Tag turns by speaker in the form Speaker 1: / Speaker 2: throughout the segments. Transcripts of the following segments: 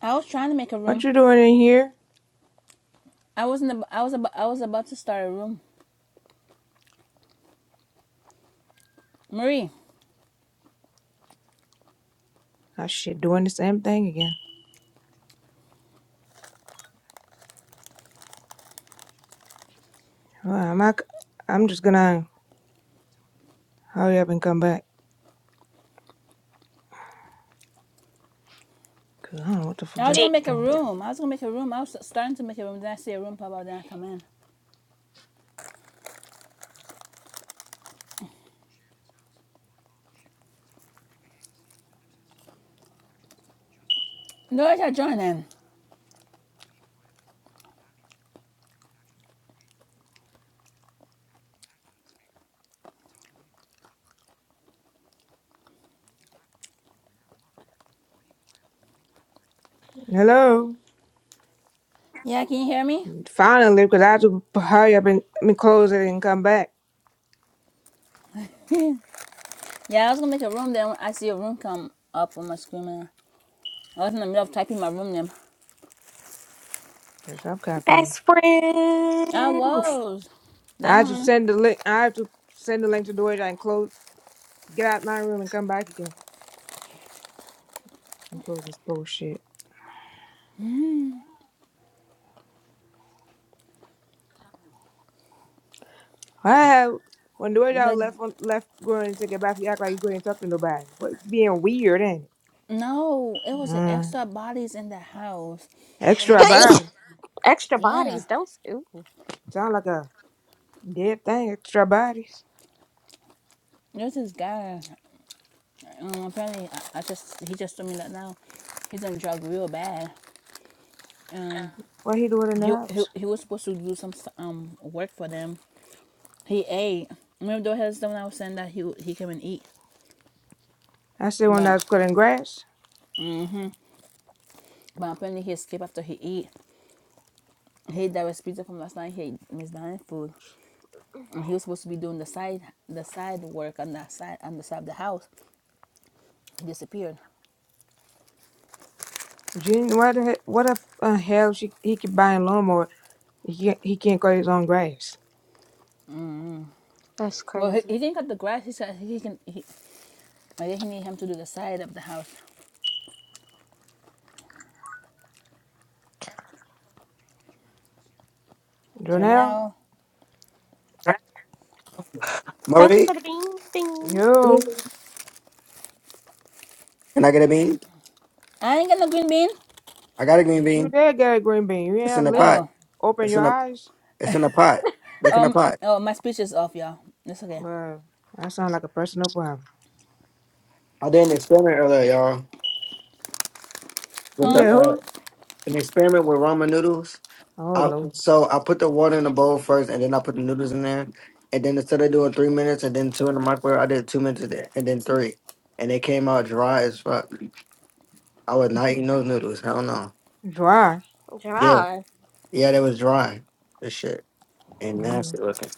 Speaker 1: I was trying to make a
Speaker 2: What
Speaker 1: room.
Speaker 2: you doing in here?
Speaker 1: I wasn't. Ab- I was. Ab- I was about to start a room. Marie,
Speaker 2: Oh shit, doing the same thing again. Well, I'm not, I'm just gonna hurry up and come back. Cause I don't know what the fuck
Speaker 1: I
Speaker 2: that's
Speaker 1: was
Speaker 2: D.
Speaker 1: gonna make a
Speaker 2: doing.
Speaker 1: room. I was gonna make a room. I was starting to make a room. Then I see a room pop out. Then I come in. Dorita, join in.
Speaker 2: Hello?
Speaker 1: Yeah, can you hear me?
Speaker 2: Finally, cause I have to hurry up and let me close it and come back.
Speaker 1: yeah, I was gonna make a room. Then I see a room come up on my screen. I was in the middle of typing my room name.
Speaker 2: Or stop copying me.
Speaker 3: Best
Speaker 1: I
Speaker 3: friends.
Speaker 1: was. That
Speaker 2: I
Speaker 1: how
Speaker 2: have to
Speaker 1: many?
Speaker 2: send the link, I have to send the link to Doja and close, get out my room and come back again. And close this bullshit. I have, when
Speaker 1: It's
Speaker 2: Doja
Speaker 1: like
Speaker 2: left, on- left going to take a bath, you act like you couldn't talk to nobody. What, being weird, ain't it?
Speaker 1: no. It was the
Speaker 2: Mm.
Speaker 1: extra bodies in the house. You
Speaker 2: Extra
Speaker 1: know.
Speaker 2: body.
Speaker 3: Extra
Speaker 1: Yeah.
Speaker 3: bodies, don't. Ooh,
Speaker 2: Sound like a Dead thing, extra bodies.
Speaker 1: There's this guy. Um, apparently, I, I just he just told me that now he's on drug real bad. Um,
Speaker 2: What he doing in the
Speaker 1: he he
Speaker 2: house?
Speaker 1: he was supposed to do some um work for them. He ate. Remember the one I was saying that he he came and eat,
Speaker 2: I said when I
Speaker 1: but
Speaker 2: was cutting grass.
Speaker 1: but apparently he escaped after he ate. He ate that was pizza from last night. He ate Miss Diane's food. And he was supposed to be doing the side the side work on that side on the side of the house. He disappeared.
Speaker 2: Gene, what the, what the uh, hell she, he could buy a lawnmower? He can't, he can't cut his own grass.
Speaker 3: that's
Speaker 1: Well, he,
Speaker 3: crazy.
Speaker 1: he didn't cut the grass. He said he can. He, I think he need him to do the side of the house.
Speaker 2: Jonelle,
Speaker 1: Janelle,
Speaker 3: Thank you
Speaker 4: Murray,
Speaker 3: for the bing, bing.
Speaker 2: yo,
Speaker 4: can I get a bean?
Speaker 1: I ain't got no green bean.
Speaker 4: I got a green
Speaker 2: you
Speaker 4: bean.
Speaker 2: did get a green bean. You
Speaker 4: It's in
Speaker 2: ain't
Speaker 4: the
Speaker 2: listen.
Speaker 4: pot.
Speaker 1: Oh,
Speaker 2: Open
Speaker 4: It's in
Speaker 2: your
Speaker 4: the
Speaker 2: eyes.
Speaker 4: it's in the pot. Look in the
Speaker 1: Um.
Speaker 4: pot.
Speaker 1: Oh, my speech is off, y'all. It's okay.
Speaker 2: Well, that sound like a personal problem.
Speaker 4: I did an experiment earlier, y'all, with
Speaker 2: You
Speaker 1: Huh?
Speaker 4: the
Speaker 2: there
Speaker 4: uh,
Speaker 2: who?
Speaker 4: an experiment with ramen noodles.
Speaker 2: Oh
Speaker 4: I,
Speaker 2: lord,
Speaker 4: so I put the water in the bowl first, and then I put the noodles in there. And then instead of doing three minutes and then two in the microwave, I did two minutes of that, and then three, and they came out dry as fuck. I was not eating those noodles. Hell no.
Speaker 2: dry.
Speaker 4: Yeah,
Speaker 3: Gerard,
Speaker 4: yeah, they was dry. This shit and nasty looking.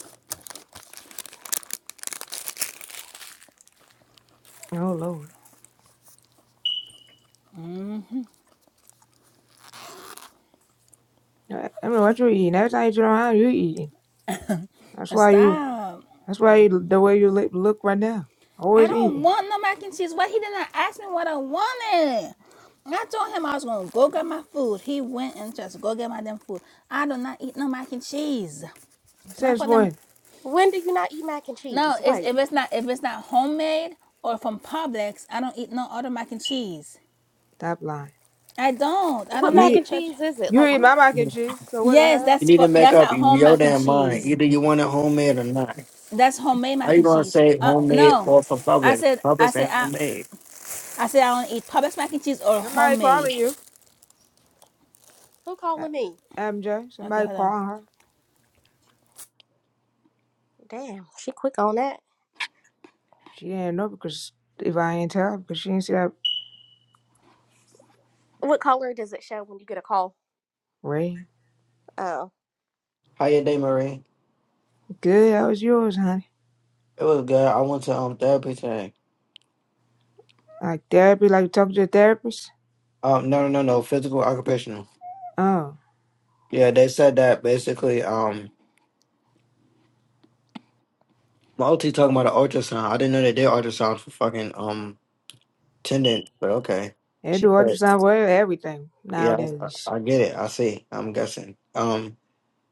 Speaker 2: Oh lord. I, I don't know what you eating. Every time you turn around, you eating. That's why you.
Speaker 1: Stop.
Speaker 2: That's why you, the way you look look right now.
Speaker 1: I
Speaker 2: Always
Speaker 1: don't
Speaker 2: eating.
Speaker 1: want no mac and cheese. Why he did not ask me what I wanted? I told him I was gonna go get my food. He went and just go get my damn food. I do not eat no mac and cheese. Not
Speaker 2: Since
Speaker 1: for them.
Speaker 2: when?
Speaker 3: when do you not eat mac and
Speaker 1: No,
Speaker 3: cheese?
Speaker 1: it's,
Speaker 3: Wait,
Speaker 1: if it's not if it's not homemade or from Publix, I don't eat no other mac and cheese.
Speaker 2: Stop lying.
Speaker 1: I don't. I do
Speaker 3: what
Speaker 1: not
Speaker 3: mac
Speaker 1: eat
Speaker 2: You
Speaker 3: and
Speaker 1: church.
Speaker 3: cheese is it?
Speaker 2: you
Speaker 3: Like
Speaker 2: eat
Speaker 3: who?
Speaker 2: my mac and cheese, so what the
Speaker 1: Yes,
Speaker 2: hell?
Speaker 4: You
Speaker 1: that's
Speaker 4: need
Speaker 1: for,
Speaker 4: to make
Speaker 1: that's
Speaker 4: up
Speaker 1: at home
Speaker 4: your
Speaker 1: mac and
Speaker 4: damn mind.
Speaker 1: cheese.
Speaker 4: Either you want it homemade or not.
Speaker 1: That's homemade
Speaker 4: How
Speaker 1: mac
Speaker 4: you
Speaker 1: and
Speaker 4: gonna
Speaker 1: cheese.
Speaker 4: say
Speaker 1: Uh,
Speaker 4: homemade
Speaker 1: no,
Speaker 4: or for
Speaker 1: I
Speaker 4: public?
Speaker 1: said I
Speaker 4: Public
Speaker 1: said
Speaker 4: ain't
Speaker 1: I,
Speaker 4: homemade.
Speaker 1: I said I don't eat Publix mac and cheese or
Speaker 2: Somebody
Speaker 1: homemade.
Speaker 2: calling you,
Speaker 3: Who
Speaker 2: A-
Speaker 3: calling me?
Speaker 2: MJ.
Speaker 1: Okay,
Speaker 2: Somebody
Speaker 1: hold on.
Speaker 2: calling her.
Speaker 3: Damn, she quick on that.
Speaker 2: She ain't know because if I ain't tell, her, because she ain't see that.
Speaker 3: What color does it show when you get a call?
Speaker 2: Ray,
Speaker 3: Oh,
Speaker 4: How your day, Marie?
Speaker 2: good, that was yours, honey.
Speaker 4: It was good. I went to um therapy today.
Speaker 2: Like therapy, like talking to a therapist.
Speaker 4: Um, no, no, no, no. Physical occupational.
Speaker 2: Oh,
Speaker 4: Yeah, they said that basically. Um, my OT talking about an ultrasound. I didn't know they did ultrasound for fucking um tendon, but okay.
Speaker 2: they
Speaker 4: She
Speaker 2: do
Speaker 4: said,
Speaker 2: ultrasound for everything now
Speaker 4: yeah,
Speaker 2: then.
Speaker 4: I, I get it. I see. I'm guessing. Um.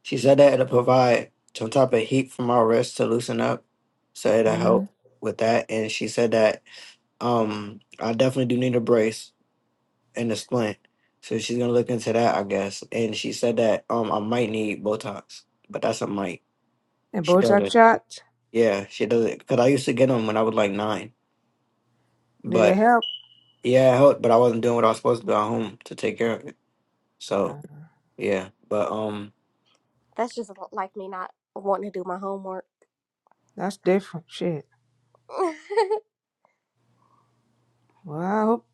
Speaker 4: She said that it'll provide some type of heat from our wrist to loosen up, so it'll help with that. And she said that um I definitely do need a brace and a splint, so she's gonna look into that, I guess. And she said that um I might need Botox, but that's a might.
Speaker 2: And
Speaker 4: She
Speaker 2: Botox
Speaker 4: doesn't.
Speaker 2: shots,
Speaker 4: Yeah, she doesn't. Because I used to get them when I was like nine,
Speaker 2: did it
Speaker 4: but
Speaker 2: help?
Speaker 4: yeah, it helped, but I wasn't doing what I was supposed to do at home to take care of it. So yeah, but um,
Speaker 3: that's just like me not wanting to do my homework.
Speaker 2: That's different shit. Well, I hope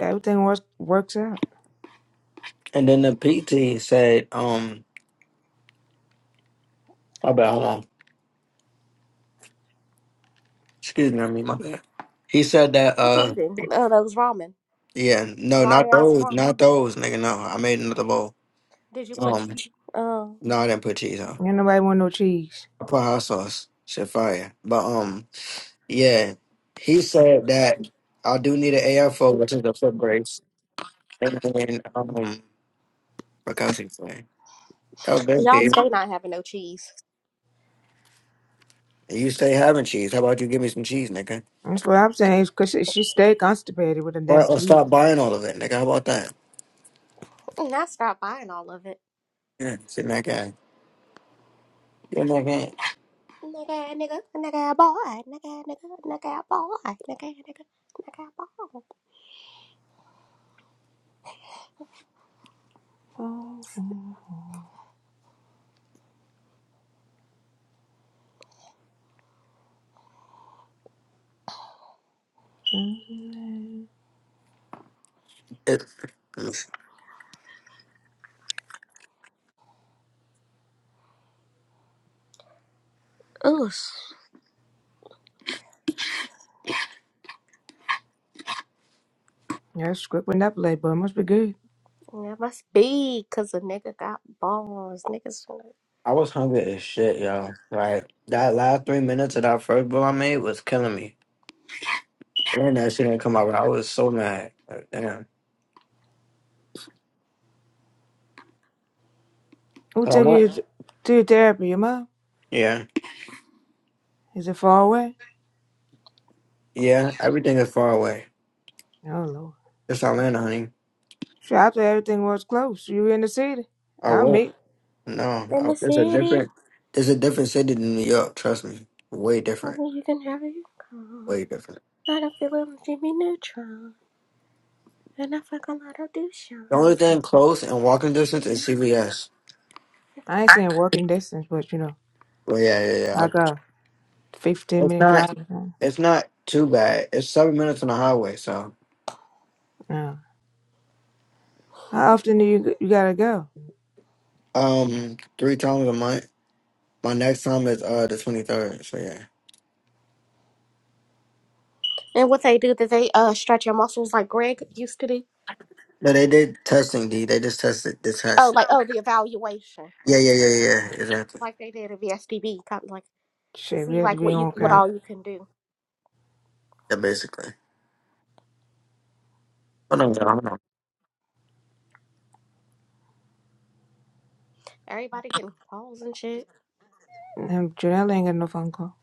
Speaker 2: everything works works out.
Speaker 4: and then the PT said um, my bad, hold on. Excuse me, I mean my bad. He said that
Speaker 3: what you
Speaker 4: uh
Speaker 3: eating? Oh, those ramen.
Speaker 4: yeah, no,
Speaker 3: Dry
Speaker 4: not
Speaker 3: ass
Speaker 4: those,
Speaker 3: ramen.
Speaker 4: not those, nigga, no. I made another bowl.
Speaker 3: Did you put
Speaker 4: Um
Speaker 3: cheese? Oh,
Speaker 4: no, I didn't put cheese on.
Speaker 2: Ain't nobody want no cheese.
Speaker 4: I put hot sauce. Shit fire. But um yeah, he said that I do need an AFO, which is a foot brace. And then um what else he saying? Oh, good,
Speaker 3: y'all
Speaker 4: babe.
Speaker 3: stay not having no cheese.
Speaker 4: You say having cheese. How about you give me some cheese, nigga?
Speaker 2: That's what I'm saying. Is 'cause she she stayed constipated with a damn.
Speaker 4: Right, or stop buying all of it, nigga. How about that?
Speaker 3: And I stopped buying all of it.
Speaker 4: Yeah, sit in that guy. Get in that
Speaker 3: Nigga, nigga, nigga, boy, nigga, nigga, nigga, boy, nigga, nigga, nigga, boy.
Speaker 2: Amen.
Speaker 4: guy. It,
Speaker 3: Oosh.
Speaker 2: That's quick when that play, but it must be good.
Speaker 3: That it must be 'cause a nigga got balls. Niggas from
Speaker 4: I was hungry as shit, yo. Like that last three minutes of that first bowl I made was killing me. And that shit didn't come out. right. I was so mad. Like, damn.
Speaker 2: Who
Speaker 4: 'Cause I
Speaker 2: took
Speaker 4: went.
Speaker 2: you to your therapy? Your mom?
Speaker 4: Yeah,
Speaker 2: Is it far away?
Speaker 4: yeah. Everything is far away.
Speaker 2: Oh Lord.
Speaker 4: It's Atlanta, honey.
Speaker 2: Sure, I thought everything was close. You in the city?
Speaker 4: I
Speaker 2: I
Speaker 4: went.
Speaker 2: meet.
Speaker 4: No,
Speaker 3: the- in
Speaker 4: I,
Speaker 3: the
Speaker 4: it's a
Speaker 3: city.
Speaker 4: different. It's a different city than New York. Trust me. Way
Speaker 3: I
Speaker 4: different.
Speaker 3: mean, you can have your car.
Speaker 4: Way different.
Speaker 3: I don't feel I'm Jimmy Neutron. And I fuck a lot of
Speaker 4: The only
Speaker 3: Dushan.
Speaker 4: thing close and walking distance is CVS.
Speaker 2: I ain't saying walking distance, but you know,
Speaker 4: But yeah, yeah, yeah.
Speaker 2: like a fifteen
Speaker 4: It's
Speaker 2: minute
Speaker 4: not.
Speaker 2: drive. huh?
Speaker 4: It's not too bad. It's seven minutes on the highway. So,
Speaker 2: Yeah. How often do you you gotta go?
Speaker 4: um, three times a month. My next time is uh the twenty third. So yeah.
Speaker 3: And what they do, that they uh stretch your muscles like Greg used to do.
Speaker 4: No, they did testing. D. They just tested the
Speaker 3: Oh,
Speaker 4: test.
Speaker 3: like oh, the evaluation,
Speaker 4: Yeah, yeah, yeah, yeah. Exactly.
Speaker 3: like they did at VSDB, kind of like to
Speaker 2: Shit, we
Speaker 3: see
Speaker 2: have to
Speaker 3: like
Speaker 2: be
Speaker 3: what you
Speaker 2: on
Speaker 3: what
Speaker 4: Yeah,
Speaker 2: count.
Speaker 3: all you can do.
Speaker 4: yeah basically. Hold on, y'all. Hold on.
Speaker 3: Everybody getting calls and shit.
Speaker 2: Um, Janelle ain't got no phone call.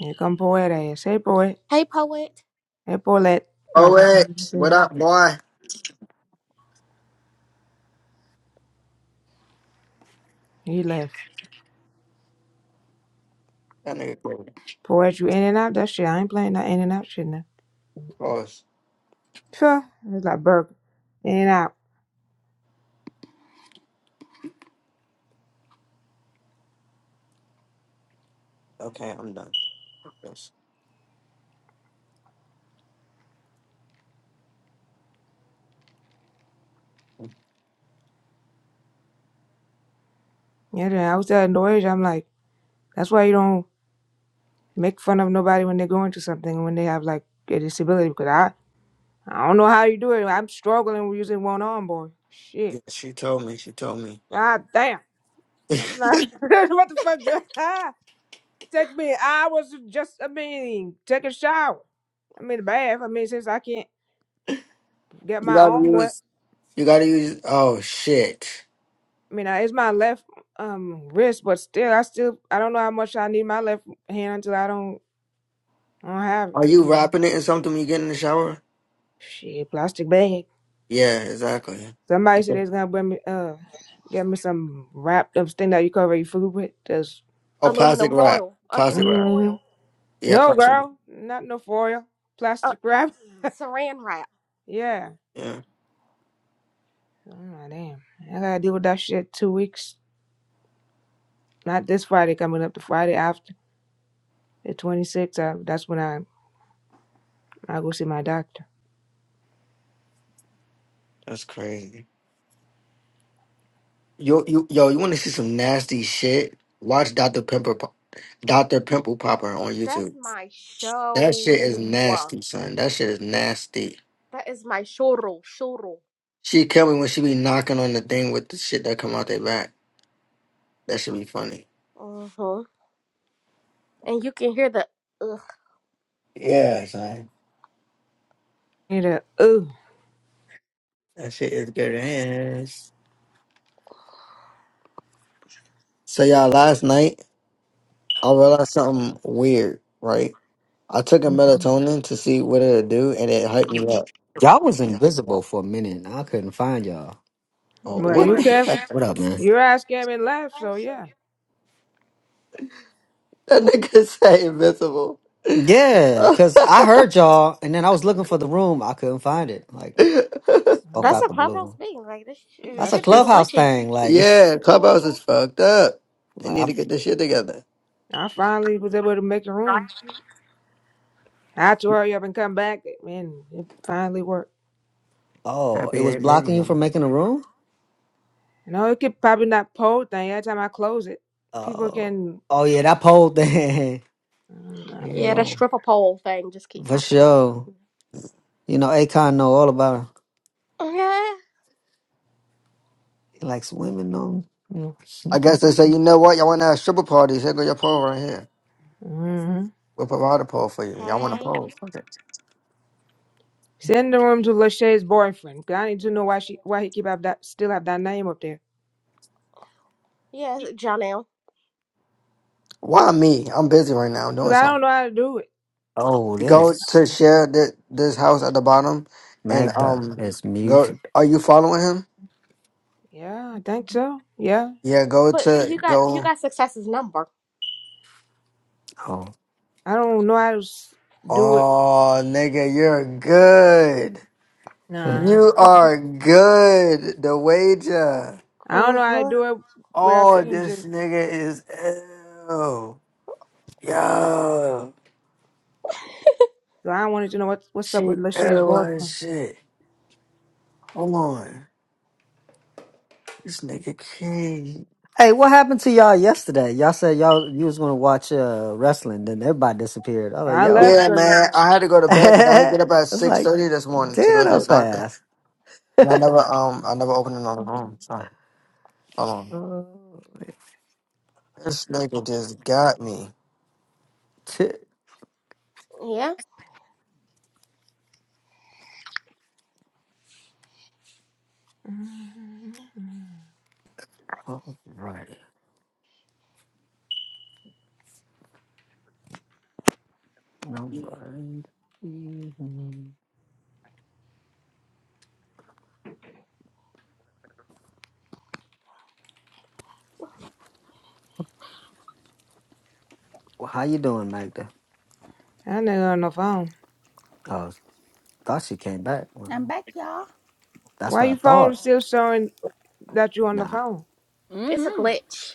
Speaker 2: Here come poet ass. Hey poet.
Speaker 3: Hey, poet.
Speaker 2: Hey poet.
Speaker 4: Oh
Speaker 2: Like
Speaker 4: wait,
Speaker 2: I
Speaker 4: what
Speaker 2: said,
Speaker 4: up, boy?
Speaker 2: he left.
Speaker 4: That nigga crazy.
Speaker 2: Poet, you in and out. That shit. I ain't playing that in and out shit now.
Speaker 4: Pause.
Speaker 2: Sure. It's like burger. In and out.
Speaker 4: Okay, I'm done. Yes.
Speaker 2: Yeah, then I was telling Doris, I'm like, that's why you don't make fun of nobody when they're going through something and when they have like a disability because I I don't know how you do it. I'm struggling with using one arm, boy.
Speaker 4: Yeah,
Speaker 2: Shit.
Speaker 4: she told me. She told me.
Speaker 2: God damn.
Speaker 4: you
Speaker 2: what the fuck? do- Ah, it Take me hours to just I mean, take a shower. I mean bath. I mean since I can't get my arm
Speaker 4: gotta use. You gotta use. Oh shit.
Speaker 2: I mean it's my left um wrist, but still I still I don't know how much I need my left hand until I don't I don't have it.
Speaker 4: Are you wrapping it in something when you get in the shower?
Speaker 2: Shit, plastic bag.
Speaker 4: Yeah, exactly.
Speaker 2: Somebody said they was gonna bring me uh get me some wrapped up thing that you cover your food with. Just
Speaker 4: Oh, plastic
Speaker 3: Aluminum
Speaker 4: wrap.
Speaker 3: Royal.
Speaker 4: Plastic
Speaker 3: Aluminum
Speaker 4: wrap.
Speaker 2: mm-hmm.
Speaker 3: foil.
Speaker 4: Yeah,
Speaker 2: No
Speaker 4: plastic.
Speaker 2: girl, not no foil.
Speaker 3: Uh,
Speaker 2: Plastic wrap.
Speaker 3: saran wrap.
Speaker 2: Yeah.
Speaker 4: Yeah,
Speaker 2: Oh damn. I gotta deal with that shit two weeks. Not this Friday coming up, the Friday after the twenty sixth. Uh, that's when I I go see my doctor.
Speaker 4: that's crazy. Yo, you, yo, you want to see some nasty shit? Watch Dr. Pimple, Pop- Dr. Pimple Popper on
Speaker 3: That's
Speaker 4: YouTube.
Speaker 3: my
Speaker 4: That shit is
Speaker 3: show.
Speaker 4: nasty, son. That shit is nasty.
Speaker 3: That is my shoro. Shoro.
Speaker 4: She kill me when she be knocking on the thing with the shit that come out their back. That should be funny.
Speaker 3: Uh huh. And you can hear the ugh.
Speaker 4: Yeah, son.
Speaker 2: Need a ooh.
Speaker 4: That shit is good ass. So y'all, last night I realized something weird. Right, I took a melatonin to see what it'll do, and it hyped me up.
Speaker 5: Y'all was invisible for a minute and I couldn't find y'all.
Speaker 4: Oh,
Speaker 2: Well
Speaker 4: what
Speaker 2: you
Speaker 4: the
Speaker 3: Mm.
Speaker 2: can
Speaker 4: heck?
Speaker 5: What up, man?
Speaker 2: your ass came and left, so yeah.
Speaker 4: That nigga say invincible.
Speaker 5: Yeah, because I heard y'all and then I was looking for the room. I couldn't find it. Like, spoke
Speaker 3: That's
Speaker 2: Hold
Speaker 5: out
Speaker 3: a
Speaker 5: the
Speaker 2: on.
Speaker 3: clubhouse
Speaker 5: blue.
Speaker 3: being like this. Sh- it
Speaker 5: That's a
Speaker 2: That's
Speaker 3: should been
Speaker 2: just
Speaker 5: clubhouse
Speaker 3: glitchy.
Speaker 5: thing. Like,
Speaker 4: yeah,
Speaker 3: Uh
Speaker 4: Clubhouse
Speaker 3: huh.
Speaker 4: is fucked up. They
Speaker 5: like
Speaker 4: need to
Speaker 5: I'm,
Speaker 4: get this shit together.
Speaker 2: I finally was able to make a room. I had to hurry up and come back, and it finally worked.
Speaker 5: oh, it
Speaker 4: Happy
Speaker 5: was
Speaker 4: eight
Speaker 5: blocking you from
Speaker 4: minimum.
Speaker 5: making a room?
Speaker 2: You know, it could probably not pole thing. Every time I close it, people
Speaker 5: Oh,
Speaker 2: can.
Speaker 5: oh yeah, that poll thing.
Speaker 3: Yeah, that
Speaker 5: yeah,
Speaker 2: Mm-hmm.
Speaker 3: stripper pole thing just keep
Speaker 5: for
Speaker 3: popping up.
Speaker 5: sure. You know, Akon know all about her.
Speaker 3: Yeah.
Speaker 5: He likes women, know. you
Speaker 4: I
Speaker 5: know.
Speaker 4: guess they say, you know what? Y'all want to have stripper parties? Here go your pole right here. We'll provide a pole for you. Y'all want a
Speaker 3: Hey.
Speaker 4: pole?
Speaker 2: Send the room to Lachey's boyfriend. 'cause I need to know why she why he keep have that still have that name up there.
Speaker 3: Yeah, Janelle.
Speaker 4: Why me? I'm busy right now. I'm
Speaker 2: But
Speaker 4: doing
Speaker 2: I
Speaker 4: something.
Speaker 2: don't know how to do it.
Speaker 5: Oh,
Speaker 4: Go
Speaker 5: this
Speaker 4: to share thi- this house at the bottom, and
Speaker 5: Magda
Speaker 4: um,
Speaker 5: is mute.
Speaker 4: go. Are you following him?
Speaker 2: Yeah, I think so. Yeah,
Speaker 4: Yeah. Go
Speaker 3: But
Speaker 4: to
Speaker 3: you got you
Speaker 4: go.
Speaker 3: got success's number.
Speaker 5: Oh.
Speaker 2: I don't know how to s- do it.
Speaker 4: Oh, nigga, you're good.
Speaker 2: Nah,
Speaker 4: You are good. The wager.
Speaker 2: I don't
Speaker 3: Uh
Speaker 2: know how to
Speaker 3: huh.
Speaker 2: do it without.
Speaker 4: Oh, this nigga is ill. Yo,
Speaker 2: So I wanted to know what what's up
Speaker 4: she
Speaker 2: with Lachey's
Speaker 4: ill
Speaker 2: boyfriend.
Speaker 4: as shit. Hold on, this nigga king.
Speaker 5: Hey, what happened to y'all yesterday? Y'all said y'all you was gonna watch uh wrestling, then everybody disappeared. I was like,
Speaker 2: I left.
Speaker 5: yo.
Speaker 4: Yeah, man, I had to go to bed, bed. 'cause I had to get up at
Speaker 5: it's
Speaker 4: six
Speaker 5: like,
Speaker 4: thirty this morning to go
Speaker 5: damn,
Speaker 4: to
Speaker 5: that
Speaker 4: the
Speaker 5: was
Speaker 4: doctor,
Speaker 5: fast.
Speaker 4: and I never, um, I never opened another room. So hold on,
Speaker 5: Uh,
Speaker 4: this nigga just got me.
Speaker 5: t-
Speaker 3: Yeah.
Speaker 5: all right. All right. Mhm. Well, how you doing, Magda?
Speaker 2: I nigga on the phone.
Speaker 5: Oh, thought she came back.
Speaker 1: I'm
Speaker 5: Well,
Speaker 1: back, y'all.
Speaker 5: that's
Speaker 2: Why
Speaker 5: what I
Speaker 2: your phone
Speaker 5: thought.
Speaker 2: still showing that you on the
Speaker 5: Nah.
Speaker 2: phone?
Speaker 3: It's a glitch.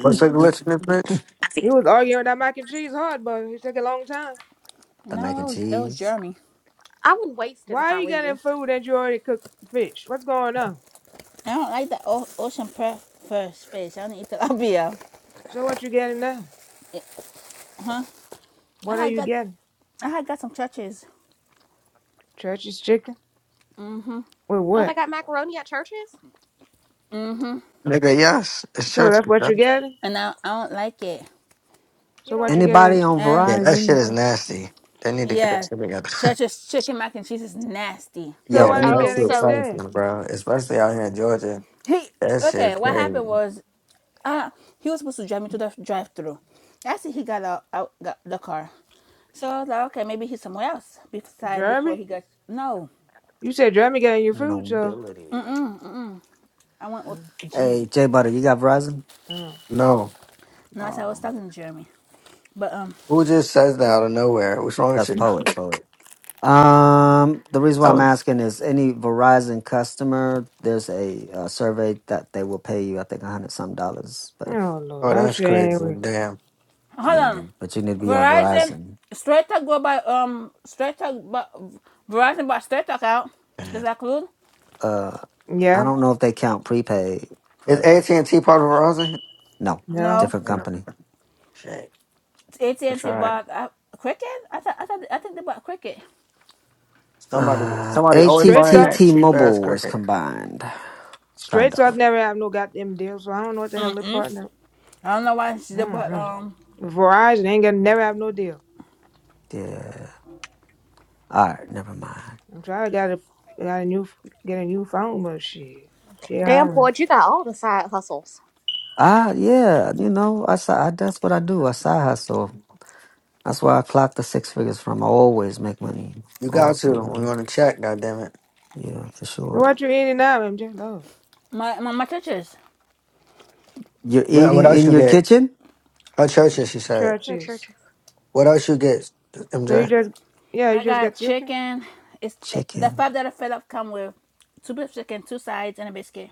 Speaker 4: What's a glitch in this bitch?
Speaker 2: He was arguing with that mac and cheese hard, but it took a long time.
Speaker 5: The mac
Speaker 1: No,
Speaker 5: and
Speaker 1: it was it was
Speaker 5: cheese.
Speaker 1: Jeremy.
Speaker 3: I wouldn't waste it if
Speaker 2: Why are
Speaker 3: I
Speaker 2: you
Speaker 3: were
Speaker 2: getting
Speaker 3: you.
Speaker 2: food that you already cooked fish? What's going on?
Speaker 1: I don't like the o- ocean pre- first fish. I don't eat tilapia.
Speaker 2: So what you getting now?
Speaker 1: Yeah, Huh? I
Speaker 2: What are
Speaker 1: had
Speaker 2: you
Speaker 1: got
Speaker 2: getting?
Speaker 1: I had got some churches.
Speaker 2: Church's chicken?
Speaker 1: Mhm.
Speaker 2: With
Speaker 3: Oh, they
Speaker 2: what?
Speaker 3: got macaroni at churches?
Speaker 1: Mhm.
Speaker 4: Nigga, yes, it's
Speaker 2: So
Speaker 4: church.
Speaker 2: that's what
Speaker 4: Bro.
Speaker 2: you're getting?
Speaker 1: and I, I don't like it.
Speaker 3: You
Speaker 2: So
Speaker 3: don't
Speaker 2: what
Speaker 3: like
Speaker 2: you
Speaker 3: the mac
Speaker 2: getting?
Speaker 5: Anybody
Speaker 3: and
Speaker 5: on
Speaker 3: cheese?
Speaker 1: And
Speaker 4: Yeah, that shit
Speaker 5: Verizon?
Speaker 4: is nasty. They need to get that
Speaker 1: yeah,
Speaker 4: shit together.
Speaker 1: Church's chicken mac and cheese is nasty.
Speaker 2: So
Speaker 5: Yo,
Speaker 4: yeah,
Speaker 2: what are
Speaker 5: any
Speaker 2: you
Speaker 4: that
Speaker 3: Oh,
Speaker 2: getting?
Speaker 4: shit is
Speaker 3: so
Speaker 4: something, bro. Especially out here in Georgia.
Speaker 1: He
Speaker 4: That
Speaker 1: okay.
Speaker 4: shit
Speaker 1: What
Speaker 4: crazy.
Speaker 1: happened was Uh, he was supposed to drive me to the drive through. I see he got out, out got the car. So I was like, okay, maybe he's somewhere else beside before he
Speaker 2: Jeremy?
Speaker 1: got no.
Speaker 2: You said Jeremy getting your food, so
Speaker 5: nobility.
Speaker 1: I went with
Speaker 2: Mm,
Speaker 5: Hey,
Speaker 1: Gene.
Speaker 5: J Butter, you got Verizon?
Speaker 2: mm.
Speaker 4: No.
Speaker 1: No, I said I was
Speaker 5: Um,
Speaker 1: talking to Jeremy. But um
Speaker 4: Who just says that out of nowhere? What's wrong with
Speaker 5: that's
Speaker 4: you?
Speaker 5: poet, poet. Um, the reason
Speaker 4: I
Speaker 5: why I'm
Speaker 4: was,
Speaker 5: asking is any Verizon customer, there's a, uh survey that they will pay you, I think, a hundred some dollars. But if,
Speaker 2: Oh Lord,
Speaker 4: oh,
Speaker 2: I'm
Speaker 4: that's
Speaker 2: sure
Speaker 4: crazy.
Speaker 2: angry.
Speaker 4: Damn.
Speaker 1: hold
Speaker 5: yeah,
Speaker 1: on.
Speaker 5: but you need to be on
Speaker 1: Verizon
Speaker 5: Verizon.
Speaker 1: straight talk go by um straight talk but Verizon bought straight talk out. Does
Speaker 4: Damn.
Speaker 1: that include?
Speaker 5: Uh, I
Speaker 2: Yeah,
Speaker 5: don't know if they count prepaid,
Speaker 4: Is
Speaker 5: but
Speaker 4: AT&T part of Verizon?
Speaker 5: no,
Speaker 2: no.
Speaker 1: No.
Speaker 5: different
Speaker 4: Damn.
Speaker 5: company.
Speaker 4: Shit.
Speaker 1: AT and
Speaker 4: That's
Speaker 1: T
Speaker 4: all right.
Speaker 1: bought uh, Cricket. I thought I thought I think they bought Cricket.
Speaker 4: Somebody,
Speaker 5: Uh,
Speaker 4: somebody always
Speaker 2: Straight
Speaker 4: buying
Speaker 2: talk.
Speaker 5: ATT
Speaker 4: that cheap ass
Speaker 5: Mobile is
Speaker 4: cricket.
Speaker 5: combined. It's
Speaker 2: Straight
Speaker 5: kind
Speaker 2: talk
Speaker 5: of
Speaker 2: never have no goddamn deal, so I don't know what the hell they partner.
Speaker 1: I don't know why they bought um
Speaker 2: Mm-hmm. Verizon ain't gonna never have no deal.
Speaker 5: yeah. All right, never mind.
Speaker 2: I'm trying to get a got a new get a new phone, but shit, shit
Speaker 3: damn
Speaker 2: highway.
Speaker 3: Boyd, you got all the side hustles
Speaker 5: Ah, yeah, you know, I saw I, that's what I do. I side hustle. That's why I clocked the six figures from. I always make money.
Speaker 4: You got
Speaker 5: Always
Speaker 4: to.
Speaker 5: make
Speaker 4: We
Speaker 5: money.
Speaker 4: want to check. God damn it.
Speaker 5: Yeah, for
Speaker 2: So
Speaker 5: sure.
Speaker 2: what you eating now? I'm just Lord
Speaker 1: my my, my churches.
Speaker 5: You're
Speaker 4: What, what
Speaker 5: eating
Speaker 4: else
Speaker 5: in
Speaker 4: you
Speaker 5: your
Speaker 4: get?
Speaker 5: kitchen?
Speaker 4: Oh, churches. She said.
Speaker 3: for
Speaker 2: churches.
Speaker 3: churches.
Speaker 4: What else you get?
Speaker 2: So you
Speaker 4: MJ.
Speaker 2: just yeah, you
Speaker 1: I
Speaker 2: just got
Speaker 1: got
Speaker 2: chicken.
Speaker 1: chicken. It's it, the
Speaker 5: Chicken.
Speaker 1: five that I fed up come with two beef chicken, two sides, and a biscuit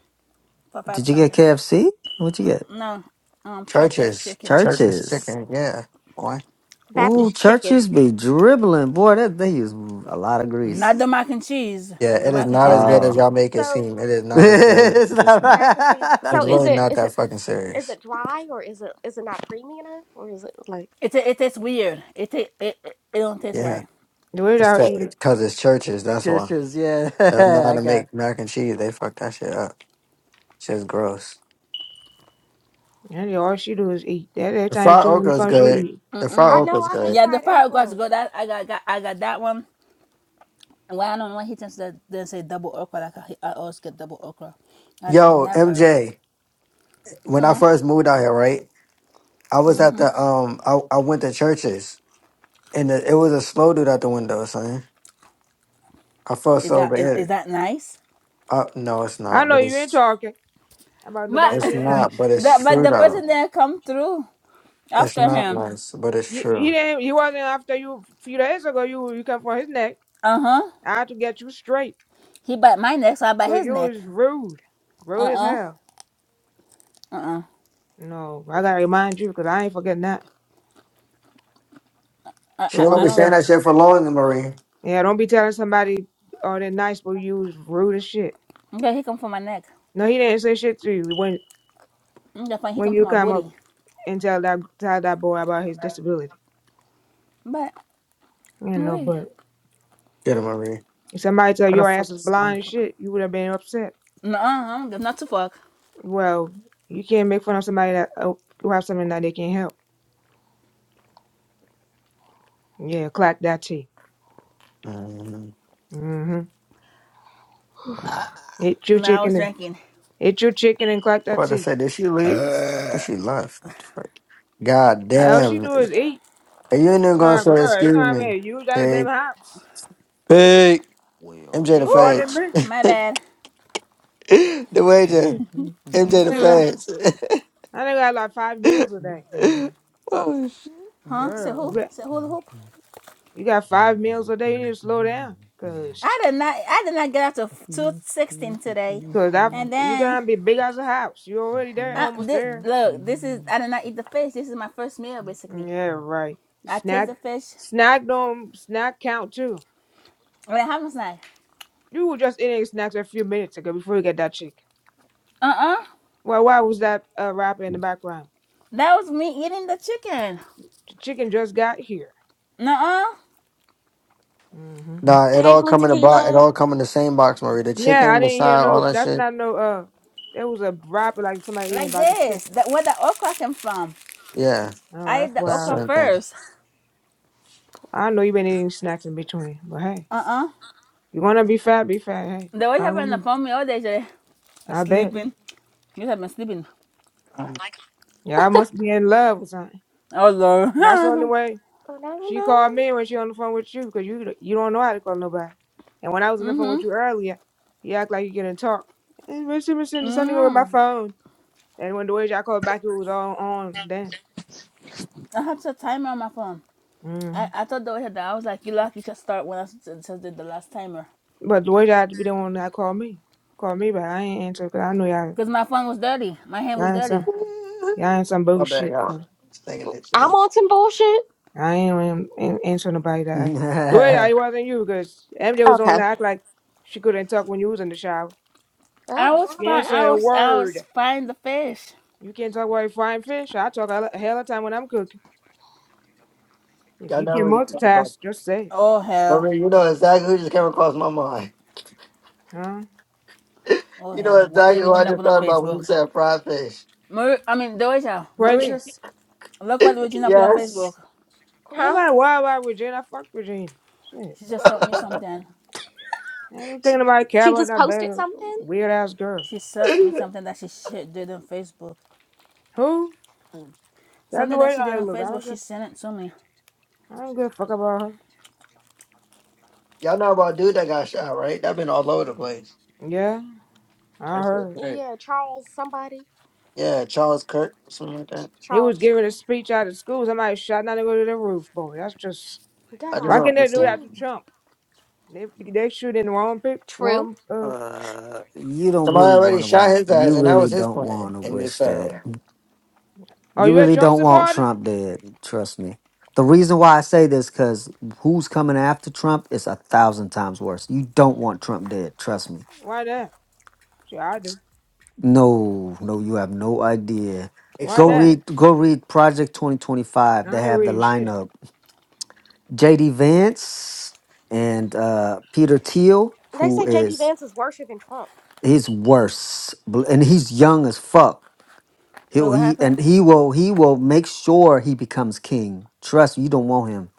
Speaker 1: for five
Speaker 5: Did you get
Speaker 1: something.
Speaker 5: KFC? What'd you get?
Speaker 1: No, um, church's
Speaker 4: Churches.
Speaker 1: chicken.
Speaker 4: Churches
Speaker 5: Churches.
Speaker 4: chicken. Yeah. Why?
Speaker 5: Ooh,
Speaker 3: Baptist chicken.
Speaker 5: churches be dribbling. Boy, that they use a lot of
Speaker 1: Not
Speaker 5: grease.
Speaker 1: the mac and cheese.
Speaker 4: Yeah.
Speaker 1: The
Speaker 4: It is
Speaker 1: mac and
Speaker 4: not
Speaker 1: cheese is
Speaker 4: as good as
Speaker 5: Oh.
Speaker 1: nasty.
Speaker 4: y'all make it seem.
Speaker 3: So
Speaker 4: It is not as
Speaker 5: it's not
Speaker 4: good.
Speaker 3: the mac and cheese.
Speaker 5: right. I
Speaker 4: It's
Speaker 3: So
Speaker 5: think
Speaker 3: is
Speaker 4: really
Speaker 5: we
Speaker 3: it
Speaker 5: ju-
Speaker 4: not
Speaker 3: is
Speaker 4: that
Speaker 3: it
Speaker 4: fucking
Speaker 3: is
Speaker 4: serious.
Speaker 3: it dry or is it is it not creamy enough or is it like
Speaker 1: It it tastes weird. It it, it it don't taste
Speaker 4: Yeah,
Speaker 1: right.
Speaker 2: The way
Speaker 4: it's
Speaker 2: that I
Speaker 4: that
Speaker 2: eat,
Speaker 4: because it's churches. That's why
Speaker 5: churches, yeah.
Speaker 4: they don't know how
Speaker 5: I
Speaker 4: to
Speaker 5: got
Speaker 4: make mac and cheese. They fuck that shit up. Shit's gross.
Speaker 2: and all she do is eat. That every
Speaker 4: The
Speaker 2: time you
Speaker 4: fried
Speaker 2: turn on the
Speaker 4: okra is
Speaker 2: phone, she eat.
Speaker 4: good. The fried
Speaker 3: I
Speaker 4: okra
Speaker 3: know
Speaker 4: is
Speaker 3: I hate
Speaker 4: good.
Speaker 1: Yeah, the
Speaker 3: fried
Speaker 1: five guys
Speaker 3: okra.
Speaker 1: go that I got, got I got that one. And why I don't know why he tends to then say double okra. Like I, I always get double okra. I
Speaker 4: Yo,
Speaker 1: never.
Speaker 4: MJ, when I
Speaker 1: Huh?
Speaker 4: first moved out here, right? I was at the um, I, I went to churches, and the, it was a slow dude at the window, son. I felt
Speaker 1: Is
Speaker 4: so
Speaker 1: that is, is
Speaker 4: bad.
Speaker 1: that nice?
Speaker 4: Uh, no, it's
Speaker 2: I
Speaker 4: not,
Speaker 2: know
Speaker 4: but
Speaker 2: you ain't
Speaker 4: it's
Speaker 2: talking about
Speaker 1: But
Speaker 2: nobody. Be-
Speaker 4: it's not, but
Speaker 1: the
Speaker 4: it's
Speaker 1: but
Speaker 4: true
Speaker 1: the
Speaker 4: though.
Speaker 1: person that come through
Speaker 4: It's
Speaker 1: after
Speaker 4: not
Speaker 1: him.
Speaker 4: nice, but it's
Speaker 2: he
Speaker 4: true.
Speaker 2: didn't. He wasn't after you a few days ago. You you come for his neck.
Speaker 1: Uh huh.
Speaker 2: I had to get you straight
Speaker 1: He bite my neck, so I bite
Speaker 2: because
Speaker 1: his
Speaker 2: you
Speaker 1: neck.
Speaker 2: was rude,
Speaker 1: Uh
Speaker 2: rude as
Speaker 1: uh-uh.
Speaker 2: hell.
Speaker 1: uh.
Speaker 2: No, I gotta remind you because I ain't forgetting that.
Speaker 1: I,
Speaker 4: She
Speaker 2: So
Speaker 1: I
Speaker 4: ain't gonna
Speaker 2: don't
Speaker 1: I
Speaker 4: be
Speaker 1: don't.
Speaker 4: saying
Speaker 1: know.
Speaker 4: that shit for long, Marie.
Speaker 2: yeah, don't be telling somebody all they're nice, but you was rude as shit.
Speaker 1: Okay, he come for my neck.
Speaker 2: No, he didn't say shit to you when
Speaker 1: Okay, fine. He
Speaker 2: when
Speaker 1: come for
Speaker 2: you
Speaker 1: my
Speaker 2: come up
Speaker 1: booty.
Speaker 2: and tell that tell that boy about his disability.
Speaker 1: But
Speaker 2: You
Speaker 1: no
Speaker 2: know,
Speaker 1: really.
Speaker 2: but
Speaker 4: Get it, Marie.
Speaker 2: if somebody tell
Speaker 4: Where the
Speaker 2: your
Speaker 4: fuck
Speaker 2: ass is
Speaker 4: is
Speaker 2: blind and
Speaker 4: Monica?
Speaker 2: shit, you would have been upset.
Speaker 1: No, I don't give not to fuck.
Speaker 2: Well, you can't make fun of somebody that uh, who have something that they can't help. Yeah, clack that tea.
Speaker 4: Mm.
Speaker 2: Mm-hmm. Eat your
Speaker 1: No, I was
Speaker 2: chicken and
Speaker 1: drinking.
Speaker 2: eat your chicken and clack
Speaker 4: I
Speaker 2: that
Speaker 4: was about
Speaker 2: tea.
Speaker 4: to say, did she leave? I thought she left. What the fuck? God
Speaker 2: What you
Speaker 4: damn.
Speaker 2: do is
Speaker 4: it.
Speaker 2: eat,
Speaker 4: And you ain't even gonna say
Speaker 2: bro. You
Speaker 4: excuse
Speaker 2: know what I
Speaker 4: me.
Speaker 2: mean? Use that them
Speaker 4: Pig.
Speaker 2: hops.
Speaker 4: Pig.
Speaker 5: wheels.
Speaker 4: MJ the
Speaker 2: Eat more
Speaker 1: Whew,
Speaker 2: than
Speaker 4: Feds.
Speaker 2: me.
Speaker 1: my
Speaker 4: the
Speaker 1: bad.
Speaker 4: wager. MJ the
Speaker 3: hmm.
Speaker 4: Feds.
Speaker 2: I think I got like five meals a day.
Speaker 4: oh shit.
Speaker 1: Huh? Say
Speaker 2: Girl, you
Speaker 1: who?
Speaker 2: got
Speaker 1: Say who the hoop?
Speaker 2: you got
Speaker 5: uh,
Speaker 2: five meals a day. You need to slow down, cause.
Speaker 1: I did not. I did not get out to two sixteen today,
Speaker 2: Cause that
Speaker 1: and
Speaker 2: you
Speaker 1: then
Speaker 2: gonna be big as a house. You already there,
Speaker 1: I
Speaker 2: almost
Speaker 1: this,
Speaker 2: there.
Speaker 1: look. This is I did not eat the fish. This is my first meal basically.
Speaker 2: Yeah, right.
Speaker 1: I taste
Speaker 2: Snack,
Speaker 1: the fish.
Speaker 2: snack don't snack count too.
Speaker 1: What happened, much
Speaker 2: You were just eating snacks a few minutes ago before you get that chicken.
Speaker 1: Uh uh.
Speaker 2: Well, why was that uh, rapper in the background?
Speaker 1: That was me eating the chicken.
Speaker 2: The chicken just got here.
Speaker 1: Nuh-uh.
Speaker 2: hmm
Speaker 4: Nah, it
Speaker 3: Hey
Speaker 4: all
Speaker 3: blue
Speaker 4: come in the box. It
Speaker 3: tequila.
Speaker 4: all come in the same box, Marie. The
Speaker 2: Yeah, I
Speaker 4: chicken, the
Speaker 2: didn't hear
Speaker 4: side,
Speaker 2: no.
Speaker 4: all that
Speaker 2: That's
Speaker 4: shit.
Speaker 2: not no. Uh, there was a rapper like somebody eating
Speaker 1: Like
Speaker 2: about the chicken.
Speaker 1: this. That where the okra came from.
Speaker 4: Yeah,
Speaker 2: Oh,
Speaker 1: I
Speaker 2: that's
Speaker 1: ate the
Speaker 2: what I
Speaker 4: that's the
Speaker 1: okra
Speaker 2: heard.
Speaker 4: same thing.
Speaker 1: first.
Speaker 2: I know you been eating snacks in between, but hey,
Speaker 1: Uh-uh.
Speaker 2: you wanna be fat? Be fat. Hey,
Speaker 1: They
Speaker 2: it's
Speaker 1: always
Speaker 2: fine
Speaker 1: have been
Speaker 2: with me.
Speaker 1: upon me all day, Jay.
Speaker 2: I bet.
Speaker 1: Sleeping. You have been sleeping.
Speaker 2: Yeah, I must be in love with something.
Speaker 1: Oh Lord.
Speaker 2: That's the only way
Speaker 3: Oh, no
Speaker 2: she
Speaker 3: no.
Speaker 2: called me when she on the phone with you because you you don't know how to call nobody. And when I was on the phone with
Speaker 1: mm-hmm.
Speaker 2: you earlier, you act like you couldn't talk. And Mister Mister something with my
Speaker 1: Mm.
Speaker 2: phone. And when the way y'all called back, it was all on then.
Speaker 1: I have the timer on my phone. I,
Speaker 2: Mm.
Speaker 1: I thought they always had that. I was like, you lucky should start when I just did the last timer.
Speaker 2: But the way y'all had to be the one that called me, called me, but I ain't answer because I know y'all
Speaker 1: Because my phone was dirty. My hand was
Speaker 2: y'all ain't
Speaker 1: dirty.
Speaker 2: some y'all ain't some
Speaker 4: My
Speaker 2: bullshit.
Speaker 4: bad, y'all. Just Thinking that
Speaker 3: I'm
Speaker 4: shit.
Speaker 3: on some bullshit.
Speaker 2: I ain't, ain't, ain't answer nobody that. Act. The way y'all, it wasn't you because MJ was on
Speaker 3: Okay.
Speaker 2: that act like she couldn't talk when you was in the shower.
Speaker 1: I
Speaker 3: Oh,
Speaker 1: was
Speaker 2: You
Speaker 3: sorry.
Speaker 1: fine
Speaker 2: ain't say
Speaker 1: I
Speaker 2: a
Speaker 1: was I
Speaker 2: word.
Speaker 1: was fine the fish.
Speaker 2: You can't talk while you're frying fish. I talk a lo- a hell of a time when I'm cooking. If
Speaker 4: Y'all
Speaker 2: you
Speaker 4: know
Speaker 2: can
Speaker 4: what it's about.
Speaker 2: multitask, just say it,
Speaker 1: Oh hell.
Speaker 4: Marie, you know exactly who just came across my mind.
Speaker 2: huh?
Speaker 1: Oh
Speaker 4: You know
Speaker 1: hell. What they
Speaker 4: exactly who I
Speaker 1: reaching up
Speaker 4: just
Speaker 1: on
Speaker 4: thought about when
Speaker 1: Facebook?
Speaker 4: you said fried fish.
Speaker 1: Marie I mean Doja, Marie.
Speaker 2: Princess,
Speaker 1: Look what Regina put on Facebook.
Speaker 4: yes.
Speaker 2: ain't
Speaker 3: huh?
Speaker 2: nobody worried about Regina. I Fuck Regina. Shit.
Speaker 1: She just sent me something.
Speaker 2: Ain't no
Speaker 3: She,
Speaker 2: thinking about care
Speaker 3: she
Speaker 2: about
Speaker 3: just
Speaker 2: that
Speaker 3: posted
Speaker 2: bad
Speaker 3: something.
Speaker 2: weird ass girl.
Speaker 1: She sent me
Speaker 4: Y'all
Speaker 1: something that she did on Facebook.
Speaker 2: Who? That's the
Speaker 1: Something that
Speaker 2: way
Speaker 1: she did
Speaker 2: I
Speaker 1: on
Speaker 2: look. I don't
Speaker 1: Facebook, she
Speaker 2: give,
Speaker 1: sent it to me.
Speaker 2: I don't give a fuck about her.
Speaker 4: know about a dude that got shot, right? That been all over the place.
Speaker 2: Yeah, I
Speaker 4: That's so
Speaker 2: heard.
Speaker 4: great.
Speaker 3: Yeah, Charles somebody.
Speaker 4: Yeah, Charles Kirk or something like that.
Speaker 2: He was
Speaker 3: Charles.
Speaker 2: giving a speech out of school. Somebody shot down to go to the roof, boy. That's just
Speaker 4: I just
Speaker 2: why
Speaker 3: God
Speaker 4: don't
Speaker 2: can they do
Speaker 4: understand.
Speaker 2: that to
Speaker 3: damn.
Speaker 2: Trump? They they shooting the wrong people.
Speaker 3: True.
Speaker 2: Wrong. Uh,
Speaker 5: you don't
Speaker 4: Somebody
Speaker 5: really
Speaker 4: already
Speaker 5: want to
Speaker 4: shot
Speaker 5: want.
Speaker 4: his ass,
Speaker 5: You
Speaker 4: and that
Speaker 5: really
Speaker 4: was his
Speaker 5: don't want
Speaker 4: plan,
Speaker 5: to
Speaker 4: and it
Speaker 5: wish
Speaker 4: failed.
Speaker 5: that.
Speaker 2: are
Speaker 5: You
Speaker 2: you a
Speaker 5: really
Speaker 2: Trump
Speaker 5: don't want
Speaker 2: supporter?
Speaker 5: Trump dead. Trust me. The reason why I say this because who's coming after Trump is a thousand times worse. You don't want Trump dead. Trust me.
Speaker 2: Why not? Sure, I do.
Speaker 5: No, no, you have no idea.
Speaker 2: Why
Speaker 5: Go
Speaker 2: not?
Speaker 4: Explain.
Speaker 5: read, go read Project 2025. They
Speaker 2: I ain't
Speaker 5: have the
Speaker 2: reading shit.
Speaker 5: lineup: J.D. Vance and uh, Peter Thiel,
Speaker 3: They
Speaker 5: who
Speaker 3: say JB
Speaker 5: is
Speaker 3: Vance is worshiping Trump.
Speaker 5: he's worse, Bl- and he's young as fuck.
Speaker 1: Wait,
Speaker 5: He'll
Speaker 1: what
Speaker 5: he
Speaker 1: happened?
Speaker 5: and he will he will make sure he becomes king. Trust me, you don't want him,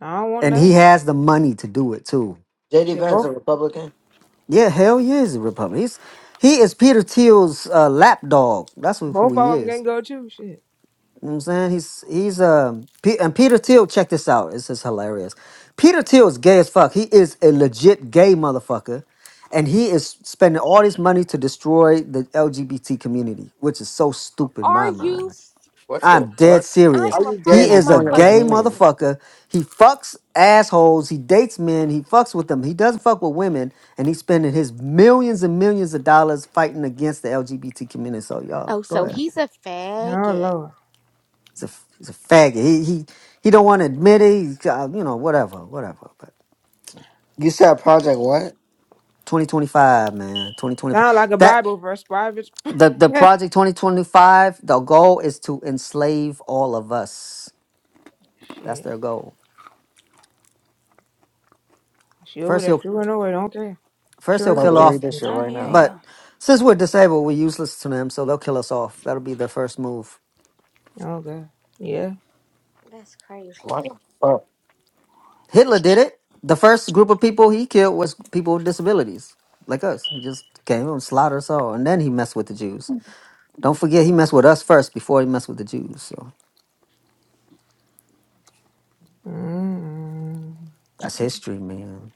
Speaker 2: I don't want
Speaker 5: and he
Speaker 2: none.
Speaker 5: has the money to do it too.
Speaker 4: J.D.
Speaker 2: Shit,
Speaker 4: Vance,
Speaker 2: both
Speaker 4: a Republican.
Speaker 5: Yeah, hell yeah, he's a Republican. He's, he is Peter Thiel's uh, lapdog. That's who who
Speaker 2: both
Speaker 5: he
Speaker 2: of them
Speaker 5: is.
Speaker 2: gonna go too. Shit.
Speaker 5: You know what I'm saying? He's he's um P- and Peter Thiel, check this out. This is hilarious. Peter Thiel is gay as fuck. He is a legit gay motherfucker. And he is spending all this money to destroy the LGBT community, which is so stupid in
Speaker 3: Are
Speaker 5: my
Speaker 3: you?
Speaker 5: mind.
Speaker 4: What the
Speaker 5: I'm dead
Speaker 4: fuck?
Speaker 3: I
Speaker 5: serious.
Speaker 4: How
Speaker 3: am a
Speaker 4: you
Speaker 3: part
Speaker 4: gay
Speaker 3: of
Speaker 5: He
Speaker 4: and
Speaker 3: that
Speaker 5: is a
Speaker 4: destroying your own
Speaker 5: gay
Speaker 3: motherfucking
Speaker 4: community?
Speaker 3: community.
Speaker 5: motherfucker. He fucks assholes. He dates men. He fucks with them. He doesn't fuck with women. And he's spending his millions and millions of dollars fighting against the LGBT community. So, y'all,
Speaker 3: Oh,
Speaker 5: go
Speaker 3: so
Speaker 5: ahead.
Speaker 3: he's a
Speaker 2: Oh
Speaker 3: faggot.
Speaker 2: Lord.
Speaker 5: He's a he's a faggot. He he he don't want to admit it. He's, uh, you know whatever whatever. But
Speaker 4: You said Project what? I'm
Speaker 5: 2025, man, 2025.
Speaker 2: Sound like a
Speaker 5: That
Speaker 2: Bible verse, private.
Speaker 5: the the project 2025. The goal is to enslave all of us. That's
Speaker 2: shit.
Speaker 5: their goal.
Speaker 2: She over
Speaker 5: First
Speaker 2: there
Speaker 5: he'll
Speaker 2: chewing away. Don't care.
Speaker 5: first he'll
Speaker 4: about
Speaker 2: Chewing
Speaker 4: to
Speaker 5: kill
Speaker 4: read
Speaker 5: off.
Speaker 4: this shit
Speaker 1: I
Speaker 4: right
Speaker 1: hear
Speaker 4: now.
Speaker 1: ya.
Speaker 5: But since we're disabled, we're useless to them. So they'll kill us off. That'll be their first move.
Speaker 2: your. Oh God. Yeah.
Speaker 3: That's crazy.
Speaker 4: What the fuck?
Speaker 5: Hitler did it. The first group of people he killed was people with disabilities like us. He just came and slaughtered us all, and then he messed with the Jews. Don't forget, he messed with us first before he messed with the Jews. So
Speaker 2: mm
Speaker 5: that's history, man.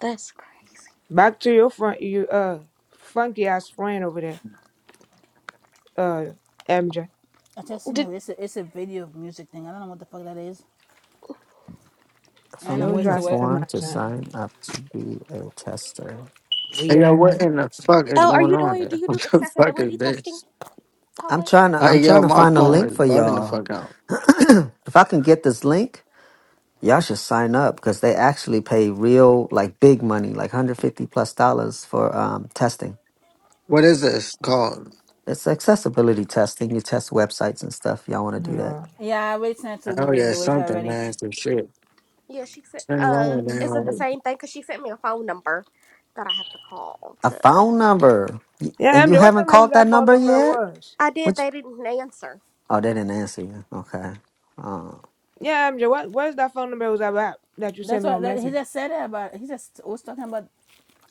Speaker 3: That's crazy.
Speaker 2: Back to your front. You uh funky ass friend over there. Uh, MJ.
Speaker 1: I just seen
Speaker 3: Did
Speaker 1: it. It's a, it's a video of music thing. I don't know what the fuck that is. I ain't
Speaker 5: From
Speaker 2: She
Speaker 1: no
Speaker 5: in
Speaker 2: always
Speaker 1: words
Speaker 2: try
Speaker 5: the
Speaker 2: to
Speaker 1: to
Speaker 2: say
Speaker 1: it.
Speaker 5: form
Speaker 2: somebody
Speaker 5: to
Speaker 2: something
Speaker 5: sign up to be a tester,
Speaker 4: Hey,
Speaker 2: weird. Ass.
Speaker 4: yo, what in the fuck is
Speaker 3: oh, are
Speaker 4: going
Speaker 3: you
Speaker 4: on
Speaker 3: doing? Do
Speaker 4: here?
Speaker 3: you
Speaker 4: What
Speaker 3: do
Speaker 4: the fuck is
Speaker 3: accessibility testing,
Speaker 4: this?
Speaker 5: I'm
Speaker 3: poet?
Speaker 5: trying to. I'm
Speaker 4: Like,
Speaker 5: trying
Speaker 4: yo,
Speaker 5: to
Speaker 4: my
Speaker 5: find a
Speaker 4: phone
Speaker 5: link
Speaker 4: is
Speaker 5: for
Speaker 4: bugging the
Speaker 5: y'all.
Speaker 4: fuck out.
Speaker 5: if I can get this link, y'all should sign up because they actually pay real, like big money, like 150 plus dollars for um, testing.
Speaker 4: What is this called?
Speaker 5: It's accessibility testing. You test websites and stuff. Y'all want to
Speaker 2: Oh,
Speaker 5: do that?
Speaker 2: Lord.
Speaker 1: Yeah, I already sent it to
Speaker 4: Oh,
Speaker 1: Marine
Speaker 4: yeah,
Speaker 1: DeWitch
Speaker 4: something,
Speaker 1: already.
Speaker 4: man. Some shit.
Speaker 3: Yeah, she said.
Speaker 4: Something
Speaker 3: Uh,
Speaker 4: wrong, man.
Speaker 3: is it the
Speaker 4: Like,
Speaker 3: same thing? Cause she sent me a phone number that I have to call
Speaker 5: A
Speaker 3: to.
Speaker 5: phone number, Y-
Speaker 2: Yeah,
Speaker 5: and you
Speaker 2: MJ. What the
Speaker 5: haven't
Speaker 2: hell was
Speaker 5: called that
Speaker 2: that phone
Speaker 5: number
Speaker 2: number
Speaker 5: yet.
Speaker 2: was?
Speaker 3: I did.
Speaker 5: Which?
Speaker 3: They didn't answer
Speaker 5: Oh, they didn't answer you. Okay. Oh.
Speaker 2: Yeah, MJ. What what's that phone number was about that you sent
Speaker 1: That's
Speaker 2: me on
Speaker 1: what that, he
Speaker 2: message?
Speaker 1: just said it about. He just was talking about.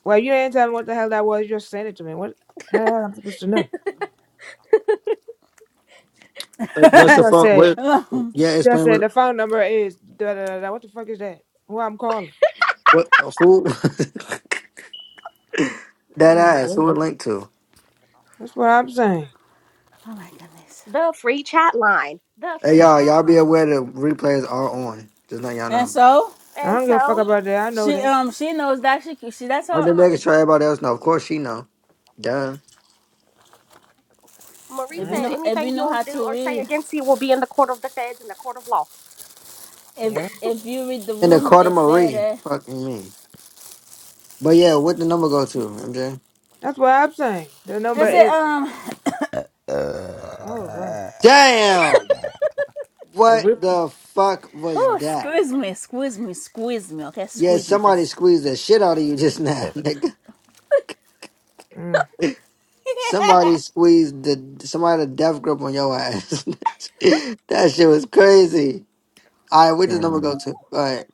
Speaker 2: Well, you didn't tell me what the hell that was. You just sent it to me. What? How the hell am I supposed to know?
Speaker 4: Uh,
Speaker 2: You
Speaker 4: What's the
Speaker 2: just
Speaker 4: fuck?
Speaker 2: said,
Speaker 4: What?
Speaker 1: oh
Speaker 4: Yeah,
Speaker 2: just
Speaker 4: explain
Speaker 2: said
Speaker 4: what.
Speaker 2: the phone number is da da da. da. What the fuck is that? Who I'm calling?
Speaker 4: What? Who? that ass. Who it linked to?
Speaker 2: That's what I'm saying.
Speaker 1: my goodness.
Speaker 3: the free chat line. The
Speaker 4: Hey,
Speaker 3: free
Speaker 4: y'all,
Speaker 3: chat
Speaker 4: y'all
Speaker 3: line.
Speaker 4: be aware the replays are on. Just let y'all
Speaker 1: And
Speaker 4: know.
Speaker 1: so
Speaker 2: I
Speaker 3: And
Speaker 2: don't give a fuck
Speaker 3: so
Speaker 2: about that. I know
Speaker 1: she
Speaker 2: that.
Speaker 1: um she knows that she she that's
Speaker 4: I'm just
Speaker 1: how
Speaker 4: making sure everybody else know. Of course she know. Duh.
Speaker 3: Marie
Speaker 1: if you
Speaker 3: said,
Speaker 2: Right?
Speaker 1: know if
Speaker 3: anything
Speaker 1: you know
Speaker 3: you'll
Speaker 1: how
Speaker 3: do
Speaker 1: to
Speaker 3: or say
Speaker 1: read
Speaker 3: against you will be in the court of the feds and the court of law.
Speaker 2: Yeah.
Speaker 1: If if you read the
Speaker 4: And the
Speaker 1: room,
Speaker 4: Carter
Speaker 1: it said,
Speaker 4: Marie.
Speaker 1: uh,
Speaker 4: Fucking me. But yeah, what the number go to, MJ?
Speaker 2: That's what I'm saying. The
Speaker 1: I
Speaker 2: number
Speaker 1: said,
Speaker 2: is.
Speaker 1: um,
Speaker 2: Oh god.
Speaker 4: Damn! What the fuck was
Speaker 1: oh,
Speaker 4: that?
Speaker 1: squeeze me, squeeze me, squeeze me. Okay,
Speaker 4: Yeah,
Speaker 1: squeeze me.
Speaker 4: somebody
Speaker 1: That's
Speaker 4: squeezed the shit out of you just now, nigga.
Speaker 2: Mm.
Speaker 4: Somebody squeezed the somebody the death grip on your ass. that shit was crazy. All right, where does number go
Speaker 5: Damn.
Speaker 4: to? All right,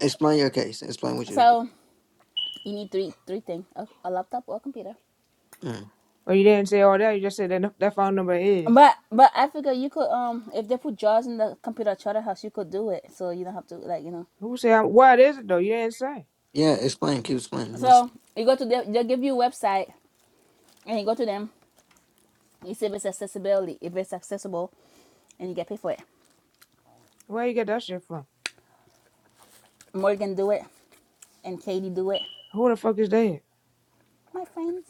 Speaker 4: explain your case. Explain what you did.
Speaker 1: so you need three three things: a, a laptop or a computer.
Speaker 4: Mm.
Speaker 2: Well, you didn't say all that. You just said that nu- that phone number is.
Speaker 1: But but I figure you could um if they put jars in the computer charter house, you could do it. So you don't have to like you know.
Speaker 2: Who said I- what is it though? You didn't say.
Speaker 4: Yeah, explain. Keep explaining. Let's-
Speaker 1: So you go to the, they'll give you a website and you go to them. You see if it's accessibility, if it's accessible, and you get paid for it.
Speaker 2: Where you get that shit from?
Speaker 1: Morgan do it, and Katie do it.
Speaker 2: Who the fuck is that?
Speaker 1: My friends,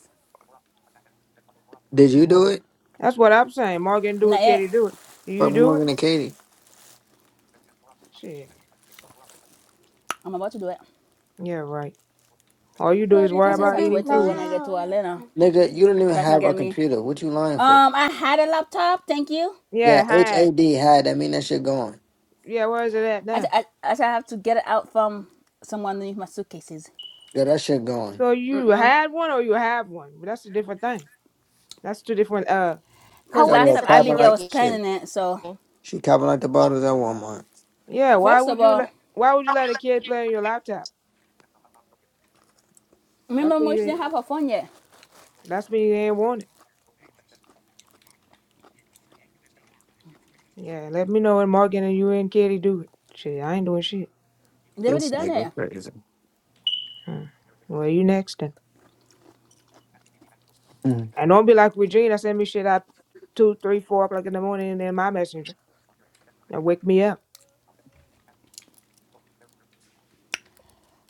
Speaker 4: Did you do it?
Speaker 2: That's what I'm saying. Morgan do
Speaker 1: not
Speaker 2: it.
Speaker 1: yet.
Speaker 2: Katie do it. Do you
Speaker 4: Fuck
Speaker 2: do it?
Speaker 4: Morgan and Katie,
Speaker 2: Shit.
Speaker 1: I'm about to do it.
Speaker 2: Yeah, right. All you do
Speaker 3: Put
Speaker 2: is
Speaker 3: it
Speaker 2: worry
Speaker 1: I
Speaker 3: in the
Speaker 1: just
Speaker 2: about
Speaker 1: have to
Speaker 3: goo
Speaker 2: eating
Speaker 1: wait till when
Speaker 2: food.
Speaker 1: I get
Speaker 3: now.
Speaker 1: to Atlanta
Speaker 4: nigga. You didn't even
Speaker 1: so I can
Speaker 4: have a
Speaker 1: get me.
Speaker 4: computer. What you lying for?
Speaker 1: Um, I had a laptop. Thank you.
Speaker 4: Yeah,
Speaker 2: Yeah, ha-
Speaker 4: H A D had. That mean that shit going.
Speaker 2: yeah. Where is it at
Speaker 1: I
Speaker 2: now?
Speaker 1: I, I just have to get it out from someone underneath my suitcases.
Speaker 4: Yeah, that shit going.
Speaker 2: So you had one or you have one? But that's a different thing. That's two different. Uh,
Speaker 1: Cause
Speaker 4: You over
Speaker 3: Poet
Speaker 1: last
Speaker 4: here
Speaker 1: time
Speaker 4: tapping
Speaker 3: disappeared
Speaker 1: Abigail
Speaker 4: like
Speaker 1: was
Speaker 3: again.
Speaker 4: shit.
Speaker 1: planning it. So
Speaker 4: She covered like the bottles at Walmart.
Speaker 2: yeah. Why
Speaker 1: first of
Speaker 2: would you
Speaker 1: all,
Speaker 2: let Why would you let a kid play on your laptop? That's
Speaker 1: remember
Speaker 2: when
Speaker 1: when
Speaker 2: you.
Speaker 1: she
Speaker 2: Ain't,
Speaker 1: didn't have her phone yet.
Speaker 2: that's when you ain't want it. Yeah. Let me know when Morgan and you and Kitty do it. Shit, I ain't doing shit.
Speaker 1: They already
Speaker 4: This
Speaker 1: done
Speaker 4: nigga
Speaker 1: it.
Speaker 4: crazy.
Speaker 2: Hmm. Well, you next then.
Speaker 5: Mm.
Speaker 2: And don't be like Regina. Send me shit at two, three, four o'clock in the morning and then my messenger. and wake me up.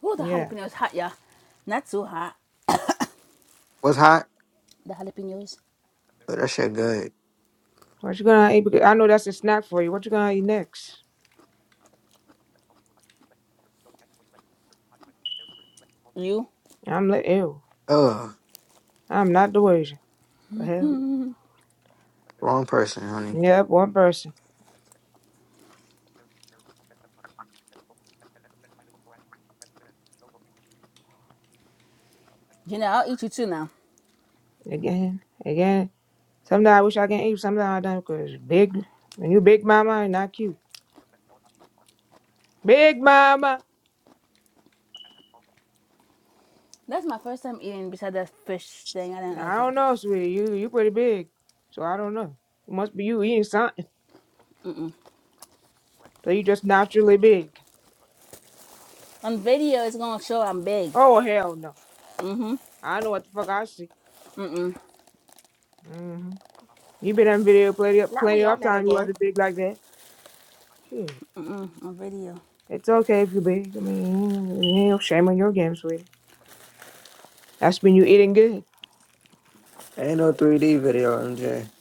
Speaker 1: Oh, the
Speaker 2: Yeah.
Speaker 1: jalapenos hot, yeah. Not too hot.
Speaker 4: Was hot,
Speaker 1: The jalapenos.
Speaker 4: but that shit good.
Speaker 2: What you gonna eat? Because I know that's a snack for you. What you gonna eat next?
Speaker 1: You,
Speaker 2: I'm like, ew.
Speaker 4: Ugh,
Speaker 2: I'm not the worst. The hell.
Speaker 4: wrong person, honey.
Speaker 2: Yep, one person.
Speaker 1: you know, I'll eat you too now.
Speaker 2: Again, again. Sometimes I wish I can eat, sometimes I don't, because big, when you big mama, it's not cute. Big mama!
Speaker 1: That's my first time eating besides that fish thing. I didn't
Speaker 2: I
Speaker 1: like it.
Speaker 2: don't know, sweetie. You you pretty big, so I don't know. It must be you eating something, so you just naturally big.
Speaker 1: On video, it's gonna show I'm big.
Speaker 2: Oh, hell no. I know what the fuck I see. hmm You been on video plenty of,
Speaker 3: Not
Speaker 2: plenty
Speaker 3: we
Speaker 2: of
Speaker 3: on that
Speaker 2: time you
Speaker 3: again.
Speaker 2: wasn't big like that. Shit.
Speaker 1: On video.
Speaker 2: It's okay if you big. I mean, ain't no shame on your game, sweetie. That's when you eating good.
Speaker 4: Ain't no 3D video, MJ.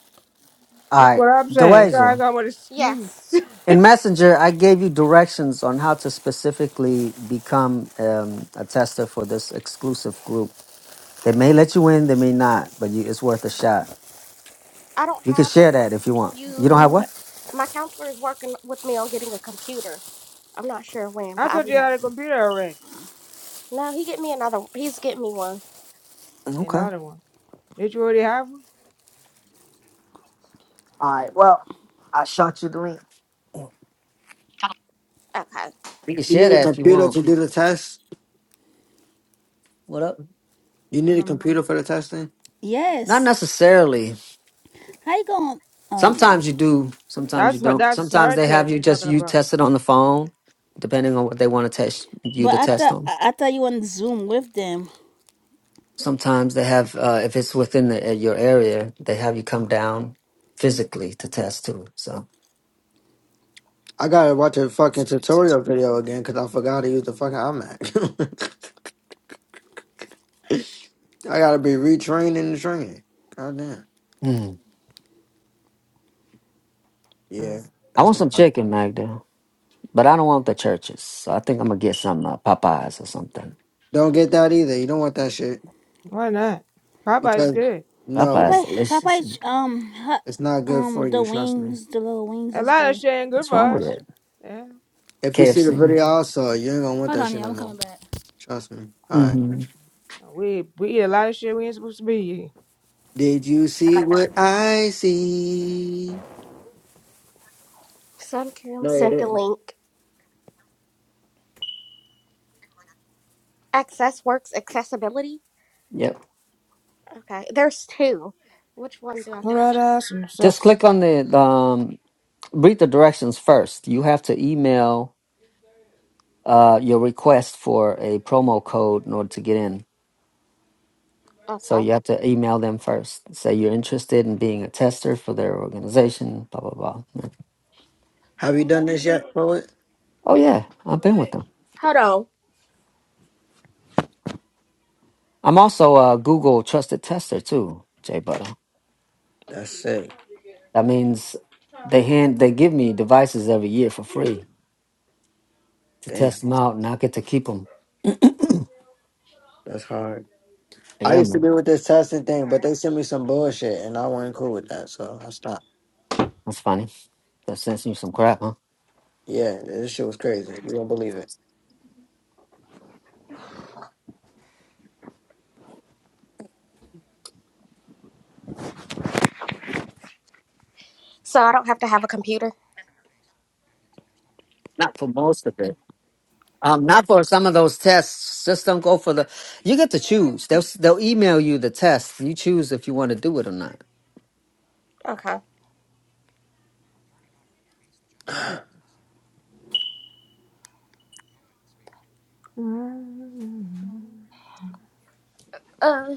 Speaker 5: All
Speaker 2: That's
Speaker 5: right,
Speaker 2: what I'm saying. Sure, I
Speaker 5: Deweja.
Speaker 2: got one
Speaker 3: Yes,
Speaker 2: excuse.
Speaker 5: In Messenger, I gave you directions on how to specifically become um, a tester for this exclusive group. They may let you in, they may not, but you, it's worth a shot.
Speaker 3: I don't
Speaker 5: You can
Speaker 3: have a
Speaker 5: share that if you want. You don't have
Speaker 3: computer.
Speaker 5: what?
Speaker 3: My counselor is working with me on getting a computer. I'm not sure when,
Speaker 2: I
Speaker 3: but I
Speaker 2: told
Speaker 3: do
Speaker 2: you I
Speaker 3: not.
Speaker 2: had a computer already.
Speaker 3: No, he get me another. He's getting me one.
Speaker 5: Okay. All
Speaker 2: Another one. Did you already have one?
Speaker 5: right. Well, I shot you the link.
Speaker 3: Okay.
Speaker 5: You can
Speaker 4: You
Speaker 5: share
Speaker 4: need a
Speaker 5: that if you
Speaker 4: computer
Speaker 5: want.
Speaker 4: to do the test?
Speaker 5: What up?
Speaker 4: You need a computer for the testing?
Speaker 5: Not
Speaker 1: Yes.
Speaker 5: necessarily.
Speaker 1: How you going?
Speaker 5: Sometimes
Speaker 1: Um,
Speaker 5: you do. Sometimes you
Speaker 2: That's what
Speaker 5: don't.
Speaker 2: that's
Speaker 5: Sometimes
Speaker 2: her
Speaker 5: they have
Speaker 2: test
Speaker 5: you
Speaker 2: we are
Speaker 5: just
Speaker 2: talking
Speaker 5: you
Speaker 2: about.
Speaker 5: test it on the phone, depending on what they want to test you
Speaker 1: but
Speaker 5: to
Speaker 1: I
Speaker 5: test
Speaker 1: thought
Speaker 5: on.
Speaker 1: I I thought you on Zoom with them.
Speaker 5: Sometimes they have, uh, if it's within the, uh, your area, they have you come down physically to test too. So
Speaker 4: I gotta watch a fucking tutorial video again because I forgot to use the fucking iMac. I gotta be retrained in the training. Goddamn.
Speaker 5: Hmm.
Speaker 2: Mm.
Speaker 4: Yeah,
Speaker 5: I
Speaker 4: that's
Speaker 5: want some
Speaker 4: my
Speaker 5: chicken, Magda, but I don't want the churches. So I think I'm gonna get some uh, Popeyes or something.
Speaker 4: don't get that either. You don't want that shit
Speaker 2: Why not? Popeye's
Speaker 4: because
Speaker 2: good.
Speaker 4: no,
Speaker 1: Popeye,
Speaker 5: Popeyes delicious.
Speaker 1: Popeye, um, her,
Speaker 4: it's not good for
Speaker 1: um, the
Speaker 4: you. Trust me.
Speaker 1: wings, the little wings
Speaker 2: A
Speaker 1: is
Speaker 2: lot of
Speaker 1: good.
Speaker 2: shit ain't good
Speaker 5: What's
Speaker 2: for
Speaker 5: wrong with
Speaker 2: us.
Speaker 5: it?
Speaker 2: Yeah.
Speaker 4: If you see the
Speaker 5: KFC.
Speaker 4: video also, you ain't gonna want
Speaker 1: Hold
Speaker 4: that
Speaker 1: on,
Speaker 4: shit
Speaker 1: yeah,
Speaker 4: no
Speaker 1: I'm
Speaker 4: more.
Speaker 1: coming back.
Speaker 4: Trust me. Alright.
Speaker 5: Mm-hmm.
Speaker 2: We we eat a lot of shit we ain't supposed to be eating.
Speaker 4: Did you see what I see?
Speaker 3: Sun Kim
Speaker 4: No, you
Speaker 3: sent the
Speaker 4: didn't.
Speaker 3: link. Access Works accessibility.
Speaker 5: Yep.
Speaker 3: Okay, there's two. Which one do
Speaker 2: All
Speaker 3: I?
Speaker 2: right, ass and
Speaker 5: Just
Speaker 2: suck.
Speaker 5: click on the um, read the directions first. You have to email uh, your request for a promo code in order to get in. So
Speaker 3: Okay.
Speaker 5: you have to email them first. Say you're interested in being a tester for their organization, blah, blah, blah. Yeah.
Speaker 4: Have you done this yet, poet?
Speaker 5: Oh, yeah, I've been with them.
Speaker 3: Hold on.
Speaker 5: I'm also a Google trusted tester too, Jay Butter.
Speaker 4: That's sick.
Speaker 5: That means they hand they give me devices every year for free to test
Speaker 4: Damn.
Speaker 5: them out, and I get to keep them.
Speaker 4: That's hard. I
Speaker 5: Yeah,
Speaker 4: used to be
Speaker 5: man,
Speaker 4: with this testing thing, but they sent me some bullshit and I wasn't cool with that, so I stopped.
Speaker 5: that's funny. That sends you some crap, huh?
Speaker 4: Yeah, this shit was crazy. You don't believe it.
Speaker 3: So I don't have to have a computer.
Speaker 5: Not for most of it. Um, not for some of those tests. Just don't go for the. You get to choose. They'll they'll email you the test. You choose if you want to do it or not.
Speaker 3: Okay.
Speaker 2: Mm.
Speaker 3: Uh,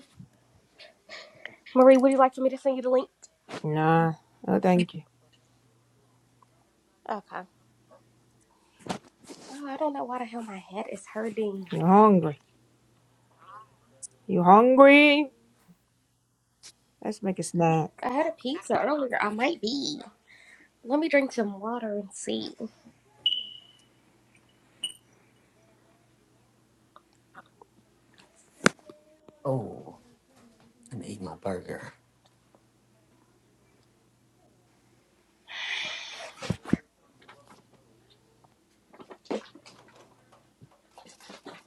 Speaker 3: Marie, would you like for me to send you the link?
Speaker 2: Nah, no thank you.
Speaker 3: Okay. Oh, I don't know why the hell my head is hurting.
Speaker 2: You hungry? You hungry? Let's make a snack.
Speaker 3: I had a pizza earlier. I might be. Let me drink some water and see.
Speaker 5: Oh. I'm eat my burger.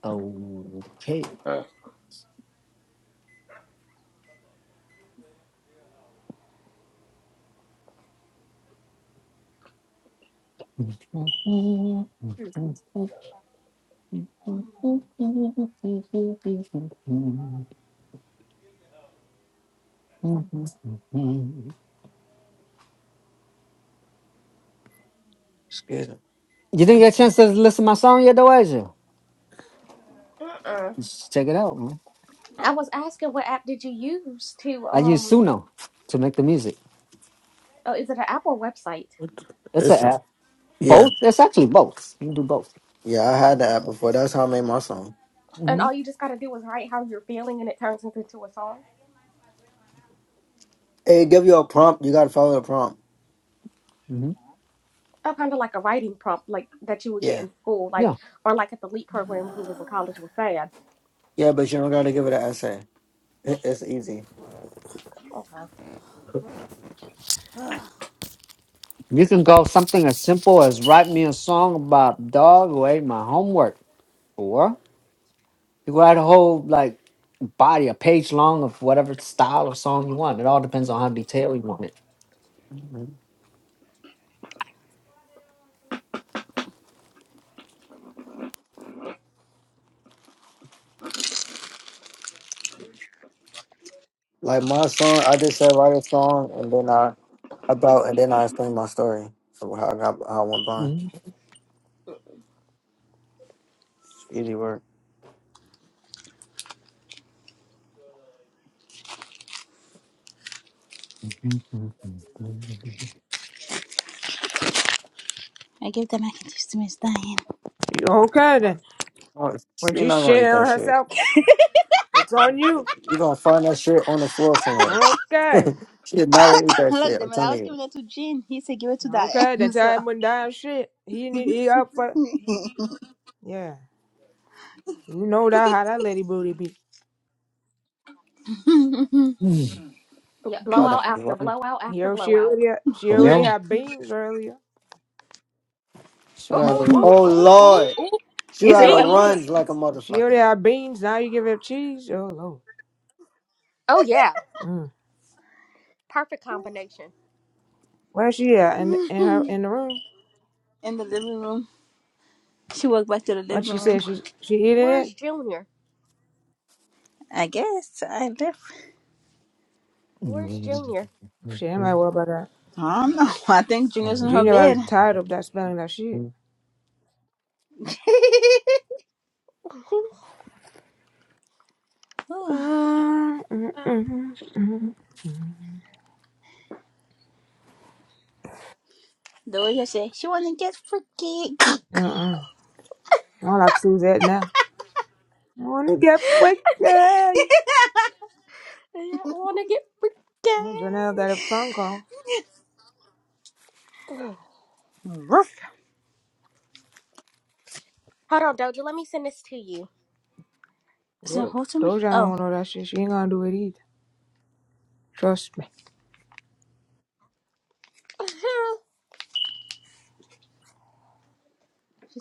Speaker 5: Okay. You
Speaker 4: Excuse me.
Speaker 5: didn't get a chance to listen to my song yet, though, has you?
Speaker 3: Uh-uh.
Speaker 5: Just check it out, man.
Speaker 3: I was asking what app did you use to
Speaker 5: I use
Speaker 3: um.
Speaker 5: Suno to make the music.
Speaker 3: Oh, is it an app or website?
Speaker 4: What the-
Speaker 5: It's an
Speaker 4: This is,
Speaker 5: app.
Speaker 4: yeah.
Speaker 5: Both? It's actually both. You can do both.
Speaker 4: Yeah, I had that before. That's how I made my song.
Speaker 3: And
Speaker 5: hmm
Speaker 3: all you just gotta do is write how you're feeling, and it turns into into a song.
Speaker 4: Hey, give you a prompt. You gotta follow the prompt.
Speaker 5: hmm
Speaker 3: Oh, kind of like a writing prompt, like that you would get
Speaker 4: Yeah.
Speaker 3: in school, like
Speaker 5: Yeah.
Speaker 3: or like at the Leap program. Who was in college with Thad.
Speaker 4: Yeah, but you don't gotta give it an essay. It- It's easy.
Speaker 3: Okay.
Speaker 5: You can go something as simple as write me a song about dog who ate my homework. or You could write a whole like body, a page long of whatever style of song you want. It all depends on how detailed you want it.
Speaker 4: Mhm. Like my song, I just said write a song and then I about and then I explain my story of how I got how I went blind. It's easy work.
Speaker 5: Mhm.
Speaker 1: I gave the mac and cheese to Miss Diane.
Speaker 2: You okay then?
Speaker 4: Oh,
Speaker 2: When
Speaker 4: She
Speaker 2: she
Speaker 4: not gonna
Speaker 2: shit
Speaker 4: eat that
Speaker 2: on
Speaker 4: shit.
Speaker 2: herself, it's on you.
Speaker 4: You gonna find that shit on the floor somewhere.
Speaker 2: Okay.
Speaker 4: she is not gonna eat that
Speaker 1: Look,
Speaker 4: shit.
Speaker 1: the
Speaker 4: I'm
Speaker 1: man, I
Speaker 4: telling
Speaker 1: was
Speaker 4: you.
Speaker 1: giving it to Jean. He said, give it to Diane.
Speaker 2: Okay, that
Speaker 1: So
Speaker 2: time went down shit. He need he up for yeah. You know that how that lady booty be.
Speaker 5: Mm,
Speaker 3: Yeah,
Speaker 4: About to
Speaker 3: blowout after
Speaker 4: run.
Speaker 3: blowout after
Speaker 2: Yo, she
Speaker 3: blowout.
Speaker 2: already she
Speaker 5: For
Speaker 2: already
Speaker 5: real?
Speaker 2: had beans earlier.
Speaker 4: She
Speaker 3: Oh,
Speaker 4: had
Speaker 3: oh,
Speaker 4: a
Speaker 3: oh,
Speaker 4: oh
Speaker 3: oh, oh,
Speaker 4: lord.
Speaker 3: oh,
Speaker 4: She
Speaker 1: he said,
Speaker 4: had a
Speaker 1: what movie?
Speaker 3: beans.
Speaker 4: runs like a
Speaker 2: She
Speaker 4: motherfucker.
Speaker 2: already had beans. Now you give her cheese. Oh lord.
Speaker 3: Oh, yeah.
Speaker 2: Mm.
Speaker 3: Perfect combination.
Speaker 2: Where she at? In in her in the room?
Speaker 1: In the living room. She walked back to the
Speaker 2: What
Speaker 1: living
Speaker 2: she
Speaker 1: room.
Speaker 2: said? She she eating
Speaker 3: Where's
Speaker 2: it?
Speaker 3: Junior?
Speaker 1: I guess I left.
Speaker 3: Where's Junior?
Speaker 2: Shit, I'm like, what about that?
Speaker 1: I don't know. I think
Speaker 5: I'll
Speaker 1: Junior's in her
Speaker 2: Junior, I was
Speaker 1: bed.
Speaker 2: tired of that smelling that shit.
Speaker 3: I
Speaker 2: Uh, uh, mm, mm,
Speaker 1: the way she said, she want to get freaky.
Speaker 2: mm. I don't like Suzette now. I wanna get with you.
Speaker 3: want to get
Speaker 2: Janelle
Speaker 3: freaking.
Speaker 2: got a phone call.
Speaker 3: Ugh.
Speaker 1: Roof.
Speaker 3: Hold on, Doja. Let me send this to you.
Speaker 1: Is it
Speaker 2: Do-
Speaker 1: hold to me?
Speaker 2: Doja don't
Speaker 1: Oh.
Speaker 2: want all that shit. She ain't gonna do it either. Trust me.
Speaker 3: Uh-huh.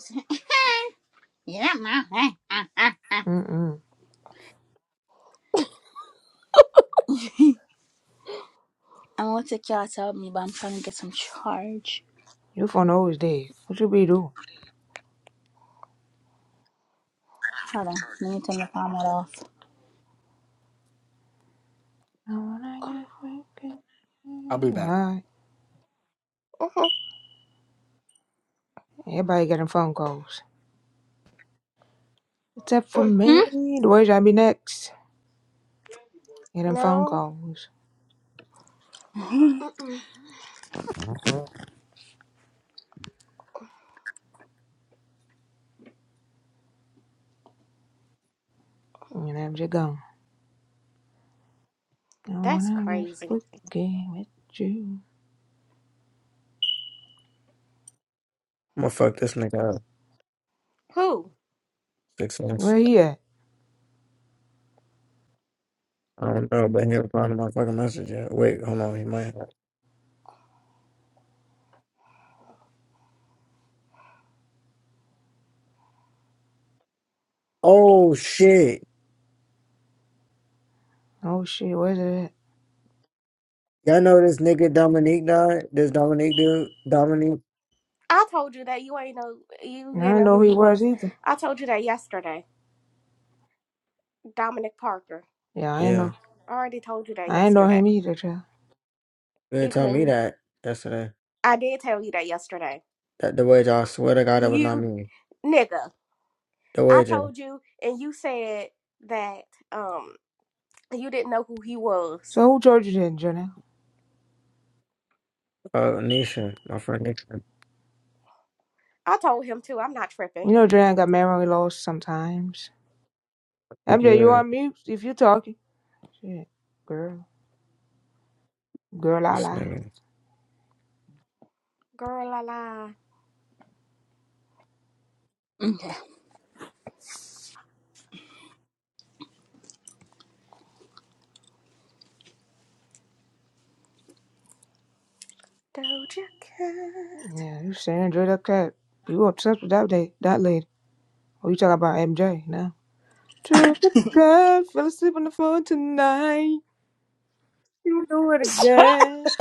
Speaker 1: Yeah, ma. I
Speaker 2: Mm-mm.
Speaker 1: want to take y'all to help me, but I'm trying to get some charge.
Speaker 2: You phone always dead. What you be doing?
Speaker 1: Hold on. Let me turn the camera off.
Speaker 2: I wanna get
Speaker 5: be-
Speaker 2: fucking high.
Speaker 3: Uh-huh.
Speaker 2: Everybody getting phone calls. Except for
Speaker 3: Mm.
Speaker 2: me.
Speaker 1: Hmm?
Speaker 2: The way I be next. Getting phone
Speaker 3: No.
Speaker 2: calls.
Speaker 3: Mm-mm.
Speaker 2: And I'm just gone. I
Speaker 3: That's
Speaker 2: wanna get
Speaker 3: crazy.
Speaker 2: fucking with you.
Speaker 4: I'm gonna fuck this nigga up.
Speaker 3: Who?
Speaker 4: Six months.
Speaker 2: Where he at?
Speaker 4: I don't know, but he replied to my fucking message yet. Wait, hold on, he might have. Oh shit.
Speaker 2: Oh shit, where's it at?
Speaker 4: Y'all know this nigga Dominique died? This Dominique dude? Dominique?
Speaker 3: I told you that you ain't know
Speaker 2: I
Speaker 3: you ain't
Speaker 2: didn't
Speaker 3: know who
Speaker 2: know he
Speaker 3: he
Speaker 2: was
Speaker 3: was.
Speaker 2: either.
Speaker 3: I told you that yesterday. Dominic Parker.
Speaker 2: Yeah, I ain't know.
Speaker 4: Yeah.
Speaker 3: I already told you that
Speaker 2: I ain't know
Speaker 3: yesterday.
Speaker 2: him either, child.
Speaker 4: You
Speaker 3: You
Speaker 4: didn't tell me
Speaker 3: couldn't.
Speaker 4: that yesterday.
Speaker 3: I did tell you that yesterday.
Speaker 4: That the wager, I swear to God, that was not
Speaker 3: You
Speaker 4: me.
Speaker 3: nigga.
Speaker 4: The
Speaker 3: I
Speaker 4: wager.
Speaker 3: told you and you said that um you didn't know who he was.
Speaker 2: So who told you then, Janelle?
Speaker 4: Uh, Nisha, my friend Nisha.
Speaker 3: I told him too. I'm not
Speaker 2: You
Speaker 3: tripping.
Speaker 2: know Janelle got memory loss sometimes.
Speaker 4: Thank
Speaker 2: MJ,
Speaker 4: you,
Speaker 2: you
Speaker 4: uh,
Speaker 2: on mute if you talking. Shit, girl, girl, la
Speaker 4: this
Speaker 2: la.
Speaker 4: nigga.
Speaker 3: Girl la la.
Speaker 1: Okay.
Speaker 3: Doja Cat.
Speaker 2: Yeah, you saying straight up that you obsessed with that day, that lady. Oh, you talking about MJ now? True to fell asleep on the phone tonight. You know what again?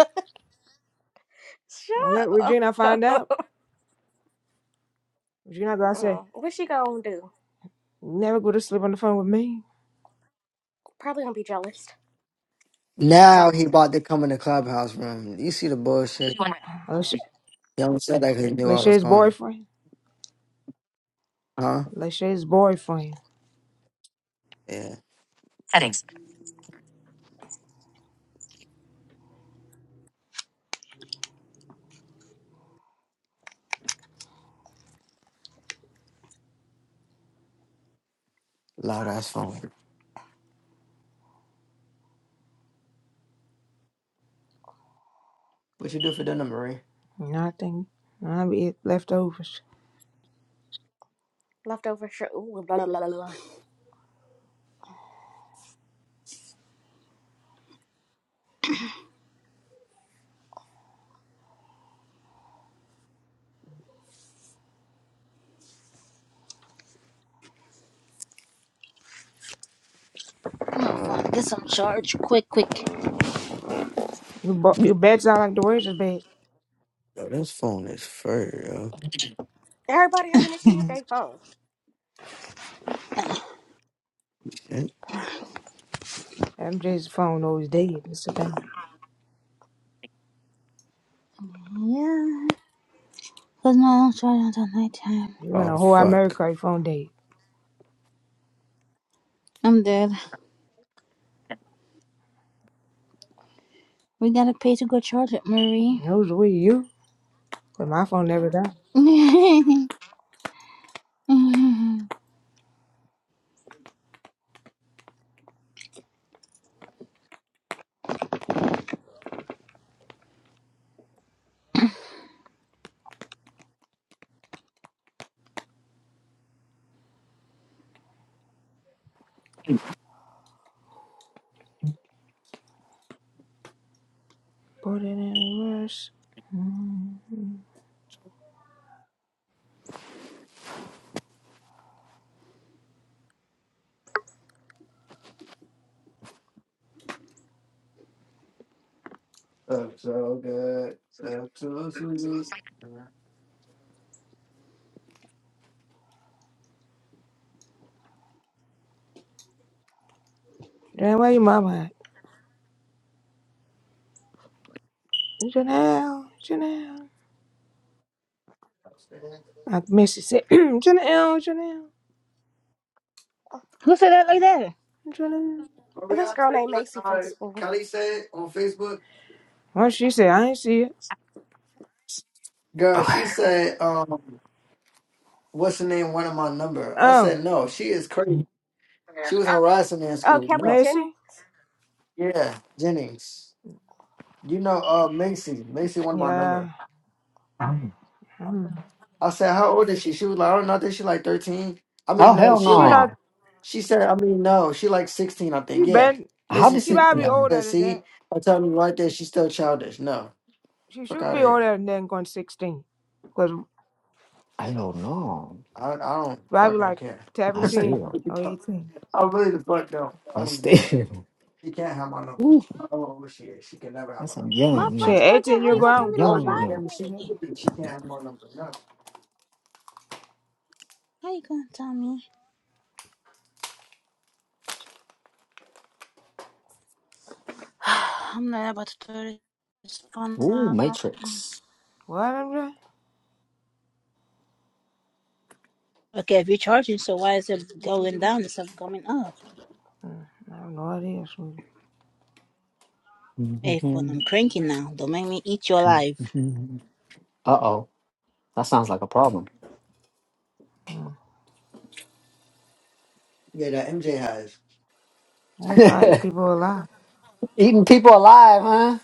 Speaker 2: Don't
Speaker 3: Shut
Speaker 2: let
Speaker 3: up.
Speaker 2: Regina find out. Regina gonna say,
Speaker 3: Mm, What's she gonna do?
Speaker 2: "You never go to sleep on the phone with me.
Speaker 3: Probably gonna be jealous.
Speaker 4: Now he about to come in the clubhouse room. You see the bullshit?
Speaker 2: Lash-
Speaker 4: Young said cause he knew I was
Speaker 2: Lachey's
Speaker 4: calling.
Speaker 2: boyfriend,
Speaker 4: Huh?
Speaker 2: Lachey's boyfriend.
Speaker 4: Yeah. Loud ass phone. What you do for dinner, Marie?
Speaker 2: Nothing. I'll be eat leftovers.
Speaker 3: Leftover shit. Ooh, blah, blah, blah, blah.
Speaker 1: Get some charge. Quick, quick.
Speaker 2: Your, bo- your bed sound like the waiter's bed.
Speaker 4: Yo, this phone is fur, yo.
Speaker 3: Everybody have an issue with their phone.
Speaker 4: Shit.
Speaker 2: MJ's phone always dead. That's the thing.
Speaker 1: Yeah. Because my don't charge until nighttime.
Speaker 2: You in
Speaker 4: Oh,
Speaker 2: a whole
Speaker 4: fuck.
Speaker 2: America your phone dead.
Speaker 1: I'm dead. We gotta pay to go charge it, Marie.
Speaker 2: Who's with you? Cause my phone never died.
Speaker 1: Who
Speaker 2: Put it in reverse. Mm.
Speaker 4: That's so good. That's so sweet.
Speaker 2: Janelle, where your mama at? Janelle, Janelle. I miss it. Say, Janelle, Janelle,
Speaker 1: said that like that?
Speaker 2: Janelle.
Speaker 4: Maria,
Speaker 3: This
Speaker 4: I
Speaker 3: girl
Speaker 4: tell
Speaker 3: named
Speaker 4: what,
Speaker 3: Macy from
Speaker 4: uh,
Speaker 3: school.
Speaker 4: Kelly said on Facebook,
Speaker 2: Well, she said, I ain't see it.
Speaker 4: girl,
Speaker 5: Okay.
Speaker 4: she said, um, what's the name? One of my number. I
Speaker 2: Oh,
Speaker 4: said, no, she is crazy. She was harassing me in
Speaker 3: Oh,
Speaker 4: school.
Speaker 3: Kelly
Speaker 4: No.
Speaker 2: Macy?
Speaker 3: Jennings.
Speaker 4: Yeah, Jennings. You know, uh, Macy. Macy wanted my
Speaker 2: Yeah.
Speaker 4: number.
Speaker 2: Mm.
Speaker 4: I said, how old is she? She was like, I don't know. I think she like 13. I mean,
Speaker 5: Oh
Speaker 4: no,
Speaker 5: hell
Speaker 4: she
Speaker 2: She
Speaker 4: like,
Speaker 2: not,
Speaker 5: no!
Speaker 4: she said, I mean, no, she like 16, I think.
Speaker 2: she
Speaker 4: Yeah.
Speaker 2: been,
Speaker 5: How
Speaker 4: Macy
Speaker 5: did
Speaker 2: she
Speaker 5: she?
Speaker 4: 16.
Speaker 2: probably
Speaker 4: I
Speaker 2: older.
Speaker 4: said,
Speaker 2: than-
Speaker 4: see, I told me right there, she's still childish. No.
Speaker 2: She
Speaker 4: Fuck
Speaker 2: should
Speaker 4: out
Speaker 2: be
Speaker 4: of here.
Speaker 2: older than then going 16. Cause
Speaker 5: I don't know.
Speaker 4: I, I don't
Speaker 2: probably
Speaker 4: fucking
Speaker 2: like
Speaker 4: care.
Speaker 5: I
Speaker 4: I
Speaker 2: 17
Speaker 5: still,
Speaker 4: really
Speaker 2: or
Speaker 4: don't.
Speaker 2: 18.
Speaker 4: I really the fuck don't. I
Speaker 5: I
Speaker 4: don't give a damn.
Speaker 5: still.
Speaker 4: She can't have my number.
Speaker 5: Ooh,
Speaker 4: I don't know who she is. She can never have
Speaker 5: that's
Speaker 4: my
Speaker 5: some
Speaker 4: number.
Speaker 1: My
Speaker 5: young,
Speaker 2: She
Speaker 5: young.
Speaker 1: friend Sprocket,
Speaker 2: 18
Speaker 1: how
Speaker 2: you're
Speaker 1: you
Speaker 5: That's
Speaker 1: gonna
Speaker 5: the
Speaker 1: tell
Speaker 2: grown,
Speaker 1: me
Speaker 4: I
Speaker 2: so
Speaker 1: low
Speaker 2: she,
Speaker 4: would give
Speaker 5: young,
Speaker 4: a
Speaker 5: young.
Speaker 4: damn if she
Speaker 2: yeah.
Speaker 1: battery?
Speaker 4: could. She can't have my number. No.
Speaker 1: How you gonna tell me? I'm not about to turn this phone
Speaker 5: Ooh,
Speaker 1: off.
Speaker 5: Matrix.
Speaker 2: What? I'm doing?
Speaker 1: Okay, if you're charging, so why is it going down instead of coming up?
Speaker 2: Mm, I have no idea, sweetie.
Speaker 1: Hey, phone, I'm cranky now. Don't make me eat you alive.
Speaker 5: Uh oh, that sounds like a problem.
Speaker 2: Mm.
Speaker 4: Yeah, that MJ has.
Speaker 2: That's right. People are alive.
Speaker 5: Eating people alive, huh?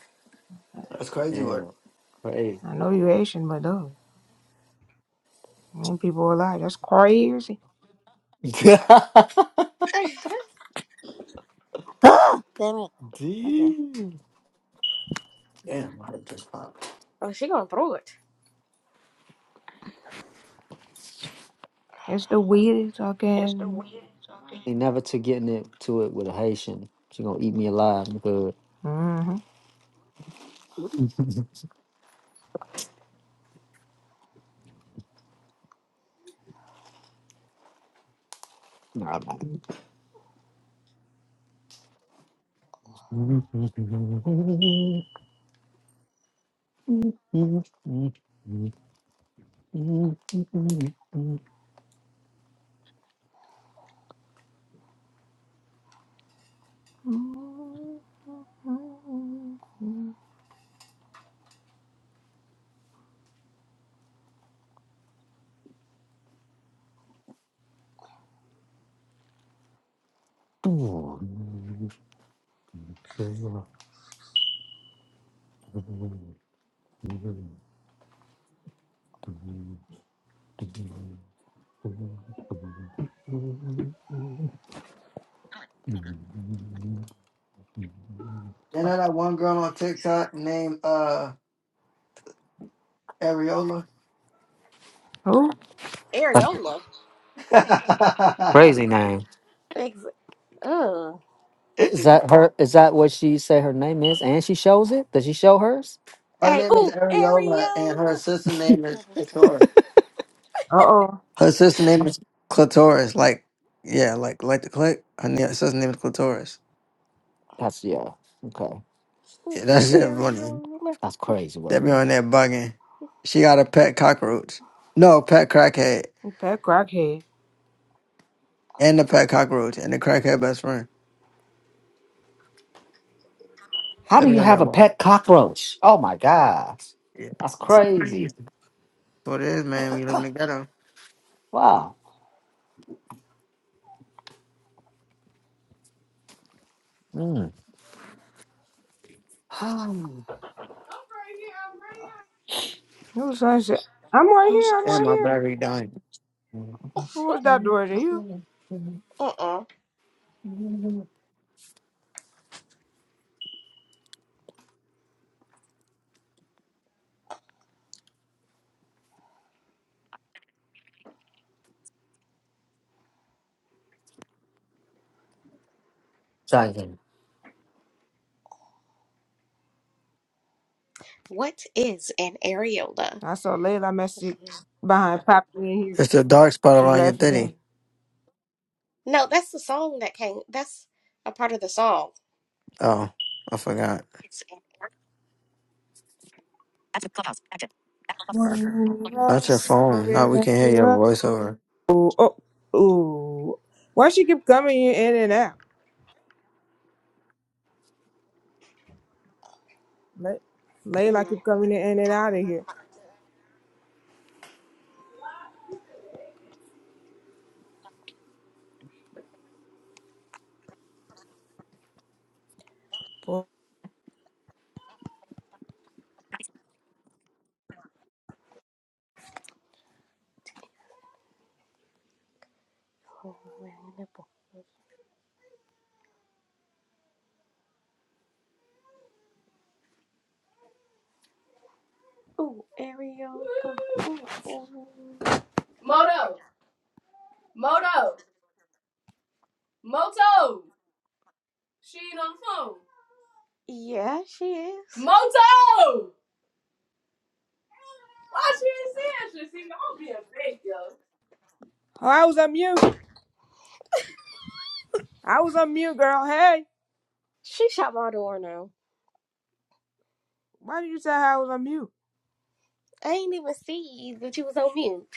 Speaker 4: That's crazy work.
Speaker 5: Damn, crazy.
Speaker 2: I know you're Asian, but though, I mean, people are alive. That's crazy.
Speaker 1: Damn it. Okay.
Speaker 5: Damn.
Speaker 4: Damn, my head just popped.
Speaker 3: oh, she gonna throw it.
Speaker 2: That's the weirdest fucking.
Speaker 5: he never to getting it to it with a Haitian. She gonna eat me alive. I'm good.
Speaker 2: Mm-hmm.
Speaker 5: No, I'm not.
Speaker 2: Mm-hmm.
Speaker 5: That's
Speaker 4: You know that one girl on TikTok named uh Ariola?
Speaker 2: Who?
Speaker 5: a
Speaker 3: Areola.
Speaker 4: her
Speaker 5: crazy name.
Speaker 3: Exactly. Oh.
Speaker 5: Is that her? Is that what she say her name is? And she shows it. Does she show hers?
Speaker 3: Hey,
Speaker 4: name is
Speaker 3: ooh,
Speaker 4: Ariola and her
Speaker 3: areola.
Speaker 4: sister name is
Speaker 3: Level seven.
Speaker 4: Clitoris.
Speaker 2: Uh oh.
Speaker 4: Her sister name is Clitoris. Like, yeah, like like the click. Her ne- sister name is Clitoris.
Speaker 5: That's yeah. Okay,
Speaker 4: Yeah,
Speaker 3: Ooh,
Speaker 4: that shit funny.
Speaker 3: areola.
Speaker 5: that's crazy
Speaker 4: They
Speaker 5: work.
Speaker 4: be on there bugging. She got a pet cockroach. No, pet crackhead.
Speaker 2: It's that crackhead.
Speaker 4: And the pet cockroach and the crackhead best friend.
Speaker 5: How
Speaker 4: They
Speaker 5: do
Speaker 4: be
Speaker 5: you
Speaker 4: on
Speaker 5: have
Speaker 4: that
Speaker 5: a
Speaker 4: wild.
Speaker 5: pet cockroach? Oh my gosh,
Speaker 4: Yeah.
Speaker 5: that's
Speaker 4: That's
Speaker 5: crazy.
Speaker 4: what it is, man. We live in the ghetto.
Speaker 5: Wow. Mm.
Speaker 2: You was like, shit. I'm right here. I'm
Speaker 4: And
Speaker 2: right
Speaker 4: my
Speaker 2: here.
Speaker 4: battery dying.
Speaker 2: Who was that door? Is it you?
Speaker 3: Uh-uh.
Speaker 5: Sorry,
Speaker 3: What is an areola?
Speaker 2: I saw Layla message behind Poppy in here.
Speaker 4: It's the dark spot around your titty.
Speaker 3: No, that's the song that came. That's a part of the song.
Speaker 4: Oh, I forgot. Not your phone. Now we can hear your voiceover.
Speaker 2: Oh, oh, oh. Why she keep coming in and out? Lay, lay like
Speaker 3: Mm.
Speaker 2: you are coming in and out of here. Boy.
Speaker 3: Ooh, areola. Ooh, ooh. Yeah, she is.
Speaker 2: Oh, I was on mute. I was on mute, girl. Hey,
Speaker 3: She shot my door now.
Speaker 2: why did you say I was on mute?
Speaker 3: I ain't even see you, but you was on mute.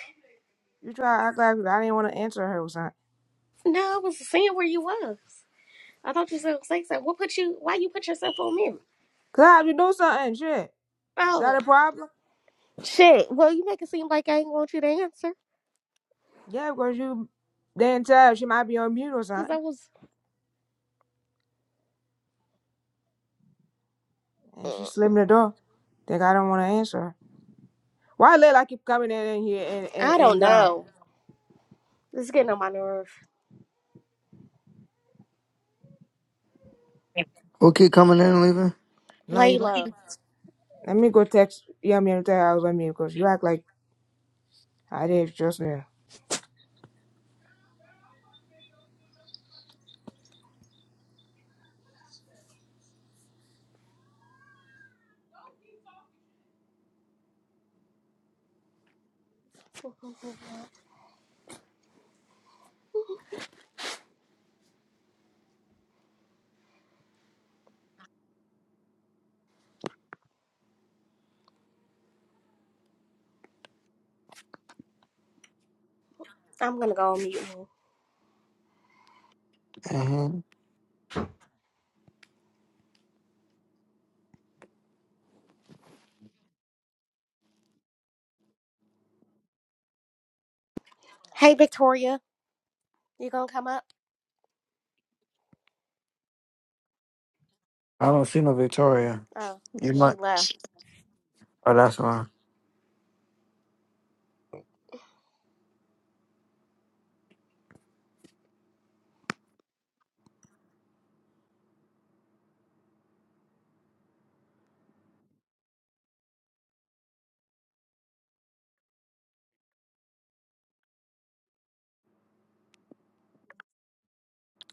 Speaker 2: You try to act like I didn't want to answer her or something.
Speaker 3: No, I was seeing where you was. I thought you said something. What put you? Why you put yourself on mute?
Speaker 2: Cause I have to do something. Shit, is that
Speaker 3: Oh.
Speaker 2: a problem?
Speaker 3: Shit. Well, you make it seem like I ain't want you to answer
Speaker 2: Yeah, because you didn't tell her she might be on mute or
Speaker 3: because I
Speaker 2: something,
Speaker 3: was.
Speaker 2: and she
Speaker 3: mm,
Speaker 2: slammed the door. Think I don't want to answer her. Why Layla keep coming in here and, and,
Speaker 3: I don't
Speaker 2: and gone?
Speaker 3: know. This is getting on my nerve.
Speaker 4: Who keep coming in and leaving?
Speaker 2: Layla. Let
Speaker 3: Layla,
Speaker 2: let me go text Yummy and tell her I was with me because you act like I didn't trust me.
Speaker 3: I'm gonna go on mute.
Speaker 4: hmm
Speaker 3: Hey, Victoria, you gonna come up?
Speaker 4: I don't see no Victoria.
Speaker 3: Oh,
Speaker 4: You
Speaker 3: she
Speaker 4: might.
Speaker 3: left.
Speaker 4: Oh, that's why.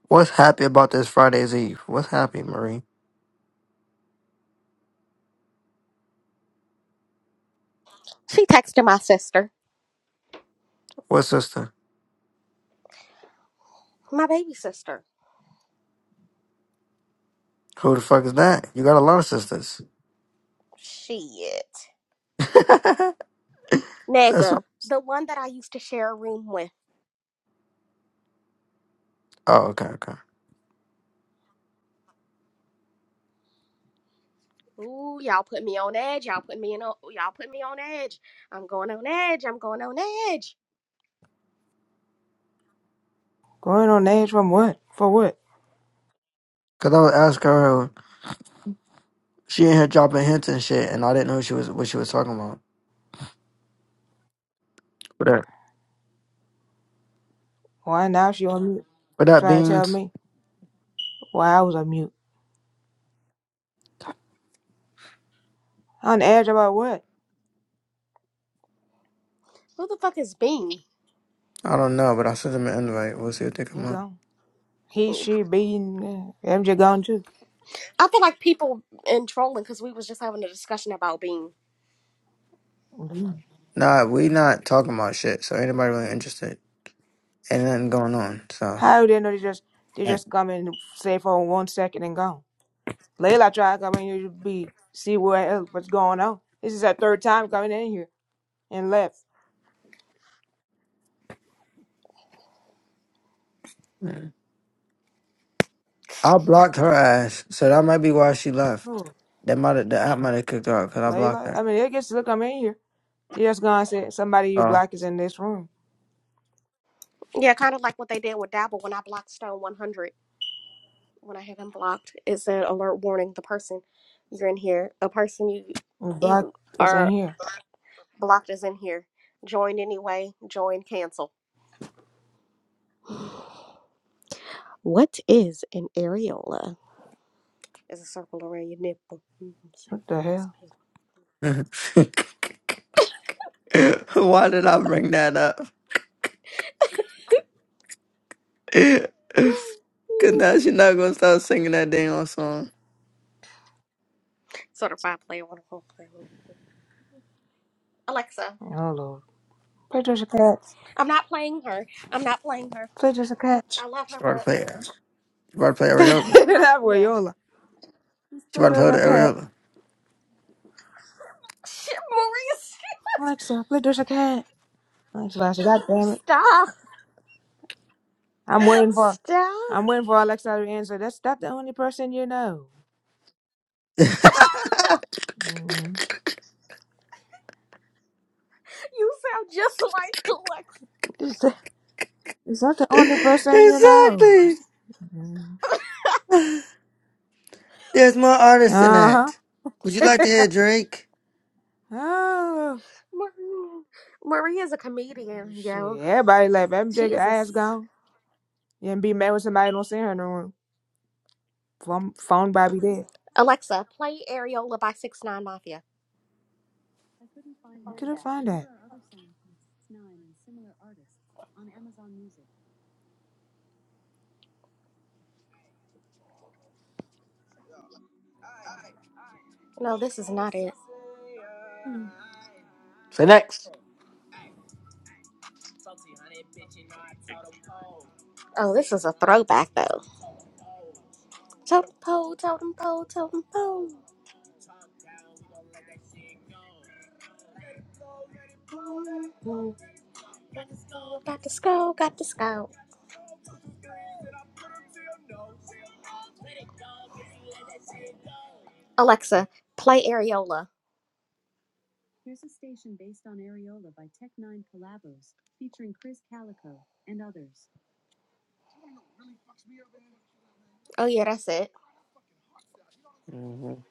Speaker 4: What's happy about this Friday's Eve? What's happy, Marie?
Speaker 3: She texted my sister,
Speaker 4: What sister?
Speaker 3: my baby sister.
Speaker 4: Who the fuck is that? You got a lot of sisters.
Speaker 3: Shit,
Speaker 4: That's
Speaker 3: nigga,
Speaker 4: what,
Speaker 3: the one that I used to share a room with.
Speaker 4: oh okay okay.
Speaker 3: Ooh, y'all put me on edge. Y'all put me in. o- Y'all put me on edge. I'm going on edge. I'm going on edge.
Speaker 2: Going on names from what? For what?
Speaker 4: Cause I was asking her, she in here dropping hints and shit, and I didn't know she was what she was talking about. But that,
Speaker 2: Why now she on mute?
Speaker 4: but that
Speaker 2: Try to tell
Speaker 4: beans,
Speaker 2: me why I was on mute. On edge about what?
Speaker 3: Who the fuck is Bean?
Speaker 4: I don't know. But I sent them an invite. We'll see what they come
Speaker 2: He
Speaker 4: up.
Speaker 2: gone. He, she, being MJ gone too.
Speaker 3: I feel like people in trolling because we was just having a discussion about being
Speaker 2: Mhm.
Speaker 4: Nah, we not talking about shit. So anybody really interested? Ain't nothing going on. So
Speaker 2: How they know they just they
Speaker 4: Yeah.
Speaker 2: just come and say for one second and gone? Layla tried coming here to be see what else what's going on. This is her third time coming in here and left.
Speaker 4: I blocked her ass. So that might be why she left.
Speaker 2: Oh.
Speaker 4: That might have, the app might have kicked her out because I blocked her.
Speaker 2: I mean, I to look, I'm in here. She just gone and said, somebody you
Speaker 4: Oh.
Speaker 2: black is in this room.
Speaker 3: yeah, kind of like what they did with Dabble when I blocked Stone One Hundred when I had him blocked. It said alert warning: the person you're in here, a person you
Speaker 2: You black
Speaker 3: you
Speaker 2: is in
Speaker 3: are
Speaker 2: here.
Speaker 3: blocked is in here. Join anyway. Join cancel. What is an areola? It's a circle around your nipple. Mhm, see,
Speaker 2: What the
Speaker 3: what This
Speaker 2: hell?
Speaker 3: big.
Speaker 4: Why did I bring that up? Cause now she not gonna stop singing that damn song.
Speaker 3: Certified player one. Sort of by play on a whole play. Alexa,
Speaker 2: Oh, Lord. Patricia Cats.
Speaker 3: I'm not playing her. I'm not playing her.
Speaker 2: Patricia Cats.
Speaker 3: I love
Speaker 4: She
Speaker 3: her,
Speaker 4: about to
Speaker 3: but
Speaker 4: play. She about to play Ariola.
Speaker 3: I'm not.
Speaker 2: that boy,
Speaker 3: Yeah.
Speaker 2: Yola.
Speaker 4: She about to play
Speaker 2: Patricia Cat.
Speaker 4: the
Speaker 3: Shit, Maurice.
Speaker 2: Alexa, Patricia Cat. Alexa, I said, God damn it.
Speaker 3: Stop.
Speaker 2: I'm waiting for
Speaker 3: Stop.
Speaker 2: I'm waiting for Alexa to answer. That's not the only person you know.
Speaker 4: Ariola.
Speaker 2: Mm.
Speaker 3: You sound just like Alexa.
Speaker 2: Is that, is that the only person
Speaker 4: exactly.
Speaker 2: you
Speaker 4: There's more artists than
Speaker 2: Uh-huh.
Speaker 4: that. Would you like to hear Drake?
Speaker 2: Oh,
Speaker 3: Maria. Maria's a comedian, yo.
Speaker 2: shit. Everybody left.
Speaker 3: She
Speaker 2: MJ
Speaker 3: is a.
Speaker 2: ass
Speaker 3: s-
Speaker 2: gone. You and be mad when somebody don't see her in the room. Phone found Bobby dead.
Speaker 3: Alexa, play Areola by 6 9 Mafia.
Speaker 2: You couldn't find that.
Speaker 3: No.
Speaker 4: Say next.
Speaker 3: Oh, this is a throwback, though. Totem pole, totem pole, totem pole. Mm, Got the skull, got the skull. Alexa, play Areola. Oh, yeah, that's it.
Speaker 4: Mhm.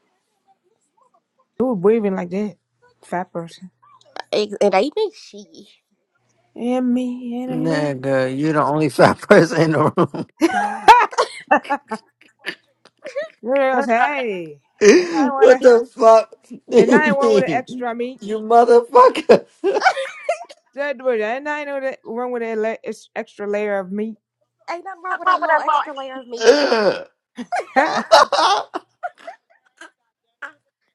Speaker 2: He was breathing like that. Fat person.
Speaker 3: It, it ain't me, she.
Speaker 2: And me, and me.
Speaker 4: Nigga, you're the only fat person in the room.
Speaker 2: There goes, hey.
Speaker 4: what the fuck do
Speaker 2: I
Speaker 4: you
Speaker 2: ain't one with the
Speaker 4: mean?
Speaker 2: extra meat.
Speaker 4: You motherfucker.
Speaker 2: Said with it. And I know that one with the la- it's extra layer of meat.
Speaker 3: Ain't nothing wrong with a little extra layer of meat.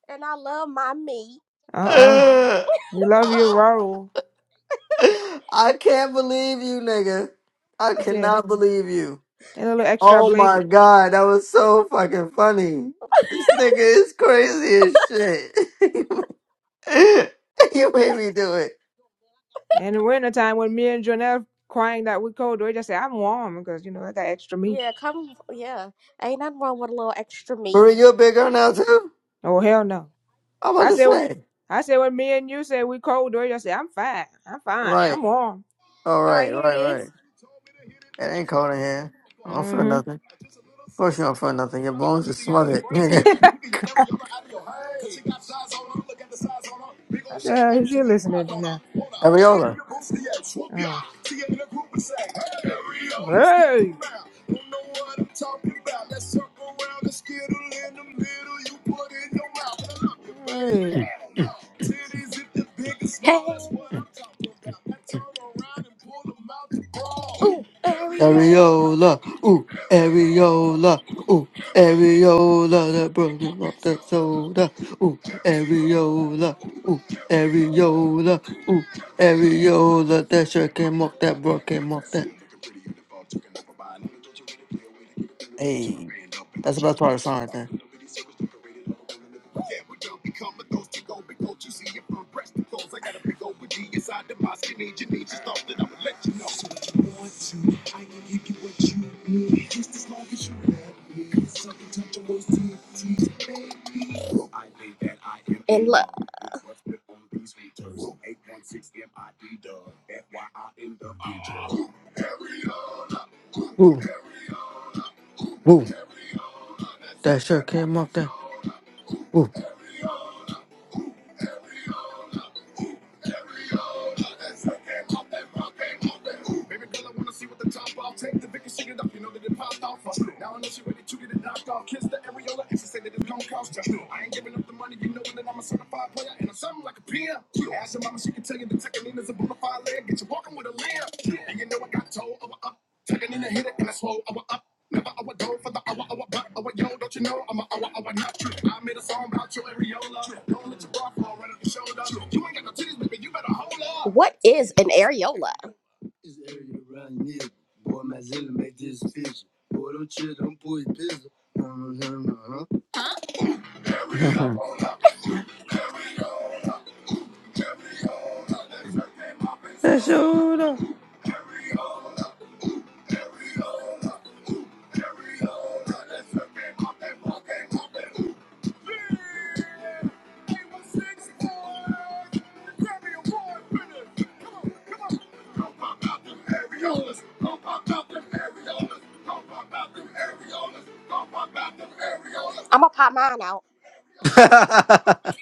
Speaker 3: And I love my meat.
Speaker 2: Uh-oh. You love your roll.
Speaker 4: I can't believe you, nigga. I
Speaker 2: He said,
Speaker 4: cannot believe you.
Speaker 2: and a little extra.
Speaker 4: Oh my god, that was so fucking funny. This nigga is crazy as shit. you made me do it.
Speaker 2: And in winter time, when me and Jonelle crying that we cold, we just say, I'm warm because, you know, I got extra meat.
Speaker 3: Yeah, come. Yeah. Ain't nothing wrong with a little extra meat.
Speaker 4: Marie, you a big girl now too?
Speaker 2: Oh, hell no.
Speaker 4: I'm about
Speaker 2: I
Speaker 4: to
Speaker 2: said, well,
Speaker 4: say.
Speaker 2: I said, when me and you say we cold, we just say, I'm fine. I'm fine.
Speaker 4: Right.
Speaker 2: I'm warm.
Speaker 4: All
Speaker 3: All
Speaker 4: right,
Speaker 3: right, here
Speaker 4: right,
Speaker 3: it is.
Speaker 4: right. It ain't cold in here. I don't feel
Speaker 2: Mm-hmm.
Speaker 4: nothing. Of course you don't feel nothing. Your
Speaker 3: Drops from
Speaker 4: bones are
Speaker 3: Christianity,
Speaker 4: smothered,
Speaker 3: brains, and
Speaker 4: nigga.
Speaker 3: give me nigga your every other out of your head. Cause she got size on her, look at the size on her. Big old
Speaker 2: What the
Speaker 3: shake
Speaker 2: hell is
Speaker 3: like she
Speaker 2: you
Speaker 3: need pride
Speaker 2: listening to
Speaker 3: on her.
Speaker 2: now?
Speaker 3: Hold her, see it
Speaker 4: Areola.
Speaker 3: in your booty, yeah, swoop ya.
Speaker 2: Oh.
Speaker 3: She in the group and say, hey, hurry on, let's get them
Speaker 2: Hey.
Speaker 3: out. Don't know what I'm talking about. Let's circle around the skittle in the middle. You put in your mouth, and I love you, baby.
Speaker 2: Hey.
Speaker 4: Mm,
Speaker 3: Hell
Speaker 4: mm,
Speaker 3: no.
Speaker 4: mm,
Speaker 3: Titties if the biggest small, that's what
Speaker 4: mm,
Speaker 3: I'm talking
Speaker 4: mm,
Speaker 3: about. Now
Speaker 4: mm.
Speaker 3: turn around and pull them out the ball. Ooh, hurry on.
Speaker 4: Areola, ooh, areola, ooh, areola, that broken up that soda, ooh, areola, ooh, areola, ooh, areola, that sure came off that bro came off that. Hey, that's the best part of the song right there.
Speaker 3: Inside the mosque, you need you need just thought that I would let you know. So if you want to, I can give you what you need. Just as long as you and love.
Speaker 4: Ooh, ooh, that sure came off that. Ooh,
Speaker 3: Baby girl, I wanna see what the top off. Take the Vicky, shake it up. You know that it popped off. her. Now I know she ready to get it knocked off. Kiss the areola and she say that it's gonna cost you. I ain't giving up the money. You know that I'm a certified player and I'm something like a peer. Ask your mama, she can tell you the Tekkenina's a bona fide leg. Get you walking with a limp. And you know I got told of a up. Tucking in the hit it and I swole of a up. Never I would go for the hour, hour, but hour, yo, don't you know I'm a hour, hour, not true. I made a song about your areola. Don't let your bra fall right up your shoulder. You ain't got no titties, baby, you better hold up. What is an areola? Is the area around here. Boy, my zilla make this vision. Boy, don't chill, don't pull your business.
Speaker 4: that soda.
Speaker 3: I'ma pop mine out.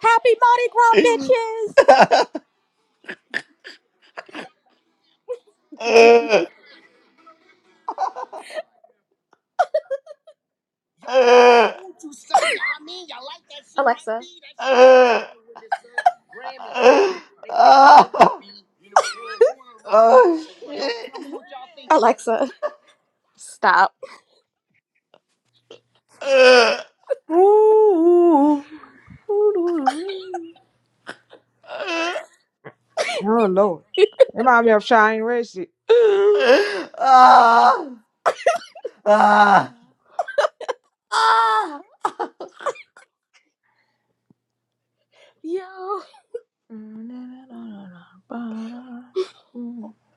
Speaker 3: Happy Mardi Gras, bitches!
Speaker 4: uh,
Speaker 3: Yo, y'all
Speaker 4: uh,
Speaker 3: told you so. I mean, y'all like that shit. Alexa. Like that shit was
Speaker 4: Uh,
Speaker 3: fire when this uh, Grammys,
Speaker 4: uh,
Speaker 3: nigga. They win Grammys,
Speaker 4: uh,
Speaker 3: B. You know what really know
Speaker 4: oh
Speaker 3: about. Yo,
Speaker 4: shit.
Speaker 3: tell me what y'all think. Alexa, stop.
Speaker 4: Uh,
Speaker 2: Ooh.
Speaker 4: uh,
Speaker 2: Oh, Lord. It might be of Shine Racy. Oh,
Speaker 4: uh, ah, ah, ah,
Speaker 3: Yo,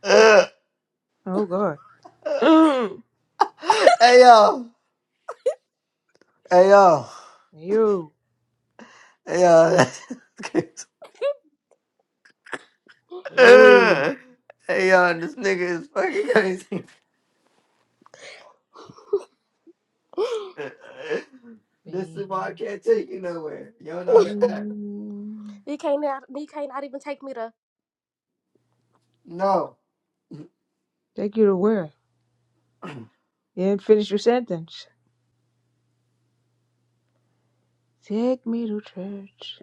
Speaker 4: uh,
Speaker 2: God.
Speaker 4: uh. Hey yo, hey yo,
Speaker 2: You.
Speaker 4: hey yo. that's crazy. Uh, Hey yo, this nigga is fucking crazy.
Speaker 2: Take
Speaker 4: This is why I can't take you nowhere. You don't know how to act.
Speaker 3: take me to
Speaker 4: No.
Speaker 2: you to where? You didn't finish your sentence. Take me to church.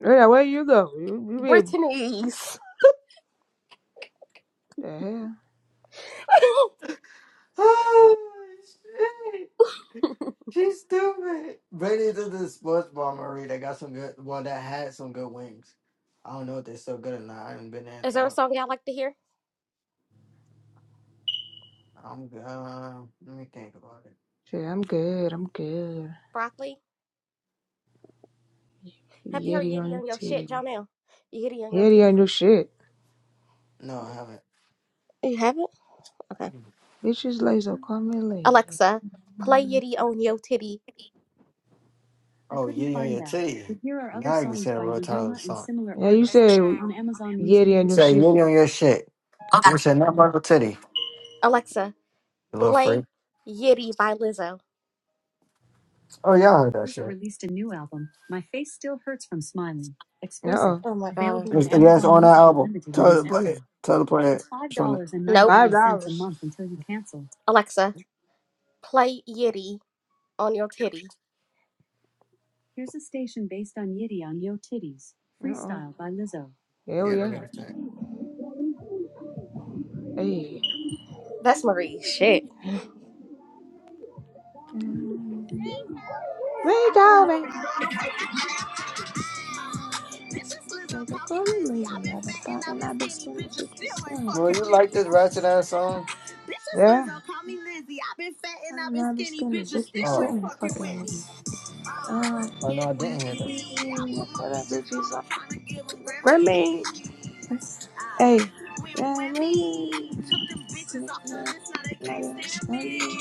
Speaker 2: Yeah, where you go? You, you be
Speaker 3: Brittany's.
Speaker 2: the hell?
Speaker 4: Oh shit. She's stupid. Brady did this sports bar Marie, margarita. Got some good. Well, that had some good wings. I don't know if they're still good or not. I haven't been there.
Speaker 3: Is there a
Speaker 4: For,
Speaker 3: song y'all like to hear?
Speaker 4: I'm. Uh, let me think about it.
Speaker 2: Shit, I'm good. I'm good.
Speaker 3: Broccoli? Have you heard
Speaker 2: Yeti on
Speaker 3: Yitty
Speaker 2: your
Speaker 3: on your shit,
Speaker 2: titty.
Speaker 3: Jonelle? Yitty on your
Speaker 2: Yeti
Speaker 3: titty.
Speaker 2: on your shit.
Speaker 4: No, I haven't.
Speaker 3: You haven't? Okay.
Speaker 2: Bitches lazy. Call me lazy.
Speaker 3: Alexa, play Yitty on your titty.
Speaker 4: Oh, yitty on your titty. Now you can say the real title of the song.
Speaker 2: Yeah, you said Yeti
Speaker 4: You
Speaker 2: on your
Speaker 4: say
Speaker 2: shit.
Speaker 4: yitty on your shit. Okay. You said not Michael Titty.
Speaker 3: Alexa,
Speaker 4: You little
Speaker 3: Play
Speaker 4: freak.
Speaker 3: Yitty by Lizzo.
Speaker 4: Oh, yeah, all heard that shit.
Speaker 2: Uh oh.
Speaker 4: It's, yeah, it's on that album. Tell her to play it. Tell her to play it. It's on the,
Speaker 2: Five dollars.
Speaker 3: Alexa, play Yitty on your titty.
Speaker 2: Uh oh. Hell
Speaker 4: yeah, they
Speaker 2: yeah.
Speaker 4: got that.
Speaker 2: Hey.
Speaker 3: That's Marie. Shit.
Speaker 2: Mm. Wait, darling. Bitches lazy. Call me lazy. I've been fighting. I've been skinny. Bitches selling.
Speaker 4: Well,
Speaker 2: Fuck.
Speaker 4: you like this ratchet ass song?
Speaker 2: Yeah.
Speaker 3: Lizzo, call me Lizzie. I've been fat and
Speaker 2: I've
Speaker 3: I've been
Speaker 2: been
Speaker 3: skinny.
Speaker 2: skinny.
Speaker 3: Bitches
Speaker 2: Bitches
Speaker 3: still
Speaker 4: Oh,
Speaker 3: ain't
Speaker 2: selling.
Speaker 3: fucking
Speaker 2: Fucking
Speaker 3: with
Speaker 2: with
Speaker 3: me.
Speaker 2: me.
Speaker 3: Uh,
Speaker 2: Uh,
Speaker 4: oh no, I
Speaker 3: when, when
Speaker 4: didn't hear this.
Speaker 3: me, I
Speaker 2: mm,
Speaker 3: put my
Speaker 2: for that
Speaker 3: bitches on.
Speaker 2: bitches.
Speaker 3: I'm trying to give them
Speaker 2: Grammy.
Speaker 3: Grammys. Uh,
Speaker 2: Hey.
Speaker 3: When
Speaker 2: Grammy.
Speaker 3: Whammy took them bitches
Speaker 2: Precious
Speaker 3: off the
Speaker 2: love,
Speaker 3: list, now they
Speaker 2: not
Speaker 3: can't
Speaker 2: even
Speaker 3: stand me.
Speaker 2: Grammy.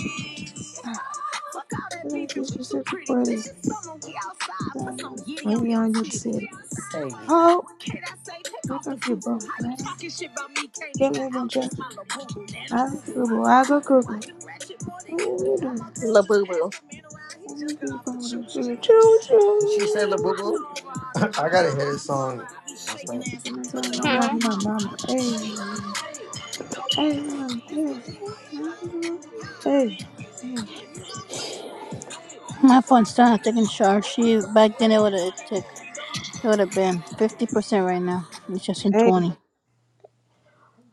Speaker 2: Ah,
Speaker 3: Fuck all that
Speaker 2: Look at
Speaker 3: beefing,
Speaker 2: this
Speaker 3: we
Speaker 2: is
Speaker 3: too
Speaker 2: such a
Speaker 3: pretty.
Speaker 2: pretty
Speaker 3: This is summer, we outside. Put some
Speaker 2: diamond.
Speaker 3: giddy
Speaker 2: When
Speaker 3: on
Speaker 2: you're
Speaker 3: your
Speaker 2: on your
Speaker 3: titty. We
Speaker 2: city.
Speaker 4: Hey,
Speaker 3: outside.
Speaker 2: Oh,
Speaker 3: What can I say? Take
Speaker 2: pick
Speaker 3: off
Speaker 2: up
Speaker 3: the
Speaker 2: your bro
Speaker 3: fufu. How you
Speaker 2: friend.
Speaker 3: talking shit about me? Can't
Speaker 2: Can't
Speaker 3: even
Speaker 2: even just.
Speaker 3: outdress my la boo boo. And a boo
Speaker 2: I
Speaker 3: boo,
Speaker 2: go
Speaker 3: I
Speaker 2: go,
Speaker 3: go
Speaker 2: I go
Speaker 3: cuckoo. I
Speaker 2: cuckoo.
Speaker 3: do ratchet more than
Speaker 2: What do
Speaker 3: you do.
Speaker 2: you
Speaker 3: All
Speaker 2: do?
Speaker 3: my La boo boo. He
Speaker 2: I do
Speaker 3: just
Speaker 2: you
Speaker 3: got
Speaker 2: do?
Speaker 3: off the
Speaker 2: go
Speaker 3: choo
Speaker 2: to school,
Speaker 3: choo.
Speaker 2: you choo
Speaker 4: did she say La Boo
Speaker 3: I
Speaker 2: choo.
Speaker 3: throw
Speaker 4: Boo?
Speaker 3: over all the
Speaker 4: I gotta
Speaker 3: drama.
Speaker 4: hear this
Speaker 3: All summer,
Speaker 4: song
Speaker 3: I be shaking
Speaker 4: myself.
Speaker 3: ass.
Speaker 2: When I
Speaker 3: I put
Speaker 2: saw
Speaker 3: it
Speaker 2: my
Speaker 3: on my
Speaker 2: dad my
Speaker 3: mama.
Speaker 2: mama, hey, hey, man, hey, hey, hey, hey.
Speaker 1: My phone's still not taking charge. She back then it would have took it would have been fifty percent right now. It's just in
Speaker 2: Hey.
Speaker 1: twenty.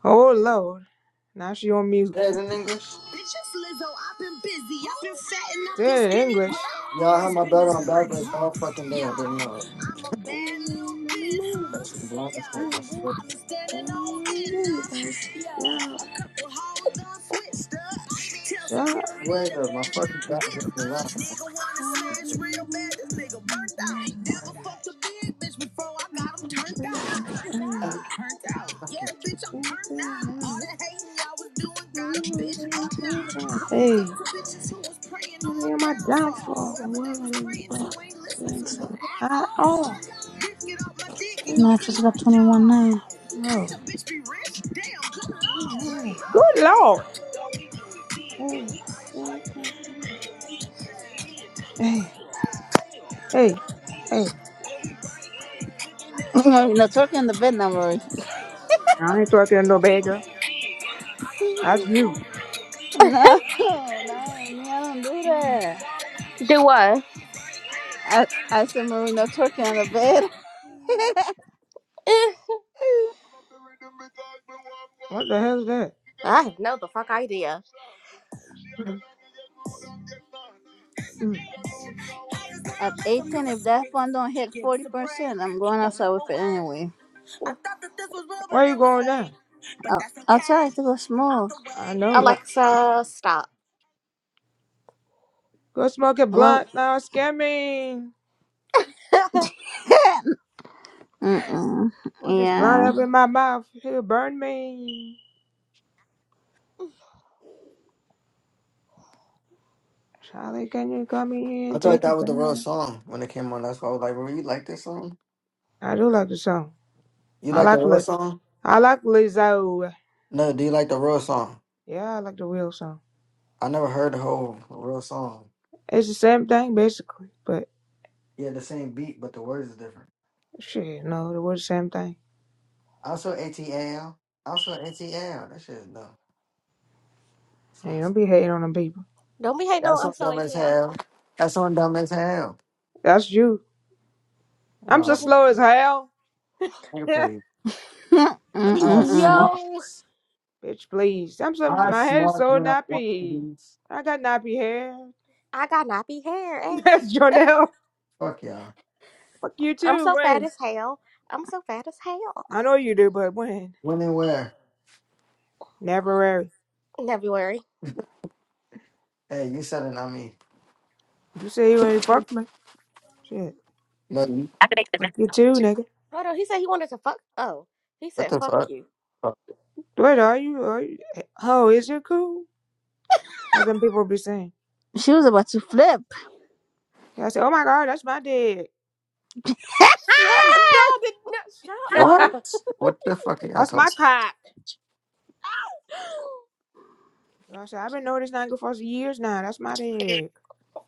Speaker 2: Oh Lord, now she on mute.
Speaker 4: Say it in English?
Speaker 3: Bitch, it's Lizzo. I've been busy. I've been fat and I've
Speaker 2: Did
Speaker 3: been
Speaker 2: it in
Speaker 3: skinny, but
Speaker 2: English.
Speaker 4: Yeah,
Speaker 3: I've
Speaker 4: I had
Speaker 3: always
Speaker 4: my
Speaker 3: been
Speaker 4: belt on
Speaker 3: this pretty,
Speaker 4: backwards
Speaker 3: ho.
Speaker 4: all fucking day. I
Speaker 3: Yeah,
Speaker 4: didn't know it.
Speaker 3: I'm a
Speaker 2: Yeah,
Speaker 3: bad little bit, huh?
Speaker 4: That's some blind shit,
Speaker 3: Yeah,
Speaker 4: I
Speaker 2: yeah.
Speaker 4: swear.
Speaker 3: I've been standing on business. Tell security
Speaker 4: Wait,
Speaker 3: that
Speaker 4: uh, my
Speaker 3: they're
Speaker 4: fucking
Speaker 3: not
Speaker 4: back hurts me laughing
Speaker 3: Nigga wanna smash
Speaker 4: at
Speaker 3: real bad. This nigga burnt out. Never
Speaker 4: you.
Speaker 3: fucked a big bitch before. I got him turned out. Turned
Speaker 4: Ah,
Speaker 3: out? Turned out.
Speaker 4: Fucking.
Speaker 3: Yeah, bitch, I'm turned out. All that hating y'all was doing got a bitch up now. I woke up
Speaker 2: Hey,
Speaker 3: to bitches who was praying on my
Speaker 2: maybe on my
Speaker 3: downfall.
Speaker 2: downfall or
Speaker 3: Whoever they
Speaker 2: whatever
Speaker 3: was
Speaker 2: they was
Speaker 3: praying to
Speaker 2: playing.
Speaker 3: ain't listen to
Speaker 2: Things
Speaker 3: at
Speaker 2: I
Speaker 3: all.
Speaker 2: oh
Speaker 3: get off my dick, you
Speaker 1: My
Speaker 3: gon' get
Speaker 1: just got
Speaker 3: locked,
Speaker 1: twenty one
Speaker 3: jaw.
Speaker 1: now.
Speaker 3: Can't
Speaker 2: oh
Speaker 3: a bitch be rich? Damn, good lord.
Speaker 2: good lord. Hey, hey, hey.
Speaker 1: no talking on the bed now, Marie.
Speaker 2: I ain't talking to no bad girl. That's you.
Speaker 1: no, not me. I don't do
Speaker 2: Mm.
Speaker 1: that.
Speaker 3: Do what?
Speaker 1: I I said Marie, no twerking on the bed.
Speaker 3: Eh.
Speaker 2: What the hell's that?
Speaker 3: I have no the fuck idea.
Speaker 2: Mm.
Speaker 1: At 18, if that phone don't hit
Speaker 3: Give us
Speaker 1: 40%,
Speaker 3: a break,
Speaker 1: I'm going
Speaker 3: don't
Speaker 1: outside
Speaker 3: love
Speaker 1: with it
Speaker 3: away.
Speaker 1: anyway.
Speaker 3: I thought that this was real, but
Speaker 2: Where you
Speaker 3: it was
Speaker 2: going now?
Speaker 3: fake. But
Speaker 1: I'll,
Speaker 3: that's
Speaker 1: I'll try to go
Speaker 3: okay, you out
Speaker 1: smoke,
Speaker 3: the
Speaker 2: I
Speaker 3: way.
Speaker 2: know it.
Speaker 1: but,
Speaker 3: Alexa, stop.
Speaker 2: Go smoke a
Speaker 1: well,
Speaker 2: blunt now. Scare me.
Speaker 1: mm-mm.
Speaker 2: Put this blunt
Speaker 1: Yeah.
Speaker 2: up in my mouth. It'll burn me. Charlie, can you come here
Speaker 4: I
Speaker 2: and
Speaker 4: thought
Speaker 2: take a
Speaker 4: that was the real
Speaker 2: bath?
Speaker 4: song when it came on. That's why I was like, "Bro, you like this song?
Speaker 2: I do like the song.
Speaker 4: You
Speaker 2: I
Speaker 4: like the
Speaker 2: like
Speaker 4: real
Speaker 2: Liz.
Speaker 4: song?
Speaker 2: I like Lizzo.
Speaker 4: No, do you like the real song?
Speaker 2: Yeah, I like the real song.
Speaker 4: I never heard the whole real song.
Speaker 2: It's the same thing basically, but
Speaker 4: Yeah, the same beat, but the words is different.
Speaker 2: shit, no, it was the same thing.
Speaker 4: Also ATL. Also ATL. That shit is dumb.
Speaker 2: Hey,
Speaker 4: Sounds-
Speaker 2: don't be hating on them people.
Speaker 3: Don't be hating
Speaker 4: That's
Speaker 3: on I'm
Speaker 4: on
Speaker 3: so
Speaker 4: dumb as
Speaker 3: ATL.
Speaker 4: hell. That's on dumb as hell.
Speaker 2: That's you. I'm so
Speaker 4: Oh,
Speaker 3: Don't
Speaker 2: slow
Speaker 3: be.
Speaker 2: as hell.
Speaker 4: nigga, please.
Speaker 1: mm
Speaker 4: I
Speaker 1: mm
Speaker 3: Yo,
Speaker 4: smucks.
Speaker 2: Bitch, please. I'm so
Speaker 4: I
Speaker 2: my head is
Speaker 4: smucks
Speaker 2: so
Speaker 4: when I want to
Speaker 2: nappy.
Speaker 4: be.
Speaker 2: I got nappy hair.
Speaker 3: I got nappy hair. eh?
Speaker 2: That's Jonelle.
Speaker 4: Fuck y'all.
Speaker 2: Fuck you
Speaker 3: I'm
Speaker 2: too.
Speaker 3: so fat
Speaker 2: When?
Speaker 3: as hell. I'm so fat as hell.
Speaker 2: I know you do, but when?
Speaker 4: When and where?
Speaker 2: Never ever.
Speaker 3: In February.
Speaker 4: Hey, you said it, not me.
Speaker 2: You say you ain't fuck me. Shit.
Speaker 4: No, you.
Speaker 2: Fuck you too, nigga.
Speaker 3: Hold on, he said he wanted to fuck. Oh, he
Speaker 4: What
Speaker 3: said
Speaker 4: the
Speaker 3: fuck
Speaker 4: fuck?
Speaker 3: you.
Speaker 4: Fuck.
Speaker 2: What are you? Are you? Oh, is it cool? Like them people be saying.
Speaker 1: She was about to flip.
Speaker 2: Yeah, I said, oh my god, that's my dick.
Speaker 3: Shut no, the, no shut
Speaker 2: that's
Speaker 3: up.
Speaker 4: What? What the fuck are y'all talking?
Speaker 2: my cock. I said, I've been knowing this nigga for years now. That's my dick.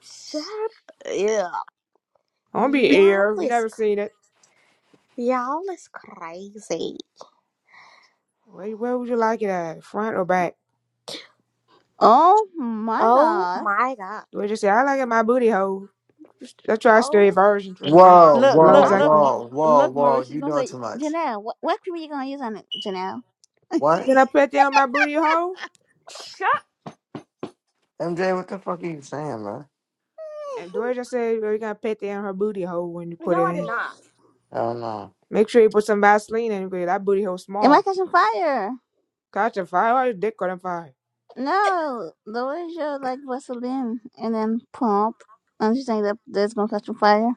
Speaker 3: Shut up.
Speaker 2: I don't be
Speaker 3: Y'all
Speaker 2: air. You
Speaker 3: is
Speaker 2: never seen it.
Speaker 3: y'all is crazy.
Speaker 2: Where, where would you like it at? Front or back?
Speaker 1: Oh my
Speaker 3: Oh
Speaker 1: god.
Speaker 3: my god.
Speaker 2: We just say, I like it my booty hole. I try to stay
Speaker 3: Oh,
Speaker 2: virgin for the long,
Speaker 4: Whoa,
Speaker 1: Look,
Speaker 2: the
Speaker 4: whoa,
Speaker 1: look,
Speaker 2: longest
Speaker 3: I
Speaker 2: I
Speaker 1: look,
Speaker 2: can.
Speaker 4: whoa, whoa,
Speaker 1: look,
Speaker 4: whoa.
Speaker 1: Marisha's
Speaker 4: You
Speaker 1: gonna
Speaker 4: doing too
Speaker 1: say,
Speaker 4: much.
Speaker 1: Janelle, what, what cream are you gonna use on it, Janelle?
Speaker 4: What?
Speaker 2: Can I put that on my booty hole?
Speaker 4: MJ, what the fuck are you saying, man?
Speaker 2: And Dory just said, well, you gotta put that on her booty hole when you put
Speaker 3: no,
Speaker 2: it
Speaker 3: I did
Speaker 2: in.
Speaker 3: not.
Speaker 4: I don't know.
Speaker 2: Make sure you put some Vaseline in it, because that booty hole
Speaker 1: Am I
Speaker 2: small.
Speaker 1: catching fire?
Speaker 2: Catch a fire, or your dick on fire.
Speaker 1: No, the way you like Vaseline and then pump. And you think that that's gonna catch on fire?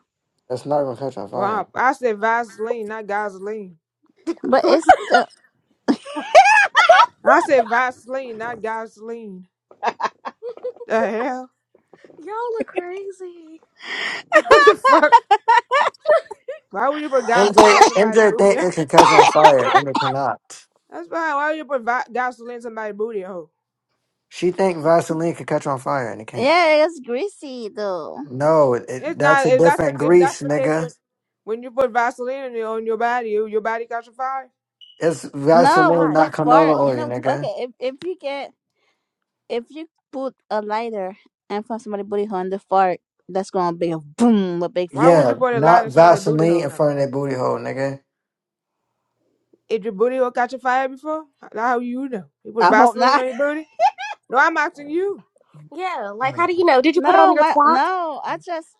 Speaker 4: It's not gonna catch on fire.
Speaker 2: Bump. I said Vaseline, not gasoline. I said Vaseline, not gasoline. The hell?
Speaker 3: Y'all are crazy.
Speaker 2: What the fuck? Why would you put gasoline?
Speaker 4: MJ MJ think it can catch on fire and it cannot.
Speaker 2: That's fine. Why would you put va- gasoline in somebody's booty hole?
Speaker 4: She think Vaseline can catch on fire and it can't.
Speaker 1: Yeah, it's greasy though.
Speaker 4: No, it, it-
Speaker 2: It's
Speaker 4: that's
Speaker 2: not.
Speaker 4: a
Speaker 2: If
Speaker 4: different grease, nigga.
Speaker 2: When you put Vaseline on your, on your body, your your body catch a fire.
Speaker 4: It's
Speaker 1: No,
Speaker 4: Vaseline,
Speaker 1: with
Speaker 3: Right?
Speaker 1: the
Speaker 4: not
Speaker 1: fart.
Speaker 4: canola
Speaker 1: You
Speaker 4: oil,
Speaker 1: know,
Speaker 4: nigga.
Speaker 1: okay, if if you get if you put a lighter and from somebody booty hole in the fart, that's gonna be a boom, a big
Speaker 2: Why would
Speaker 1: flum.
Speaker 4: Yeah,
Speaker 2: you put a lot
Speaker 4: not
Speaker 2: of
Speaker 4: Vaseline in front of that booty hole, nigga.
Speaker 2: if your booty will catch a fire before? How you know? You put
Speaker 1: I hope
Speaker 2: Vaseline on
Speaker 1: not.
Speaker 2: your booty? No, I'm asking you.
Speaker 3: Yeah.
Speaker 4: I
Speaker 3: Like, how
Speaker 4: mean,
Speaker 3: do you know? Did you put it on
Speaker 1: No,
Speaker 3: your
Speaker 1: my
Speaker 3: twat?
Speaker 1: no, I just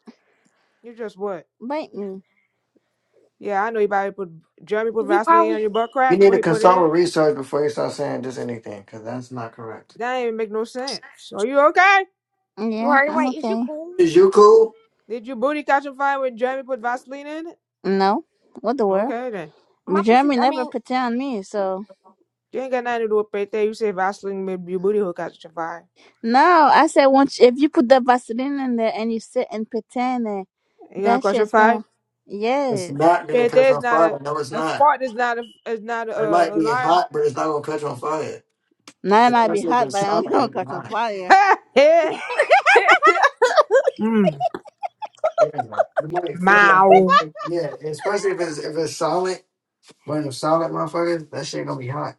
Speaker 2: You just what?
Speaker 1: bite me.
Speaker 2: Yeah, I know you probably put Jeremy put
Speaker 3: You
Speaker 2: Vaseline on
Speaker 3: probably.
Speaker 2: your butt
Speaker 4: You
Speaker 2: crack.
Speaker 4: need to consult with research before you start saying just anything, because that's not correct.
Speaker 2: That ain't even make no sense. Are you okay?
Speaker 1: Yeah,
Speaker 3: Right?
Speaker 1: I'm
Speaker 3: Right? Is you
Speaker 1: okay.
Speaker 3: cool?
Speaker 4: Is you cool?
Speaker 2: Did your booty catch a fire when Jeremy put Vaseline in it?
Speaker 1: No, what the world?
Speaker 2: Okay then.
Speaker 3: My pussy.
Speaker 1: Jeremy
Speaker 3: I
Speaker 1: never
Speaker 3: mean,
Speaker 1: pretend on me, so
Speaker 2: You ain't got nothing to do with Pete. You say Vaseline made your booty hole catch a fire.
Speaker 1: no. I said once if you put the Vaseline in there and you sit and pretend, it,
Speaker 2: You gonna
Speaker 1: that
Speaker 2: catch a
Speaker 1: shit's
Speaker 2: fire?
Speaker 1: gonna
Speaker 4: It's
Speaker 1: yes.
Speaker 4: not gonna
Speaker 2: Pete
Speaker 4: catch
Speaker 2: is
Speaker 4: on
Speaker 2: not
Speaker 4: fire.
Speaker 2: a
Speaker 4: No, it's not.
Speaker 2: fart is not a is not
Speaker 4: It might
Speaker 2: a, a
Speaker 4: be
Speaker 2: liar.
Speaker 4: hot, but it's not gonna catch on fire.
Speaker 1: Now
Speaker 4: It's
Speaker 1: it
Speaker 4: a
Speaker 1: might be hot, but
Speaker 4: catch
Speaker 1: I'm gonna
Speaker 4: on
Speaker 1: catch on
Speaker 4: fire.
Speaker 1: fire.
Speaker 3: it's
Speaker 2: Mm,
Speaker 4: Yeah, man. The might feel that, but
Speaker 2: Mow.
Speaker 4: it's like- yeah, especially if it's if it's solid, when it's solid, motherfuckers, that shit gonna be hot.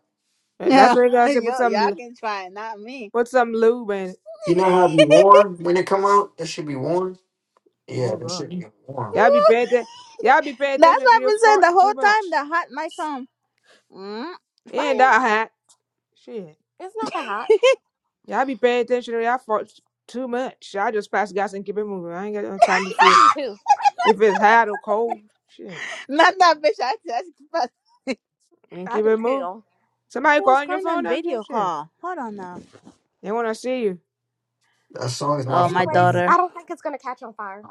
Speaker 2: That's
Speaker 1: Yeah,
Speaker 2: what you gotta say. Put
Speaker 1: yo,
Speaker 2: some,
Speaker 1: y'all
Speaker 2: l-
Speaker 1: can try it, not me.
Speaker 2: put some lube in it.
Speaker 4: You know how it be warm when it come out? That should be warm. Yeah,
Speaker 2: Oh
Speaker 4: that
Speaker 2: God,
Speaker 4: should be warm.
Speaker 2: y'all be paying attention. Y'all be paying
Speaker 1: That's
Speaker 2: attention to
Speaker 1: what I've
Speaker 2: your
Speaker 1: been saying
Speaker 2: fart
Speaker 1: the
Speaker 2: too
Speaker 1: whole time.
Speaker 2: much.
Speaker 1: The hot might come. Mm,
Speaker 2: It Ain't
Speaker 1: fire.
Speaker 2: that hot? Shit,
Speaker 3: not that hot.
Speaker 2: y'all be paying attention to y'all fart too much. I just pass gas and keep it moving. I ain't got no
Speaker 3: I
Speaker 2: time to
Speaker 3: ke- I
Speaker 2: see
Speaker 3: do too.
Speaker 2: if it's hot or cold. Shit,
Speaker 1: Not that bitch. I just but who
Speaker 2: and
Speaker 3: I
Speaker 2: keep
Speaker 3: do
Speaker 2: it moving.
Speaker 3: too.
Speaker 2: Somebody
Speaker 1: was
Speaker 2: calling your
Speaker 1: calling on
Speaker 2: phone, I'm
Speaker 1: video
Speaker 2: just shit.
Speaker 1: call? Hold on now.
Speaker 2: They wanna see you.
Speaker 4: That song is
Speaker 3: But
Speaker 4: my
Speaker 1: Oh, my
Speaker 3: anyways,
Speaker 4: fucking
Speaker 3: I
Speaker 1: daughter.
Speaker 3: don't think it's gonna catch on fire.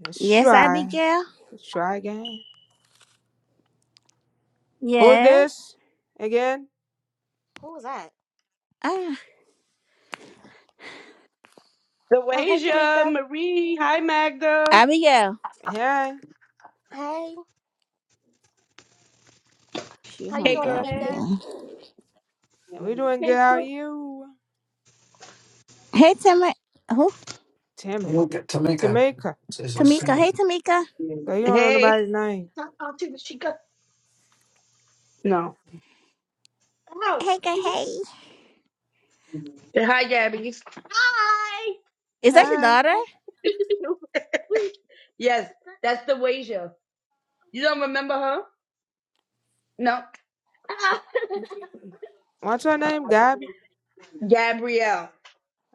Speaker 2: Let's
Speaker 1: Yes,
Speaker 2: try.
Speaker 1: Abigail.
Speaker 2: Let's try again. Who's
Speaker 1: Yes.
Speaker 2: this? Again?
Speaker 3: Who was that?
Speaker 1: Ah,
Speaker 3: Oh, hey,
Speaker 6: Lawasia,
Speaker 3: Tamika.
Speaker 6: Marie, hi Magda.
Speaker 1: Abigail.
Speaker 2: Hey,
Speaker 3: Hey.
Speaker 1: She
Speaker 3: How you
Speaker 6: Hey
Speaker 1: hung
Speaker 3: doing,
Speaker 6: girl,
Speaker 1: up.
Speaker 6: hey.
Speaker 3: Tamika?
Speaker 1: Anyway.
Speaker 2: we doing good.
Speaker 6: Hey.
Speaker 2: How are
Speaker 6: girl.
Speaker 2: you?
Speaker 1: Hey, Tamika. Who?
Speaker 2: Damn it.
Speaker 4: Tamika. Tamika.
Speaker 2: Jamaica.
Speaker 4: It's a
Speaker 1: Tamika.
Speaker 4: city.
Speaker 1: Hey, Tamika.
Speaker 2: So you don't know
Speaker 6: Hey.
Speaker 2: nobody's name.
Speaker 6: I'll take the she got. No. Oh.
Speaker 1: Hey, girl, hey.
Speaker 6: Hi Gabby. Hi.
Speaker 1: Is that your
Speaker 2: Hey,
Speaker 1: daughter?
Speaker 3: Hi,
Speaker 6: Yes, that's the You don't remember her? No. Ah.
Speaker 2: what's your name, Gabby?
Speaker 6: Gabrielle.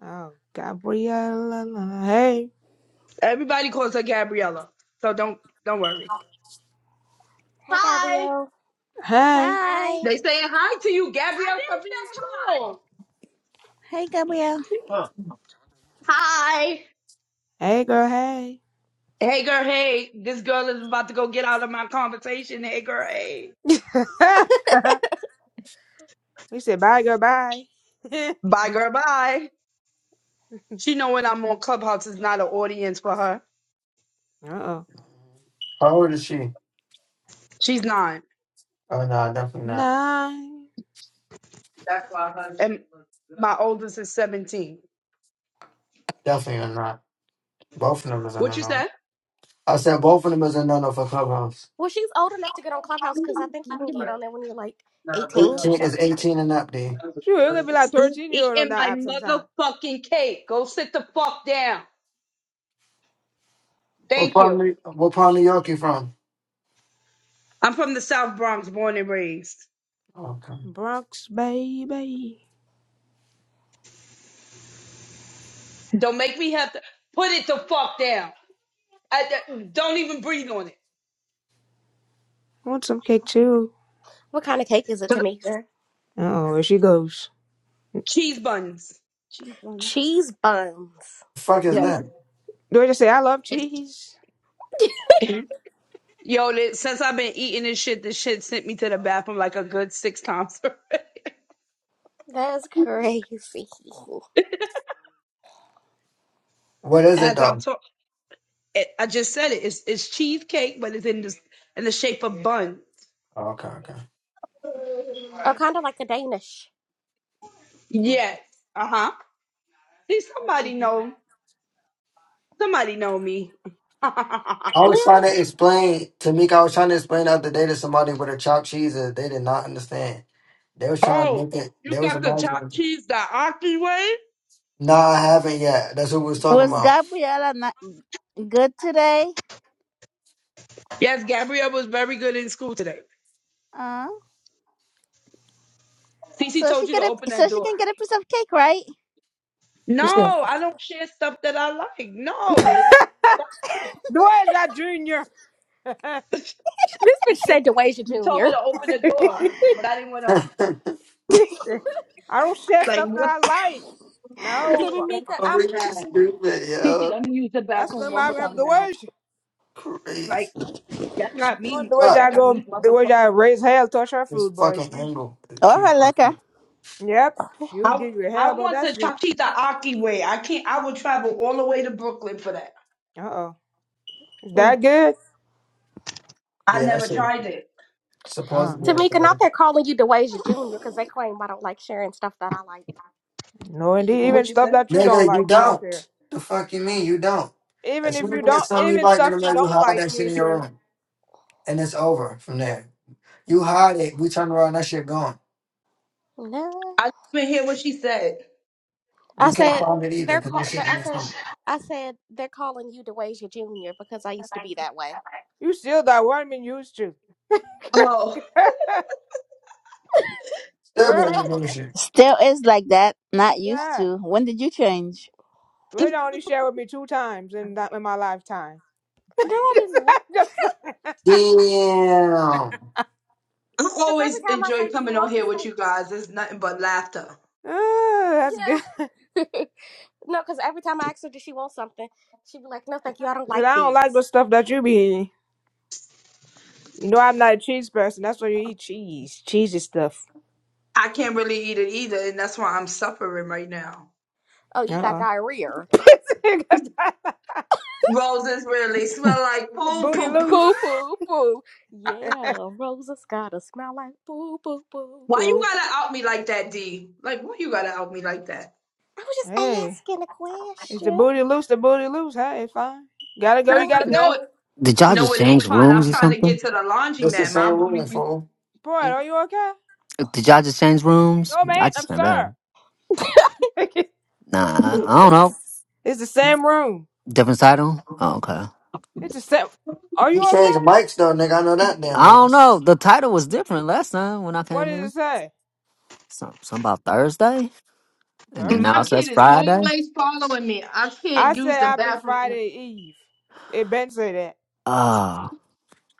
Speaker 2: Oh, Gabriella. Hey,
Speaker 6: Everybody calls her Gabriella. So don't don't worry.
Speaker 3: hi,
Speaker 6: Hi.
Speaker 3: Gabrielle.
Speaker 2: hey,
Speaker 1: Hi.
Speaker 3: Hi.
Speaker 6: They saying hi to you, Gabrielle. I didn't say hi.
Speaker 1: Hey, Gabrielle.
Speaker 6: Hi.
Speaker 2: hey, girl, hey.
Speaker 6: Hey girl, hey. This girl is about to go get out of my conversation. Hey girl, hey.
Speaker 2: we said bye, girl, bye. uh
Speaker 6: Bye girl, bye. She know when I'm on Clubhouse is not an audience for her.
Speaker 2: oh.
Speaker 4: How old is she?
Speaker 6: She's nine.
Speaker 4: Oh no, definitely not.
Speaker 2: Nine.
Speaker 6: That's why her and my oldest is seventeen.
Speaker 4: Definitely are not. Both of them is a
Speaker 6: What
Speaker 4: no
Speaker 6: you
Speaker 4: no.
Speaker 6: said?
Speaker 4: I said both of them is a no no for Clubhouse.
Speaker 3: Well, she's old enough to get on Clubhouse because I think you can get on there when you're like eighteen,
Speaker 4: Eighteen is
Speaker 3: seventeen.
Speaker 4: eighteen and up, D.
Speaker 2: Sure, you're gonna be like 13 year old on
Speaker 6: Eating my
Speaker 2: that app sometime.
Speaker 6: motherfucking cake. Go sit the fuck down.
Speaker 4: What
Speaker 6: Thank
Speaker 4: part of
Speaker 6: you.
Speaker 4: New, what part of New York you from?
Speaker 6: I'm from the South Bronx, born and raised.
Speaker 4: Okay.
Speaker 2: Bronx, baby.
Speaker 6: Don't make me have to put it the fuck down. I, don't even breathe on
Speaker 2: I want some cake too.
Speaker 3: What kind of cake is it,
Speaker 6: it.
Speaker 3: Tamika?
Speaker 2: Uh oh, here she goes.
Speaker 6: Cheese buns. Cheese buns.
Speaker 3: Cheese buns.
Speaker 4: fuck is
Speaker 2: Do
Speaker 6: Yes.
Speaker 4: that?
Speaker 2: I just say, I love
Speaker 6: It's
Speaker 2: cheese?
Speaker 6: yo. th- Since I've been eating this shit, this shit sent me to the bathroom like a good six times
Speaker 3: That's crazy. Oh,
Speaker 4: What is it
Speaker 6: as
Speaker 4: though?
Speaker 6: I'm talking. It, I just said it. It's, it's cheesecake, but it's in the in the shape of buns.
Speaker 4: Oh, Okay, okay.
Speaker 3: kind of like a Danish. Kind
Speaker 6: Yes. Uh huh. See,
Speaker 3: of.
Speaker 6: somebody
Speaker 3: hmm
Speaker 6: know. Somebody know me.
Speaker 4: I was trying
Speaker 3: Yeah.
Speaker 4: to explain to Mika. I was trying to explain the other day to somebody with a chopped cheese that they did not understand. They was trying to
Speaker 6: oh,
Speaker 4: make it.
Speaker 6: you
Speaker 4: They was
Speaker 6: got the chopped
Speaker 4: imagining.
Speaker 6: cheese that Auntie way?
Speaker 4: No, I haven't yet. That's what we was talking
Speaker 1: Was
Speaker 4: about.
Speaker 1: Gabriella not good today?
Speaker 6: Yes, Gabrielle was very good in school today.
Speaker 1: Uh,
Speaker 6: Cece
Speaker 1: so
Speaker 6: told
Speaker 1: she
Speaker 6: you to
Speaker 1: get a
Speaker 6: open
Speaker 1: so
Speaker 6: that
Speaker 1: she
Speaker 6: door.
Speaker 1: can get a piece of cake, right?
Speaker 2: You said,
Speaker 6: No, I don't share stuff that I like. No.
Speaker 2: Doja Jr.
Speaker 3: This bitch said DeWasia
Speaker 6: You told her
Speaker 3: Jr.
Speaker 6: to open the door, but I didn't want to.
Speaker 4: I'm
Speaker 2: He I don't share
Speaker 6: Like,
Speaker 2: stuff that
Speaker 6: what?
Speaker 2: I like. No,
Speaker 6: Cece,
Speaker 3: Tamika, I'm.
Speaker 4: really stupid, yo.
Speaker 6: let me use the
Speaker 2: that's
Speaker 6: bathroom
Speaker 2: the
Speaker 6: one
Speaker 2: my
Speaker 6: more
Speaker 2: have
Speaker 6: time and
Speaker 2: the
Speaker 6: then
Speaker 2: way.
Speaker 6: I'll.
Speaker 2: she-
Speaker 6: like.
Speaker 4: Crazy.
Speaker 6: Y'all
Speaker 2: If
Speaker 6: got
Speaker 2: you want
Speaker 6: me.
Speaker 2: the way
Speaker 6: Y'all
Speaker 2: I
Speaker 4: Fuck.
Speaker 6: got
Speaker 2: go,
Speaker 6: me.
Speaker 2: the way
Speaker 6: motherfucker.
Speaker 2: I raise hell, touch her
Speaker 4: This
Speaker 2: food, boy.
Speaker 4: fucking angle. It
Speaker 1: Or
Speaker 4: keep
Speaker 1: her
Speaker 4: fucking.
Speaker 1: liquor.
Speaker 2: Yep, she'll
Speaker 6: I
Speaker 2: give you hell
Speaker 6: I
Speaker 2: about
Speaker 6: want the
Speaker 2: that shit.
Speaker 6: Chachita Aki way. I can't. I would travel all the way to Brooklyn for that.
Speaker 2: Uh oh, is
Speaker 3: Mm.
Speaker 2: that good?
Speaker 6: I
Speaker 4: Yeah, that
Speaker 6: never
Speaker 4: shit.
Speaker 6: tried it.
Speaker 4: Supposedly. is
Speaker 3: Tamika, not
Speaker 4: the-
Speaker 3: that calling you DeWasia Jr. because they claim I don't like sharing stuff that I like
Speaker 2: No, indeed.
Speaker 3: either.
Speaker 2: Even
Speaker 6: What you
Speaker 2: stuff
Speaker 6: said?
Speaker 2: that you don't
Speaker 4: Nigga,
Speaker 2: like,
Speaker 4: you don't. The fuck you mean? You don't.
Speaker 2: even
Speaker 4: As
Speaker 2: if
Speaker 4: soon as
Speaker 2: you
Speaker 4: you get
Speaker 2: don't,
Speaker 4: something you
Speaker 2: even
Speaker 4: like in the mail, you hide that shit in your room. And it's over from there. You hide it. We turn around, that shit gone.
Speaker 3: No.
Speaker 6: I didn't even hear what she said.
Speaker 4: You
Speaker 3: I
Speaker 4: can't
Speaker 3: said
Speaker 4: find it either
Speaker 3: they're
Speaker 4: because no
Speaker 3: call.
Speaker 4: shit
Speaker 3: th-
Speaker 4: from
Speaker 3: I
Speaker 4: your
Speaker 3: said
Speaker 4: phone.
Speaker 3: I said they're calling you DeWasia Junior because I used to be that way.
Speaker 2: you still that one been used to.
Speaker 6: Oh,
Speaker 4: Still be on your bullshit.
Speaker 1: Still is like that. Not used
Speaker 2: yeah,
Speaker 1: to. When did you change?
Speaker 2: the way I only share with me two times in that in my lifetime.
Speaker 3: No, I didn't
Speaker 2: Just
Speaker 3: know.
Speaker 2: like,
Speaker 4: Damn.
Speaker 6: I
Speaker 3: Because
Speaker 6: always
Speaker 3: every time I
Speaker 6: enjoy
Speaker 3: say, "Do you
Speaker 6: coming on
Speaker 3: want
Speaker 6: here
Speaker 3: this
Speaker 6: with
Speaker 3: thing?"
Speaker 6: you guys. It's nothing but laughter.
Speaker 2: ah, that's good.
Speaker 3: Yeah. no, because every time I ask her, "Does she want something?" She'd be like, "No, thank you. I don't
Speaker 2: Cause
Speaker 3: like
Speaker 2: I don't like
Speaker 3: these."
Speaker 2: the stuff that you be eating. You know I'm not a cheese person. That's why you eat cheese. Cheesy stuff.
Speaker 6: I can't really eat it either, and that's why I'm suffering right now.
Speaker 3: Oh, you got
Speaker 2: Uh-uh.
Speaker 3: diarrhea.
Speaker 2: the
Speaker 6: Roses really smell like poo
Speaker 2: booty
Speaker 6: poo. poo.
Speaker 3: Boo,
Speaker 2: loose.
Speaker 3: boo, boo. Yeah, Rosa's got a smell like boo, boo, boo,
Speaker 6: Why you
Speaker 3: boo.
Speaker 6: gotta out me like that, D? Like, why you gotta out me like that?
Speaker 3: I was just
Speaker 2: Hey,
Speaker 3: asking a
Speaker 2: it's the
Speaker 3: question.
Speaker 2: booty loose? The booty loose. Hey, it's fine. Gotta go. You
Speaker 3: Yeah.
Speaker 2: gotta
Speaker 6: No, it,
Speaker 2: go.
Speaker 5: Did y'all
Speaker 6: no,
Speaker 5: just
Speaker 6: it
Speaker 5: change
Speaker 6: ain't fun. I'm
Speaker 5: rooms or
Speaker 6: trying to
Speaker 5: something?
Speaker 6: get to the laundry
Speaker 4: That's the
Speaker 6: man. My
Speaker 4: same room,
Speaker 6: booty.
Speaker 4: fool.
Speaker 2: Boy, are you okay?
Speaker 5: Did y'all just change rooms?
Speaker 2: No,
Speaker 5: I
Speaker 2: man. I'm
Speaker 5: just never.
Speaker 2: sorry.
Speaker 5: am.
Speaker 2: it's
Speaker 5: Nah, I don't
Speaker 2: the,
Speaker 5: know.
Speaker 2: it's the same room.
Speaker 5: Different title. Oh, okay.
Speaker 2: It's the same. Are
Speaker 4: You
Speaker 2: you
Speaker 4: change
Speaker 2: okay?
Speaker 4: the mics though, nigga. I know that damn
Speaker 5: I don't
Speaker 4: much.
Speaker 5: know. The title was different last time when I
Speaker 2: What
Speaker 5: came
Speaker 2: did it
Speaker 5: in.
Speaker 2: say?
Speaker 5: Some, some about Thursday, and then now
Speaker 6: My
Speaker 5: it
Speaker 2: Thursday.
Speaker 5: says
Speaker 6: kid is
Speaker 5: Friday.
Speaker 6: always following me. I
Speaker 2: I
Speaker 6: can't use
Speaker 2: said
Speaker 6: the
Speaker 2: happy
Speaker 6: bathroom
Speaker 2: Friday Eve. It Ben said that.
Speaker 5: Oh,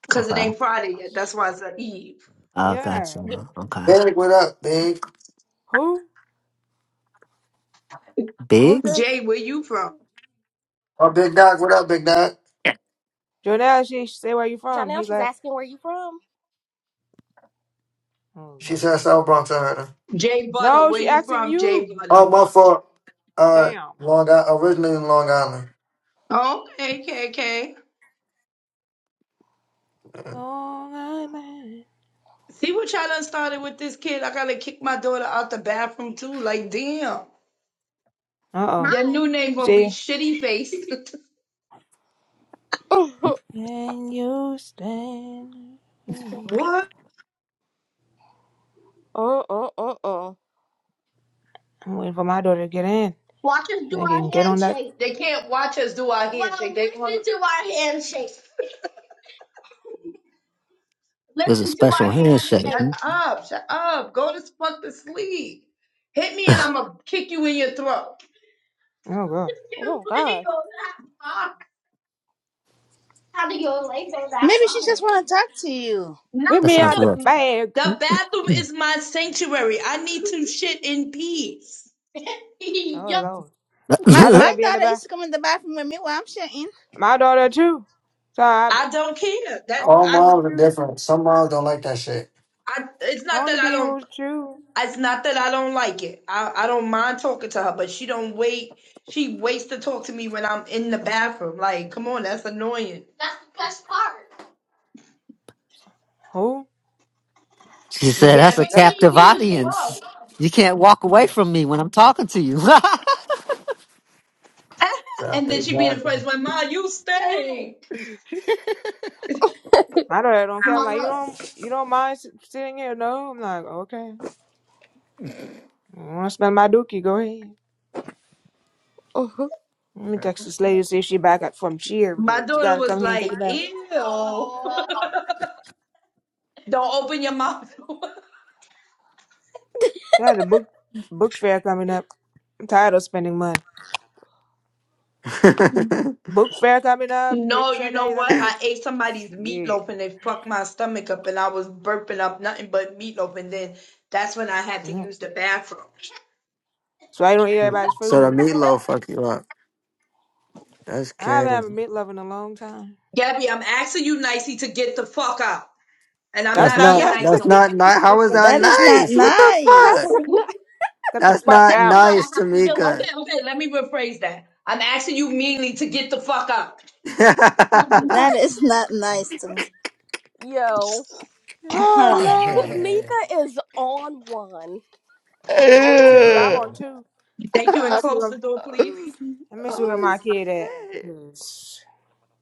Speaker 6: because it
Speaker 5: okay.
Speaker 6: ain't Friday yet. That's why it's an Eve.
Speaker 5: I got
Speaker 2: Yeah.
Speaker 5: you. Okay.
Speaker 4: Big, what up, big?
Speaker 2: Who? Who's
Speaker 5: Biggs?
Speaker 2: this?
Speaker 6: Jay, where you from?
Speaker 4: Oh, Big Doc, what up, Big Doc?
Speaker 2: Jonelle, she say where you from. He
Speaker 3: Janelle, she's
Speaker 2: left.
Speaker 3: asking where you from.
Speaker 2: Oh,
Speaker 4: She
Speaker 2: Lord.
Speaker 4: said South Bronx, I heard her.
Speaker 6: Jay Butter,
Speaker 2: No,
Speaker 6: where
Speaker 2: she
Speaker 6: you
Speaker 2: asking
Speaker 6: from? Jay
Speaker 2: you.
Speaker 4: Oh,
Speaker 6: Butter.
Speaker 4: my fault. Uh, Long Island, originally in Long Island.
Speaker 6: Okay, okay, okay.
Speaker 4: Yeah.
Speaker 2: Long Island.
Speaker 6: See what y'all done started with this kid? I gotta kick my daughter out the bathroom too. Like, damn.
Speaker 2: Uh oh.
Speaker 6: Your Hi. new name
Speaker 2: You
Speaker 6: gonna be
Speaker 2: see?
Speaker 6: Shitty Face.
Speaker 2: Can you stand? I'm
Speaker 6: what?
Speaker 3: uh, uh, uh, uh.
Speaker 2: waiting for my daughter to get in.
Speaker 6: Watch us
Speaker 2: She
Speaker 6: do
Speaker 2: Then can
Speaker 6: our
Speaker 2: get on that.
Speaker 6: handshake. They can't watch us do our Well, handshake. Well, They listen want to our handshake.
Speaker 5: There's a
Speaker 6: Listen to our
Speaker 5: special handshake.
Speaker 6: handshake.
Speaker 5: Hmm?
Speaker 6: Shut up. Shut up. Go to fuck to sleep. Hit me and I'm going to kick you in your throat.
Speaker 2: Oh god.
Speaker 6: You
Speaker 3: Oh
Speaker 6: ain't
Speaker 3: gosh.
Speaker 6: go that far. How do your leg go that
Speaker 1: Maybe she
Speaker 6: far?
Speaker 1: just want to talk to you.
Speaker 6: Not
Speaker 2: Whip
Speaker 5: That
Speaker 2: me
Speaker 6: in
Speaker 5: sounds
Speaker 2: out the
Speaker 5: rough.
Speaker 6: the...
Speaker 2: bag.
Speaker 6: The bathroom is my sanctuary. I need to shit in peace.
Speaker 2: Oh
Speaker 6: Yo,
Speaker 2: lord.
Speaker 1: My
Speaker 2: My
Speaker 1: my
Speaker 2: daughter be in the
Speaker 1: daughter
Speaker 2: bag.
Speaker 1: used to come in the bathroom with me while I'm shitting.
Speaker 2: My daughter too. So I, be-
Speaker 6: I don't care.
Speaker 2: I
Speaker 6: That
Speaker 2: want
Speaker 4: All
Speaker 6: I,
Speaker 4: moms are different. Some moms don't like that shit.
Speaker 6: I. It's
Speaker 2: to I
Speaker 6: not
Speaker 2: want to
Speaker 6: that I
Speaker 2: be
Speaker 6: don't.
Speaker 2: with you.
Speaker 6: It's not that I don't like it. I, I don't mind talking to her, but she don't wait. She waits to talk to me when I'm in the bathroom. Like, come on, that's annoying. That's the best part.
Speaker 2: Who?
Speaker 5: she said, that's
Speaker 6: Yeah,
Speaker 5: a
Speaker 6: When
Speaker 2: That,
Speaker 6: me
Speaker 5: captive
Speaker 6: and you was
Speaker 5: audience.
Speaker 6: alone.
Speaker 5: You can't walk away from me when I'm talking to you.
Speaker 4: Yeah,
Speaker 6: and then she be the
Speaker 4: exactly.
Speaker 6: first one, Ma, you stink.
Speaker 2: my daughter don't care. I'm like you
Speaker 6: Mama.
Speaker 2: don't you don't mind s- sitting here? No. I'm like okay. I want to smell my dookie. Go ahead.
Speaker 3: Uh-huh.
Speaker 2: Let me text this lady see if she back up from cheer
Speaker 6: My
Speaker 2: because you
Speaker 6: daughter
Speaker 2: gotta
Speaker 6: was
Speaker 2: come here and take it
Speaker 6: like,
Speaker 2: back.
Speaker 6: ew. Aw. Don't open your mouth.
Speaker 2: I got a book book fair coming up. I'm tired of spending money. Book fair coming up,
Speaker 6: No, you
Speaker 2: picture
Speaker 6: know
Speaker 2: days. I
Speaker 6: what?
Speaker 2: gotta
Speaker 6: I ate somebody's
Speaker 2: yeah.
Speaker 6: meatloaf and it fucked my stomach up and I was burping up nothing but meatloaf and then that's when I had to
Speaker 2: Mm.
Speaker 6: use the bathroom.
Speaker 2: So I don't eat everybody's
Speaker 4: so the
Speaker 2: food.
Speaker 4: meatloaf fuck you up. That's
Speaker 2: I haven't had a
Speaker 4: crazy.
Speaker 2: meatloaf in a long time.
Speaker 6: Gabby, I'm asking you nicely to get the fuck out. And I'm
Speaker 2: That's
Speaker 4: That's
Speaker 6: not
Speaker 2: not enough.
Speaker 4: not
Speaker 6: being nice
Speaker 4: that's
Speaker 6: no
Speaker 4: not nice. How is that
Speaker 1: That is not
Speaker 4: nice? What the
Speaker 3: That's
Speaker 4: fuck?
Speaker 6: more.
Speaker 1: nice.
Speaker 3: not
Speaker 2: Get the
Speaker 4: That's
Speaker 2: fuck
Speaker 4: not
Speaker 6: This
Speaker 2: out.
Speaker 6: is what I
Speaker 4: nice,
Speaker 6: have to do.
Speaker 4: Tamika.
Speaker 6: Okay, okay, let me rephrase that. I'm asking you meanly to get the fuck out.
Speaker 1: That is not nice to me.
Speaker 3: yo.
Speaker 1: Oh
Speaker 2: Oh
Speaker 1: yeah.
Speaker 2: Lord,
Speaker 3: Tamika is on one.
Speaker 4: Ew.
Speaker 2: I'm too.
Speaker 6: Thank you and
Speaker 2: Let me see
Speaker 6: close
Speaker 2: where
Speaker 6: the door, please.
Speaker 2: let me see where
Speaker 4: oh,
Speaker 2: my kid at.
Speaker 4: shit.
Speaker 2: Cause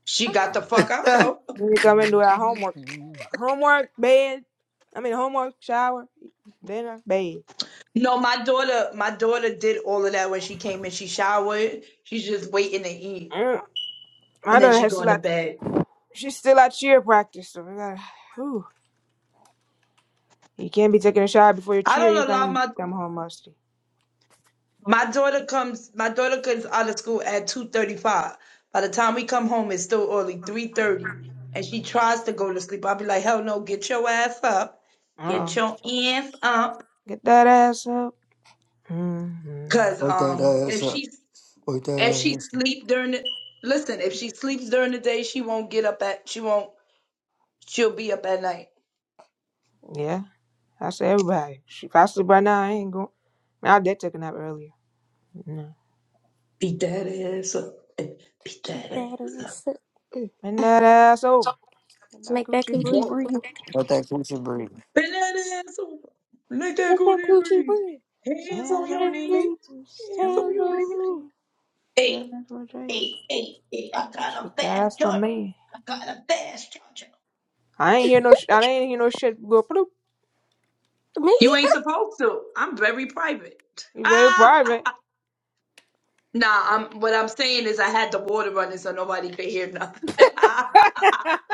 Speaker 6: She got
Speaker 3: Ah,
Speaker 6: the fuck out though.
Speaker 2: when you come and do our homework, homework bed. I mean homework, shower, dinner, bed.
Speaker 6: No, my daughter, my daughter did all of that when she came in. She showered. She's just waiting to eat.
Speaker 2: Mm. My
Speaker 6: And then
Speaker 2: daughter
Speaker 6: she
Speaker 2: has to
Speaker 6: going to
Speaker 2: like
Speaker 6: bed.
Speaker 2: She's still at cheer practice, so we gotta. Ooh. You can't be taking a shower before your
Speaker 6: I
Speaker 2: cheer. You
Speaker 6: don't allow
Speaker 2: gotta
Speaker 6: my
Speaker 2: come home musty.
Speaker 6: My daughter comes. My daughter comes out of school at two thirty-five. By the time we come home, it's still early, three thirty, and she tries to go to sleep. I'll be like, "Hell no! Get your ass up!
Speaker 2: Uh
Speaker 6: Get
Speaker 2: oh.
Speaker 6: your ass up!"
Speaker 2: Get that ass up. hmm
Speaker 6: Cause
Speaker 4: Wake
Speaker 6: um,
Speaker 4: that ass
Speaker 6: if
Speaker 4: up.
Speaker 6: she
Speaker 4: Wake
Speaker 6: if
Speaker 4: that
Speaker 6: she
Speaker 4: ass up.
Speaker 6: sleep during the listen, if she sleeps during the day, she won't get up at she won't she'll be up at night.
Speaker 2: Yeah, that's everybody. She- If I sleep right now, I ain't going. I did take a nap earlier. No.
Speaker 6: Beat that ass up! Beat
Speaker 3: Beat
Speaker 6: that
Speaker 3: that
Speaker 6: ass up!
Speaker 3: ass up.
Speaker 2: Bend that ass over. Let that
Speaker 3: Make that
Speaker 2: coochie
Speaker 3: coochie
Speaker 2: breathe.
Speaker 6: Whoa.
Speaker 3: breathe.
Speaker 4: Let that coochie breathe.
Speaker 6: Bend that ass over. Make that
Speaker 3: Make that
Speaker 6: booty
Speaker 3: coochie
Speaker 6: breathe.
Speaker 3: breathe. Shut
Speaker 6: Hands on
Speaker 2: Hands on
Speaker 6: your
Speaker 2: your
Speaker 6: knees.
Speaker 3: up.
Speaker 2: knees.
Speaker 6: Hands on
Speaker 3: Hands
Speaker 2: Hands
Speaker 6: your knees.
Speaker 2: on your knees.
Speaker 6: Hey,
Speaker 2: That ass for Drake.
Speaker 6: hey, hey, hey. I got
Speaker 2: Shake
Speaker 6: a
Speaker 2: that
Speaker 6: fast
Speaker 2: ass for
Speaker 6: charger.
Speaker 2: me.
Speaker 6: I got a fast charger.
Speaker 2: I ain't hear no. Sh- I didn't hear no shit go bloop.
Speaker 3: Me
Speaker 6: You ain't supposed to. I'm very private.
Speaker 2: You very
Speaker 6: Ah,
Speaker 2: private.
Speaker 6: nah. I'm. What I'm saying is, I had the water running so nobody could hear nothing.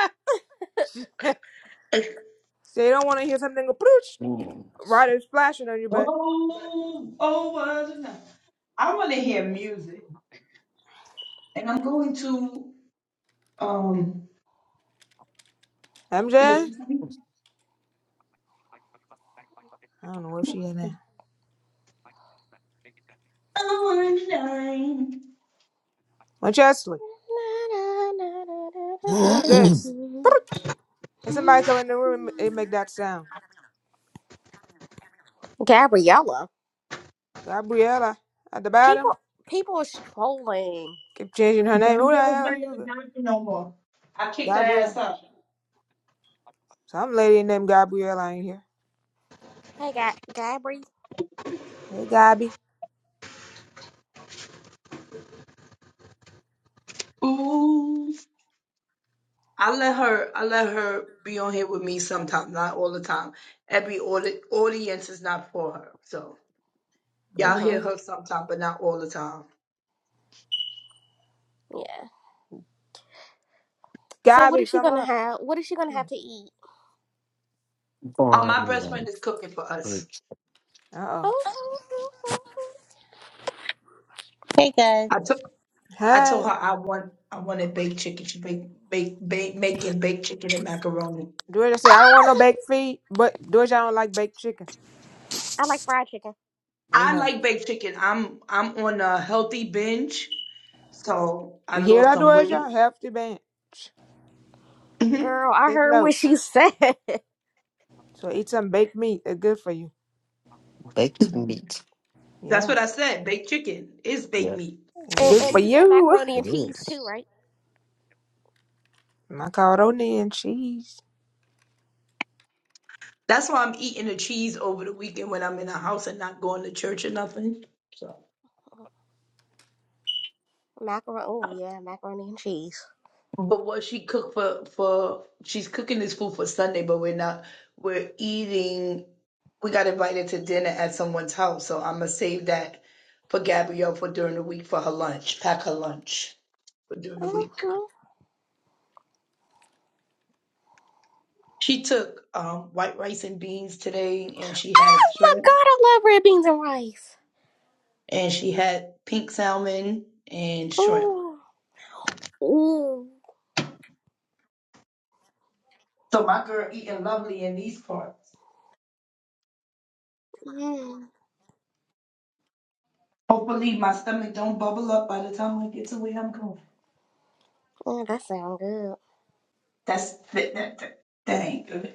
Speaker 2: so you don't want to hear something go bloop. Ryder's flashing on you, but
Speaker 6: oh, oh, was a night. I want to hear music, and I'm going to um
Speaker 2: MJ?
Speaker 6: listen to.
Speaker 2: I don't know where she at now.
Speaker 6: Oh,
Speaker 2: Winchester, who's this?
Speaker 3: either.
Speaker 2: There's somebody come in the room and make that sound.
Speaker 3: Gabriella.
Speaker 2: Gabriella at the bottom.
Speaker 3: People people is trolling.
Speaker 2: Keep changing her name.
Speaker 6: Them
Speaker 2: Who the
Speaker 6: girls
Speaker 2: hell
Speaker 6: not
Speaker 2: are
Speaker 6: in the
Speaker 2: you?
Speaker 6: bathroom no more. I kicked her ass
Speaker 2: Gabriella.
Speaker 6: out.
Speaker 2: Some lady named Gabriella in here.
Speaker 3: Hey Ga- Gabri.
Speaker 2: Hey, Gabby.
Speaker 6: Ooh. I let her I let her be on here with me sometimes, not all the time. Every audi- audience is not for her. So y'all
Speaker 2: You
Speaker 3: Uh-huh.
Speaker 6: hear
Speaker 2: know.
Speaker 6: her sometime, but not all the time.
Speaker 3: Yeah. So what
Speaker 2: Gabby,
Speaker 3: is she
Speaker 2: come
Speaker 3: gonna
Speaker 2: up.
Speaker 3: have? What is she gonna have to eat?
Speaker 6: Oh, my best
Speaker 5: Barn
Speaker 6: friend is cooking for us.
Speaker 5: ribs.
Speaker 2: Uh oh.
Speaker 3: Oh, oh, oh, oh.
Speaker 7: Hey guys.
Speaker 6: I took I told
Speaker 2: Hey.
Speaker 6: her I want I wanted baked chicken. She bake bake, bake making baked chicken and macaroni.
Speaker 2: Doja said, I don't want no baked feet, but Doja don't like baked chicken.
Speaker 3: I like fried chicken.
Speaker 2: We
Speaker 6: I
Speaker 2: know.
Speaker 6: like baked chicken. I'm I'm on a healthy binge, so I
Speaker 2: You hear
Speaker 6: lost
Speaker 2: that,
Speaker 3: Mhm.
Speaker 6: some weight.
Speaker 2: Doja? Healthy bench.
Speaker 6: Mm-hmm.
Speaker 3: Girl, I
Speaker 2: Take
Speaker 3: heard
Speaker 2: note.
Speaker 3: what she said.
Speaker 2: So eat some baked meat. It's good for you.
Speaker 5: Baked meat.
Speaker 6: That's
Speaker 2: Yeah.
Speaker 6: what I said. Baked chicken is baked
Speaker 5: Yep,
Speaker 6: meat.
Speaker 5: it
Speaker 2: It's
Speaker 3: and,
Speaker 2: good for
Speaker 5: is.
Speaker 3: and you said
Speaker 2: you.
Speaker 3: macaroni
Speaker 5: It
Speaker 3: and cheese
Speaker 5: is.
Speaker 3: too, right?
Speaker 2: And I called Oni and she
Speaker 6: That's why I'm eating the cheese over the weekend when I'm in the house and not going to church or nothing. So,
Speaker 3: Mhm. Macaroni. Oh yeah, macaroni and cheese.
Speaker 6: but what she cooked for for she's cooking this food for Sunday, but we're not we're eating. We got invited to dinner at someone's house, so I'm gonna save that for Gabrielle for during the week for her lunch. Pack her lunch for during the week.
Speaker 3: Mm-hmm.
Speaker 6: She took um, white rice and beans today, and she had
Speaker 3: Oh my
Speaker 6: shrimp,
Speaker 3: god, I love red beans and rice.
Speaker 6: and she had pink salmon and shrimp.
Speaker 3: Ooh. Ooh.
Speaker 6: So my girl eating lovely in these parts. Hopefully my stomach don't bubble up by the time I get to where I'm going.
Speaker 3: Yeah, that sounds good.
Speaker 6: That's that that that, that ain't good.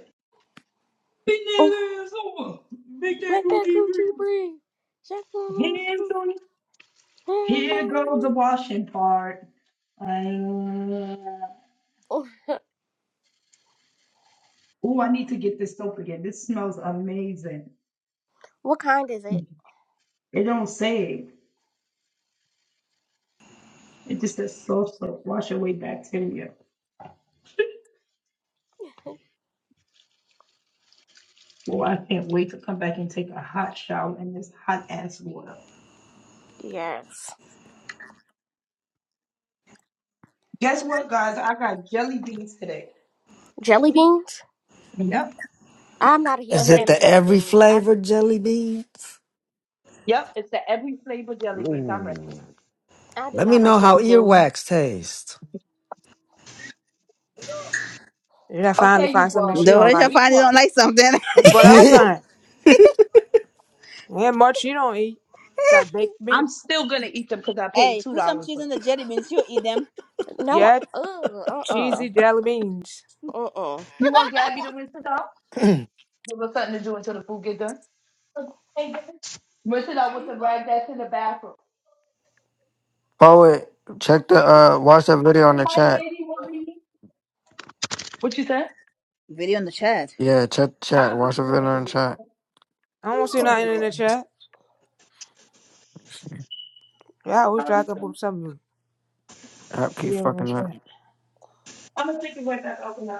Speaker 6: Big
Speaker 3: Oh,
Speaker 6: that ass over. Make that
Speaker 3: make that
Speaker 6: booty
Speaker 3: coochie
Speaker 6: breathe.
Speaker 3: breathe. Shake my
Speaker 6: Hands on it.
Speaker 3: hands
Speaker 6: Here
Speaker 3: on
Speaker 6: goes the
Speaker 3: me.
Speaker 6: washing part. Uh,
Speaker 3: Oh,
Speaker 6: oh, I need to get this soap again. This smells amazing.
Speaker 3: What kind is it?
Speaker 6: It don't say it. It just says soft soap. Wash away bacteria. Well, I can't wait to come back and take a hot shower in this hot ass water.
Speaker 3: Yes.
Speaker 6: Guess what, guys? I got jelly beans today.
Speaker 3: Jelly beans?
Speaker 6: Yep.
Speaker 3: I'm not a
Speaker 6: All
Speaker 3: huge
Speaker 5: Is it
Speaker 3: fan
Speaker 6: right.
Speaker 3: of
Speaker 5: the
Speaker 3: jelly
Speaker 5: every
Speaker 3: beans. I
Speaker 5: flavor jelly beans?
Speaker 6: Yep, it's the every flavor jelly beans. I'm ready.
Speaker 5: Ooh.
Speaker 3: I do
Speaker 5: Let me
Speaker 3: not like
Speaker 5: know how
Speaker 3: jelly beans.
Speaker 5: earwax tastes.
Speaker 2: did I finally
Speaker 6: Okay, you
Speaker 2: find something that
Speaker 6: bug.
Speaker 2: she don't
Speaker 1: Doris, I
Speaker 2: like.
Speaker 6: Be
Speaker 1: finally
Speaker 6: quiet.
Speaker 1: don't like something.
Speaker 2: That's what
Speaker 3: I
Speaker 2: I'm
Speaker 3: do-
Speaker 5: hey,
Speaker 2: saying. There ain't much she don't eat besides baked
Speaker 6: I'm
Speaker 2: meat.
Speaker 6: still gonna eat them because I paid
Speaker 1: hey,
Speaker 6: two
Speaker 1: put some
Speaker 6: dollars
Speaker 1: cheese
Speaker 6: for
Speaker 1: on the
Speaker 6: them.
Speaker 1: jelly beans. She'll eat them.
Speaker 3: no,
Speaker 2: Yeah,
Speaker 3: ugh, uh-uh,
Speaker 2: cheesy jelly beans.
Speaker 3: uh-uh.
Speaker 6: You want Gabby to rinse it out? Give us something to do until the food get done. Rinse it out with the rag that's in the bathroom.
Speaker 4: Poet, check the uh watch that video on the chat.
Speaker 6: What you said?
Speaker 1: Video in the chat.
Speaker 4: Yeah, check the
Speaker 6: I
Speaker 4: chat.
Speaker 6: can put
Speaker 4: Watch
Speaker 6: the
Speaker 4: the
Speaker 6: thing
Speaker 4: video on the
Speaker 6: in
Speaker 4: chat.
Speaker 6: the
Speaker 2: I don't see nothing in the chat. Yeah, I always try to come up with something.
Speaker 4: App keep
Speaker 2: Yeah.
Speaker 4: fucking up.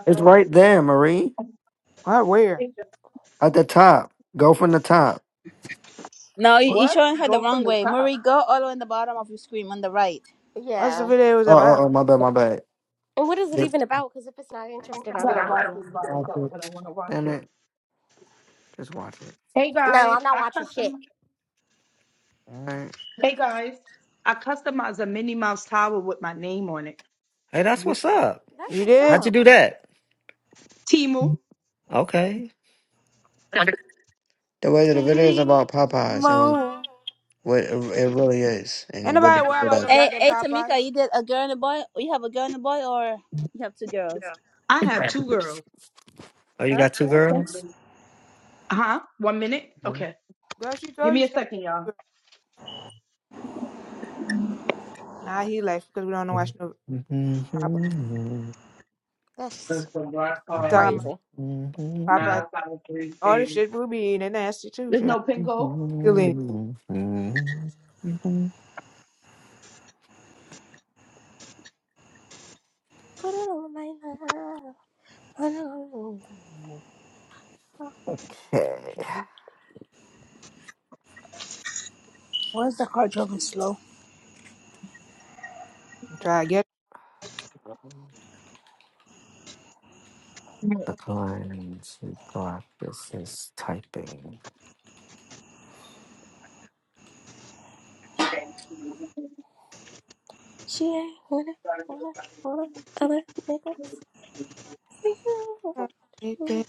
Speaker 4: It's right there, Marie.
Speaker 2: What where?
Speaker 4: At the top. Go from the top.
Speaker 1: No, you-
Speaker 2: What
Speaker 1: you're
Speaker 6: What?
Speaker 1: showing her the wrong way. Marie, go all the way on the bottom of your screen on the right.
Speaker 2: what's the
Speaker 3: Yeah.
Speaker 2: video was
Speaker 4: Oh,
Speaker 2: about?
Speaker 4: oh, oh, my bad, my bad.
Speaker 3: And what is it even about? Because if it's not
Speaker 4: Watch
Speaker 3: interesting,
Speaker 6: I
Speaker 3: I'm not
Speaker 6: gotta wash
Speaker 3: watching it.
Speaker 6: this by itself,
Speaker 4: it.
Speaker 6: but I wanna wash
Speaker 4: Damn
Speaker 6: it.
Speaker 4: it. Just watch it.
Speaker 6: Hey
Speaker 3: No,
Speaker 6: guys,
Speaker 3: I'm not
Speaker 6: I
Speaker 3: watching shit.
Speaker 6: custom
Speaker 4: Alright.
Speaker 6: Hey guys. I customized a Minnie Mouse towel with my name on it.
Speaker 5: that's
Speaker 2: You,
Speaker 5: what's up.
Speaker 3: That's
Speaker 2: you
Speaker 3: what's
Speaker 2: did?
Speaker 5: How'd you
Speaker 3: up.
Speaker 5: do that?
Speaker 6: Timu,
Speaker 5: Okay.
Speaker 4: The way that the video is about Popeyes and
Speaker 2: Mo.
Speaker 4: what it it really is
Speaker 2: Ain't
Speaker 4: and what
Speaker 2: nobody
Speaker 4: it's
Speaker 2: worry
Speaker 4: made
Speaker 2: about
Speaker 4: of.
Speaker 2: no
Speaker 1: Hey,
Speaker 2: goddamn
Speaker 1: hey, Tamika,
Speaker 2: Popeyes.
Speaker 1: you did a girl and a boy? You have a girl and a boy, or you have two girls?
Speaker 6: I have two girls.
Speaker 5: Oh, you got
Speaker 1: Okay,
Speaker 5: two
Speaker 1: okay.
Speaker 6: Uh
Speaker 5: girls?
Speaker 6: Huh? One minute?
Speaker 5: Okay.
Speaker 6: Okay.
Speaker 2: Girl, she
Speaker 6: Give
Speaker 2: told
Speaker 6: me
Speaker 2: you
Speaker 6: a
Speaker 2: she got
Speaker 6: second, y'all.
Speaker 2: Nah, he left because we don't know. watch no Popeyes.
Speaker 3: That's
Speaker 2: Talking
Speaker 3: crazy.
Speaker 2: about Popeyes. All the shit we be eating, they nasty too,
Speaker 6: There's
Speaker 2: shit.
Speaker 6: no pin code.
Speaker 3: Put it on my love. Put it on my love.
Speaker 1: Where's the car driving slow?
Speaker 2: Try to get
Speaker 5: The client's practice is typing
Speaker 3: She ain't with it. Wanna- wanna Other niggas.
Speaker 2: up, naked,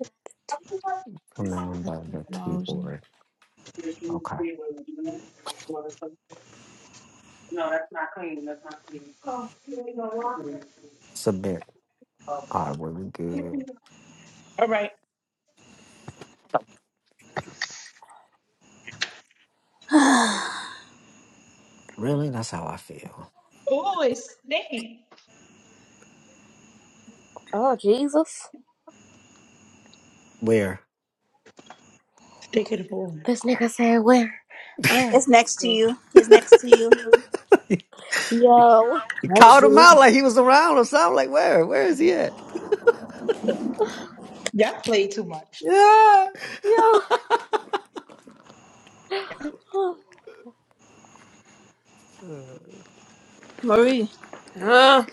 Speaker 5: command on the
Speaker 2: nose.
Speaker 5: keyboard. Okay.
Speaker 6: No, that's not clean. That's not clean.
Speaker 5: Submit. All right, really good. Really? That's how I feel.
Speaker 3: Oh Jesus!
Speaker 5: Where?
Speaker 6: Stick it forward.
Speaker 3: This nigga there. I am.
Speaker 1: it's next to you. He's next to you.
Speaker 3: Yo,
Speaker 5: He Called him out
Speaker 2: Actually,
Speaker 5: like he was around or something. Like, where? Where is he at?
Speaker 6: Y'all play too much.
Speaker 2: yeah.
Speaker 3: yo.
Speaker 1: Marie.
Speaker 2: Huh?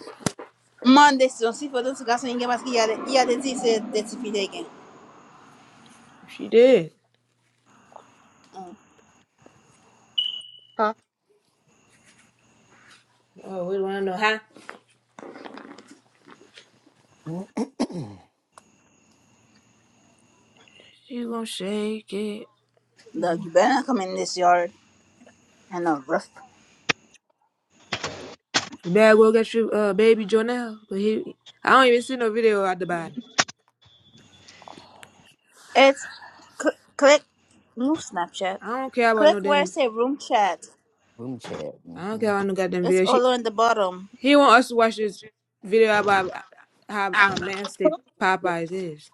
Speaker 1: Monday, so see for those guys and give us yeah, yeah, this is it. That's if you take it.
Speaker 2: She did.
Speaker 1: Mm.
Speaker 2: Oh, we want to know how.
Speaker 5: Room
Speaker 2: She gonna shake it.
Speaker 1: Dog, you better not come in this yard and a roof.
Speaker 2: Dad go get you, uh, baby Jonelle. But he, I don't even see no video at the bottom.
Speaker 1: It's cl- click, move Snapchat.
Speaker 2: I don't care about no
Speaker 1: Click where it
Speaker 2: damn.
Speaker 1: say room chat.
Speaker 5: chat.
Speaker 2: I don't care
Speaker 5: Mhm.
Speaker 2: about no goddamn
Speaker 1: It's
Speaker 2: video.
Speaker 1: all
Speaker 2: She,
Speaker 1: on the bottom.
Speaker 2: he want us to watch this video about how um, nasty Popeyes is.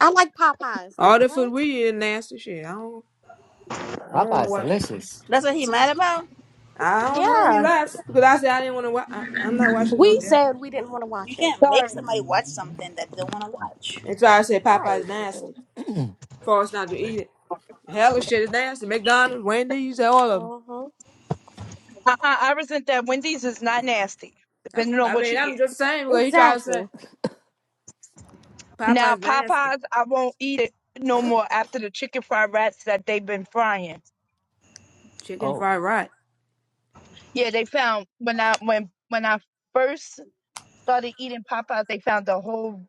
Speaker 3: I like Popeyes. Like
Speaker 2: All the food
Speaker 3: what?
Speaker 2: we eat is nasty shit. I don't, I don't want to
Speaker 5: Popeye's
Speaker 2: watch.
Speaker 5: delicious.
Speaker 1: That's what he mad about.
Speaker 2: I don't know. He
Speaker 3: Yeah,
Speaker 2: laughs because I said I didn't want to watch. I'm not watching no
Speaker 3: we
Speaker 2: damn.
Speaker 3: said we didn't want to
Speaker 1: You
Speaker 3: watch it.
Speaker 1: can't make somebody watch something that they don't want to watch
Speaker 2: That's why I say Popeye's
Speaker 3: Right.
Speaker 2: nasty. For us not to eat it. Hella shit is nasty. McDonald's, Wendy's, all of them.
Speaker 3: hmm
Speaker 6: Uh-uh, I resent that. Wendy's is not nasty,
Speaker 2: That's,
Speaker 6: depending on
Speaker 2: I
Speaker 6: what
Speaker 2: mean,
Speaker 6: you get.
Speaker 2: I'm just saying because he tried to
Speaker 3: Exactly.
Speaker 2: say
Speaker 6: Now,
Speaker 2: Popeye's nasty.
Speaker 6: Popeyes, I won't eat it no more after the chicken fried rats that they've been frying.
Speaker 2: Chicken
Speaker 5: oh,
Speaker 2: fried right.
Speaker 6: Yeah, they found when I when when I first started eating Popeyes, they found the whole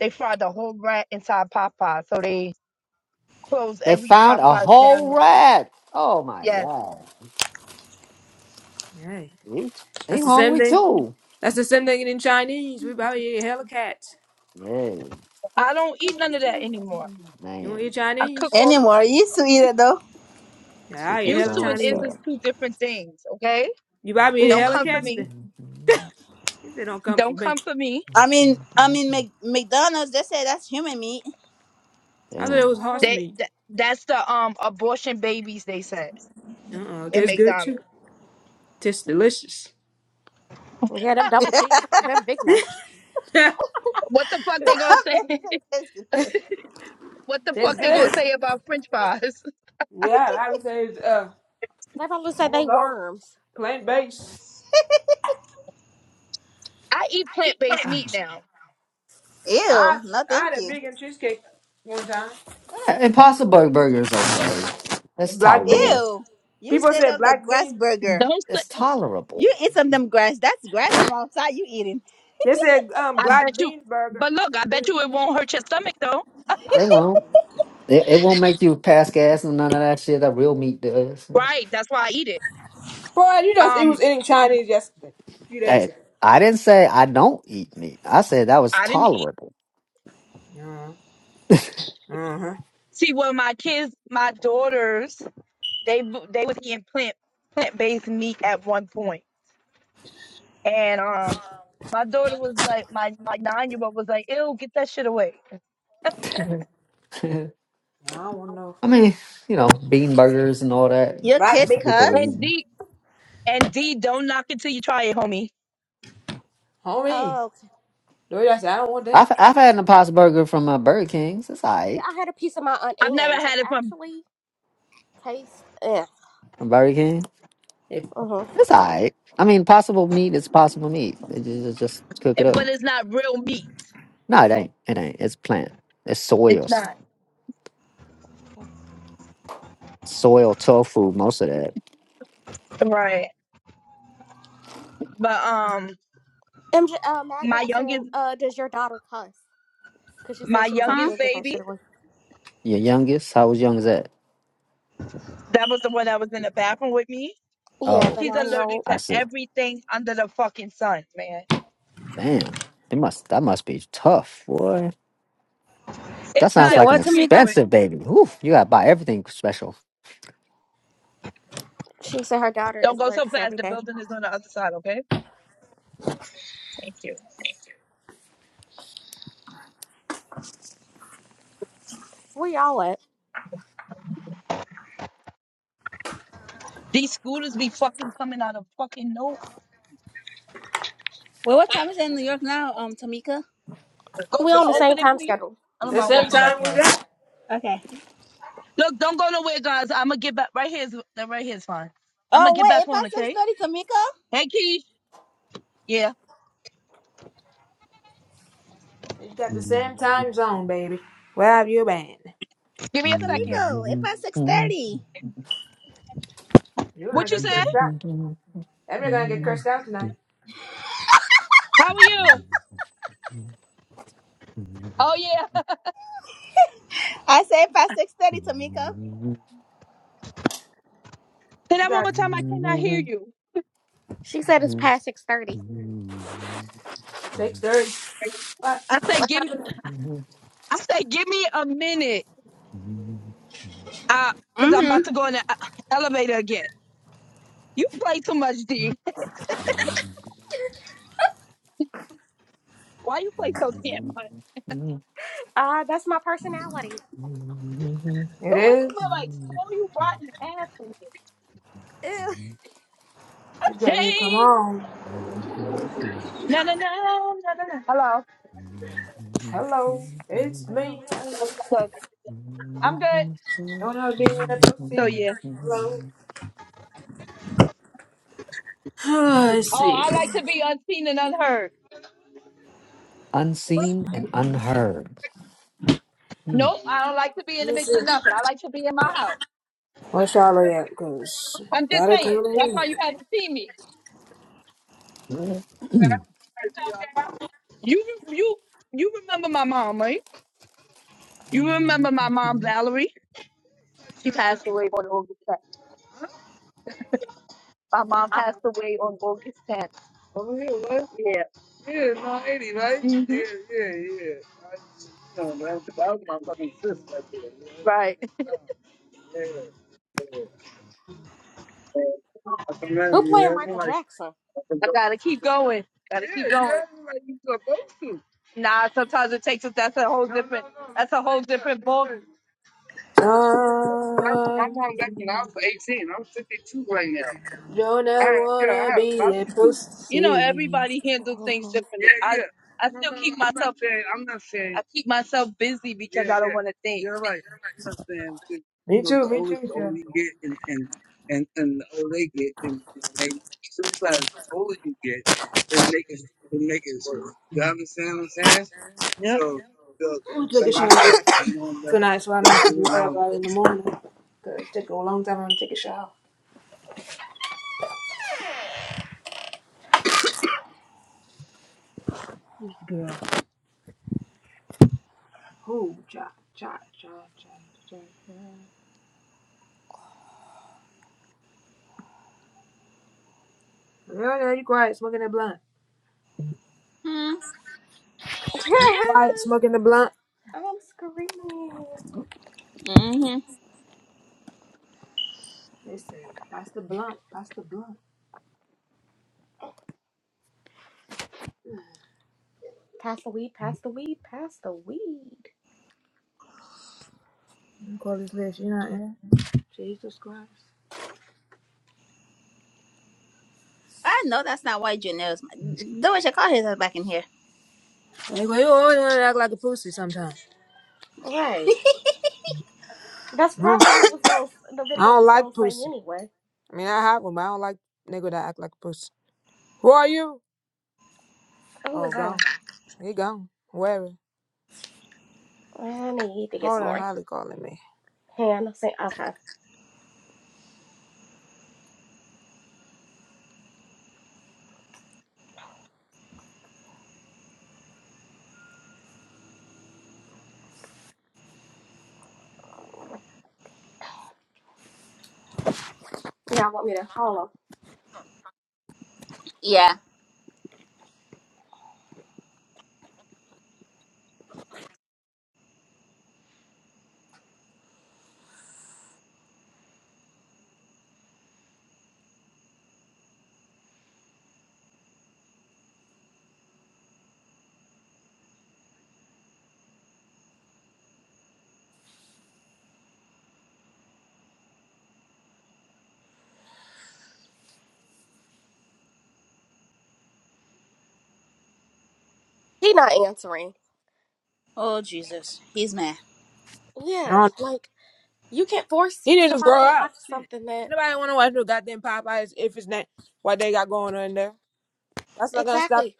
Speaker 6: they fried the whole rat inside Popeyes. So they close
Speaker 5: they
Speaker 6: every
Speaker 5: found a
Speaker 6: Popeyes down.
Speaker 5: whole rat. Oh my
Speaker 6: Yes,
Speaker 5: god.
Speaker 2: Hey,
Speaker 5: He, he
Speaker 2: that's the same
Speaker 5: hungry
Speaker 2: thing.
Speaker 5: too.
Speaker 2: That's the same thing in Chinese. We probably eat hella cats.
Speaker 5: Yeah,
Speaker 6: I don't eat none of that anymore.
Speaker 2: You want to
Speaker 5: man.
Speaker 2: eat
Speaker 6: I cook
Speaker 2: Chinese?
Speaker 6: off.
Speaker 1: anymore. You used to eat it though.
Speaker 2: Yeah,
Speaker 5: She
Speaker 2: I eat
Speaker 5: cooks her
Speaker 6: Used
Speaker 2: hella
Speaker 6: to
Speaker 5: own
Speaker 6: and is is
Speaker 5: stuff.
Speaker 2: Chinese.
Speaker 6: two different things. Okay,
Speaker 2: You probably eat
Speaker 6: don't
Speaker 2: hella
Speaker 6: come for
Speaker 2: cats
Speaker 6: me.
Speaker 2: then. If they don't come for
Speaker 6: Don't
Speaker 2: me.
Speaker 6: come for me.
Speaker 1: I mean, I mean, Mc, McDonald's. They say that's human meat.
Speaker 2: I thought it
Speaker 5: Damn.
Speaker 2: was
Speaker 3: hmm
Speaker 2: horse
Speaker 6: They
Speaker 2: meat.
Speaker 6: th- that's the um abortion babies they said
Speaker 2: Uh-uh,
Speaker 6: in
Speaker 2: tastes good too.
Speaker 6: McDonald's.
Speaker 2: Tastes delicious.
Speaker 3: Yeah, them double cheese, them Big Macs.
Speaker 2: tastes
Speaker 6: What the fuck they gonna say? what the fuck they gonna
Speaker 2: good.
Speaker 6: say about French fries?
Speaker 2: Yeah, I would say. uh.
Speaker 3: They probably
Speaker 2: I
Speaker 3: say they
Speaker 2: don't know.
Speaker 3: worms.
Speaker 2: Plant based.
Speaker 6: I eat plant based meat now.
Speaker 2: I
Speaker 1: Ew, no,
Speaker 2: I
Speaker 1: thank
Speaker 2: had a
Speaker 1: you.
Speaker 2: vegan cheesecake one time.
Speaker 5: Uh, Impossible Burger is okay. It's
Speaker 2: And black bean.
Speaker 5: tolerable.
Speaker 1: Ew, you
Speaker 2: People
Speaker 1: stayed
Speaker 2: said
Speaker 1: up the
Speaker 2: black
Speaker 1: grass
Speaker 2: bean.
Speaker 1: burger.
Speaker 6: Don't say.
Speaker 5: It's
Speaker 1: You
Speaker 5: tolerable.
Speaker 1: eat some of them grass. That's grass from outside. You eating
Speaker 2: They said um
Speaker 6: I
Speaker 2: black
Speaker 6: bet you.
Speaker 2: bean burger.
Speaker 6: But look, I
Speaker 2: It's
Speaker 6: bet
Speaker 2: good.
Speaker 6: you it won't hurt your stomach though.
Speaker 5: It won't. It, it won't make you pass gas and none of that shit that real meat does.
Speaker 6: Right. That's why I eat it.
Speaker 2: Boy, you just he was
Speaker 6: Um,
Speaker 2: eating Chinese yesterday. A few days
Speaker 5: Hey,
Speaker 2: ago.
Speaker 5: I didn't say I don't eat meat. I said that was
Speaker 6: I didn't eat.
Speaker 5: tolerable.
Speaker 2: Uh-huh. Uh-huh.
Speaker 6: See, well, my kids, my daughters They bo- they was eating plant plant based meat at one point, and um, my daughter was like, my my nine year old was like, "Ew, get that shit away."
Speaker 5: I
Speaker 2: I don't want no
Speaker 5: mean, you know, bean burgers and all that.
Speaker 1: your
Speaker 2: black
Speaker 5: That's
Speaker 1: kids,
Speaker 5: what
Speaker 2: bean
Speaker 5: people were
Speaker 2: burger.
Speaker 1: cuz?
Speaker 6: And
Speaker 5: eating.
Speaker 6: D and D, don't knock it till you try it, homie.
Speaker 2: Homie.
Speaker 3: Oh, okay.
Speaker 2: Dude, I said I don't want that.
Speaker 5: I've, I've had an impossible burger from uh, Burger King's. It's all
Speaker 3: yeah. I
Speaker 5: right.
Speaker 3: had a piece of my aunt
Speaker 6: I've never
Speaker 3: Anne's. It
Speaker 6: had it from,
Speaker 3: actually tastes. Eh.
Speaker 5: From Burger King.
Speaker 2: It-
Speaker 3: hmm
Speaker 5: It's all right. I mean, possible meat is possible meat. It ju- just, just cook it up.
Speaker 6: but it's not real meat.
Speaker 5: No, it ain't. It ain't. It's plant. It's soy or
Speaker 6: It's
Speaker 5: s-
Speaker 6: not
Speaker 5: soy or tofu, most of that.
Speaker 6: right. But um,
Speaker 3: MJ, uh, Magda
Speaker 6: my
Speaker 3: was saying,
Speaker 6: youngest
Speaker 3: uh, "Does your daughter cuss?" Because she
Speaker 6: my
Speaker 3: said she was like,
Speaker 1: Huh?
Speaker 6: youngest
Speaker 3: "You'll get that
Speaker 6: baby,
Speaker 3: shit away."
Speaker 5: Your youngest? How was young as that?
Speaker 6: that was the one that was in the bathroom with me.
Speaker 3: Yeah,
Speaker 5: Oh,
Speaker 3: the
Speaker 6: She's allergic
Speaker 3: nine-year-old.
Speaker 6: to
Speaker 5: I see.
Speaker 6: everything under the fucking sun, man.
Speaker 5: Damn, it must that must be tough, boy. That
Speaker 6: It's
Speaker 1: You
Speaker 5: sounds
Speaker 6: not.
Speaker 1: said
Speaker 5: like an
Speaker 1: what,
Speaker 6: I'm used to
Speaker 1: Tamika?
Speaker 6: it.
Speaker 5: expensive baby. Whew, you gotta buy everything special.
Speaker 3: She said her daughter
Speaker 6: Don't
Speaker 3: is
Speaker 6: go so
Speaker 3: allergic to
Speaker 6: fast. The
Speaker 3: everything.
Speaker 6: building is on the other side, okay? Thank you.
Speaker 3: Where y'all at?
Speaker 6: These scooters be fucking coming out of fucking nowhere.
Speaker 1: Wait, what time is it in New York now, um, Tamika?
Speaker 6: Go
Speaker 3: We
Speaker 6: to
Speaker 3: on
Speaker 6: the
Speaker 3: the same
Speaker 6: opening,
Speaker 3: time
Speaker 6: please.
Speaker 3: schedule.
Speaker 6: I don't
Speaker 2: The
Speaker 1: Oh,
Speaker 6: mind
Speaker 2: same
Speaker 6: walking
Speaker 1: time.
Speaker 6: back
Speaker 2: time we
Speaker 6: there.
Speaker 2: got.
Speaker 1: Okay.
Speaker 6: Look, don't go nowhere, guys. I'm gonna get back. Right here is that right here is fine. I'm gonna
Speaker 1: Oh
Speaker 6: get
Speaker 1: wait,
Speaker 6: back
Speaker 1: it's
Speaker 6: on,
Speaker 1: past six
Speaker 6: okay?
Speaker 1: thirty, Tamika.
Speaker 6: Hey, Key. Yeah.
Speaker 2: You got the same time zone, baby. Where have you been?
Speaker 6: Give me a second.
Speaker 1: Tamiko, it's past six thirty.
Speaker 2: You're gonna
Speaker 6: What you
Speaker 2: get
Speaker 6: say?
Speaker 2: cursed out. Everybody's gonna get cursed out tonight.
Speaker 6: How are you? Oh yeah.
Speaker 1: I say it's past six thirty, Tamiko.
Speaker 6: Say
Speaker 2: You
Speaker 6: that one
Speaker 2: got
Speaker 6: more time. I cannot hear you.
Speaker 3: She said it's past six thirty.
Speaker 2: six thirty. What?
Speaker 6: I say give. I say give me a minute. Uh, cause I'm about
Speaker 1: Mm-hmm.
Speaker 6: to go in the uh, elevator again. You play too much, D. Why you play so damn much?
Speaker 3: Uh, that's my personality.
Speaker 2: It
Speaker 6: Go into
Speaker 2: is.
Speaker 6: my like slow you rotten asshole.
Speaker 3: Ew.
Speaker 2: It's got me to come
Speaker 6: Change.
Speaker 2: on.
Speaker 6: Na na na na na na. Hello.
Speaker 2: Hello, it's me. Hello.
Speaker 6: So I'm good.
Speaker 2: Don't know being a
Speaker 6: so
Speaker 2: pussy.
Speaker 6: yeah.
Speaker 2: Hello. Let's
Speaker 6: Oh,
Speaker 2: see.
Speaker 6: I like to be unseen and unheard.
Speaker 5: unseen and unheard. Hmm.
Speaker 6: Nope, I don't like to be in
Speaker 2: Let
Speaker 6: the
Speaker 2: me
Speaker 6: mix
Speaker 2: see.
Speaker 6: of nothing. I like to be in my house.
Speaker 2: Where Charlotte at? Cause
Speaker 6: I'm just
Speaker 2: gotta come
Speaker 6: saying. That's why
Speaker 2: on.
Speaker 6: you haven't seen me. You you you remember my mom, right? You remember my mom, Valerie? She passed away on August 10th. My mom passed away on August 10th. Yeah. hmm Right.
Speaker 3: Who playing Michael Jackson?
Speaker 6: I gotta keep going. Gotta keep going. Nah, sometimes it takes us. That's a whole different. That's a whole different ball. I, my
Speaker 2: Um,
Speaker 6: mom back when I was 18. I'm 52 right now.
Speaker 2: don't
Speaker 6: I
Speaker 2: ever
Speaker 6: had, yeah, I
Speaker 2: wanna
Speaker 6: had a
Speaker 2: be a
Speaker 6: multitude. You know,
Speaker 2: pussy.
Speaker 6: everybody handles things differently. Yeah, I yeah. I No, still no, no. keep I'm not myself saying, I'm not saying, I keep myself busy Yeah, because yeah, I don't yeah. want to think. You're right. I'm not saying, you
Speaker 2: Me
Speaker 6: know,
Speaker 2: too,
Speaker 6: the
Speaker 2: me
Speaker 6: older,
Speaker 2: too, me
Speaker 6: the older
Speaker 2: too.
Speaker 6: you get and, and, and, and the older they get and you know, they sometimes the older you get, it make it, it make it worse. You understand what I'm saying? Yep. So, the,
Speaker 2: I'm gonna take a
Speaker 6: like I
Speaker 2: shower this-
Speaker 6: said, I'm on that,
Speaker 2: tonight so I don't
Speaker 6: that's
Speaker 2: have to
Speaker 6: when I
Speaker 2: worry
Speaker 6: was
Speaker 2: about it in the morning. Cause it's taking a long time I'm gonna take a shower. Girl. Who? Cha, cha, cha, cha, cha, cha. Yeah, yeah, you quiet, smoking that blunt.
Speaker 1: Mm-hmm.
Speaker 2: Quiet, smoking the blunt.
Speaker 3: I'm screaming.
Speaker 1: Mm-hmm.
Speaker 2: Let's see. Pass the blunt. Pass the blunt.
Speaker 3: Pass the weed, pass the weed, pass the weed.
Speaker 2: i call this list. You know, yeah. Jesus Christ.
Speaker 1: I know that's not why Janelle's mad. though she called his ass back in here.
Speaker 2: Hey, well, you always want to act like a pussy sometimes.
Speaker 3: Right. That's
Speaker 2: Huh?
Speaker 3: probably what he was going the
Speaker 2: I
Speaker 3: video
Speaker 2: don't
Speaker 3: was gonna
Speaker 2: like
Speaker 3: say
Speaker 2: pussy.
Speaker 3: anyway.
Speaker 2: I mean, I have one, but I don't like nigga that act like a pussy. Who are you?
Speaker 3: Who
Speaker 2: Oh,
Speaker 3: was that?
Speaker 2: gone. He gone. Wherever.
Speaker 3: I need to get
Speaker 2: Hold
Speaker 3: some
Speaker 2: on,
Speaker 3: more.
Speaker 2: Holly calling me.
Speaker 3: Hand say okay. Y'all want me to hold on.
Speaker 1: Yeah.
Speaker 3: He not answering.
Speaker 1: Oh Jesus. He's mad.
Speaker 3: Yeah,
Speaker 2: I do
Speaker 3: like you can't force
Speaker 2: He need to
Speaker 3: somebody
Speaker 2: grow
Speaker 3: to watch
Speaker 2: up.
Speaker 3: something that
Speaker 2: Anybody want to watch no goddamn Popeyes if it's not what they got going on in there? That's not gonna stop.
Speaker 3: exactly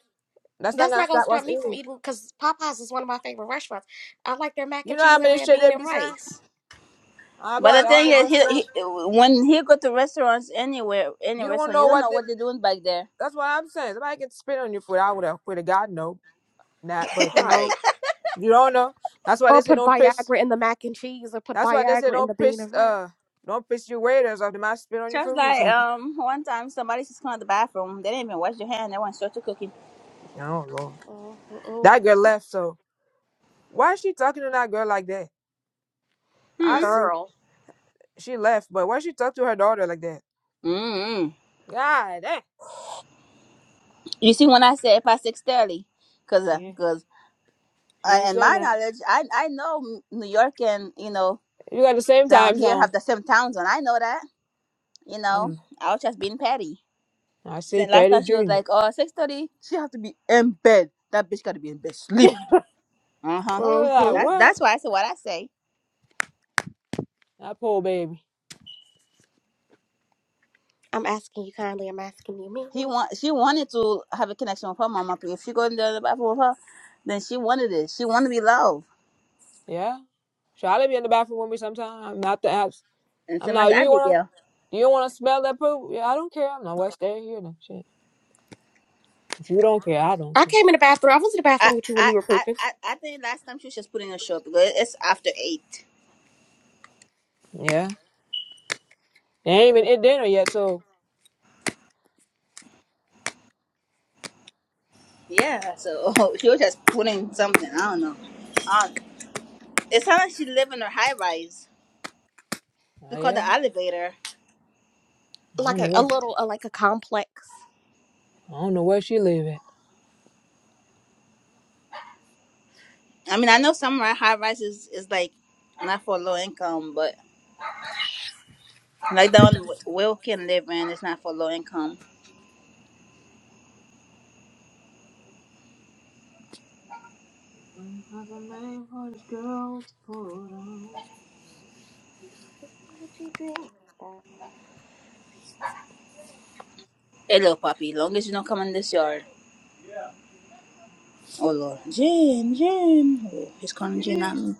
Speaker 2: That's not
Speaker 3: That's
Speaker 2: gonna
Speaker 3: not gonna
Speaker 2: stop us
Speaker 3: stop me from
Speaker 2: eating.
Speaker 3: eating because Popeyes is one of my favorite restaurants. I like their mac
Speaker 2: You
Speaker 3: and
Speaker 2: know how
Speaker 3: cheese and
Speaker 2: many
Speaker 3: red
Speaker 2: shit they
Speaker 3: bean and
Speaker 2: be saying?
Speaker 3: rice.
Speaker 2: I
Speaker 1: But the
Speaker 2: bought all
Speaker 1: thing
Speaker 2: the
Speaker 1: is he, he
Speaker 2: restaurant.
Speaker 1: when he go to restaurants anywhere any
Speaker 2: You don't
Speaker 1: restaurant, you
Speaker 2: know
Speaker 1: don't
Speaker 2: what
Speaker 1: know what
Speaker 2: the.
Speaker 1: they're doing back there.
Speaker 2: That's what I'm saying. Somebody can spit on your food. I would have put a God no, not. But you know,
Speaker 3: Right.
Speaker 2: you don't know. That's why they
Speaker 3: Or
Speaker 2: say
Speaker 3: put
Speaker 2: don't piss.
Speaker 3: Viagra in the mac and cheese, or put
Speaker 2: That's why they say
Speaker 3: Viagra in
Speaker 2: don't
Speaker 3: the bean
Speaker 2: piss.
Speaker 3: and rice.
Speaker 2: Uh, don't piss your waiters off. They might spit on your
Speaker 1: Just
Speaker 2: food or
Speaker 1: like
Speaker 2: something.
Speaker 1: um one time somebody just come out the bathroom, they didn't even wash their hand, they went straight to cooking.
Speaker 2: Oh lord, that
Speaker 3: Mm-hmm.
Speaker 2: girl left. So why is she talking to that girl like that? I
Speaker 1: Hmm.
Speaker 2: see
Speaker 3: Girl.
Speaker 2: she left, but why she talk to her daughter like that?
Speaker 1: Mm-hmm.
Speaker 2: God damn,
Speaker 1: You see when I said past six thirty, cause
Speaker 2: she
Speaker 1: uh,
Speaker 2: ain't-
Speaker 1: 'cause
Speaker 2: she
Speaker 1: uh,
Speaker 2: ain't
Speaker 1: in
Speaker 2: saying
Speaker 1: my
Speaker 2: that.
Speaker 1: knowledge, I I know M- New York and you know
Speaker 2: You got the same
Speaker 1: down
Speaker 2: time
Speaker 1: here
Speaker 2: zone.
Speaker 1: have the same towns, and I know that. You know,
Speaker 2: I'm.
Speaker 1: I was just being petty.
Speaker 2: I see
Speaker 1: Since last
Speaker 2: Petty
Speaker 1: time she was
Speaker 2: Junior.
Speaker 1: like, "Oh, six thirty, she in bed. That bitch gotta be in bed." Uh
Speaker 2: I
Speaker 1: huh.
Speaker 2: was like,
Speaker 3: Mm-hmm.
Speaker 1: That
Speaker 2: what?
Speaker 1: that's why I said what I say.
Speaker 2: That poor baby.
Speaker 3: I'm asking you kindly. I'm asking you
Speaker 1: He
Speaker 3: meanly.
Speaker 1: want she wanted to have a connection with her mama. but If she go in there in the other bathroom with her, then she wanted it. She wanted to be loved.
Speaker 2: Yeah. Charlotte be in the bathroom with me sometimes. Not the apps.
Speaker 1: And
Speaker 2: I'm
Speaker 1: so much
Speaker 2: not. You wanna?
Speaker 1: Abigail.
Speaker 2: You wanna smell that poop? Yeah, I don't care. I'm not West Day here. No shit. If you don't care, I don't
Speaker 3: I
Speaker 2: care.
Speaker 3: came in the bathroom. I was in the
Speaker 1: I
Speaker 3: bathroom with you when
Speaker 1: I
Speaker 3: you were
Speaker 1: I
Speaker 3: pooping,
Speaker 1: I I think last time she was just putting a show because it's after eight.
Speaker 2: Yeah. They ain't even at dinner yet, so.
Speaker 1: Yeah, so she was just putting something. I don't know. Um, it's not like she live in her high rise.
Speaker 2: Oh
Speaker 1: She call the
Speaker 2: yeah.
Speaker 1: elevator.
Speaker 2: I
Speaker 3: like
Speaker 2: don't know
Speaker 3: a, a
Speaker 2: what.
Speaker 3: little, uh, like a complex.
Speaker 2: I don't know where she live at.
Speaker 1: I mean, I know some high rises is like not for low income, but like the one Will can live in, it's not for low income.
Speaker 2: There's a name for this girl to put on.
Speaker 1: Hey, little puppy, long as you don't come in this yard. Oh Lord, Jane, Jane. Oh, he's calling Jane,
Speaker 2: Jane,
Speaker 1: not me.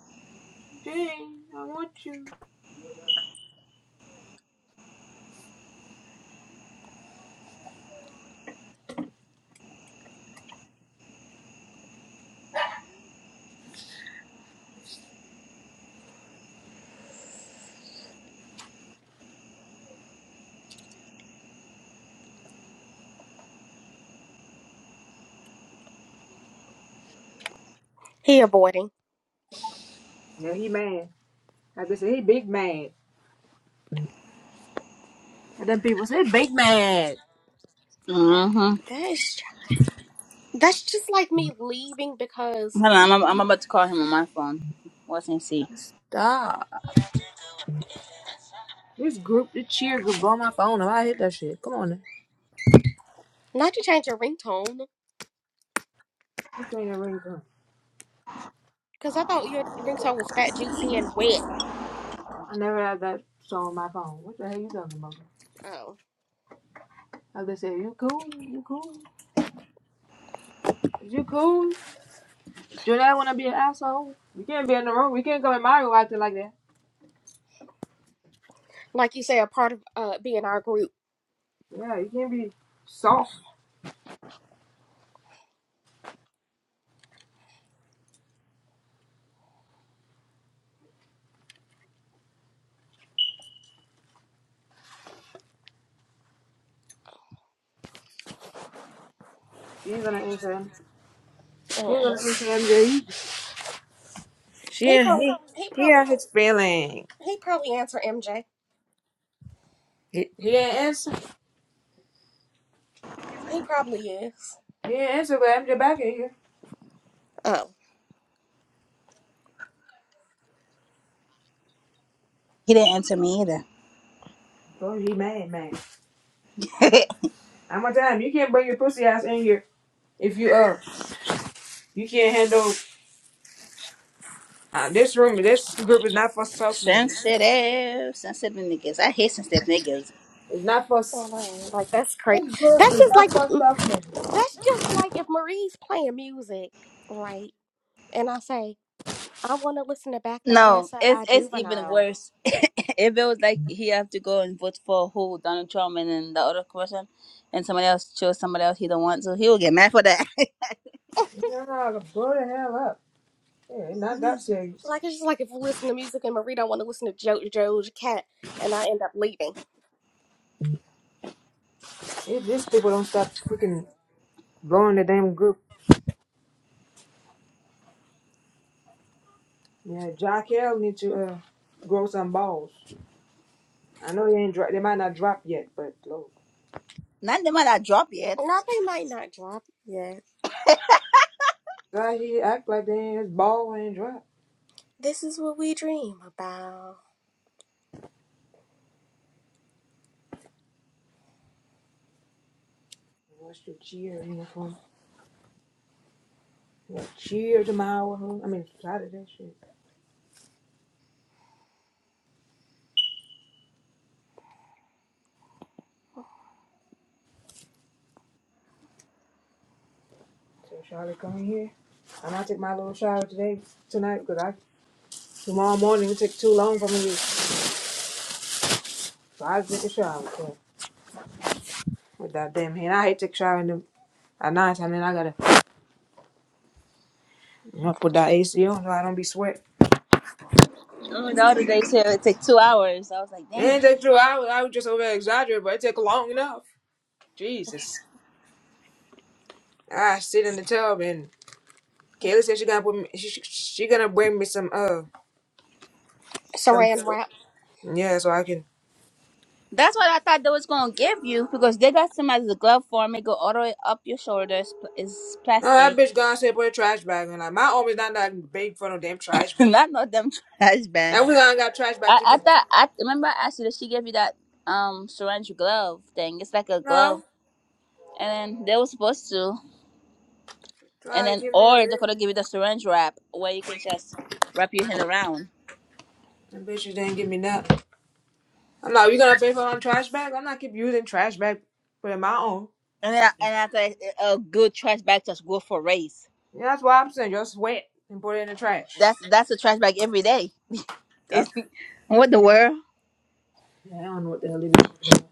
Speaker 2: Jane, I want you.
Speaker 3: He avoiding.
Speaker 2: Yeah, he mad. Like I said, he big mad. And then people say big mad.
Speaker 1: Mm-hmm.
Speaker 3: That's that's just like me leaving because
Speaker 1: Hold on, I'm, I'm about to call him on my phone. What's he see?
Speaker 2: Stop. this group, the cheer group on my phone. I hit that shit. Come on. Now.
Speaker 3: not to change your ringtone
Speaker 2: What's that ringtone?
Speaker 3: because I thought your ringtone was fat, juicy, and wet.
Speaker 2: I never had that song on my phone. What the hell you talking about?
Speaker 3: Oh.
Speaker 2: Like they said, you cool, you cool, is you cool? Jonelle wanna be an asshole? You can't be in the room. You can't come in my room acting like that.
Speaker 3: like you say, a part of uh being our group.
Speaker 2: Yeah, you can't be soft. She ain't gonna answer him. She ain't gonna answer MJ. either. She
Speaker 3: He
Speaker 2: ain't,
Speaker 3: probably
Speaker 2: he
Speaker 3: he
Speaker 2: he
Speaker 3: probably
Speaker 2: had his feeling.
Speaker 3: he probably answer MJ.
Speaker 2: He, he ain't answer.
Speaker 3: He probably is.
Speaker 2: He ain't answer, but I'm MJ back in here.
Speaker 3: Oh.
Speaker 1: He didn't answer me
Speaker 2: So he mad, man.
Speaker 1: either.
Speaker 2: How much time? You can't bring your pussy ass in here if you uh you can't handle uh, this room. This group is not for soft niggas.
Speaker 1: Sensitive, sensitive niggas. I hate sensitive niggas.
Speaker 2: It's not for.
Speaker 3: I know, like that's crazy.
Speaker 2: This book
Speaker 3: That's
Speaker 2: is
Speaker 3: just
Speaker 2: not
Speaker 3: like
Speaker 2: fucked
Speaker 3: uh,
Speaker 2: up. man.
Speaker 3: that's just like if Marie's playing music, right? And I say, I wanna listen to Back That
Speaker 1: No,
Speaker 3: Ass Up
Speaker 1: it's
Speaker 3: by
Speaker 1: it's even
Speaker 3: Juvenile.
Speaker 1: worse. if it was like he have to go and vote for who Donald Trump and then the other person, and somebody else chose somebody else he don't want to, he will get mad for that.
Speaker 2: No, blow the hell up. Yeah, it's not that serious.
Speaker 3: Like it's just like if we listen to music and Marie don't want to listen to jo- Joe's cat and I end up leaving.
Speaker 2: If these people don't stop freaking blowing the damn group, yeah, Jack Hill need to uh, grow some balls. I know they ain't dro- they might not drop yet, but look,
Speaker 1: Not the man that dropped yet.
Speaker 3: No, they might not drop it yet.
Speaker 2: guys, you act like they ain't his ball ain't dropped.
Speaker 3: This is what we dream about.
Speaker 2: What's your cheer uniform? Yeah, cheer tomorrow. huh? I mean Saturday, shit. So Charlotte coming here. I'm gonna take my little shower today, tonight, because I tomorrow morning it take too long for me. to- So I take a shower. So with that damn hand. I hate take shower in the at night time, and then I gotta you know, put that AC on so I don't be sweat.
Speaker 1: Only the other day he said it take two hours. I was like,
Speaker 2: It
Speaker 1: dang.
Speaker 2: ain't take two hours. I was just over exaggerating, but it took long enough. Jesus. I sit in the tub and Kayla said she gonna put me she, she, she gonna bring me some uh some
Speaker 3: Saran wrap.
Speaker 2: yeah so I can
Speaker 1: That's what I thought they was gonna give you because they got some as a glove form. It go all the way up your shoulders. It's
Speaker 2: oh that
Speaker 1: plastic.
Speaker 2: bitch gonna say put a trash bag on like my arm is not that big for no damn trash bag.
Speaker 1: Not no damn trash bag.
Speaker 2: Now we gonna got trash bag
Speaker 1: I,
Speaker 2: to
Speaker 1: I
Speaker 2: get
Speaker 1: thought I remember I asked you that she gave you that um syringe glove thing. It's like a
Speaker 2: no
Speaker 1: glove, and then they were supposed to, and
Speaker 2: try to
Speaker 1: then
Speaker 2: get me on
Speaker 1: or they
Speaker 2: there.
Speaker 1: could have give you the syringe wrap where you can just wrap your hand around,
Speaker 2: The bitches didn't give me that. I'm like, "Oh, you gonna pay for my trash bag? I'm not keep using trash bag, put in my own.
Speaker 1: and then and after a good trash bag, just go for a race.
Speaker 2: Yeah, that's why I'm saying just wet and put it in the trash.
Speaker 1: That's that's a trash bag every day. It's
Speaker 2: That's
Speaker 1: what the world?
Speaker 2: yeah, I don't know what the hell it is.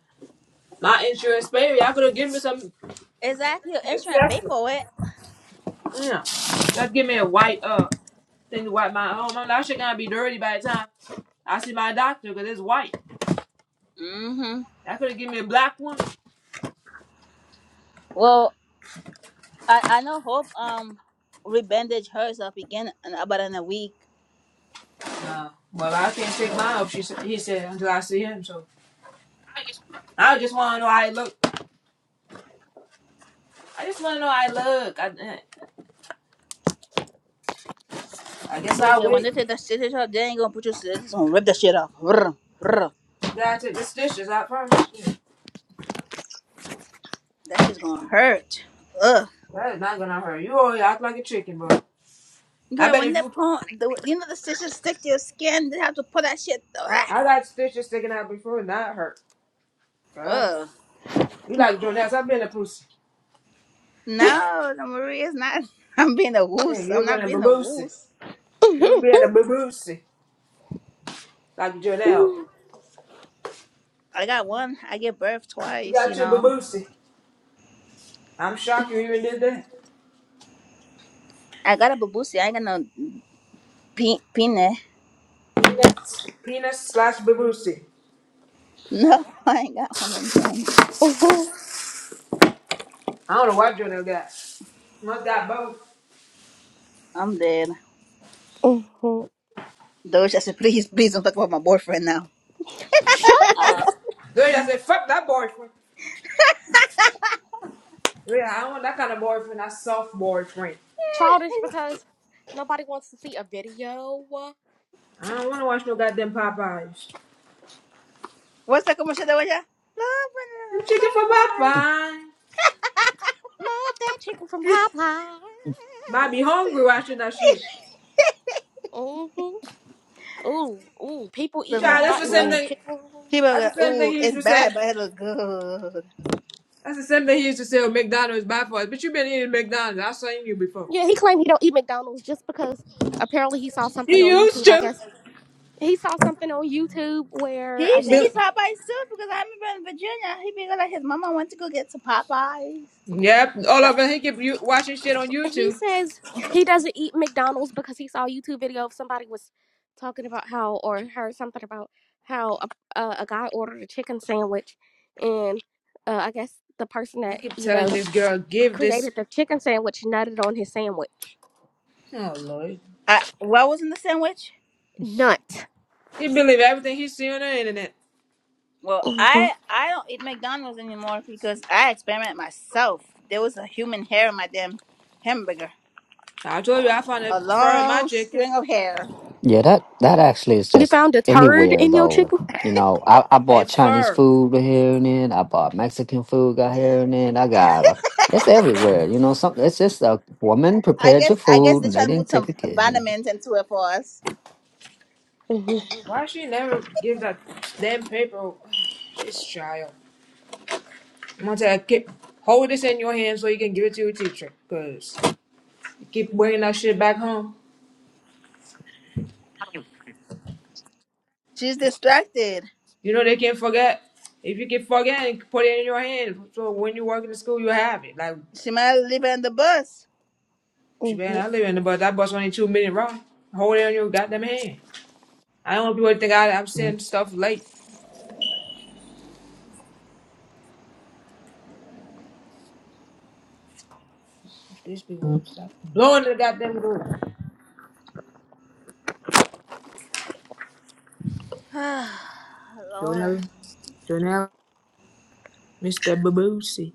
Speaker 2: My insurance baby, y'all could have given me some
Speaker 1: Exactly. Your insurance pay
Speaker 2: accessories.
Speaker 1: for it.
Speaker 2: Yeah. Just give me a white uh thing to wipe my own. I'm like, that shit gonna be dirty by the time I see my doctor because it's white.
Speaker 1: Mm-hmm.
Speaker 2: Y'all could have given me a black one.
Speaker 1: Well, I I know Hope um rebandaged hers up again in about in a week
Speaker 2: Nah. Well I can't take mine up, she said he said until I see him, so I just wanna know how I look. I just wanna know how I look. I, eh, I guess
Speaker 1: Oh,
Speaker 2: I'll
Speaker 1: Okay, when
Speaker 2: wait.
Speaker 1: they take that stitches off, they ain't gonna put you stitches. They gonna rip that shit off. Vrr, vrr.
Speaker 2: That's it. This dish is out front. That
Speaker 1: That shit's gonna hurt. Ugh.
Speaker 2: is not gonna hurt. You always act like a chicken, bro. I
Speaker 1: Girl,
Speaker 2: bet
Speaker 1: when
Speaker 2: if
Speaker 1: they
Speaker 2: you,
Speaker 1: pull, the, you know the stitches stick to your skin. They have to pull that shit. Ah.
Speaker 2: I got stitches sticking out before and that hurt. Girl,
Speaker 1: Ugh.
Speaker 2: you like Jonelle? I've been a pussy.
Speaker 1: No, no, Marie, it's not. I'm being a
Speaker 2: Yeah,
Speaker 1: woos. I'm
Speaker 2: you've been
Speaker 1: not
Speaker 2: a
Speaker 1: being a
Speaker 2: baboosie.
Speaker 1: woos.
Speaker 2: You've been a baboosie like Jonelle.
Speaker 1: I got one. I gave birth
Speaker 2: You
Speaker 1: twice.
Speaker 2: got
Speaker 1: You
Speaker 2: two
Speaker 1: know.
Speaker 2: baboosie. I'm shocked you even did that.
Speaker 1: I got a babusi. I ain't got no pe- penis.
Speaker 2: Peanuts, peanuts slash baboosie.
Speaker 1: No, I ain't got one of them.
Speaker 2: I don't know what Jonelle got. Must got both.
Speaker 1: I'm dead.
Speaker 3: Mhm.
Speaker 1: Doja said, please, please don't talk about my boyfriend now.
Speaker 3: Shut
Speaker 2: That's. Dude, I said, fuck that boyfriend. Yeah, I don't want that kind of boyfriend. That soft boyfriend.
Speaker 3: childish because nobody wants to see a video.
Speaker 2: I don't want to watch no goddamn Popeyes.
Speaker 1: What's that commercial that was ya?
Speaker 2: Them chicken for
Speaker 1: Love and
Speaker 2: Popeye.
Speaker 3: Love that chicken from
Speaker 2: Might be
Speaker 3: Popeyes.
Speaker 2: hungry watching that shit.
Speaker 3: Mm-hmm. Ooh, ooh, people
Speaker 2: You
Speaker 3: eating
Speaker 1: Remember
Speaker 2: try.
Speaker 3: them
Speaker 2: That's
Speaker 3: hot
Speaker 2: the
Speaker 1: that?
Speaker 3: and
Speaker 2: same
Speaker 3: honey
Speaker 1: Ooh,
Speaker 2: thing.
Speaker 1: he
Speaker 3: chickens.
Speaker 1: remember
Speaker 2: That's
Speaker 1: that.
Speaker 2: the same thing
Speaker 1: Ooh,
Speaker 2: he used
Speaker 1: it's
Speaker 2: to say.
Speaker 1: bad, but it look good.
Speaker 2: That's the same thing he used to say. Oh, McDonald's bad for us. But you been eating McDonald's. I saw you before.
Speaker 3: Yeah, he claimed he don't eat McDonald's just because apparently he saw something
Speaker 2: He
Speaker 3: on
Speaker 2: used
Speaker 3: YouTube. I
Speaker 2: to.
Speaker 3: guess he saw something on YouTube
Speaker 1: He
Speaker 3: where
Speaker 2: He
Speaker 3: I
Speaker 1: used to
Speaker 3: guess
Speaker 2: built.
Speaker 1: eat Popeyes too because I remember in Virginia, he be like his mama went to go get some Popeyes.
Speaker 2: Yep. All
Speaker 1: So,
Speaker 2: of us. He keep you watching shit on
Speaker 3: he
Speaker 2: YouTube.
Speaker 3: says he doesn't eat McDonald's because he saw a YouTube video of somebody was talking about how or heard something about how a, a, a guy ordered a chicken sandwich and uh, I guess the person
Speaker 2: I
Speaker 3: that
Speaker 2: keep
Speaker 3: you
Speaker 2: telling
Speaker 3: know
Speaker 2: this girl, give this.
Speaker 3: created the chicken sandwich nutted on his sandwich.
Speaker 2: Oh Lord.
Speaker 1: I, what was in the sandwich?
Speaker 3: Nut.
Speaker 2: He believe everything he see on the internet.
Speaker 1: Well,
Speaker 3: hmm
Speaker 1: I I don't eat McDonald's anymore because I experiment myself. There was a human hair in my damn hamburger,
Speaker 2: I told you I found a
Speaker 1: a
Speaker 2: fur in my
Speaker 1: long
Speaker 2: chicken.
Speaker 1: string of hair.
Speaker 5: yeah, that that actually is
Speaker 3: You
Speaker 5: just
Speaker 3: found a turd
Speaker 5: anywhere
Speaker 3: in your
Speaker 5: though.
Speaker 3: chicken.
Speaker 5: You know, I, I
Speaker 2: A
Speaker 5: bought Chinese
Speaker 2: fur.
Speaker 5: food here and then. I bought Mexican food got here and then. I got uh, it's everywhere. You know, some it's just a woman
Speaker 1: I
Speaker 5: prepared
Speaker 1: guess
Speaker 5: your
Speaker 1: I guess
Speaker 5: food
Speaker 1: they're
Speaker 5: and they
Speaker 1: trying to put
Speaker 5: didn't take
Speaker 1: some
Speaker 5: the kid.
Speaker 1: vitamins into it for us.
Speaker 3: hmm
Speaker 2: Why she never give that damn paper? This child. I'm gonna tell her, keep hold this in your hand so you can give it to your teacher. Cause you keep bringing that shit back home.
Speaker 1: She's distracted.
Speaker 2: You know they can not forget. If you can forget put it in your hand, so when you work in the school you have it. Like
Speaker 1: She might as well leave it on the bus.
Speaker 2: she
Speaker 3: hmm
Speaker 2: man, I live in the bus. That bus only two minutes wrong. Hold it on your goddamn hand. I don't want people to think I, I'm sending stuff late. This people won't stop blowing the goddamn door.
Speaker 1: Lord.
Speaker 2: Jonella, Jonella, Mr. Babusi.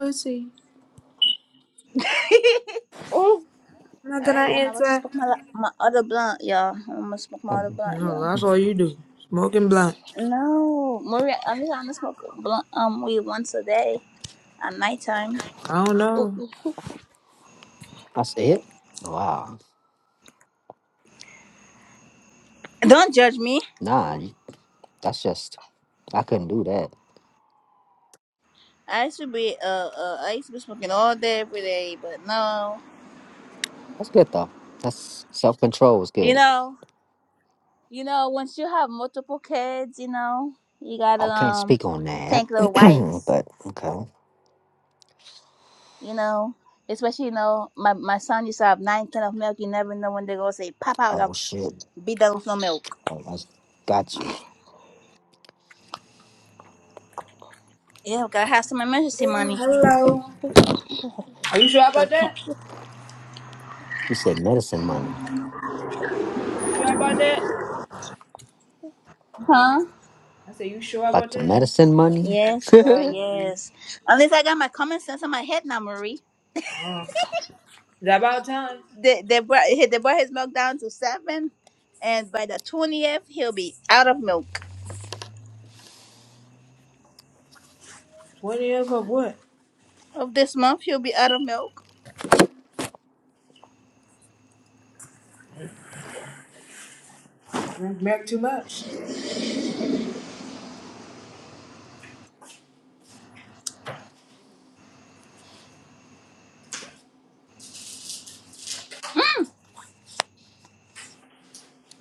Speaker 2: Babusi. I'm not
Speaker 1: All
Speaker 2: gonna
Speaker 1: right, y'all. I'm about to
Speaker 2: answer.
Speaker 1: smoke my la- my other blunt, y'all. I'm gonna smoke my other blunt,
Speaker 2: Yeah,
Speaker 1: y'all.
Speaker 2: that's all you do. Smoking blunts.
Speaker 1: No, Maria, I'm just gonna smoke a blunt um weed once a day at nighttime.
Speaker 2: I don't know.
Speaker 5: That's it. Wow,
Speaker 1: Don't judge me.
Speaker 5: nah, you- that's just I couldn't do that.
Speaker 1: I used to be uh, uh I used to be smoking all day every day, but no,
Speaker 5: That's good though. That's self control is
Speaker 1: you
Speaker 5: good.
Speaker 1: know, you know, once you have multiple kids, you know, you
Speaker 5: I
Speaker 1: gotta
Speaker 5: can't
Speaker 1: um
Speaker 5: speak on that,
Speaker 1: think little wise.
Speaker 5: but okay.
Speaker 1: you know, especially you know, my my son used to have nine can of milk. You never know when they go say, "Pop out!"
Speaker 5: Oh
Speaker 1: I'll
Speaker 5: shit.
Speaker 1: be done with no milk.
Speaker 5: Oh, I got you.
Speaker 1: Yeah, gotta have some emergency money.
Speaker 2: Hello. Are you sure
Speaker 1: So
Speaker 2: about
Speaker 1: can
Speaker 2: that?
Speaker 5: You said medicine money.
Speaker 2: You sure about that?
Speaker 1: huh?
Speaker 2: I said, you sure
Speaker 5: Back
Speaker 2: about
Speaker 5: to
Speaker 2: that? Is
Speaker 5: medicine money.
Speaker 1: Yes, girl. Yes. Unless I got my common sense in my head now, Marie.
Speaker 2: that about time?
Speaker 1: They they brought he- they brought his milk down to seven, and by the twentieth he'll be out of milk.
Speaker 2: 20 of of what?
Speaker 1: Of this month he'll be out of milk.
Speaker 2: Drink back too much.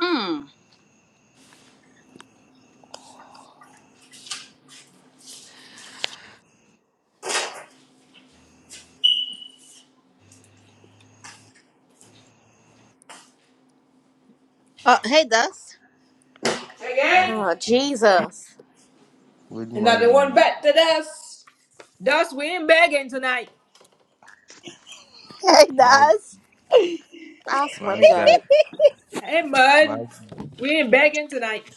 Speaker 1: Hmm. Oh, hey, Dust.
Speaker 8: Uh,
Speaker 2: Again?
Speaker 3: Oh, Jesus.
Speaker 8: Good
Speaker 2: And not the one
Speaker 8: morning,
Speaker 2: back to dust. Dust, we ain't begging tonight.
Speaker 1: Hey,
Speaker 8: Mag-
Speaker 1: Dust.
Speaker 3: I swear to
Speaker 8: Magda.
Speaker 3: God.
Speaker 2: Hey, Mud.
Speaker 8: Mag-
Speaker 2: We ain't begging tonight.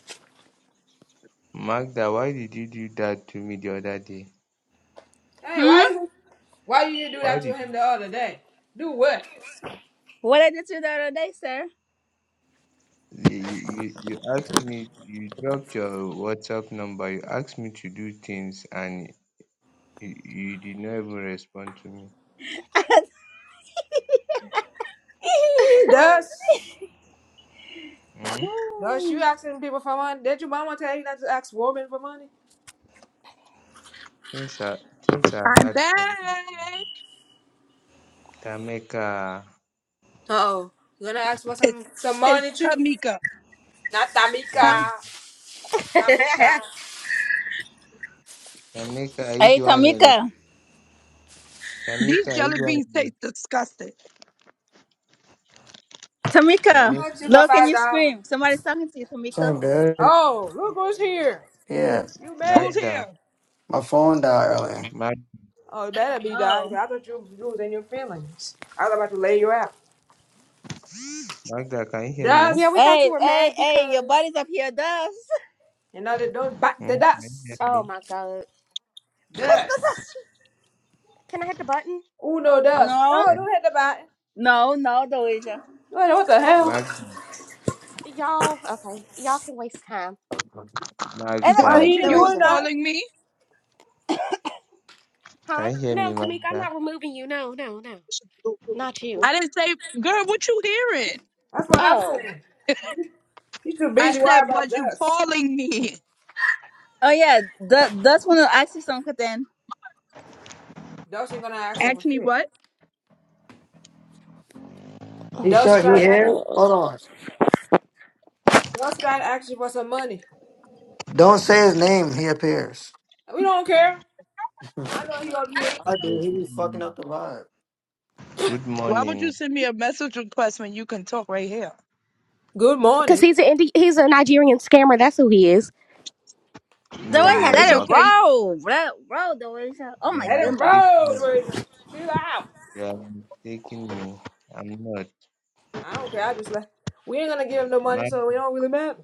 Speaker 8: Magda, why did you do that to me the other day?
Speaker 2: Hey,
Speaker 1: Hmm.
Speaker 2: why you, why you do that
Speaker 8: Why
Speaker 2: to
Speaker 8: did
Speaker 2: him the other day? Do what?
Speaker 1: What I did to you the other day, sir?
Speaker 8: you, you you asked me? You dropped your WhatsApp number. You asked me to do things, and you, you did not even respond to me.
Speaker 2: Dust.
Speaker 8: Hmm?
Speaker 2: Dust, you asking people for money? Did your mama tell you not to ask women for money?
Speaker 8: Things are things are hard for me. Tamika.
Speaker 2: Oh, you gonna ask for
Speaker 6: It's
Speaker 2: some some
Speaker 6: it's
Speaker 2: money too?
Speaker 6: Tamika.
Speaker 2: Not
Speaker 6: Huh?
Speaker 8: Tami-
Speaker 2: Tamika, Labuta.
Speaker 8: Tamika, are you the
Speaker 1: Hey,
Speaker 8: one on your
Speaker 1: Tamika.
Speaker 6: These
Speaker 8: Tamika, are you
Speaker 6: jelly
Speaker 8: the one
Speaker 6: beans
Speaker 8: on your
Speaker 6: taste disgusting.
Speaker 1: Tamika,
Speaker 2: I
Speaker 8: Tamika?
Speaker 2: asked you for
Speaker 1: look and
Speaker 2: five
Speaker 1: you
Speaker 2: dollars.
Speaker 1: scream. Somebody's talking to you,
Speaker 4: It's
Speaker 1: Tamika.
Speaker 4: all good.
Speaker 2: Oh, look who's here!
Speaker 4: Yeah.
Speaker 2: You made
Speaker 6: Who's
Speaker 2: it.
Speaker 6: here?
Speaker 8: Magda.
Speaker 4: My phone died earlier.
Speaker 8: Mag-
Speaker 2: Oh, it better be that.
Speaker 1: Oh.
Speaker 2: I thought you you was in your feelings. I was about to lay you out.
Speaker 8: Magda, can you hear me?
Speaker 3: Yeah,
Speaker 2: Dust.
Speaker 3: we thought you
Speaker 1: Hey,
Speaker 3: were
Speaker 1: hey,
Speaker 3: mad
Speaker 1: hey, your
Speaker 3: because.
Speaker 1: body's up here, does.
Speaker 2: You know they don't bite the
Speaker 8: Hmm? Can you hear
Speaker 2: dust.
Speaker 3: Oh
Speaker 8: me?
Speaker 3: my God!
Speaker 2: Dust.
Speaker 3: Can I hit the button?
Speaker 2: Uno dust. No,
Speaker 1: no,
Speaker 2: don't hit the bite.
Speaker 1: no, no, Doasia.
Speaker 2: What what the hell?
Speaker 8: Mag-
Speaker 3: Y'all, okay, y'all can waste time.
Speaker 1: And
Speaker 6: The
Speaker 8: Magda,
Speaker 1: uh,
Speaker 2: Why he
Speaker 6: waiter?
Speaker 2: ain't
Speaker 6: you
Speaker 8: I,
Speaker 6: was
Speaker 2: doing
Speaker 1: Doasia.
Speaker 2: that?
Speaker 6: calling me?
Speaker 3: Huh?
Speaker 8: can you hear me,
Speaker 3: No, Tamika, I'm
Speaker 8: Magda?
Speaker 3: not removing you. No, no, no. Not you.
Speaker 6: I didn't say, girl, what you hearing?
Speaker 2: That's what I'm
Speaker 3: Oh.
Speaker 2: saying. He's too
Speaker 6: I
Speaker 2: busy worried
Speaker 6: said,
Speaker 2: about
Speaker 6: was you
Speaker 2: dust.
Speaker 6: calling me?
Speaker 1: Oh, yeah, that, that's when I asked you something then.
Speaker 2: Dust ain't gonna ask her
Speaker 6: Ask
Speaker 2: for
Speaker 6: me
Speaker 2: shit.
Speaker 6: what?
Speaker 4: He
Speaker 2: Dust,
Speaker 4: shot. He here. Hold on.
Speaker 2: Dust trying to ask you for some money.
Speaker 4: Don't say his name. He appears.
Speaker 2: We don't care. I know you up here.
Speaker 4: I do.
Speaker 8: Hello,
Speaker 4: He be fucking up the vibe.
Speaker 8: Good morning. Good morning.
Speaker 2: Good
Speaker 3: Because
Speaker 2: morning.
Speaker 3: he's, a Indi- he's a Nigerian scammer. That's who he is.
Speaker 2: He
Speaker 8: No,
Speaker 2: tried
Speaker 8: no,
Speaker 1: Doasia,
Speaker 2: to ask
Speaker 8: no.
Speaker 2: me,
Speaker 1: let it
Speaker 8: I-
Speaker 1: roll. Let it roll, Doasia. Oh,
Speaker 8: You
Speaker 1: my
Speaker 2: let
Speaker 8: are
Speaker 2: it
Speaker 1: goodness.
Speaker 8: mistaking me.
Speaker 2: roll, Rachel. Chill out.
Speaker 8: You are mistaking me. I'm not.
Speaker 2: I don't care. I just let. We ain't gonna give him no money,
Speaker 8: Mag,
Speaker 2: so we don't really matter.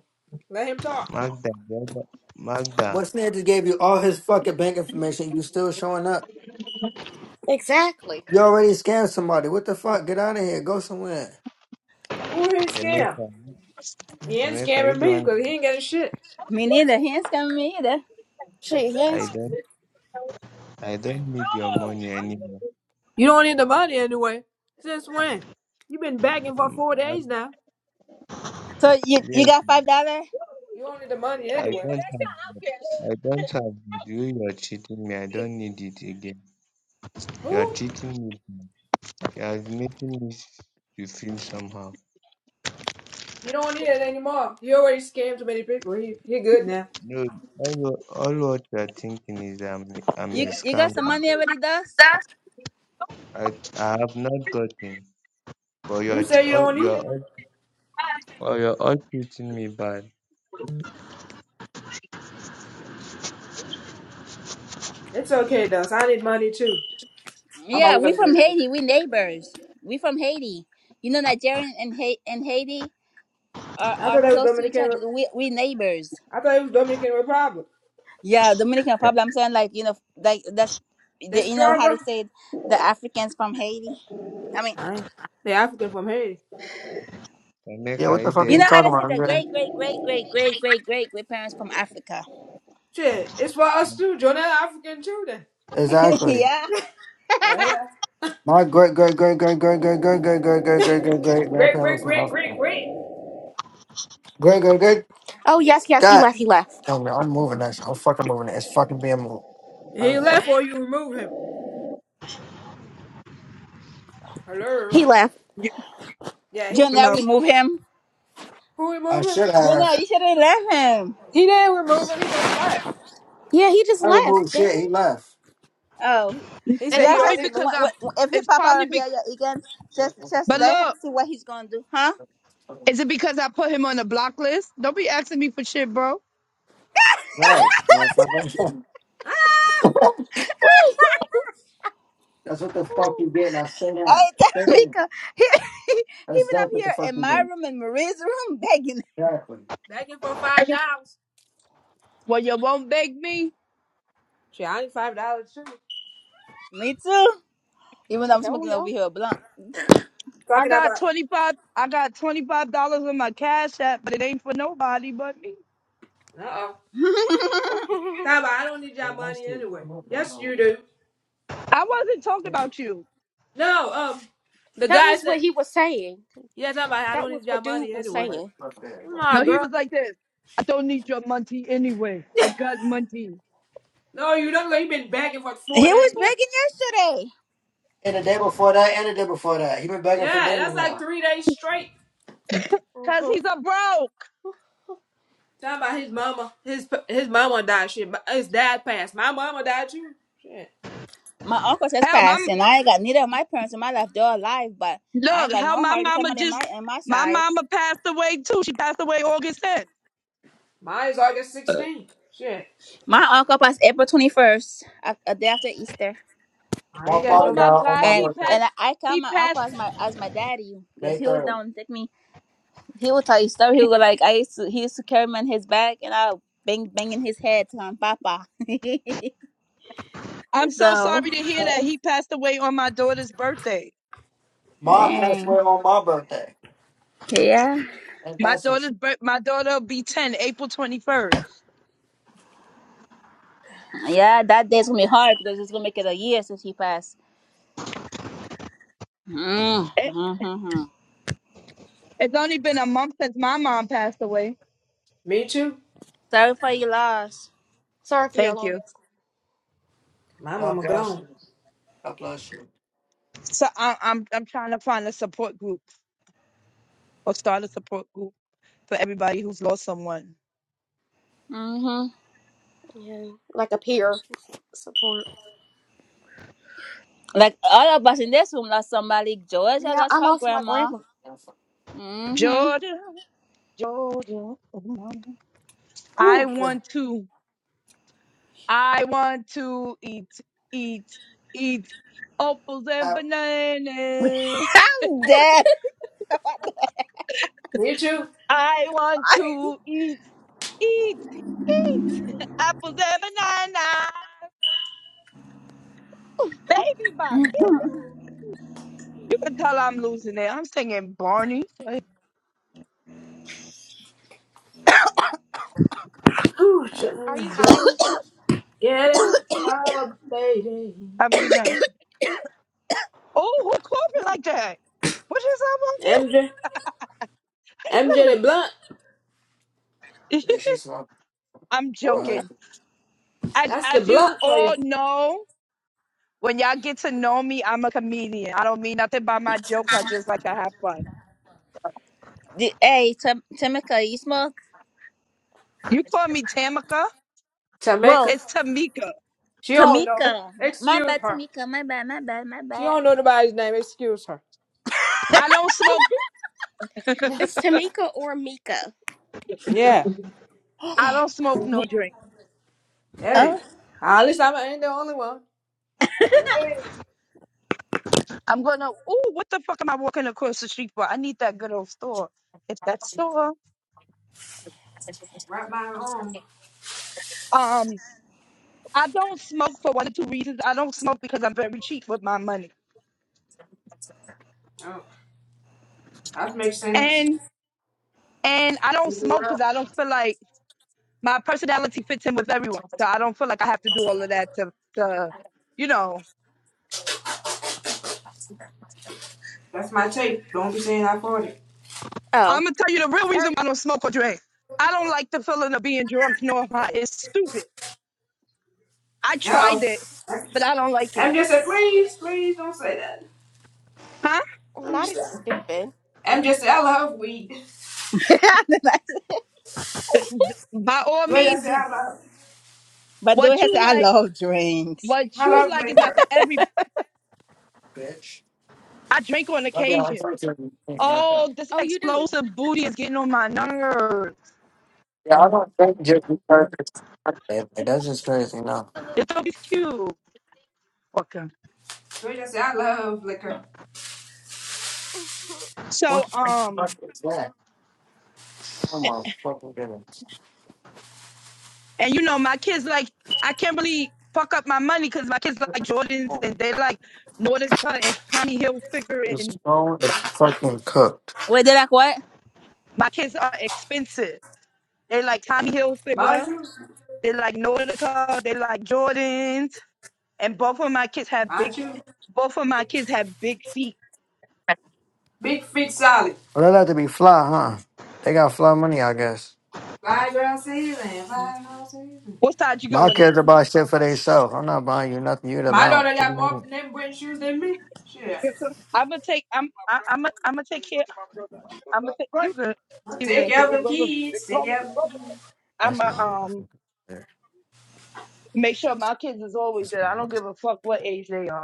Speaker 2: Let him talk.
Speaker 8: Magda, brother, Magda,
Speaker 4: What Snare just gave you all his fucking bank information. You still showing up?
Speaker 3: Exactly.
Speaker 4: You already scammed somebody. What the fuck? Get out of here. Go somewhere.
Speaker 2: Who he scam?
Speaker 8: Temeka,
Speaker 2: He ain't
Speaker 8: Temeka, you
Speaker 2: scamming
Speaker 8: the
Speaker 2: me
Speaker 8: one.
Speaker 2: because he ain't getting shit.
Speaker 1: Me neither. Hands coming me either.
Speaker 3: Shit, he ain't.
Speaker 8: I
Speaker 3: sc-
Speaker 8: don't, I don't need your money anymore.
Speaker 2: You don't need the money anyway. Since when? you been begging for
Speaker 8: Ma-
Speaker 2: four days
Speaker 8: Mag-
Speaker 2: now.
Speaker 1: So you you
Speaker 8: yes,
Speaker 1: got $5?
Speaker 2: You don't need the money
Speaker 8: I
Speaker 2: anyway.
Speaker 8: don't have. it. I don't have it. you. You are cheating me. I don't need it again. You are
Speaker 2: Who?
Speaker 8: cheating me. You are making me to feel somehow.
Speaker 2: He don't need it anymore. He already scammed too many people. He, he good now.
Speaker 8: No, all what, all what you are thinking is I'm I'm
Speaker 1: You,
Speaker 8: a
Speaker 1: you got some
Speaker 8: scammer.
Speaker 1: money already, does?
Speaker 8: I I have not gotten, but you
Speaker 2: You
Speaker 8: are ch-
Speaker 2: say you
Speaker 8: all
Speaker 2: don't
Speaker 8: you
Speaker 2: need
Speaker 8: are
Speaker 2: it.
Speaker 8: all, oh, you are all treating me bad.
Speaker 2: It's okay, Dust. I need money too.
Speaker 1: Yeah, we from Haiti. We neighbors. We from Haiti. You know, Nigerian and ha- and Haiti are,
Speaker 2: I
Speaker 1: are
Speaker 2: thought that was
Speaker 1: close to each
Speaker 2: Dominican. Re-
Speaker 1: other. We we neighbors.
Speaker 2: I thought it was Dominican Republic.
Speaker 1: Yeah, Dominican Republic. I'm saying like you know like that's
Speaker 2: They're
Speaker 1: the, you know how
Speaker 2: stronger.
Speaker 1: to say the Africans from Haiti. I mean,
Speaker 2: Alright. They're African from Haiti.
Speaker 8: Emeka,
Speaker 4: Yeah.
Speaker 8: are
Speaker 4: What the
Speaker 8: you
Speaker 4: fuck are
Speaker 1: you
Speaker 4: you
Speaker 8: there?
Speaker 1: know how
Speaker 4: talking
Speaker 1: to
Speaker 4: about,
Speaker 1: say the
Speaker 4: Andre?
Speaker 1: great great great great great great great great parents from Africa.
Speaker 2: Shit, it's for us too. Jonah African too then.
Speaker 4: Exactly.
Speaker 1: yeah,
Speaker 2: The hell?
Speaker 4: My great great great great great great great great great great great great great
Speaker 2: Great,
Speaker 4: grandparent
Speaker 2: great,
Speaker 4: was from
Speaker 2: great, great,
Speaker 4: Africa.
Speaker 2: great.
Speaker 4: Great great great
Speaker 3: Oh, yes, yes, he
Speaker 4: God.
Speaker 3: left. He left.
Speaker 4: Yo, man, I'm moving that shit. I'm fucking moving it. It's fucking being moved. I,
Speaker 2: He
Speaker 4: fuck-
Speaker 2: left or you remove him. Hello.
Speaker 3: He left.
Speaker 2: Yeah, he
Speaker 1: Jonah,
Speaker 6: Hello?
Speaker 1: we move him.
Speaker 2: who
Speaker 4: I
Speaker 2: remove him?
Speaker 4: should
Speaker 1: Jonah,
Speaker 4: have.
Speaker 1: you should have left him.
Speaker 2: He didn't remove him, he just left.
Speaker 3: Yeah, he just
Speaker 4: I
Speaker 3: left.
Speaker 4: removed
Speaker 3: Damn
Speaker 4: shit. He
Speaker 3: it.
Speaker 4: left.
Speaker 1: Oh,
Speaker 2: He
Speaker 6: It's
Speaker 2: said he
Speaker 1: yeah,
Speaker 6: probably
Speaker 2: don't
Speaker 1: just
Speaker 2: need
Speaker 6: because
Speaker 1: wh-
Speaker 6: I,
Speaker 1: wh- if he
Speaker 6: it's
Speaker 1: pop out
Speaker 6: probably
Speaker 1: of
Speaker 6: be,
Speaker 1: here yeah, again, just just
Speaker 6: but
Speaker 1: let him
Speaker 6: look,
Speaker 1: see what he's gonna do, huh?
Speaker 6: is it because I put him on the block list? Don't be asking me for shit, bro.
Speaker 4: Right, motherfucker.
Speaker 2: ah,
Speaker 4: That's what the fuck you get. Now sit down.
Speaker 1: Hey,
Speaker 4: Sit down.
Speaker 1: Tamika, he, he, he
Speaker 4: That's
Speaker 1: been
Speaker 4: that's
Speaker 1: up
Speaker 4: what the
Speaker 1: here
Speaker 4: fuck
Speaker 1: in
Speaker 4: you
Speaker 1: my
Speaker 4: get.
Speaker 1: room and Maria's room begging.
Speaker 4: Exactly.
Speaker 2: begging for
Speaker 6: I
Speaker 2: five
Speaker 6: guess-
Speaker 2: dollars.
Speaker 6: Well, you won't beg me.
Speaker 2: Shit, I need five dollars too.
Speaker 1: Me too. Even though
Speaker 3: Shit,
Speaker 1: I'm
Speaker 3: don't
Speaker 1: smoking
Speaker 3: we
Speaker 1: over
Speaker 3: all?
Speaker 1: here a blunt.
Speaker 6: I
Speaker 2: Talking
Speaker 6: got
Speaker 2: about
Speaker 6: 25, I got $25 in my cash app, but it ain't for nobody but me.
Speaker 2: uh oh.
Speaker 1: he was
Speaker 2: Talking about I don't need
Speaker 4: Yeah,
Speaker 2: your
Speaker 4: nice
Speaker 2: money
Speaker 4: to
Speaker 2: anyway.
Speaker 4: come up right
Speaker 2: Yes
Speaker 4: now.
Speaker 2: you do.
Speaker 6: I wasn't talking about you.
Speaker 2: No, um the
Speaker 3: that
Speaker 2: guy
Speaker 3: was
Speaker 2: said.
Speaker 3: what he was saying.
Speaker 2: Yeah, talking about I
Speaker 3: That
Speaker 2: don't
Speaker 3: was
Speaker 2: need your
Speaker 3: what dude
Speaker 2: money
Speaker 3: was
Speaker 4: Go
Speaker 2: anyway.
Speaker 4: right the
Speaker 3: saying.
Speaker 4: fuck there, dog.
Speaker 2: Nah,
Speaker 6: No, he was
Speaker 2: girl.
Speaker 6: like this. I don't need your money anyway. I got money.
Speaker 2: No, you don't. You been begging for four days. now.
Speaker 1: begging yesterday.
Speaker 4: And the day before that, and the day before that, he been begging for
Speaker 2: Yeah,
Speaker 4: days
Speaker 2: that's
Speaker 4: now.
Speaker 2: like three days straight.
Speaker 6: Cause
Speaker 3: hmm
Speaker 6: he's a broke.
Speaker 2: Talking about his mama, his p- his mama died. Shit, my- his dad passed. My mama died too. Shit,
Speaker 1: My uncle just
Speaker 6: Hell, my
Speaker 1: passed, and I ain't got neither of my parents in my life. They're alive, but I ain't
Speaker 6: look,
Speaker 1: got
Speaker 6: hell,
Speaker 1: no
Speaker 6: my
Speaker 1: hard
Speaker 6: mama
Speaker 1: family in
Speaker 6: just
Speaker 1: my in my
Speaker 6: my
Speaker 1: side.
Speaker 6: mama passed away too. She passed away August 10th.
Speaker 2: mine is August 16th. Shit,
Speaker 1: My uncle passed April 21st, a, a day after Easter,
Speaker 2: I
Speaker 4: My
Speaker 2: ain't got
Speaker 6: Oh
Speaker 4: father died
Speaker 6: my
Speaker 4: on
Speaker 6: God,
Speaker 4: my
Speaker 1: and
Speaker 6: he
Speaker 4: birthday,
Speaker 6: passed
Speaker 1: and I, I count
Speaker 6: he
Speaker 1: my uncle
Speaker 6: passed.
Speaker 1: as my as my daddy because
Speaker 4: May
Speaker 1: he was
Speaker 4: 3rd.
Speaker 1: down to take me he will tell you story. He will go like I used to. He used to carry me on his back, and I bang banging his head to him, Papa.
Speaker 6: I'm so
Speaker 1: so
Speaker 6: sorry to hear that. He passed away on my daughter's birthday.
Speaker 2: no,
Speaker 4: Mom passed away
Speaker 1: dang,
Speaker 4: on my birthday.
Speaker 1: yeah,
Speaker 4: Ain't
Speaker 6: My
Speaker 4: that some
Speaker 6: daughter's
Speaker 4: shit?
Speaker 6: bir- my daughter will be 10, April 21st.
Speaker 1: yeah. That day's gonna be hard because it's gonna make it a year since he passed.
Speaker 6: It,
Speaker 1: Mm-hmm.
Speaker 6: it's only been a month since my mom passed away.
Speaker 2: me too.
Speaker 1: Sorry for your loss.
Speaker 3: Sorry for your
Speaker 6: Thank
Speaker 3: loss.
Speaker 6: you.
Speaker 2: My
Speaker 4: God
Speaker 2: mama
Speaker 4: bless
Speaker 2: gone.
Speaker 4: you. God bless you.
Speaker 6: So I, I'm I'm trying to find a support group. or start a support group for everybody who's lost someone.
Speaker 1: hmm
Speaker 3: Yeah, like a peer support.
Speaker 1: Like all of us in this room lost somebody. Georgia
Speaker 3: Yeah,
Speaker 1: lost
Speaker 3: I
Speaker 1: her
Speaker 3: lost my
Speaker 1: grandma.
Speaker 3: grandma.
Speaker 4: That's
Speaker 1: hmm
Speaker 6: Georgia, Georgia. I
Speaker 2: Whew, shit.
Speaker 6: want to, I want to eat, eat, eat apples and
Speaker 4: out.
Speaker 6: bananas.
Speaker 1: I'm dead.
Speaker 2: me too.
Speaker 6: I want to eat, eat, eat apples and bananas. Baby Bob,
Speaker 1: Ooh,
Speaker 6: you can tell I'm losing it. I'm singing Barney.
Speaker 2: Whew,
Speaker 3: Are you high,
Speaker 2: shit.
Speaker 3: Mika?
Speaker 2: Get in the club, lady.
Speaker 6: Have a good night. Oh, who called me like
Speaker 1: ooh,
Speaker 6: that? What is up
Speaker 2: M
Speaker 6: on
Speaker 2: J. M J. the blunt.
Speaker 6: mute?
Speaker 4: Yeah, she's not.
Speaker 6: I'm
Speaker 1: ooh.
Speaker 4: Well,
Speaker 6: joking. as
Speaker 2: That's the
Speaker 6: as you
Speaker 2: blunt for
Speaker 6: all
Speaker 2: you.
Speaker 6: know, when y'all get to know me, I'm a comedian. I don't mean nothing by my jokes. I just like to have fun.
Speaker 1: The- Hey, Tim- Timika, you smoke?
Speaker 6: You call me Tamika,
Speaker 1: Whoa.
Speaker 2: Jamaica.
Speaker 6: it's Tamika.
Speaker 2: She don't know.
Speaker 1: Tamika. M- My
Speaker 2: Excuse
Speaker 1: bad,
Speaker 2: her.
Speaker 1: Tamika. My bad, my bad, my
Speaker 2: She
Speaker 1: bad.
Speaker 2: don't know nobody's name. Excuse her.
Speaker 6: I don't smoke.
Speaker 3: It's Tamika or Mika.
Speaker 2: Yeah.
Speaker 6: I don't smoke no drink.
Speaker 2: Hey.
Speaker 1: Oh.
Speaker 2: At least I ain't the only one. Hey.
Speaker 6: I'm gonna. Ooh, what the fuck am I walking across the street for? I need that good old store. It's that store.
Speaker 2: Right by my home.
Speaker 6: Um, I don't smoke for one of two reasons. I don't smoke because I'm very cheap with my money,
Speaker 2: Oh, that makes sense.
Speaker 6: and and I don't smoke because I don't feel like. my personality fits in with everyone. So I don't feel like I have to do all of that to to you know.
Speaker 2: That's my tape. Don't be saying I bought it.
Speaker 3: Oh,
Speaker 6: I'm gonna tell you the real reason
Speaker 3: er,
Speaker 6: why I don't smoke or drink. I don't like the feeling of being drunk nor high. It's stupid. I
Speaker 2: Uh
Speaker 6: tried
Speaker 2: oh.
Speaker 6: it, but I don't like it.
Speaker 2: I'm just saying, please, please don't say that.
Speaker 6: Huh?
Speaker 3: well,
Speaker 2: I'm
Speaker 3: not
Speaker 2: just
Speaker 3: it's
Speaker 2: saying.
Speaker 3: stupid.
Speaker 2: I'm just saying, I love weed.
Speaker 6: By all
Speaker 2: The way I
Speaker 6: means,
Speaker 2: say I love,
Speaker 1: but do has
Speaker 6: what
Speaker 1: I say
Speaker 6: you
Speaker 1: I
Speaker 6: like,
Speaker 1: love drinks.
Speaker 6: what
Speaker 2: I
Speaker 6: you
Speaker 2: love
Speaker 6: like is not for
Speaker 2: liquor.
Speaker 6: every.
Speaker 4: bitch.
Speaker 6: I drink on
Speaker 4: I mean, I
Speaker 6: occasion.
Speaker 4: talked to her. Yeah, that's her.
Speaker 6: Oh, this
Speaker 3: Oh, you do.
Speaker 6: explosive booty is getting on my nerves.
Speaker 4: Yeah, I don't think just because it's birthday. Like, that's just crazy. No.
Speaker 6: It's always cute. Okay.
Speaker 2: The way I say I love liquor.
Speaker 4: What
Speaker 6: So,
Speaker 4: the
Speaker 6: um,
Speaker 4: fuck is that? Oh my fucking goodness.
Speaker 6: And you know, my kids like I can't really fuck up my money because my kids like Jordans and they like Northern Cut and Tommy Hilfiger
Speaker 4: The
Speaker 6: and
Speaker 4: stone is fucking cooked.
Speaker 1: Wait, they're like what?
Speaker 6: my kids are expensive. They like Tommy
Speaker 2: Mind
Speaker 6: Hilfiger,
Speaker 2: you,
Speaker 6: they like Northern Cut, they like Jordans, and both of my kids have big.
Speaker 2: mind you,
Speaker 6: Both of my kids have big feet.
Speaker 2: big feet solid.
Speaker 4: Well, that had to be fly, huh? They got fly money, I guess.
Speaker 2: Five girl season, five girl season.
Speaker 6: What side you
Speaker 4: My
Speaker 6: going on?
Speaker 4: kids are buy shit for themselves. I'm not buying you nothing. You the
Speaker 2: My
Speaker 4: allowance.
Speaker 2: daughter
Speaker 4: What do
Speaker 2: got
Speaker 4: you mean?
Speaker 2: more name brand shoes than me. Shit.
Speaker 6: I'm gonna take. I'm. I, I'm. i I'm am going to take care. I'm gonna take. You good? Excuse
Speaker 2: take
Speaker 6: me.
Speaker 2: care of them kids. Take care of them kids.
Speaker 6: I'm
Speaker 4: That's my
Speaker 6: gonna um
Speaker 4: motherfucker. There.
Speaker 6: make sure my kids is always
Speaker 4: That's
Speaker 6: there.
Speaker 4: my
Speaker 6: I don't
Speaker 4: mother.
Speaker 6: give a fuck what age they are.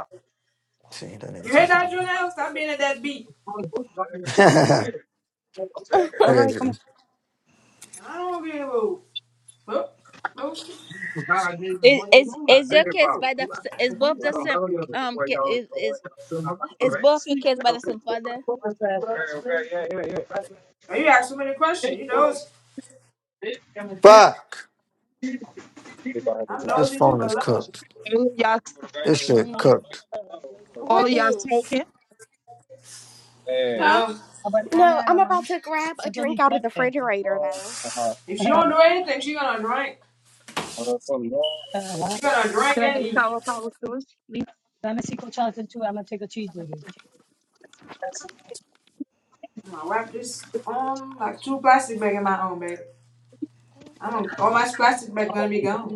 Speaker 4: See, that nigga
Speaker 2: You hear
Speaker 4: takes my
Speaker 2: that, Jonelle? Stop being at that beat.
Speaker 6: All right,
Speaker 4: Crazy.
Speaker 6: come
Speaker 2: I don't want to be in the mood. Look, nosy.
Speaker 6: Well,
Speaker 1: Is is is your kids by the is both the same um ki- is is is both your kids by the same father?
Speaker 2: You ask so many questions. You know,
Speaker 4: Fuck!
Speaker 2: I'm
Speaker 4: This
Speaker 2: nosy too,
Speaker 4: phone
Speaker 2: but I
Speaker 4: is
Speaker 2: love it.
Speaker 4: cooked.
Speaker 6: on.
Speaker 4: This shit cooked.
Speaker 6: y'all, all
Speaker 3: What
Speaker 6: of y'all
Speaker 3: is?
Speaker 6: taken. Hey.
Speaker 1: Huh?
Speaker 2: No.
Speaker 3: No, I'm about to grab a drink out of the refrigerator though.
Speaker 6: Uh-huh.
Speaker 2: If she don't do anything, she gonna drink. She gonna drink
Speaker 6: Can I get
Speaker 2: and eat.
Speaker 6: sour powers to please?
Speaker 2: I'm gonna wrap this um like two plastic bags in my own bag. I
Speaker 3: hmm
Speaker 2: don't all my plastic bags gonna be gone.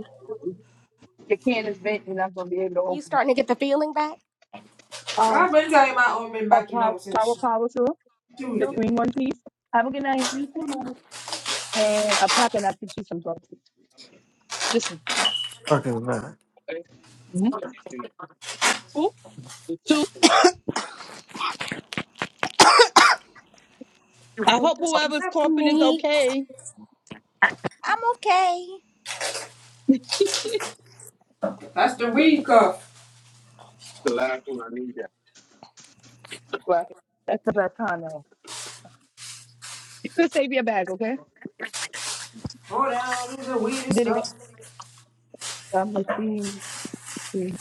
Speaker 6: The can is bent. You're not going to be able to
Speaker 3: You
Speaker 6: open it.
Speaker 3: starting to get the feeling back?
Speaker 6: Um,
Speaker 2: I've been telling my own been
Speaker 6: a
Speaker 2: back to
Speaker 6: power,
Speaker 2: normal
Speaker 6: power,
Speaker 2: since
Speaker 6: power tool, the
Speaker 2: Tuesday.
Speaker 6: green one, please. Have a good night. And a pack and I can choose some drugs. Just
Speaker 4: Fucking man.
Speaker 6: Mhm. Oop, two. I hope
Speaker 3: Is
Speaker 6: whoever's
Speaker 3: that for
Speaker 6: coughing is
Speaker 3: me?
Speaker 6: okay.
Speaker 1: I'm okay.
Speaker 2: That's the week off.
Speaker 6: The last one I need that. That's the best time. You could save your bag, okay?
Speaker 2: Hold down is the weirdest
Speaker 6: Did it go?
Speaker 2: stuff.
Speaker 6: I'm gonna see. see.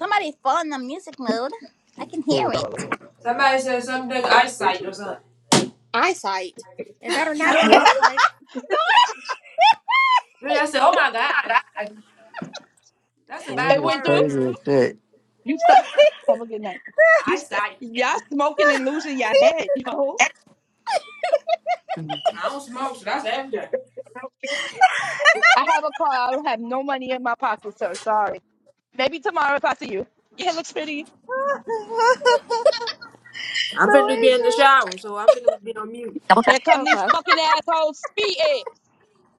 Speaker 1: Somebody's phone on music mode. I can hear
Speaker 6: Oh, God.
Speaker 1: it.
Speaker 2: Somebody said something eyesight or
Speaker 6: Basically, but-
Speaker 2: something.
Speaker 3: Eyesight. It better
Speaker 2: I
Speaker 3: not
Speaker 2: don't
Speaker 3: be
Speaker 6: What?
Speaker 2: know.
Speaker 3: eyesight.
Speaker 2: Then I said, oh my god, that's a bad
Speaker 6: It
Speaker 4: Nigga is
Speaker 6: went through?
Speaker 2: word.
Speaker 4: crazy as shit.
Speaker 6: You stuck. Have a good night. You stuck.
Speaker 2: Eyesight.
Speaker 6: Y'all smoking and losing your head, yo.
Speaker 2: I don't smoke, so that's everything.
Speaker 6: I have a car. I don't have no money in my pocket, sir. Sorry. Maybe tomorrow if I see you. Yeah, it looks pretty.
Speaker 1: The
Speaker 2: I'm finna be in
Speaker 1: Doja.
Speaker 2: the shower, so I'm finna be on mute.
Speaker 6: Here come these
Speaker 3: Okay.
Speaker 6: fucking assholes speeding.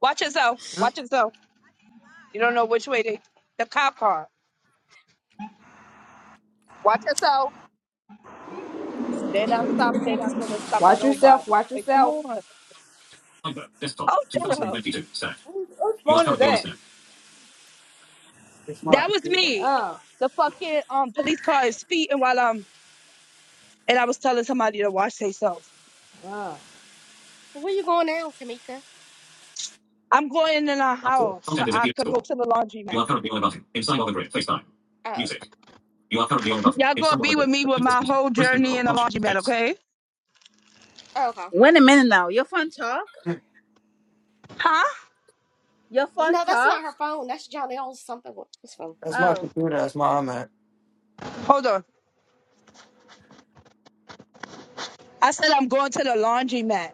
Speaker 6: Watch yourself.
Speaker 2: Huh?
Speaker 6: Watch yourself. You don't know which way they, the cop car. Watch yourself. They not stop. They're not gonna stop for
Speaker 2: Watch yourself,
Speaker 6: nobody.
Speaker 2: watch
Speaker 6: Like, come
Speaker 2: yourself.
Speaker 6: on. Oh, shut up.
Speaker 2: Who- Whose phone is that?
Speaker 6: That was me.
Speaker 2: Oh,
Speaker 6: The fucking um police car is speeding while um and I was telling somebody to watch themselves.
Speaker 2: oh.
Speaker 3: Where you going now, Tamika?
Speaker 6: I'm going in our house. I could go to the laundromat.
Speaker 3: Oh.
Speaker 6: Y'all gonna be with me with my whole journey in the laundromat, okay?
Speaker 3: Okay.
Speaker 1: Wait a minute now. Your phone talk?
Speaker 6: Huh?
Speaker 1: Your phone
Speaker 3: No, that's
Speaker 1: talk?
Speaker 3: not her phone. That's Johnny O's something with his phone.
Speaker 4: That's my
Speaker 1: Oh.
Speaker 4: computer. That's my iMac.
Speaker 6: Hold on. I said I'm going to the laundromat.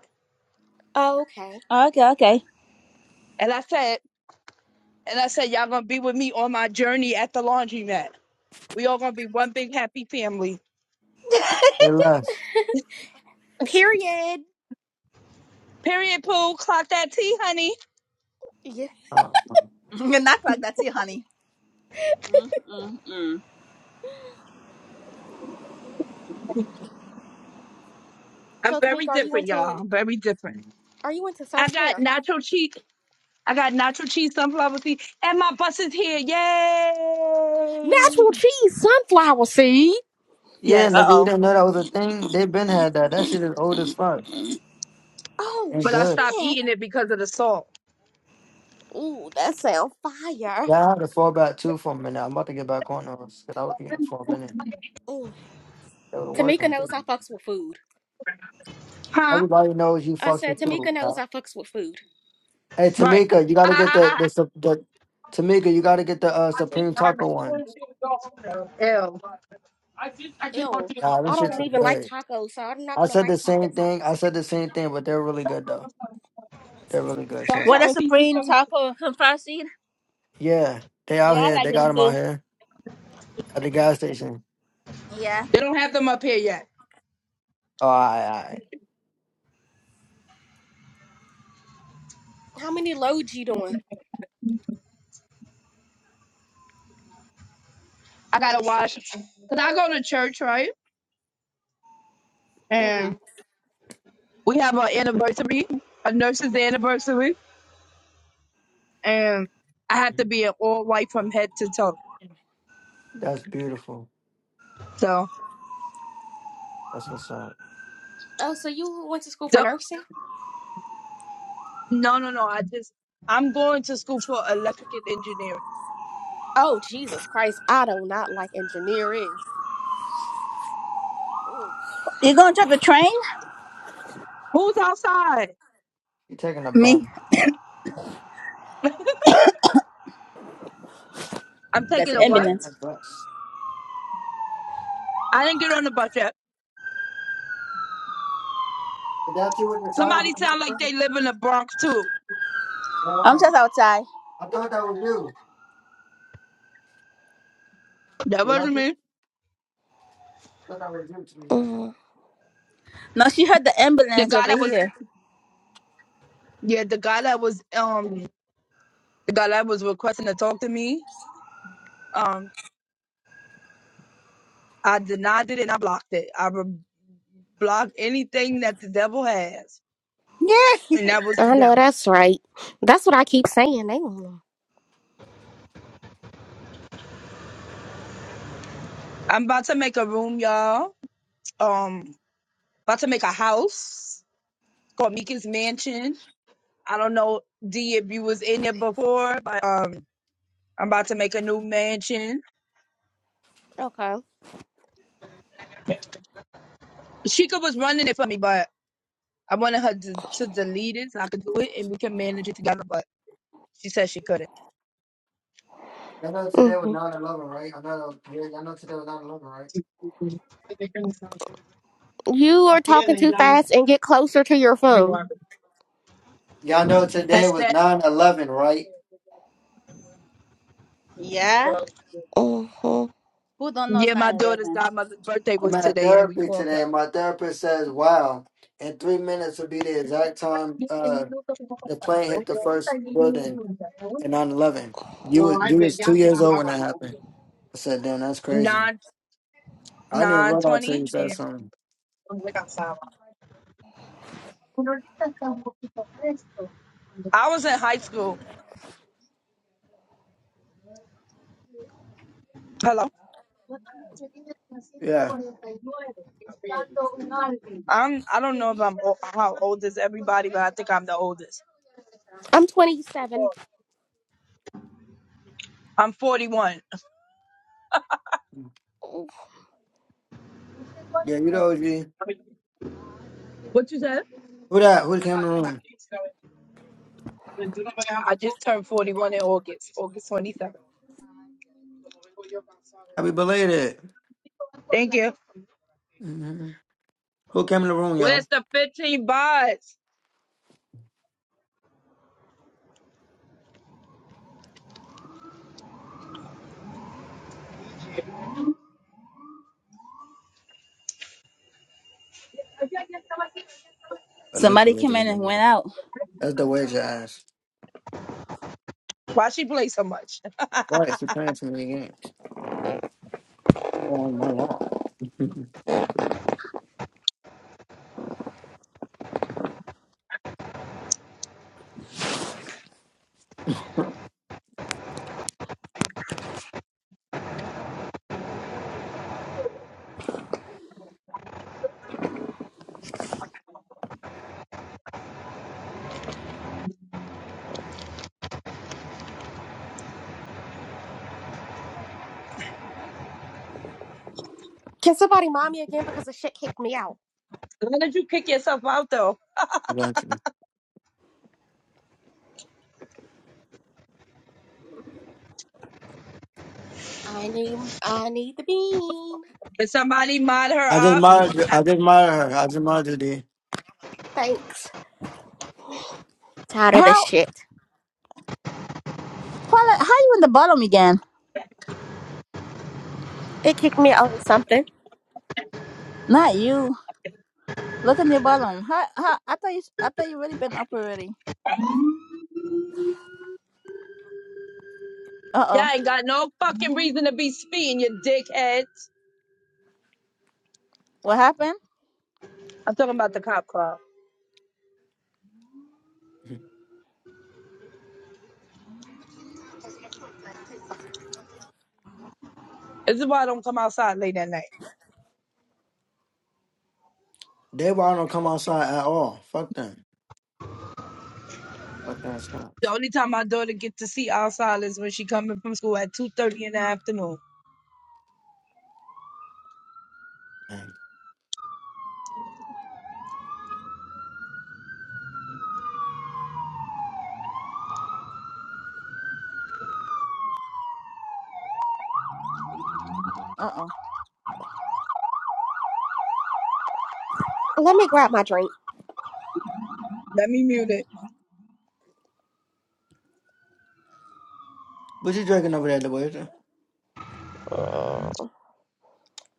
Speaker 3: Okay.
Speaker 1: Okay, okay.
Speaker 6: And I said, and I said, y'all gonna be with me on my journey at the laundromat. We all gonna be one big happy family.
Speaker 4: They less.
Speaker 3: Period.
Speaker 6: Period, Pooh. Clock that tea, honey.
Speaker 3: Yeah.
Speaker 4: Uh,
Speaker 1: Not like that, see, honey. Mm, mm, mm.
Speaker 6: I'm
Speaker 3: So Tamika,
Speaker 6: very
Speaker 3: are you
Speaker 6: different,
Speaker 3: into
Speaker 6: y'all. I'm very different.
Speaker 3: are you into self
Speaker 6: I got
Speaker 3: care?
Speaker 6: nacho cheese. I got nacho cheese, sunflower seed, and my bus is here. Yay!
Speaker 3: Natural cheese sunflower seeds.
Speaker 4: yeah,
Speaker 1: Uh
Speaker 4: nigga, you
Speaker 6: Yes.
Speaker 1: oh.
Speaker 4: didn't know that was a thing. They been had that. That shit is old as fuck
Speaker 3: Oh
Speaker 4: and
Speaker 6: But I
Speaker 4: good.
Speaker 6: stopped
Speaker 3: shit.
Speaker 6: eating it because of the salt.
Speaker 3: Ooh, that sounds fire.
Speaker 4: Yeah, I had to fall back too for a minute. I'm about to get back on those because I was eating for a minute.
Speaker 3: Ooh.
Speaker 4: They were
Speaker 3: Tamika
Speaker 4: working.
Speaker 3: knows I fucks with food.
Speaker 6: Huh?
Speaker 4: Everybody knows you
Speaker 3: I
Speaker 4: fucks
Speaker 3: said
Speaker 4: with food,
Speaker 3: Tamika knows
Speaker 4: pal.
Speaker 3: I fucks with food.
Speaker 4: Hey,
Speaker 6: Right.
Speaker 4: Tamika, you gotta get the the, sup- the Tamika, you gotta get the uh, Supreme Taco ones.
Speaker 6: Ew.
Speaker 3: Ew.
Speaker 4: Nah, them
Speaker 3: I
Speaker 4: shits
Speaker 3: don't
Speaker 4: is
Speaker 3: even like
Speaker 4: good.
Speaker 3: tacos, so I'm not
Speaker 4: I
Speaker 3: gonna
Speaker 4: said
Speaker 3: like
Speaker 4: the same
Speaker 3: tacos.
Speaker 4: thing. I said the same thing, but they're really good though. They're really good. Trust
Speaker 1: What
Speaker 4: me.
Speaker 1: a supreme taco from some far seed.
Speaker 4: Yeah, they out
Speaker 1: Yeah, I
Speaker 4: here.
Speaker 1: like
Speaker 4: They
Speaker 1: them
Speaker 4: got them out
Speaker 1: too.
Speaker 4: here. At the gas station.
Speaker 1: Yeah.
Speaker 6: They don't have them up here yet.
Speaker 4: Oh, all right, all
Speaker 3: How many loads you doing?
Speaker 6: I gotta watch because I go to church, right?
Speaker 3: Mm-hmm.
Speaker 6: And we have our anniversary, a nurse's anniversary, and I have to
Speaker 4: right.
Speaker 6: be in all white from head to toe.
Speaker 4: That's beautiful.
Speaker 6: So
Speaker 4: That's what's up.
Speaker 3: Oh, so you went to school for
Speaker 6: don't-
Speaker 3: nursing?
Speaker 6: no, no, no. I just I'm going to school for electrical engineering.
Speaker 3: Oh Jesus Christ, I do not like engineering. Ooh.
Speaker 1: You gonna drive a train?
Speaker 6: Who's outside?
Speaker 4: You taking a
Speaker 1: Me?
Speaker 4: bus?
Speaker 6: I'm
Speaker 1: That's
Speaker 6: taking
Speaker 1: the
Speaker 6: a
Speaker 4: You
Speaker 6: what?
Speaker 4: riding a
Speaker 1: ambulance.
Speaker 4: bus?
Speaker 6: I didn't get on the bus yet.
Speaker 4: Is that you with the sign?
Speaker 6: Somebody sound like they live in the Bronx too.
Speaker 4: Yeah.
Speaker 1: I'm
Speaker 4: man.
Speaker 1: just outside.
Speaker 4: I thought that was you.
Speaker 6: That
Speaker 4: You
Speaker 6: wasn't
Speaker 4: heard me?
Speaker 6: me.
Speaker 4: I thought that was you, Tamika.
Speaker 1: No, she heard the
Speaker 6: The
Speaker 1: ambulance
Speaker 6: guy
Speaker 1: over
Speaker 6: that was
Speaker 1: here.
Speaker 6: yeah, the guy that was um the guy that was requesting to talk to me. um. I denied it and I blocked it. I re- blocked anything that the devil has,
Speaker 1: Yeah.
Speaker 6: and that was the
Speaker 3: I know
Speaker 6: devil.
Speaker 3: that's right. That's what I keep saying. They don't know.
Speaker 6: I'm about to make a room, y'all. Um, about to make a house called Mika's Mansion. I don't know, D, if you was in it before, but uh, I'm about to make a new mansion.
Speaker 3: Okay.
Speaker 6: Sheikah was running it for me, but I wanted her to, to delete it so I could do it and we can manage it together, but she said she couldn't.
Speaker 4: Y'all know today was 9 11, right? I know, that- yeah, y'all know today was nine eleven, right?
Speaker 3: You are talking too fast and get closer to your phone.
Speaker 4: Y'all know
Speaker 6: I
Speaker 4: today was
Speaker 6: said,
Speaker 4: 9 11, right?
Speaker 1: Yeah.
Speaker 3: Mm-hmm.
Speaker 1: Who don't know it's
Speaker 6: yeah, my daughter's
Speaker 1: 9-11?
Speaker 6: godmother's birthday
Speaker 4: I'm
Speaker 6: was
Speaker 4: at
Speaker 6: today, and we
Speaker 4: therapy
Speaker 6: called
Speaker 4: today,
Speaker 6: her.
Speaker 4: and my therapist says, wow, in three minutes will be the exact time uh, the plane hit the first building. and nine eleven, You was you was two years old when that happened. I said, damn, that's crazy.
Speaker 6: Nine
Speaker 4: I didn't even
Speaker 6: nine
Speaker 4: realize till you
Speaker 6: twenty,
Speaker 4: said something.
Speaker 6: I was in high school. Hello.
Speaker 4: Yeah,
Speaker 6: I'm. I don't know if I'm o- how old is everybody, but I think I'm the oldest.
Speaker 3: I'm 27.
Speaker 6: I'm 41.
Speaker 4: yeah, you know, G.
Speaker 6: What you said?
Speaker 4: Who that? Who came in the room?
Speaker 6: I just turned 41 in August, August 27th.
Speaker 4: Happy belated.
Speaker 6: Thank you.
Speaker 4: hmm Who came in the room, y'all?
Speaker 6: Where's the 15 bars?
Speaker 4: Oh, that's the
Speaker 1: Somebody
Speaker 4: wager
Speaker 1: came in
Speaker 4: league.
Speaker 1: and went
Speaker 4: man.
Speaker 1: out.
Speaker 4: That's the wager ass.
Speaker 6: Why she play so much?
Speaker 4: Right, she playing too many games on my lawn.
Speaker 3: Can somebody mind me again because the shit kicked me out?
Speaker 6: Why did you kick yourself out though?
Speaker 4: Gotcha.
Speaker 3: I need I need the bean.
Speaker 6: Did somebody mod
Speaker 4: I just
Speaker 6: her up? She-
Speaker 4: monitor. I just monitor her. I just monitor the.
Speaker 3: Thanks. Tired of this
Speaker 1: How?
Speaker 3: shit.
Speaker 1: Paula, how you in the bottom again?
Speaker 3: It kicked me out of something.
Speaker 1: Not you. Look in the bottom. How, how, I thought you. I thought you really been up already. Uh
Speaker 6: Y'all
Speaker 1: oh.
Speaker 6: ain't got no fucking reason to be speeding, you dickhead.
Speaker 1: What happened?
Speaker 6: I'm talking about the cop car. This is why I don't come outside late at night.
Speaker 4: They won't don't come outside at all. Fuck them. Fuck that stuff.
Speaker 6: The only time my daughter get to see outside is when she coming from school at two thirty in the afternoon.
Speaker 4: Dang.
Speaker 1: Uh oh.
Speaker 3: Let me grab my drink.
Speaker 4: What you drinking over there, the waiter?
Speaker 3: Mm,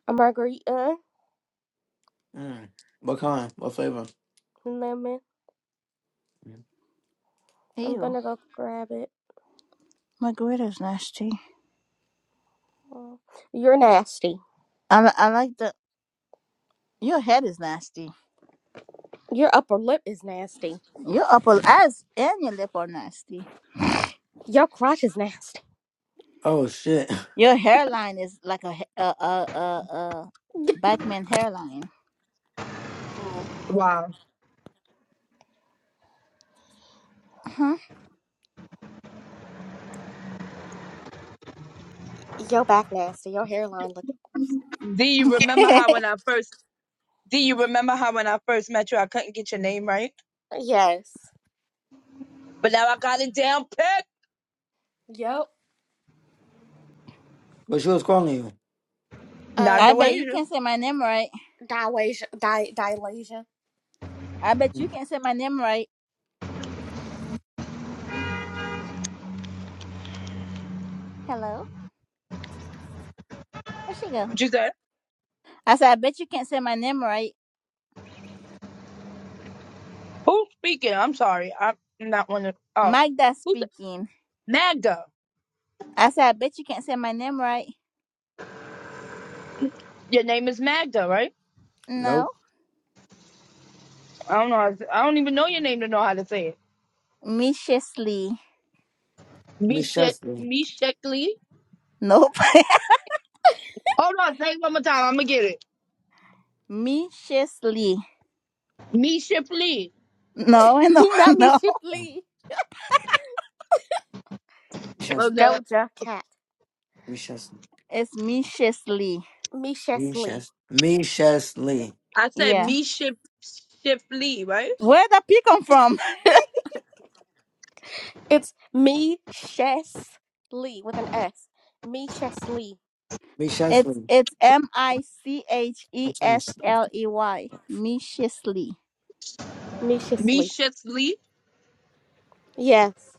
Speaker 3: A margarita,
Speaker 4: Mm. What kind? What flavor?
Speaker 3: lemon.
Speaker 4: Mm.
Speaker 3: I'm
Speaker 1: Ew.
Speaker 3: gonna go grab it.
Speaker 1: My grater's nasty.
Speaker 3: Mm. You're nasty.
Speaker 1: I, li- I like the. Your head is nasty.
Speaker 3: Your upper lip is nasty.
Speaker 1: Your upper eyes and your lip are nasty.
Speaker 3: Your crotch is nasty.
Speaker 4: Oh shit!
Speaker 1: Your hairline is like a he- a a a, a backman hairline. Huh?
Speaker 3: Your back nasty. Your hairline look.
Speaker 6: Do you remember how when I first? Do you remember how when I first met you I couldn't get your name right,
Speaker 3: Yes.
Speaker 6: but now I got it down pat.
Speaker 3: Yep.
Speaker 4: But she was calling you.
Speaker 6: Not
Speaker 3: Uh,
Speaker 1: I
Speaker 6: the way
Speaker 1: bet
Speaker 3: di-
Speaker 1: you
Speaker 6: you.
Speaker 1: can't say my name right.
Speaker 3: Dilasia. Di- Dilasia.
Speaker 1: I bet you
Speaker 4: Mm.
Speaker 1: can't say my name right. Hello, where she go?
Speaker 6: What you said?
Speaker 1: I said I bet you can't say my name right.
Speaker 6: Who's speaking? I'm sorry. I'm not one of. Oh,
Speaker 1: Magda
Speaker 6: who's the-
Speaker 1: speaking.
Speaker 6: Magda?
Speaker 1: I said I bet you can't say my name right.
Speaker 6: Your name is Magda, right?
Speaker 1: No,
Speaker 4: Nope.
Speaker 6: I don't know. how to- I don't even know your name to know how to say it.
Speaker 1: Miciously.
Speaker 4: Me Chesley.
Speaker 6: Meshekli.
Speaker 1: Nope.
Speaker 6: Hold on. Say it one more time. I'm gonna get it.
Speaker 1: Miciously.
Speaker 6: Me Shipley.
Speaker 1: No, no,
Speaker 3: Not me,
Speaker 1: no.
Speaker 4: Mm.
Speaker 3: Shipley.
Speaker 6: Well,
Speaker 3: It's
Speaker 4: Ches.
Speaker 6: the
Speaker 3: Doja Cat.
Speaker 4: Me Chesley.
Speaker 1: It's Miciously.
Speaker 3: Misha
Speaker 4: Me
Speaker 3: Lee.
Speaker 4: Ches. Me Chesley.
Speaker 6: I said
Speaker 1: Yeah.
Speaker 6: me Ship Shipley, right?
Speaker 1: Where the pea come from?
Speaker 3: It's me, Chess Lee with an S. Me, Chess Lee.
Speaker 4: Me
Speaker 1: It's
Speaker 4: Chesley.
Speaker 1: it's M I C H
Speaker 4: I'm
Speaker 1: E
Speaker 4: trying to
Speaker 1: S
Speaker 4: see the
Speaker 1: L E Y.
Speaker 4: fuck.
Speaker 1: Michie'sley.
Speaker 3: Me, Chess
Speaker 6: Me
Speaker 3: Lee.
Speaker 6: Shipley.
Speaker 3: Yes.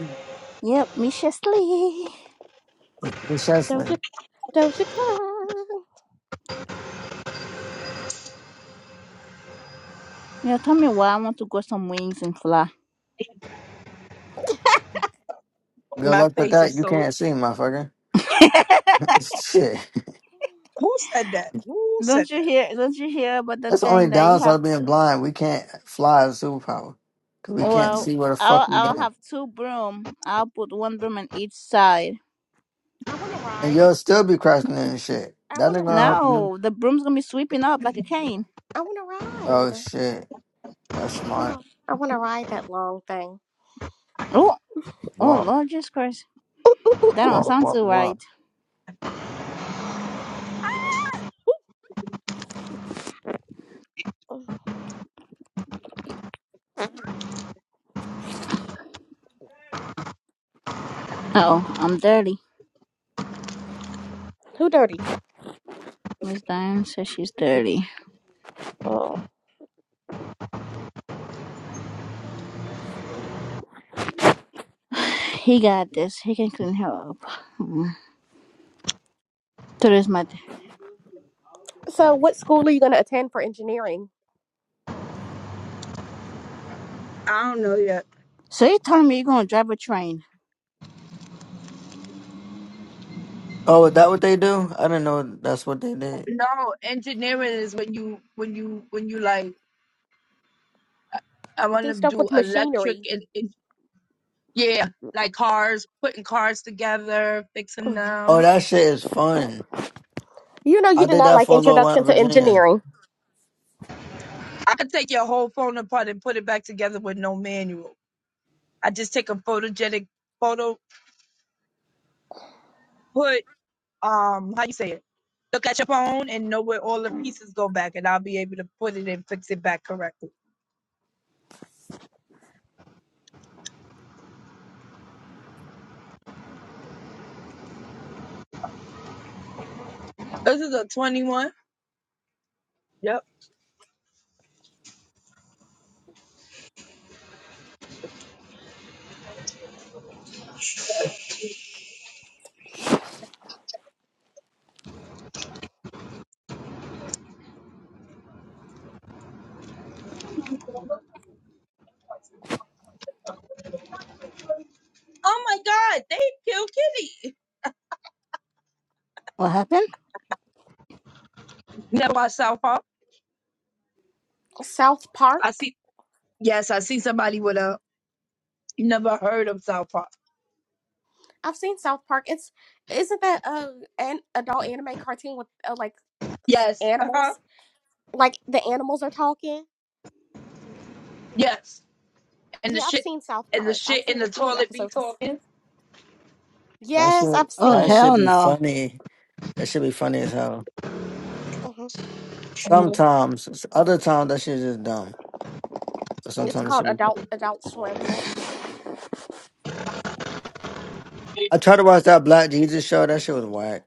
Speaker 4: Mm.
Speaker 1: Yep, Michiously.
Speaker 4: Me Chesley.
Speaker 3: Doja, Doja Cat.
Speaker 1: Yeah, tell me why I want to go some wings and fly.
Speaker 4: Good
Speaker 6: My
Speaker 4: luck with
Speaker 6: face
Speaker 4: that.
Speaker 6: is
Speaker 4: You
Speaker 6: so.
Speaker 4: can't see, motherfucker. shit.
Speaker 6: Who's
Speaker 1: Don't you hear don't you hear about the
Speaker 4: That's the only
Speaker 1: thing that you
Speaker 4: downside
Speaker 1: have
Speaker 4: of
Speaker 1: to
Speaker 4: being blind. We can't fly as a superpower because we can't
Speaker 1: well
Speaker 4: see where the fuck
Speaker 1: I'll
Speaker 4: we
Speaker 1: I'll
Speaker 4: going.
Speaker 1: have two broom. I'll put one broom on each side.
Speaker 3: I want to
Speaker 4: And
Speaker 3: ride it.
Speaker 4: you'll still be crashing into shit.
Speaker 3: I
Speaker 4: That
Speaker 3: want to
Speaker 4: ain't gonna help
Speaker 3: ride.
Speaker 4: you.
Speaker 1: No, the broom's gonna be sweeping up like a cane.
Speaker 3: I want to
Speaker 4: Oh
Speaker 3: ride.
Speaker 4: shit. That's
Speaker 3: I want
Speaker 4: smart.
Speaker 3: to. I want to ride that long thing.
Speaker 1: Oh oh
Speaker 4: Wow.
Speaker 1: Lord Jesus Christ. That don't
Speaker 4: Wow,
Speaker 1: sound
Speaker 4: wow,
Speaker 1: too
Speaker 4: wow.
Speaker 1: right. Uh oh, I'm dirty.
Speaker 3: Who dirty?
Speaker 1: Miss Diane says she's dirty. He got this. He can clean her up. Mm. To this matter.
Speaker 3: So, what school are you going to attend for engineering?
Speaker 6: I don't know yet.
Speaker 1: So you telling me you're gonna drive a train?
Speaker 4: Oh, is that what they do? I didn't know that's what they did.
Speaker 6: No, engineering is when you when you when you like I want
Speaker 3: Do
Speaker 6: to
Speaker 3: stuff
Speaker 6: do
Speaker 3: with
Speaker 6: electric
Speaker 3: machinery.
Speaker 6: and, and yeah, like cars, putting cars together, fixing
Speaker 3: Mhm.
Speaker 4: Oh,
Speaker 6: them.
Speaker 4: that shit is fun.
Speaker 3: You know, you
Speaker 4: I
Speaker 3: did
Speaker 4: did
Speaker 3: not
Speaker 4: that
Speaker 3: like
Speaker 4: for a little while
Speaker 3: Introduction
Speaker 4: in
Speaker 3: to
Speaker 4: Virginia.
Speaker 3: Engineering.
Speaker 6: I could take your whole phone apart and put it back together with no manual. I just take a photogenic photo, put um how you say it. look at your phone and know where all the pieces go back, and I'll be able to put it and fix it back correctly. This is a 21. Yep. Oh my God, they killed Kitty. You
Speaker 1: What happened?
Speaker 6: Never watched South Park.
Speaker 3: South
Speaker 6: I
Speaker 3: Park.
Speaker 6: see. Yes, I see somebody with a. You never heard of South Park?
Speaker 3: I've seen South Park. It's isn't that uh, an adult anime cartoon with uh, like s-
Speaker 6: Yes. Uh huh.
Speaker 3: animals? Like the animals are talking.
Speaker 6: Yes. And the
Speaker 3: Yeah, I've
Speaker 6: shit,
Speaker 3: seen South
Speaker 6: and the
Speaker 3: Park. I've
Speaker 6: shit in
Speaker 3: seen a
Speaker 6: the
Speaker 3: few
Speaker 6: toilet be
Speaker 3: episodes.
Speaker 6: talking.
Speaker 4: That
Speaker 3: Yes,
Speaker 4: shit,
Speaker 3: I've
Speaker 1: Oh
Speaker 4: that
Speaker 3: seen.
Speaker 4: should
Speaker 1: hell
Speaker 4: be
Speaker 1: no.
Speaker 4: funny. That should be funny as hell.
Speaker 3: hmm
Speaker 4: Sometimes, s- other times that shit is just dumb. But
Speaker 3: It's
Speaker 4: sometimes it
Speaker 3: called
Speaker 4: should be fun.
Speaker 3: Adult Adult Swim. That's
Speaker 4: I tried to watch that Black Jesus show. That shit was whack.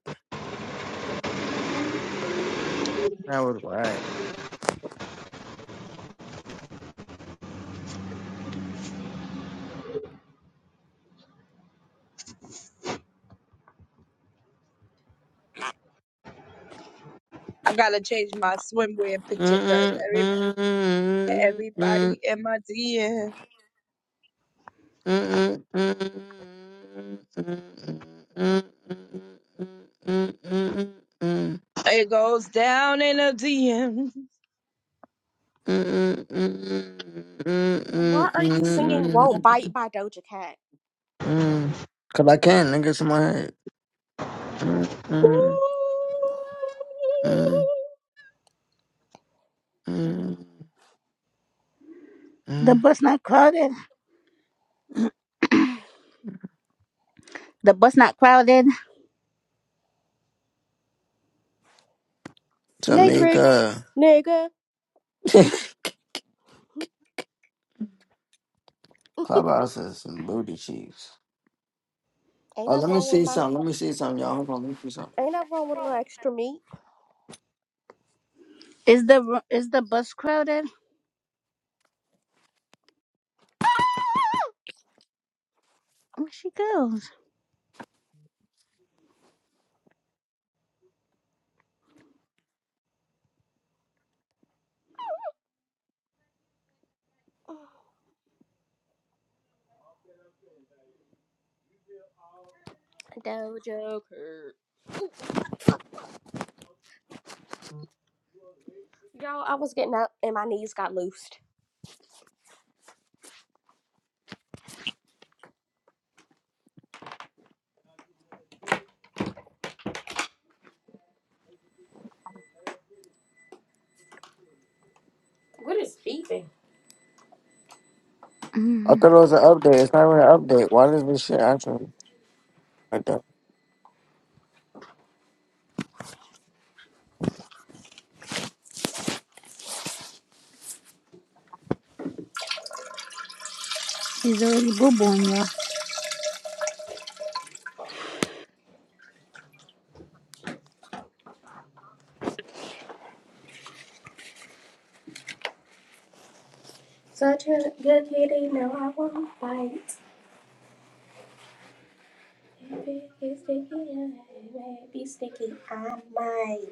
Speaker 4: That was whack.
Speaker 6: I gotta change my swimwear picture because
Speaker 4: Mm-mm,
Speaker 6: every
Speaker 4: mm-mm, mm-mm,
Speaker 6: everybody in my DM
Speaker 4: mm-mm, mm-mm, mm-mm, mm-mm, mm-mm, mm-mm, mm-mm.
Speaker 6: it goes down in a DM.
Speaker 3: why are you singing "Won't Bite"
Speaker 4: Mm-mm-mm-mm-mm-mm-mm-mm.
Speaker 3: by Doja Cat?
Speaker 4: Cause mm, I can, niggas in my head.
Speaker 3: Oh,
Speaker 4: Mm-mm-mm-mm-mm.
Speaker 1: The bus not crowded. The bus not crowded.
Speaker 3: Matrix,
Speaker 4: Tamika.
Speaker 3: nigga,
Speaker 4: Clubhouse is some booty cheeks.
Speaker 3: ain't
Speaker 4: Oh,
Speaker 3: nothing
Speaker 4: let me
Speaker 3: wrong with
Speaker 4: see
Speaker 3: my
Speaker 4: something. Let me see something, y'all. Hold on, let me see something.
Speaker 3: ain't nothing wrong with a little extra meat.
Speaker 1: Is the is the bus crowded? Where she goes?
Speaker 3: Doja Cat. Y'all, I was getting up and my knees got loosed.
Speaker 4: I
Speaker 1: Mm.
Speaker 4: thought it was an update. It's not really an update. Why does this shit actually like that?
Speaker 1: She's already boo booing you. all
Speaker 3: Such a good kitty, no, I won't bite. If it gets sticky, I may be sticky. I might,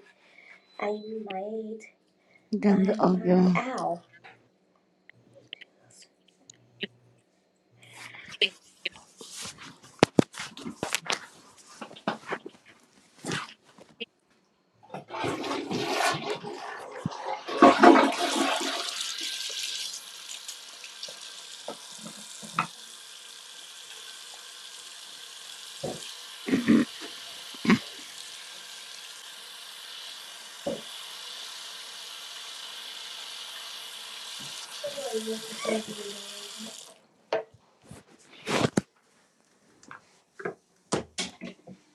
Speaker 3: I might,
Speaker 1: Damn the
Speaker 3: I
Speaker 1: old
Speaker 3: might.
Speaker 1: girl.
Speaker 3: Ow.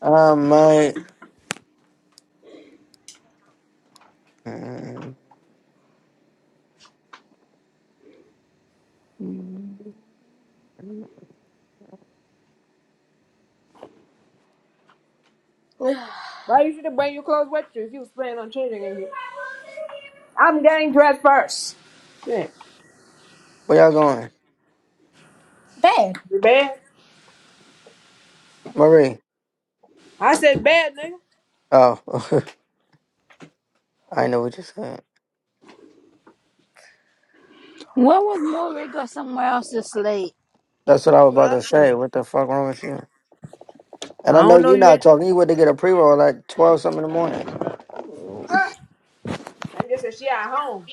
Speaker 4: Um, my.
Speaker 2: Why you should have bring your clothes with you if you was planning on changing in here? I'm getting dressed first. Shit.
Speaker 4: Where y'all going?
Speaker 2: You bad?
Speaker 4: Marie.
Speaker 2: I said bad, nigga.
Speaker 4: Oh, I know what you said.
Speaker 1: Why would Maury go somewhere else this late?
Speaker 4: That's what I was about to say. What the fuck wrong with you?
Speaker 2: I
Speaker 4: And I know
Speaker 2: don't.
Speaker 4: you're not talking. You went to get a pre roll like twelve something in the morning.
Speaker 2: Her. I just said she at home.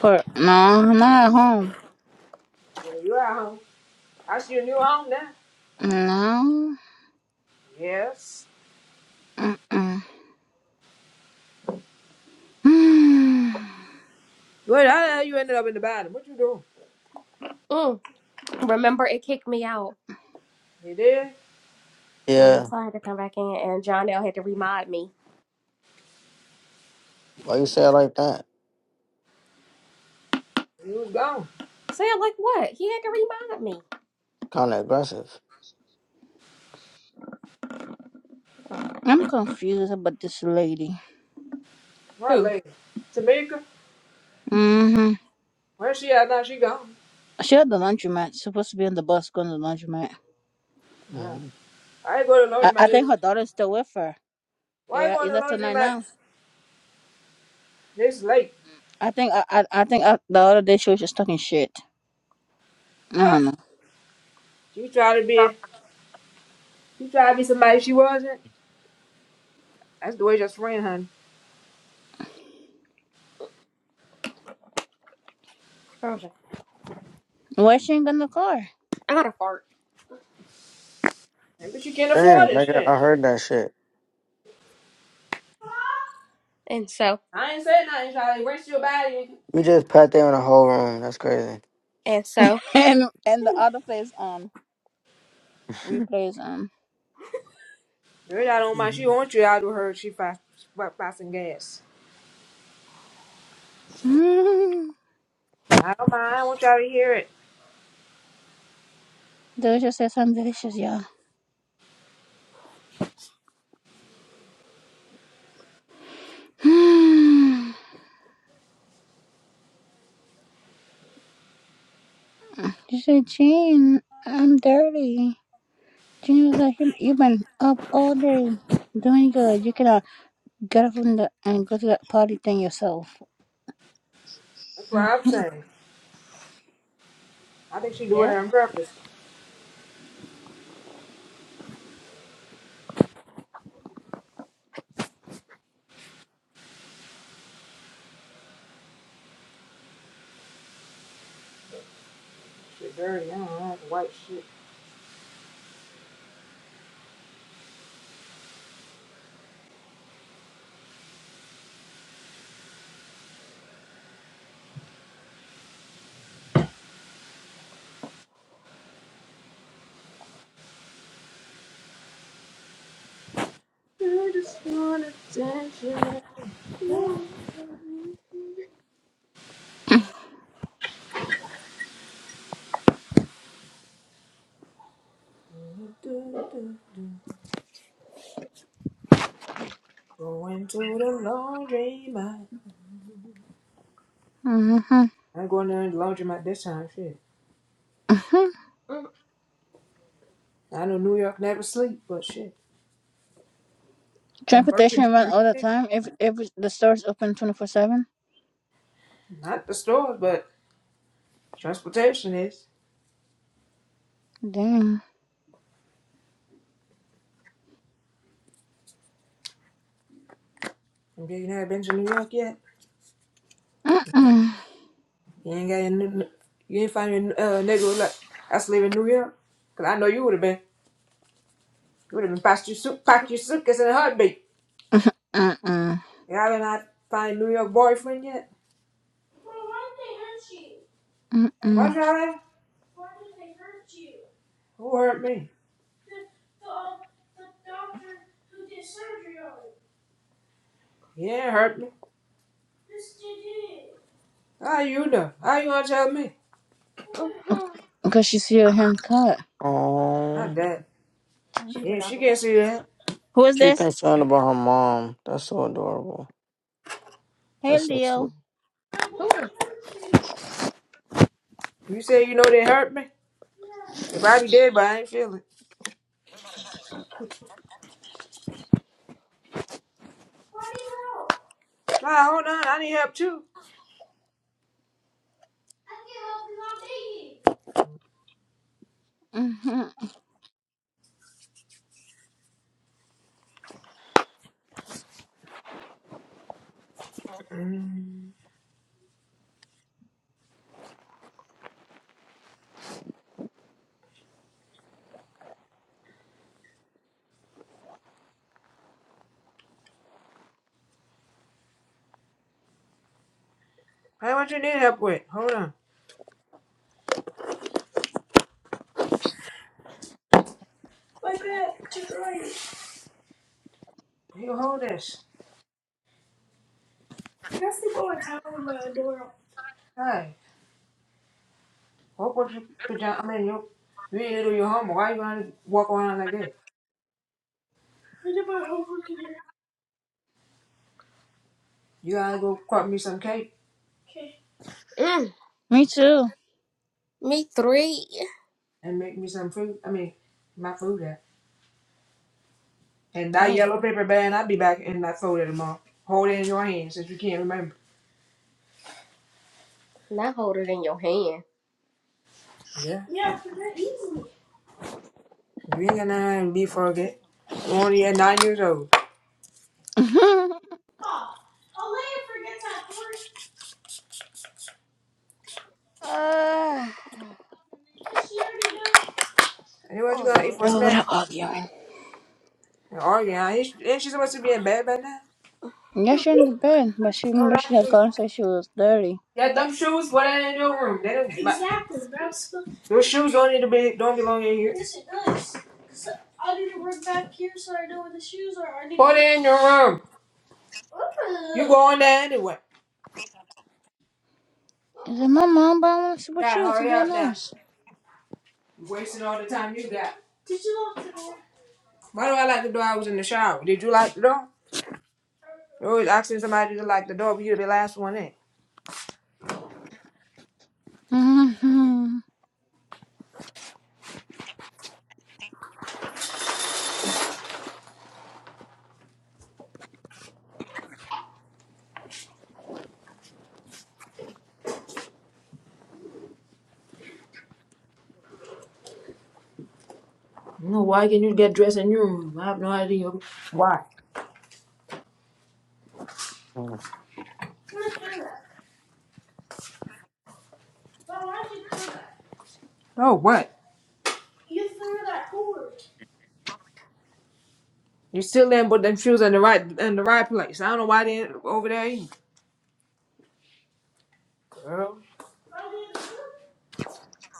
Speaker 1: For no, not at home.
Speaker 2: Yeah, you at home. That's your new home now.
Speaker 1: No.
Speaker 2: Yes.
Speaker 1: Mm-mm.
Speaker 2: Wait, how the hell you ended up in the bottom? What you doing?
Speaker 3: Mm. Remember, it kicked me out.
Speaker 2: You did?
Speaker 3: Mhm,
Speaker 4: Yeah.
Speaker 3: So I had to come back in, and John L had to remind me.
Speaker 4: Why you say it like that?
Speaker 2: You was gone.
Speaker 3: I said, like, what? He had to remind me.
Speaker 4: Kind of aggressive.
Speaker 1: I'm confused about this lady.
Speaker 2: What lady? Tamika?
Speaker 1: Mm-hmm.
Speaker 2: Where she at now? She gone.
Speaker 1: She at the laundromat. She's supposed to be on the bus going to the laundromat.
Speaker 4: hmm
Speaker 2: I ain't going to the
Speaker 1: I, I
Speaker 2: laundromat. This.
Speaker 1: think her daughter's still with her.
Speaker 2: Why you
Speaker 1: Yeah,
Speaker 2: going
Speaker 1: is
Speaker 2: to
Speaker 1: that
Speaker 2: the
Speaker 1: tonight
Speaker 2: laundromat
Speaker 1: now?
Speaker 2: this late?
Speaker 1: I think I I, I think uh the other day she was just talking shit. I
Speaker 2: Yeah.
Speaker 1: don't know.
Speaker 2: She tried to be. She tried to be somebody she wasn't. That's the way your friend, honey.
Speaker 1: Why she ain't got no car?
Speaker 3: I had a fart.
Speaker 2: Yeah, But you can't
Speaker 4: Damn,
Speaker 2: afford it. Shit.
Speaker 4: nigga, I heard that shit.
Speaker 2: I ain't saying nothing. Trying to waste your body.
Speaker 4: You just pat them in the whole room. That's crazy.
Speaker 3: And so,
Speaker 1: And and the other plays on replays on.
Speaker 2: Girl, I don't mind. She
Speaker 4: Mhm.
Speaker 2: want you out of her. She fi- she fi- passing gas.
Speaker 1: Mm,
Speaker 2: Yeah, I don't mind. I want y'all to hear it.
Speaker 1: they just said something delicious, y'all. Mm, she said, Jean, I'm dirty. Jean was like, you, you've been up all day doing good. You cannot get up from the and go to that party thing yourself.
Speaker 2: That's what I'm saying. I think she doing it on purpose. Your dirty ass, white shit. I just want attention. Going to the laundry mat.
Speaker 1: Mm-hmm.
Speaker 2: I'm going to the laundry mat this time, shit.
Speaker 3: mm,
Speaker 2: I know New York never sleep, but shit.
Speaker 1: Transportation run all the time. If if the store's open twenty four seven.
Speaker 2: Not the stores, but transportation is.
Speaker 1: Dang.
Speaker 2: If you never been to New York yet,
Speaker 1: Mm-mm.
Speaker 2: you ain't got any, you ain't find your uh, nigga like us live in New York. Cause I know you would have been, you would have been packed your, suit, packed your suitcase in a heartbeat.
Speaker 1: Mm-mm.
Speaker 2: You haven't had find a New York boyfriend yet? Well, why did they hurt you? What
Speaker 1: Mm-mm.
Speaker 2: Charlie? Why did they hurt you? Who hurt me? The the, uh, the doctor who did surgery Yeah, it hurt me. Yes, he did. How you know? How you gonna tell me?
Speaker 1: Because she see her hand caught.
Speaker 2: Not
Speaker 4: Oh,
Speaker 2: that.
Speaker 3: she was
Speaker 2: Yeah,
Speaker 3: like, i
Speaker 2: she can't see that.
Speaker 1: Who is
Speaker 4: she
Speaker 1: this?
Speaker 4: concerned about her mom. That's so adorable.
Speaker 1: Hey,
Speaker 4: That's so
Speaker 1: Leo.
Speaker 4: sweet.
Speaker 2: Why did he hurt You You say you know they hurt me? They probably did, but I ain't feel it. Why do you help? Nah, hold on. I need help too. I can't help because I'm digging.
Speaker 1: hmm
Speaker 2: Hey, what you need help with? Hold on. You hold this. Hi. What would you put down? I mean, you you ain't do your homework. Why you gonna walk around like that? I did my homework today. You gotta go cut me some cake Okay.
Speaker 1: Me too.
Speaker 3: me three.
Speaker 2: and make me some food. I mean, my food there. And that yellow paper bag, I'll be back and I fold it tomorrow. Hold it in your hand since you can't remember.
Speaker 3: Not hold it in your hand.
Speaker 2: Yeah. Yeah, I forget easily. You ain't gonna have to be forget. You're only at nine years old. Oh, Alea forgets at work.
Speaker 1: Ah.
Speaker 2: She already knows. And what you gonna eat for a
Speaker 1: oh, what are
Speaker 2: snack?
Speaker 1: arguing?
Speaker 2: And argue. huh? she ain't she supposed to be in bed by now?
Speaker 1: Yeah, she in the bed, but she
Speaker 2: No,
Speaker 1: remember
Speaker 2: not
Speaker 1: she had
Speaker 2: you.
Speaker 1: called and said she was dirty.
Speaker 2: Yeah, them shoes, what are in your room? They don't. Exactly, bro. Those shoes don't need to be. Don't belong in here. Listen, guys. So I need to work back here so I know where the shoes are. I need Put to... it in your room. Ooh. You going there anyway.
Speaker 1: Is it my mom? But I want to support
Speaker 2: Dad,
Speaker 1: you to
Speaker 2: hurry
Speaker 1: be a
Speaker 2: up now.
Speaker 1: nurse.
Speaker 2: You're wasting all the time you got. Did you lock the door? Why do I like the door? I was in the shower. Did you lock the door? You're always asking somebody to lock the door, but you're the last one in.
Speaker 1: Mm-hmm.
Speaker 2: No, why can you get dressed in your room? I have no idea. Why? why'd you do that? Oh, what? You threw that cord. You still didn't put them shoes in the right in the right place. I don't know why they ain't over there either, girl. Are they in the room?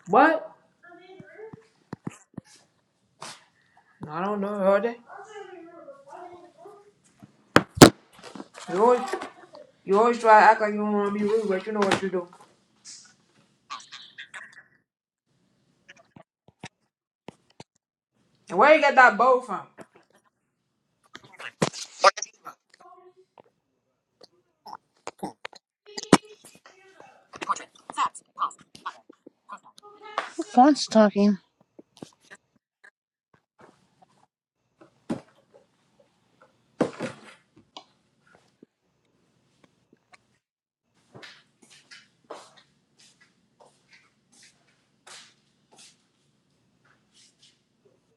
Speaker 2: What? Are they in the room? No, I don't know, are they? I'll show you in the room. Are they in the room? You always, you always try to act like you don't want to be rude, but you know what you do. And where you get that bow from?
Speaker 1: Who phone's talking?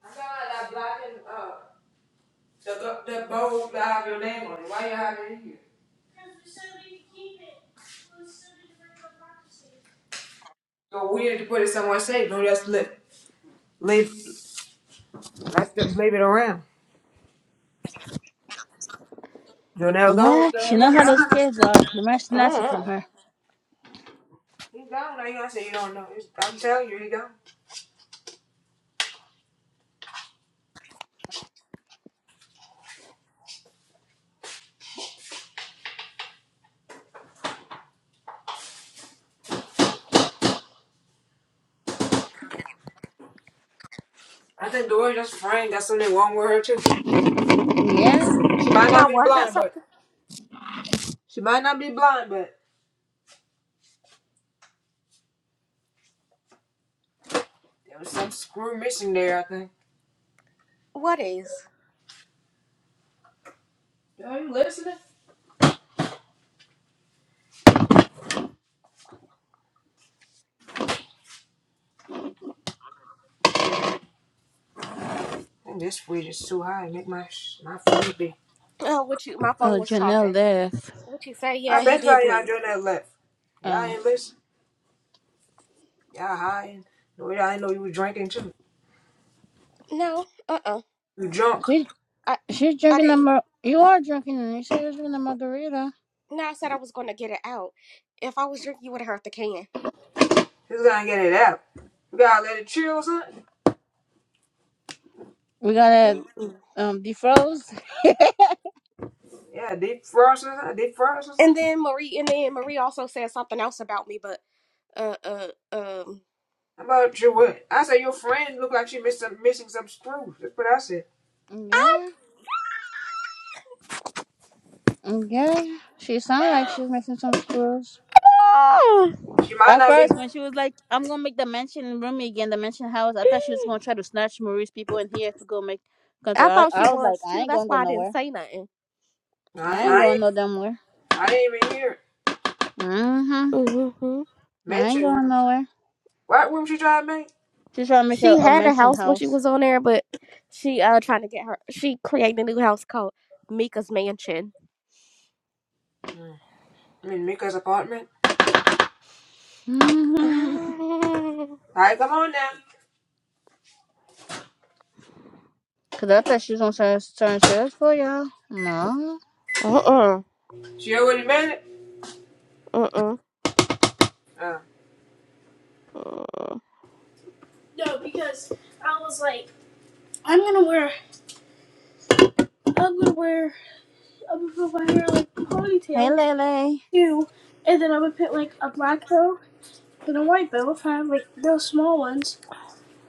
Speaker 2: I got that black and uh, the the bow that have your name on it. Why you have it in here? Because we said we could keep it. We said we could bring It was so different from democracy. So we need to put it somewhere safe. Don't just live. Leave. Let's just leave it around. Jonelle gone.
Speaker 1: What?
Speaker 2: He
Speaker 1: She know
Speaker 2: gone.
Speaker 1: how those
Speaker 2: now.
Speaker 1: kids are. They might snatch it from
Speaker 3: Uh-uh.
Speaker 1: her.
Speaker 2: He gone. Now you gonna say you don't know? It's- I'm telling you, he gone. I think the word just framed. Got something wrong with her too.
Speaker 1: Yeah.
Speaker 2: She might not be blind, but she might not be blind, but there was some screw missing there. I think.
Speaker 3: What is?
Speaker 2: Are you listening? I think this weed is too high. Make my sh- my phone be.
Speaker 3: Oh, what you, my phone
Speaker 1: Oh,
Speaker 3: was
Speaker 1: Janelle
Speaker 3: talking.
Speaker 1: left.
Speaker 3: What you say? Yeah,
Speaker 2: I
Speaker 3: he
Speaker 2: bet y'all
Speaker 3: did
Speaker 2: y'all
Speaker 3: leave.
Speaker 2: Jonelle left. Y'all
Speaker 1: Oh,
Speaker 2: ain't listen. Y'all high. And the way I know you were drinking too.
Speaker 3: No, uh-uh.
Speaker 2: You drunk.
Speaker 1: She
Speaker 3: I,
Speaker 1: she's
Speaker 3: I
Speaker 1: drinking the
Speaker 3: didn't.
Speaker 1: mar- you are drinking and you say you're drinking the margarita.
Speaker 3: No, I said I was going to get it out. If I was drinking, you would have hurt the can.
Speaker 2: She's gonna get it out. You gotta let it chill or something.
Speaker 1: We gotta
Speaker 3: Mm-mm.
Speaker 1: um defroze.
Speaker 2: Yeah, deep frost or something. Deep frost or
Speaker 3: And
Speaker 2: something.
Speaker 3: then Marie, and then Marie also said something else about me, but, uh, uh, um.
Speaker 2: How about you what? I said your friend look like she missed some, missing some screws. That's what I said.
Speaker 1: Yeah. Yeah. She sounds like she was making some screws.
Speaker 2: She might
Speaker 1: at
Speaker 2: not be.
Speaker 1: first when she was like, "I'm gonna make the mansion roomy again, the mansion house," I
Speaker 3: Ah!
Speaker 1: thought she was gonna try to snatch Marie's people in here to go make come to.
Speaker 3: I
Speaker 1: I,
Speaker 3: thought she
Speaker 1: I was like,
Speaker 3: was
Speaker 1: "I
Speaker 3: too.
Speaker 1: ain't
Speaker 3: That's
Speaker 1: gonna go
Speaker 3: why I didn't
Speaker 1: nowhere.
Speaker 3: say nothing.
Speaker 2: I
Speaker 1: I ain't
Speaker 2: I
Speaker 1: going no damn where.
Speaker 2: I didn't even hear it
Speaker 1: hmm
Speaker 3: Mm-hmm.
Speaker 1: I ain't
Speaker 2: mentioned.
Speaker 1: going nowhere."
Speaker 2: What room she tried to make?
Speaker 1: She's trying to make a,
Speaker 3: She
Speaker 1: a
Speaker 3: had a
Speaker 1: mansion
Speaker 3: house when she
Speaker 1: house.
Speaker 3: was on there, but she uh trying to get her. She created a new house called Mika's Mansion.
Speaker 2: I mean Mika's apartment.
Speaker 1: Mhm.
Speaker 3: Um,
Speaker 2: All right, come on now.
Speaker 1: Cause I thought she was gonna start, start shit up for y'all. No.
Speaker 3: Uh-uh.
Speaker 2: She already made it.
Speaker 3: Uh-uh.
Speaker 2: Uh,
Speaker 3: uh
Speaker 2: no, because I was like, I'm gonna wear, I'm gonna wear, I'm gonna wear like
Speaker 1: Hey
Speaker 2: ponytails
Speaker 1: Lele.
Speaker 2: too, and then I'm gonna put like a black bow And a white bill have like those small ones.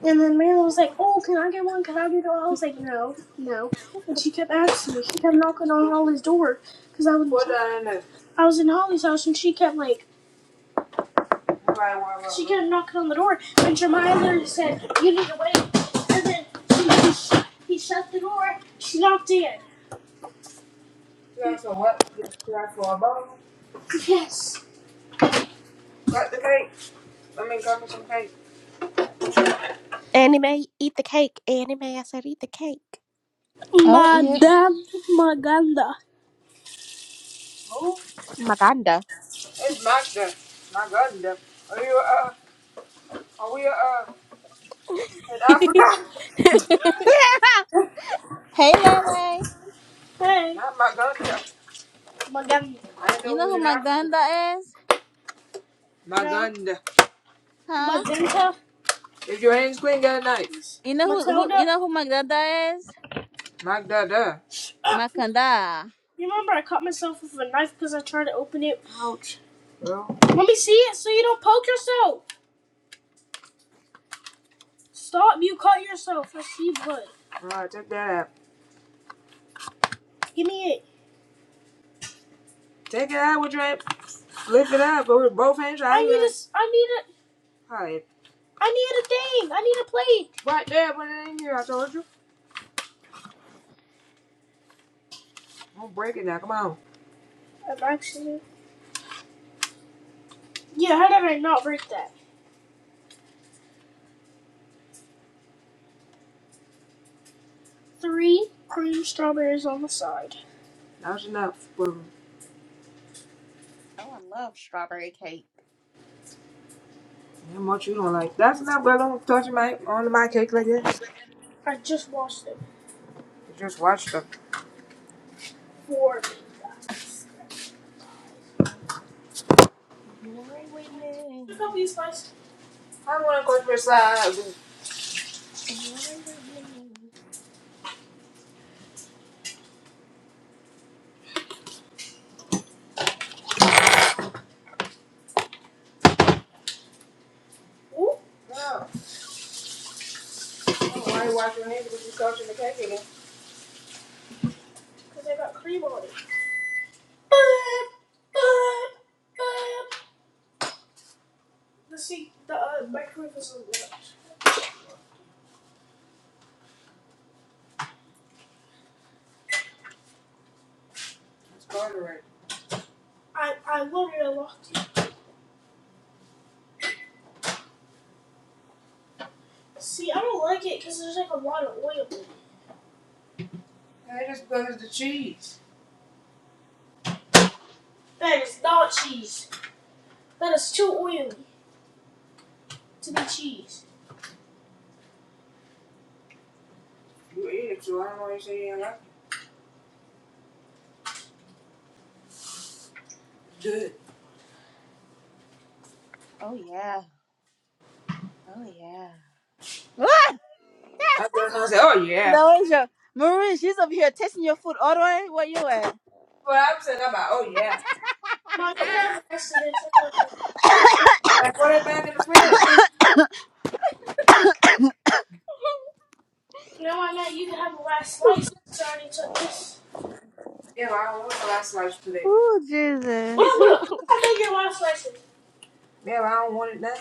Speaker 2: And then Marilyn was like, "Oh, can I get one? Can I get one?" I was like, "No, no." And she kept asking me. She kept knocking on Holly's door because I was What did I know? I was in Holly's house and she kept like. Right, right, right, she kept knocking on the door and Jemima literally said, "You need to wait." And then he, he, shut, he shut the door. She knocked in. You asked for what? You asked for a bottle? Yes. Got the cake? I mean, got me some cake.
Speaker 3: Anime, eat the cake. Anime, I said eat the cake.
Speaker 1: Oh yeah.
Speaker 2: Madame Maganda. Who?
Speaker 3: Maganda.
Speaker 2: It's back there. My garden there. Are you uh are we uh in Africa?
Speaker 1: Hey Lele.
Speaker 2: Hey. Not Maganda. Maganda. I didn't
Speaker 1: You
Speaker 2: know we
Speaker 1: know
Speaker 2: was
Speaker 1: who
Speaker 2: in
Speaker 1: my
Speaker 2: Africa.
Speaker 1: ganda is?
Speaker 2: Maganda.
Speaker 1: Huh?
Speaker 2: Magenta. If your hands clean, get a knife.
Speaker 1: You know who who you
Speaker 2: Matilda.
Speaker 1: know who my ganda is?
Speaker 2: Magda.
Speaker 1: My kanda.
Speaker 2: You remember I cut myself with a knife because I tried to open it. Ouch. Well. Let me see it so you don't poke yourself. Stop, you cut yourself. I see blood. Alright, take that out. Give me it. Take it out with your hand. Lift it up with both hands. I need to. s- I need to. Alright. I need a thing. I need a plate. Right there, put it in here. I told you. Don't break it now. Come on. I'm actually. Yeah, how did I not break that? Three cream strawberries on the side. That's enough. Well,
Speaker 3: Oh, I love strawberry cake.
Speaker 2: how much you don't like? That's enough, but don't touch my on my cake like that. I just washed it. You just washed them. Four. I want to go to the side. No, why are you washing your hands because you're touching the cake again? Because I got cream on it. Let's see, the uh, microwave is on the left. It's garter right. I, I wanted a lot. See, I don't like it because there's like a lot of oil in it. That is because of the cheese. That is not cheese. That is too oily to be cheese. You eat it, so I don't know why you say you like it. Good.
Speaker 3: Oh yeah. Oh yeah.
Speaker 1: What?
Speaker 2: That's what I say, oh yeah.
Speaker 1: No, it's your Marie, she's over here tasting your food all the way. Where you at?
Speaker 2: Well, I'm saying I'm like, oh yeah. Mom, you could have the rest of this. Like, put it back in the fridge. You know what, Matt? You could have the last slice. So I already took this. Yeah, but I don't want the last slice today.
Speaker 1: Oh
Speaker 2: Yeah,
Speaker 1: Jesus.
Speaker 2: look. Look how big your last slice is. Yeah, but I don't want it now.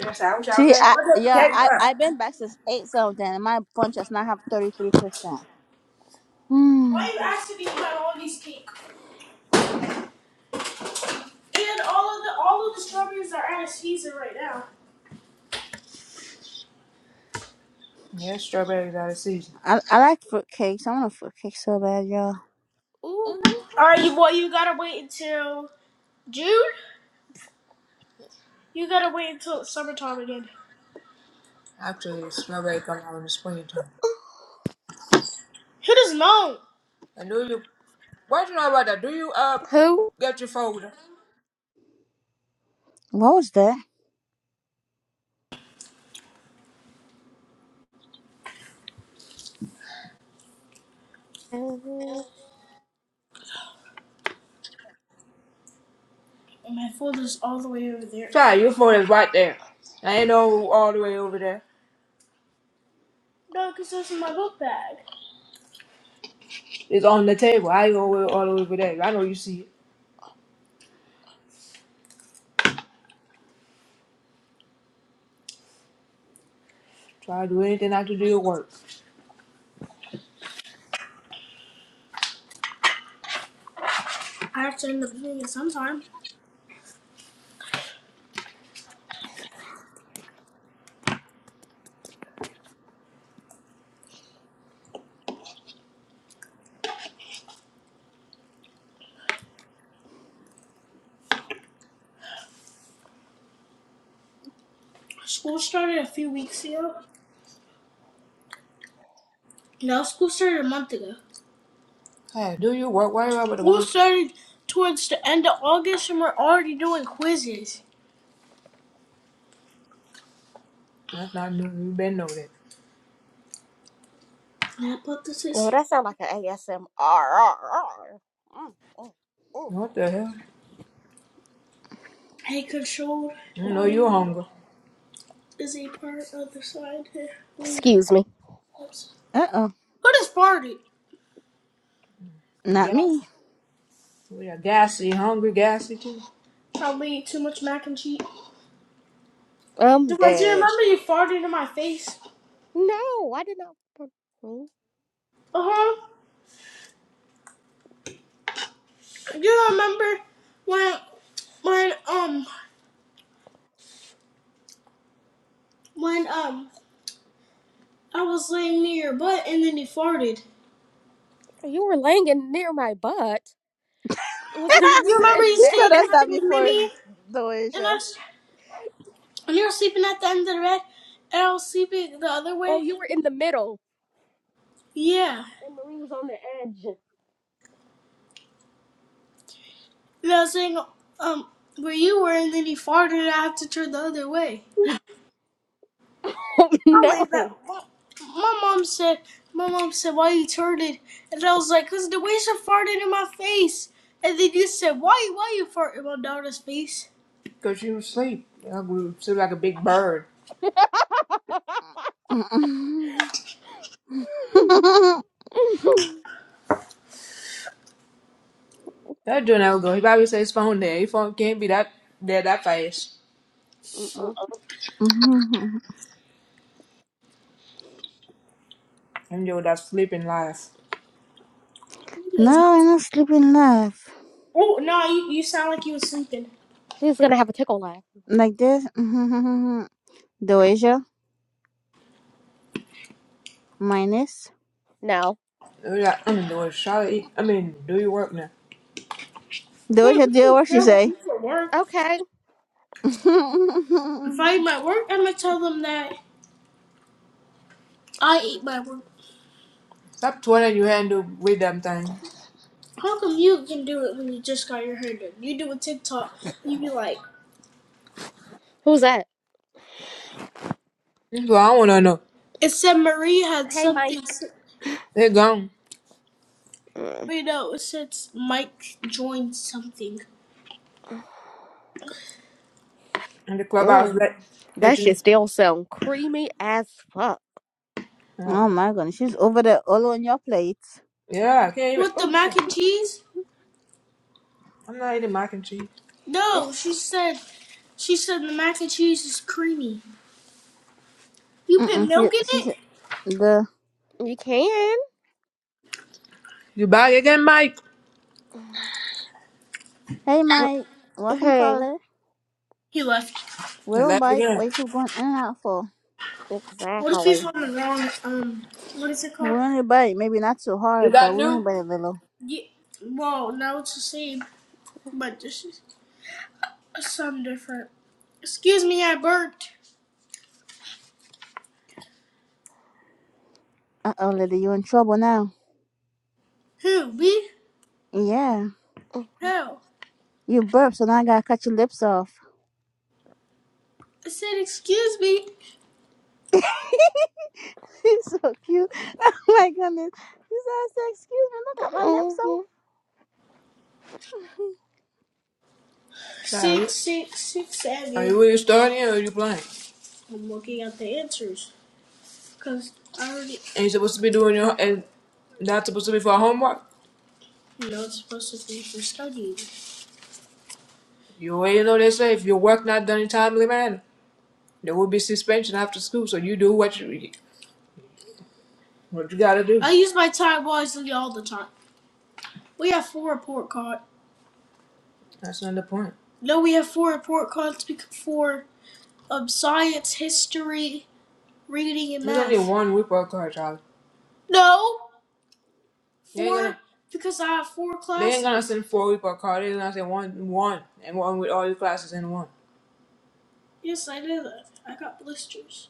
Speaker 2: Yes, I wish I was
Speaker 1: See,
Speaker 2: there.
Speaker 1: I
Speaker 2: Put up the
Speaker 1: yeah,
Speaker 2: cake
Speaker 1: I I've
Speaker 2: up.
Speaker 1: been back since eight something, and my punch does not have thirty three percent.
Speaker 2: Why
Speaker 1: Hmm.
Speaker 2: are you asking me about all these cake? And all of the all of the strawberries are out of season right now. Yeah, strawberries out of season.
Speaker 1: I I like fruit cakes. I want a fruit cake so bad, y'all.
Speaker 3: Ooh.
Speaker 2: All right, you boy, you gotta wait until June. You gotta wait until it's summertime again. Actually, strawberry come out in the springtime. Who doesn't know? And do you? Why do you know about that? Do you uh
Speaker 3: Who?
Speaker 2: get your folder?
Speaker 1: What was that?
Speaker 3: Mhm.
Speaker 2: My folder's all the way over there. Sorry, your phone is right there. I ain't know all the way over there. No, 'cause because that's in my book bag. It's on the table. I go with all the way over there. I know you see it. Try to do anything I can do to work. I have to end up doing it sometime. School started a few weeks ago. No, school started a month ago. Hey, do your work. Why are you about the School work? started towards the end of August and we're already doing quizzes. That's not new. You better know that. Yeah, but this
Speaker 3: Oh,
Speaker 2: is
Speaker 3: that sound like an ASMR. Mm, mm, mm.
Speaker 2: What the hell? a controlled You know you're hungry. is a part of the scientific
Speaker 3: Excuse me.
Speaker 2: steps.
Speaker 1: Uh oh.
Speaker 2: Who just farted?
Speaker 1: Not me.
Speaker 2: Gassy. We are gassy, hungry, gassy too. Probably too much mac and cheese.
Speaker 3: I'm
Speaker 2: Do I do you
Speaker 3: dead.
Speaker 2: remember you farted in my face?
Speaker 3: No, I did not. Hmm?
Speaker 2: Uh huh. Do you remember when when um when um I was laying near your butt and then you farted?
Speaker 3: You were laying in near my butt. Was this
Speaker 2: Do
Speaker 3: when we
Speaker 2: you
Speaker 3: were
Speaker 2: remember
Speaker 3: in
Speaker 2: you
Speaker 1: She
Speaker 3: bed?
Speaker 2: stayed
Speaker 1: told
Speaker 2: in
Speaker 1: us
Speaker 2: the night
Speaker 1: that
Speaker 2: with
Speaker 1: before,
Speaker 2: Mimi and
Speaker 1: Doja.
Speaker 2: us? And you were sleeping at the end of the bed and I was sleeping the other
Speaker 3: Oh,
Speaker 2: way?
Speaker 3: you were in the middle.
Speaker 2: Yeah.
Speaker 3: And Marie was on the edge.
Speaker 2: And I was saying um where you were and then you farted and I had to turn the other way.
Speaker 3: Oh,
Speaker 2: I'll
Speaker 3: no.
Speaker 2: leave that. Well, My mom said, my mom said, why you turning? And I was like, cause the waiter farted in my face. And then you said, why, why you farting in my daughter's face? Cause she was asleep. I grew sleep like a big bird.
Speaker 1: Mm-mm.
Speaker 2: That dude never go. He probably said his phone there. His phone can't be that there that fast. And yo, that's sleeping life.
Speaker 1: no, I'm not sleeping enough.
Speaker 2: Oh no, you, you sound like you was sleeping.
Speaker 3: She's going to have a tickle laugh.
Speaker 1: Like this. Mm-hmm. Doja minus.
Speaker 3: No.
Speaker 2: We got- I'm doing the Charlotte. I mean, do your work now.
Speaker 1: Doja deal what she
Speaker 2: Girl, you
Speaker 1: say.
Speaker 2: for work.
Speaker 3: Okay.
Speaker 1: oh
Speaker 2: If I eat my work, I'm gonna tell them that I ate my work. Stop twirling your hand to read them thing. How come you can do it when you just got your hair done? You do a TikTok, you be like,
Speaker 3: Who's that?
Speaker 2: That's what I wanna know. it said Marie had
Speaker 3: Hey,
Speaker 2: something.
Speaker 3: Mike.
Speaker 2: s- They gone.
Speaker 3: Mm,
Speaker 2: Wait, no, it said Mike joined something. And the clubhouse
Speaker 3: mm.
Speaker 2: let let
Speaker 3: That
Speaker 2: you know.
Speaker 3: shit still sound creamy as fuck.
Speaker 2: Oh
Speaker 1: my goodness, she's over there all on your plate.
Speaker 2: Yeah, I can't You even want the oh mac and cheese? I'm not eating mac and cheese. No,
Speaker 3: It's,
Speaker 2: she said, she said the mac and cheese is creamy. You put
Speaker 1: Mm-mm, she
Speaker 2: milk in
Speaker 1: she
Speaker 2: it?
Speaker 1: said the
Speaker 3: you can.
Speaker 2: You back again, Mike?
Speaker 1: hey
Speaker 3: Mm.
Speaker 1: Mike, welcome
Speaker 3: Hey,
Speaker 1: caller.
Speaker 2: He left.
Speaker 1: We
Speaker 2: I
Speaker 1: don't
Speaker 2: left
Speaker 1: bite.
Speaker 2: again.
Speaker 1: What you keep going in and out for?
Speaker 2: What if he's
Speaker 3: exactly.
Speaker 2: on the wrong, um, what is it
Speaker 1: We
Speaker 2: called?
Speaker 1: only bite, maybe not so
Speaker 2: Is
Speaker 1: hard, but
Speaker 2: that
Speaker 1: we only
Speaker 2: new?
Speaker 1: bite a little.
Speaker 2: Yeah. well, now it's the same, but this is some different. Excuse me, I burped.
Speaker 1: Uh oh, lady, you in trouble now.
Speaker 2: Who, me?
Speaker 1: Yeah.
Speaker 3: Mm-hmm.
Speaker 2: How?
Speaker 1: You burp, so now I gotta cut your lips off.
Speaker 2: I said, excuse me.
Speaker 1: He's so cute. Oh my goodness. He said, I said, excuse me, look at my lips off.
Speaker 2: Six, six, six, seven. are you really studying or are you playing? I'm looking at the answers, because I already And you're supposed to be doing your and that's supposed to be for homework. No, it's supposed to be for studying. You already know they say if your work not done in a timely manner. There will be suspension after school, so you do what you what you gotta do. I use my time wisely all the time. We have four report cards. That's not the point. No, we have four report cards for um, science, history, reading, and There's math. There's only one report card, Charlie. No, They ain't four gonna because I have four classes. they ain't gonna send four report cards. They're gonna send one one and one with all your classes in one. Yes, I did that. I got blisters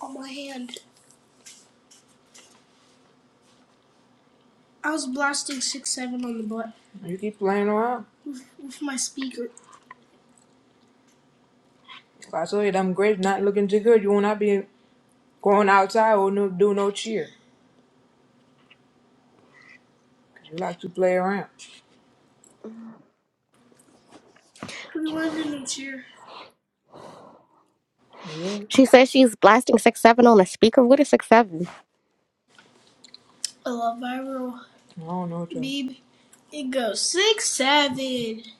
Speaker 2: on my hand. I was blasting six seven on the butt. You keep playing around. with my speaker. If I told you them grades not looking too good, you will not be going outside or no, do no cheer. 'Cause you like to play around. We want to do cheer. Yeah.
Speaker 3: She says she's blasting six seven on a speaker. What is six seven?
Speaker 2: I love viral. I don't know what it goes six seven. Th-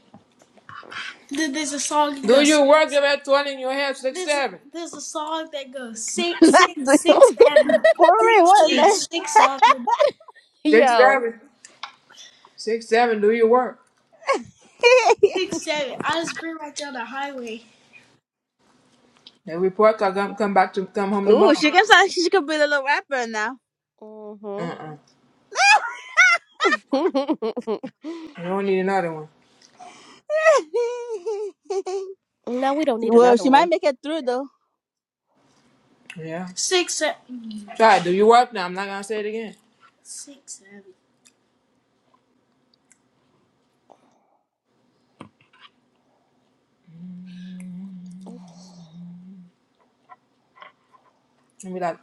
Speaker 2: There's a song Do goes. you work up at 20 and you have six There's seven? A, there's a song that goes six
Speaker 1: That
Speaker 2: six
Speaker 1: dude.
Speaker 2: six seven
Speaker 1: For real,
Speaker 2: six
Speaker 1: what in the
Speaker 2: six six seven Six
Speaker 3: Yo.
Speaker 2: seven. Six seven, do your work.
Speaker 1: heck?
Speaker 2: six seven. I just bring right down the highway. That report card come, come back to come home
Speaker 1: Ooh,
Speaker 2: tomorrow.
Speaker 1: she can sound she could be a little rapper now.
Speaker 3: Mm-hmm.
Speaker 2: Uh-uh. You don't need another one.
Speaker 3: no, we don't need
Speaker 1: well,
Speaker 3: another
Speaker 1: she
Speaker 3: one.
Speaker 1: might make it through though.
Speaker 2: Yeah. Six, se- Try it. do your work now. I'm not gonna say it again. six, seven. And be like,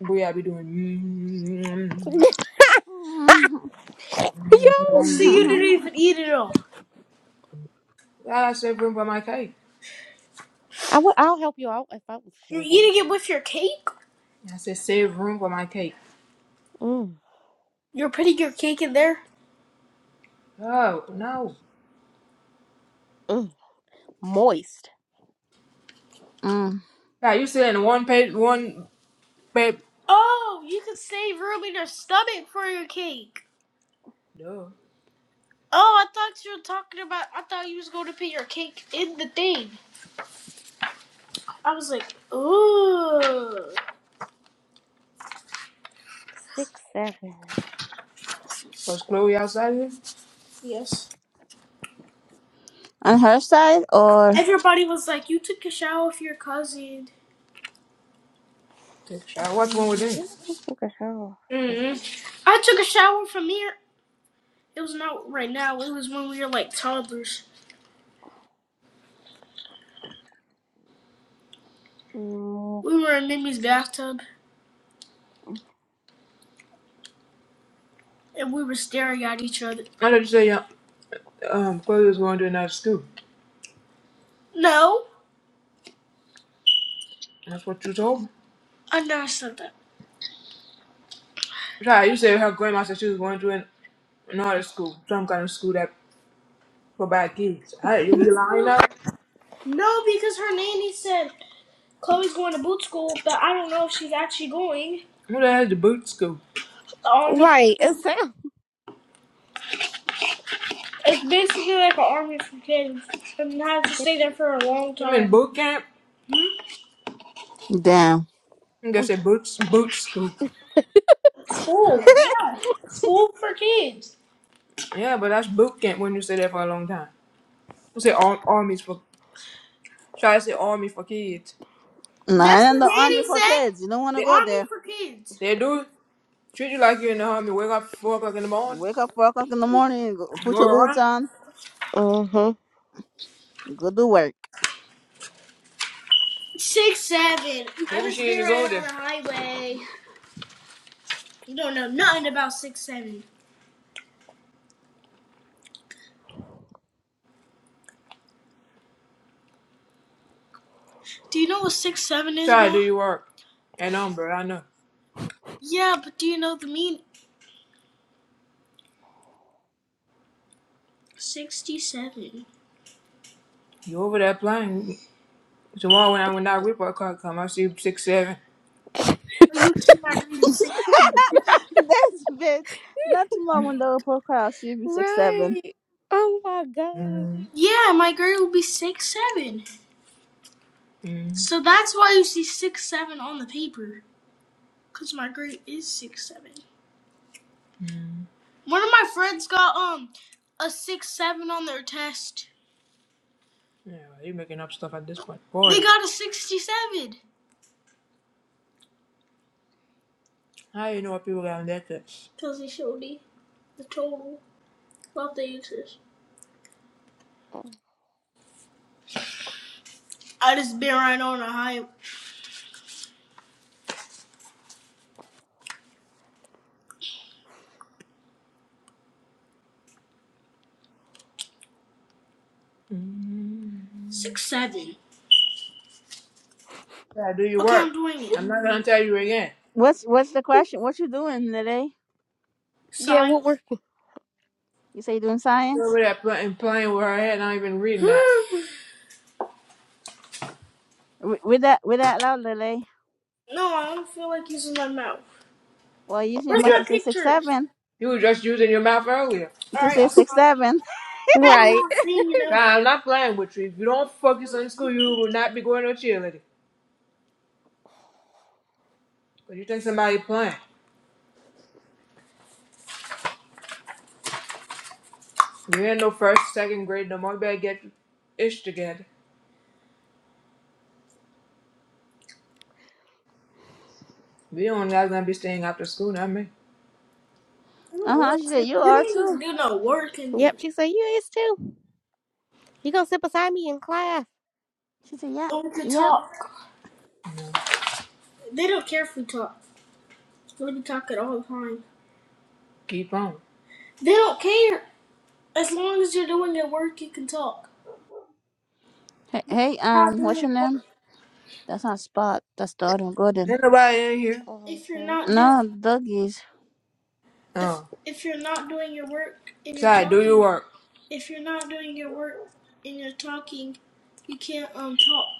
Speaker 2: boy, I be doing.
Speaker 3: Yo,
Speaker 2: So you didn't even eat it all. I save room for my cake.
Speaker 3: I will. I'll help you out if I. was
Speaker 2: You're
Speaker 3: single.
Speaker 2: eating it with your cake? I said save room for my cake.
Speaker 3: Mm,
Speaker 2: You're putting your cake in there? Oh no!
Speaker 3: mm, moist.
Speaker 1: Mm.
Speaker 2: God, you said in one page, one page. Oh, you can save room in your stomach for your cake. No. Oh, I thought you were talking about. I thought you was going to put your cake in the thing. I was like, ooh. Was Chloe outside here? Yes.
Speaker 1: On her side or
Speaker 2: Everybody was like, you took a shower with your cousin. Take a shower. What's wrong with that?
Speaker 3: What the hell?
Speaker 2: hmm I took a shower from here. It was not right now. It was when we were like toddlers.
Speaker 3: Mm,
Speaker 2: We were in Mimi's bathtub and we were staring at each other. I thought you said yeah, um, Chloe was going to another school. No, That's what you told me. I never said that. Right, you said her grandma said she was going to. an not a school, some kind of school that for bad kids. I, you lying now? No, because her nanny said Chloe's going to boot school, but I don't know if she's actually going. Who the hell's the boot school? The army, for,
Speaker 3: Right. It sounds.
Speaker 2: it's basically like an army for kids, and you have to
Speaker 3: It.
Speaker 2: stay there for a long time. I mean boot camp? I
Speaker 1: damn.
Speaker 2: think I said boots, boot school. School, yeah, school for kids. Yeah, but that's boot camp when you stay there for a long time. You say ar- armies for, should I say army for kids?
Speaker 1: Not
Speaker 2: That's
Speaker 1: in
Speaker 2: what
Speaker 1: the army
Speaker 2: Nanny
Speaker 1: for
Speaker 2: said.
Speaker 1: kids. You don't wanna
Speaker 2: They,
Speaker 1: go
Speaker 2: Army
Speaker 1: there.
Speaker 2: for kids. they do treat you like you're in the army. Wake up at 4 o'clock in the morning.
Speaker 1: Wake up four o'clock in the morning, go, put
Speaker 2: Go
Speaker 1: your boots
Speaker 2: around.
Speaker 1: on,
Speaker 3: Mm-hmm.
Speaker 1: go do work.
Speaker 2: Six seven. I Maybe just she been is on older. the highway. You don't know nothing about six seven. Do you know what six seven is, Try do Ma? your work. And um, bro, I know. Yeah, but do you know the mean? Sixty seven. You over there playing. Tomorrow when I when that report card come, I see six seven. You see my grade is six seven. Mm.
Speaker 1: this bitch. Not too long when the profile cv seven.
Speaker 3: Right. Oh my god.
Speaker 2: Yeah, my grade will be six seven. Mm. So that's why you see six seven on the paper, cause my grade is six seven. One of my friends got um a six seven on their test. Yeah, you making up stuff at this point. boy. They got a sixty seven. how you know what people got on their tips? Cause they showed me the total of the answers.
Speaker 3: Oh.
Speaker 2: I just been right on a high Mm. six seven. Yeah, do your Okay, work. I'm doing it. I'm not gonna tell you again.
Speaker 1: What's what's the question? What you doing, Lele?
Speaker 3: Yeah,
Speaker 2: Sign.
Speaker 3: well,
Speaker 1: You say you doing science?
Speaker 2: Over there playing, playing with her head, not even reading that.
Speaker 1: Re- Read that read that loud, Lele.
Speaker 2: No, I don't feel like using my mouth.
Speaker 1: Well, using your
Speaker 2: Where's
Speaker 1: mouth
Speaker 2: Yeah, my
Speaker 1: to say six
Speaker 2: pictures?
Speaker 1: seven.
Speaker 2: you were just using your mouth earlier.
Speaker 1: To
Speaker 2: Alright,
Speaker 1: say
Speaker 2: I'll
Speaker 1: six
Speaker 2: stop.
Speaker 1: seven.
Speaker 3: we're
Speaker 2: One
Speaker 3: right.
Speaker 2: more thing, you know. Nah, I'm not playing with you. If you don't focus on school, you will not be going to cheerleading. But you think somebody playing. You ain't no first, second grade no more. You better get your ish together. We don't guys gonna be staying after school, not me. I don't
Speaker 1: Uh huh.
Speaker 2: want
Speaker 1: She said
Speaker 2: to.
Speaker 1: you
Speaker 2: We
Speaker 1: are
Speaker 2: don't even
Speaker 1: too.
Speaker 2: do no work in there.
Speaker 3: Yep, she said, You is too. You gonna sit beside me in class.
Speaker 1: She said yeah,
Speaker 2: Or we could
Speaker 1: yeah.
Speaker 2: talk. They don't care if we talk. We be talking all the time. Keep on. They don't care. As long as you're doing your work, you can talk.
Speaker 1: Hey, hey,
Speaker 2: Not
Speaker 1: um,
Speaker 2: doing
Speaker 1: what's
Speaker 2: your
Speaker 1: your name?
Speaker 2: work.
Speaker 1: That's not Spot. That's Donald Gordon.
Speaker 2: Ain't nobody in here. If you're
Speaker 3: Mm-hmm.
Speaker 2: not doing,
Speaker 1: No, doggies.
Speaker 2: Oh. if if you're not doing your work and you're Shy, do your talking, work. if you're not doing your work and you're talking, you can't um talk.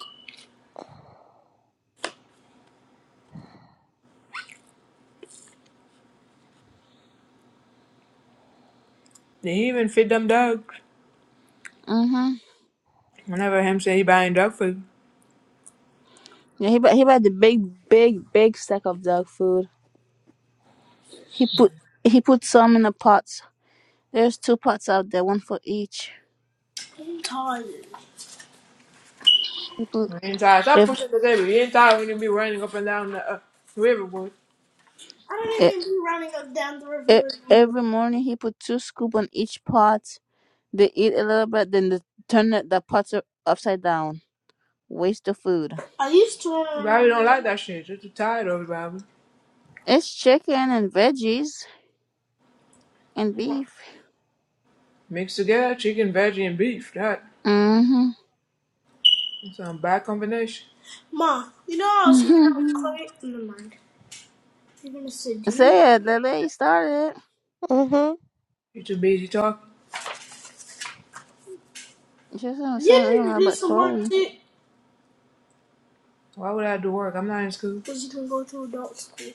Speaker 2: Did he even feed them dogs?
Speaker 1: Mm-hmm.
Speaker 2: Whenever him say he buying dog food.
Speaker 1: Yeah, he bought he bought the big, big, big sack of dog food. He put he put some in the pots There's two pots out there, one for each.
Speaker 2: I'm tired.
Speaker 1: He put
Speaker 2: He ain't tired. Stop
Speaker 1: if,
Speaker 2: pushing the table. He ain't tired when you be running up and down the uh, river, boy. I
Speaker 1: e-
Speaker 2: don't even be running up down the
Speaker 1: e-
Speaker 2: river anymore.
Speaker 1: every morning he put two scoop on each pot. They eat a little bit, then they turn the, the pots u- upside down. Waste of food.
Speaker 2: I used to run around probably don't like that shit. You're too tired of it, Bobby.
Speaker 1: It's chicken and veggies and beef.
Speaker 2: Mix together, chicken, veggie, and beef. That
Speaker 1: Mm-hmm.
Speaker 2: sound bad combination. Ma, you know I was hanging out with Chloe. Never mind. You're gonna say, do you work?
Speaker 1: Say it, Lily started.
Speaker 3: Mm-hmm.
Speaker 2: You too busy talking.
Speaker 1: She said
Speaker 2: You need
Speaker 1: something
Speaker 2: to do
Speaker 1: about
Speaker 2: some work
Speaker 1: Chloe.
Speaker 2: too. Why would I do work? I'm not in school. Cause you can go to adult school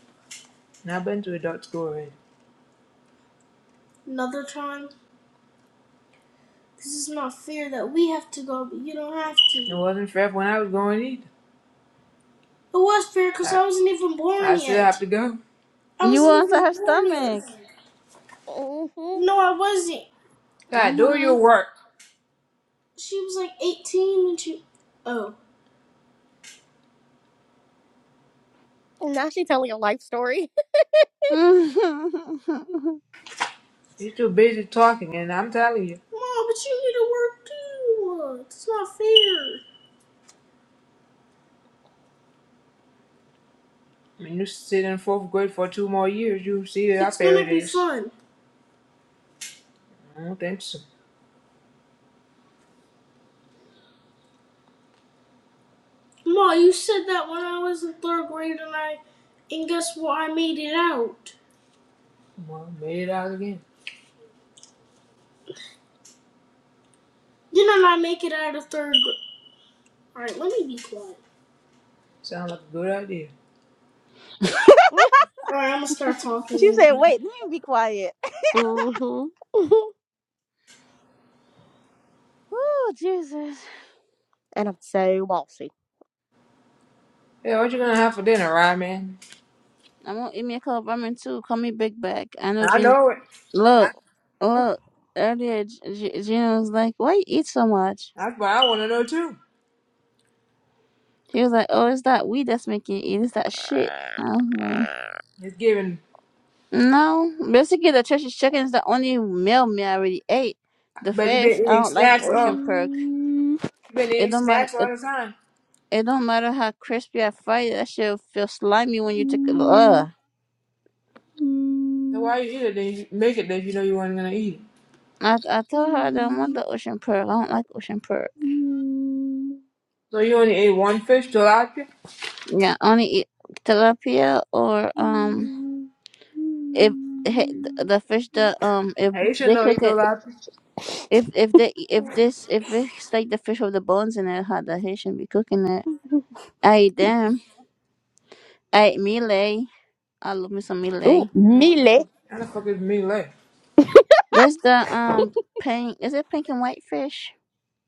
Speaker 2: And I've been to adult school already. another time. Cause it's not fair that we have to go, but you don't have to. It wasn't fair when I was going either. It was fair because I, I wasn't even born I yet. I still have to go. I
Speaker 1: You
Speaker 2: wasn't
Speaker 1: want to
Speaker 2: even
Speaker 1: her
Speaker 2: born
Speaker 1: stomach.
Speaker 2: yet.
Speaker 3: Mm-hmm.
Speaker 2: No, I wasn't. God, do
Speaker 1: Mm-hmm.
Speaker 2: your work. She was like 18 and she. Oh.
Speaker 3: And now she telling your life story.
Speaker 2: You're too busy talking, and I'm telling you, Mom, but you need to work too. It's not fair. I mean, you sit in fourth grade for two more years, you see how It's fair gonna it be is. fun. I don't think so. Mom, you said that when I was in third grade and I. And guess what? I made it out. Well, made it out again. Didn't I make it out of third grade? Alright, let me be quiet. Sounds like a good idea.
Speaker 3: Yeah,
Speaker 2: Alright, I'm gonna start
Speaker 1: she
Speaker 2: talking.
Speaker 1: said,
Speaker 2: later.
Speaker 1: wait, let me be quiet.
Speaker 3: hmm
Speaker 1: Oh, Jesus.
Speaker 3: and I'm so bossy.
Speaker 2: Hey, what you gonna have for dinner, right, Man,
Speaker 1: I'm gonna eat me a cup of ramen too. Call me Big Back. I know
Speaker 2: I
Speaker 1: Gina.
Speaker 2: know it. I
Speaker 1: Look, look. Earlier, G- G- Gina was like, "Why you eat so much?"
Speaker 2: That's what I want to know too.
Speaker 1: He was like, "Oh, it's that weed that's making you eat. It's that shit." I was
Speaker 2: It's giving,
Speaker 1: like, "No." Basically, the church's chicken is the only meal me I already ate. The
Speaker 2: but you've
Speaker 1: fish,
Speaker 2: been
Speaker 1: I
Speaker 2: eating
Speaker 1: don't like
Speaker 2: snacks
Speaker 1: ocean
Speaker 2: all.
Speaker 1: perk.
Speaker 2: You've been
Speaker 1: It
Speaker 2: eating
Speaker 1: don't matter.
Speaker 2: snacks all
Speaker 1: It,
Speaker 2: the time.
Speaker 1: it don't matter how crispy I fry it. That shit will feel slimy when you take it. Ugh.
Speaker 2: So why you eat it? Then you make it that you know you weren't gonna eat. it.
Speaker 1: I I told her I don't want the ocean perk. I don't like ocean perk.
Speaker 2: So you only ate one fish, tilapia.
Speaker 1: Yeah, only eat tilapia or um if he- the fish that um if
Speaker 2: Hey, you should
Speaker 1: they
Speaker 2: know eat
Speaker 1: cook it
Speaker 2: tilapia.
Speaker 1: if if they if this if it's like the fish with the bones in it how the Haitian be cooking it. I eat them. I eat mealy. I love me some
Speaker 3: Ooh,
Speaker 1: mealy.
Speaker 2: I don't know what the fuck?
Speaker 3: mealy.
Speaker 2: How the fuck is me like?
Speaker 1: That's the um pink is it pink and white fish?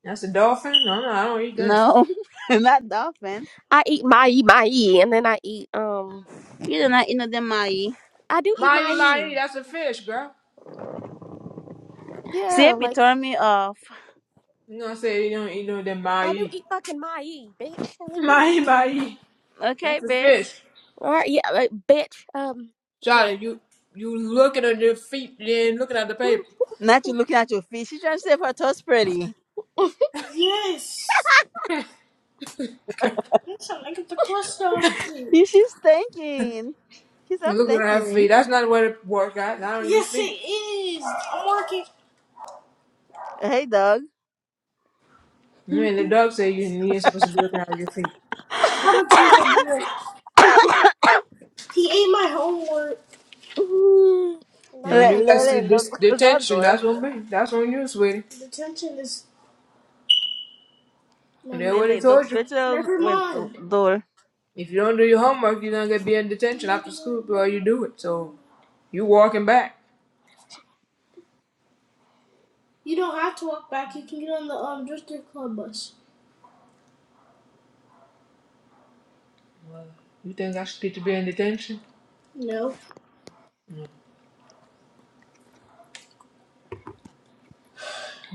Speaker 2: That's a dolphin? No, no, I don't eat that.
Speaker 1: No, not dolphin.
Speaker 3: I eat my my and then I eat um
Speaker 1: You do not eat no damn mahi.
Speaker 3: I do eat
Speaker 2: Mai
Speaker 3: my
Speaker 2: mai, that's a fish, girl.
Speaker 1: See
Speaker 3: Yeah,
Speaker 1: it be
Speaker 3: like
Speaker 1: throwing me off.
Speaker 2: You gonna say You don't eat no damn
Speaker 3: I do
Speaker 2: mai.
Speaker 3: eat fucking my bitch. like, what do
Speaker 2: Mai
Speaker 3: you mean?
Speaker 2: mai,
Speaker 1: Okay,
Speaker 2: that's a
Speaker 1: bitch.
Speaker 2: fish.
Speaker 3: All right, yeah, like, bitch. Um, yeah.
Speaker 2: Charlie, you you looking at your feet, then looking at the paper.
Speaker 1: Not you looking at your feet. She trying to see if her toes pretty.
Speaker 2: Yes. That's not like the question.
Speaker 1: You- She's thinking. She's
Speaker 2: You are
Speaker 1: I'm
Speaker 2: looking at her feet.
Speaker 1: thinking.
Speaker 2: That's not where to work at. Not on your yes, feet. it is. I'm working.
Speaker 1: Hey dog.
Speaker 2: You mean the dog said you you ain't supposed to be looking at your feet. That's even weird. He ate my homework. You
Speaker 3: Now
Speaker 2: know, when
Speaker 3: he
Speaker 1: Let
Speaker 2: you
Speaker 3: ain't
Speaker 2: got
Speaker 3: like
Speaker 2: the
Speaker 1: Lily look
Speaker 2: dis-
Speaker 1: the
Speaker 2: detention,
Speaker 1: door.
Speaker 2: that's on me. That's on you, sweetie. The tension is And that's what he
Speaker 1: Lily look
Speaker 2: told you.
Speaker 1: straight to the
Speaker 2: Never
Speaker 1: window
Speaker 2: mind.
Speaker 1: door.
Speaker 2: If you don't do your homework, you're gonna get be in detention after school before you do it. So you walking back. You don't have to walk back. You can get on the um district club bus. You think I should get to be in detention? No.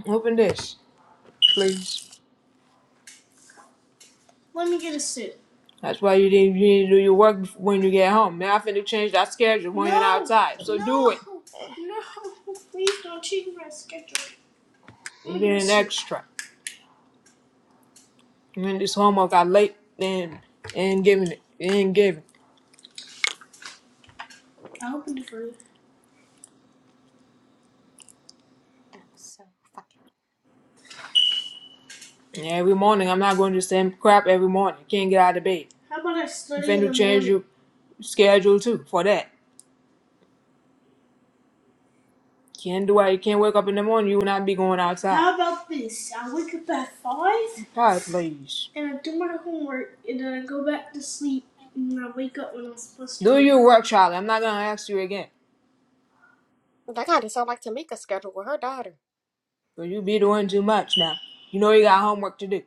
Speaker 2: Open this, please. Let me get a suit. That's why you didn't, you didn't do your work when you get home. Now I finna change that schedule when you're No, you're outside. So do no, do it. no. Please don't change my schedule. Let You get an extra. And then this homework got late and and giving it. And giving. I opened it for you. And every morning I'm not going to do the same crap every morning. Can't get out of bed. How about I You study in finna change your schedule too for that. Can't do it. You can't wake up in the morning. You will not be going outside. How about this? I wake up at five. Five, please. And I do my homework, and then I go back to sleep, and I wake up when I'm supposed to. Do your work, Charlie. I'm not gonna ask you again.
Speaker 3: that kind of sound like Tamika's schedule with her daughter.
Speaker 2: Cause you be doing too much now. You know you got homework to do.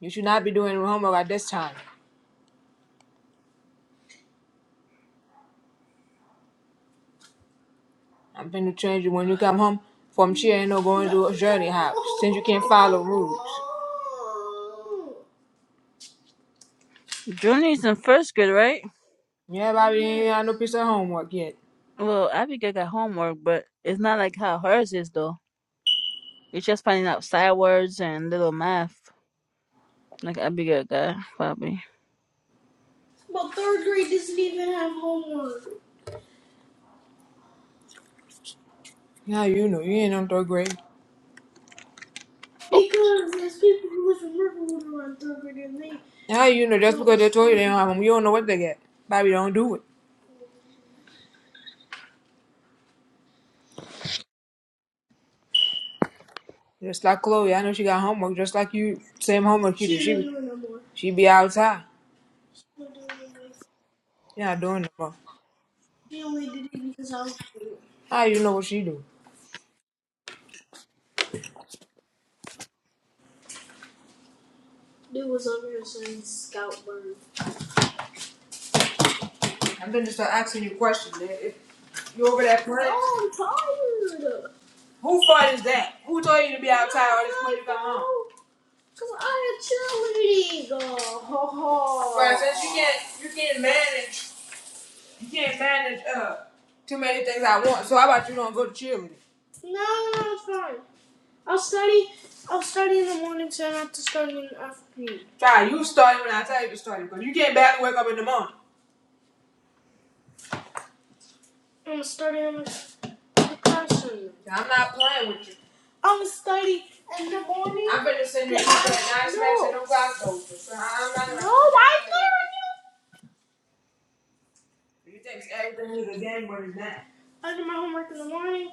Speaker 2: You should not be doing homework at this time. I'm gonna change you when you come home from here. Ain't no going to a journey house since you can't follow rules.
Speaker 1: Junior's in first grade, right?
Speaker 2: Yeah, Bobby, ain't got no piece of homework yet.
Speaker 1: Well, Abigail got homework, but it's not like how hers is though. It's just finding out side words and little math. Like Abigail got probably.
Speaker 2: But third grade doesn't even have homework. How you know you ain't on third grade? Because there's people who live in Riverwood who are in third grade and they How you know just because they told you they don't have homework, you don't know what they get. Bobby don't do it. Just like Chloe, I know she got homework, just like you, same homework you She do. didn't do it no more. she be outside. She don't do it no more. She not doing no more. She only did it because I was doing it. How you know what she do? Dude was over here saying scout bird. I'm gonna just start asking you questions. man. If you over that prayer? No, I'm tired. Who fault is that? Who told you to be outside all this when you come home? Cause I'm a cheerleader. Oh. Right, since you can't, you can't manage, you can't manage uh too many things at once. So how about you don't go to cheerleading? No, no, it's fine. I'll study. I'll study in the morning, so I don't have to study in the afternoon. Try you study when I tell you to study, Cause you can't barely wake up in the morning. I'm studying. on my I'm not playing with you. I'm gonna study in the morning. I'm finna send you But to that nice match and no, them rock coasters. So I'm not no, gonna why is that? You think everything is a game when it's not. I do my homework in the morning.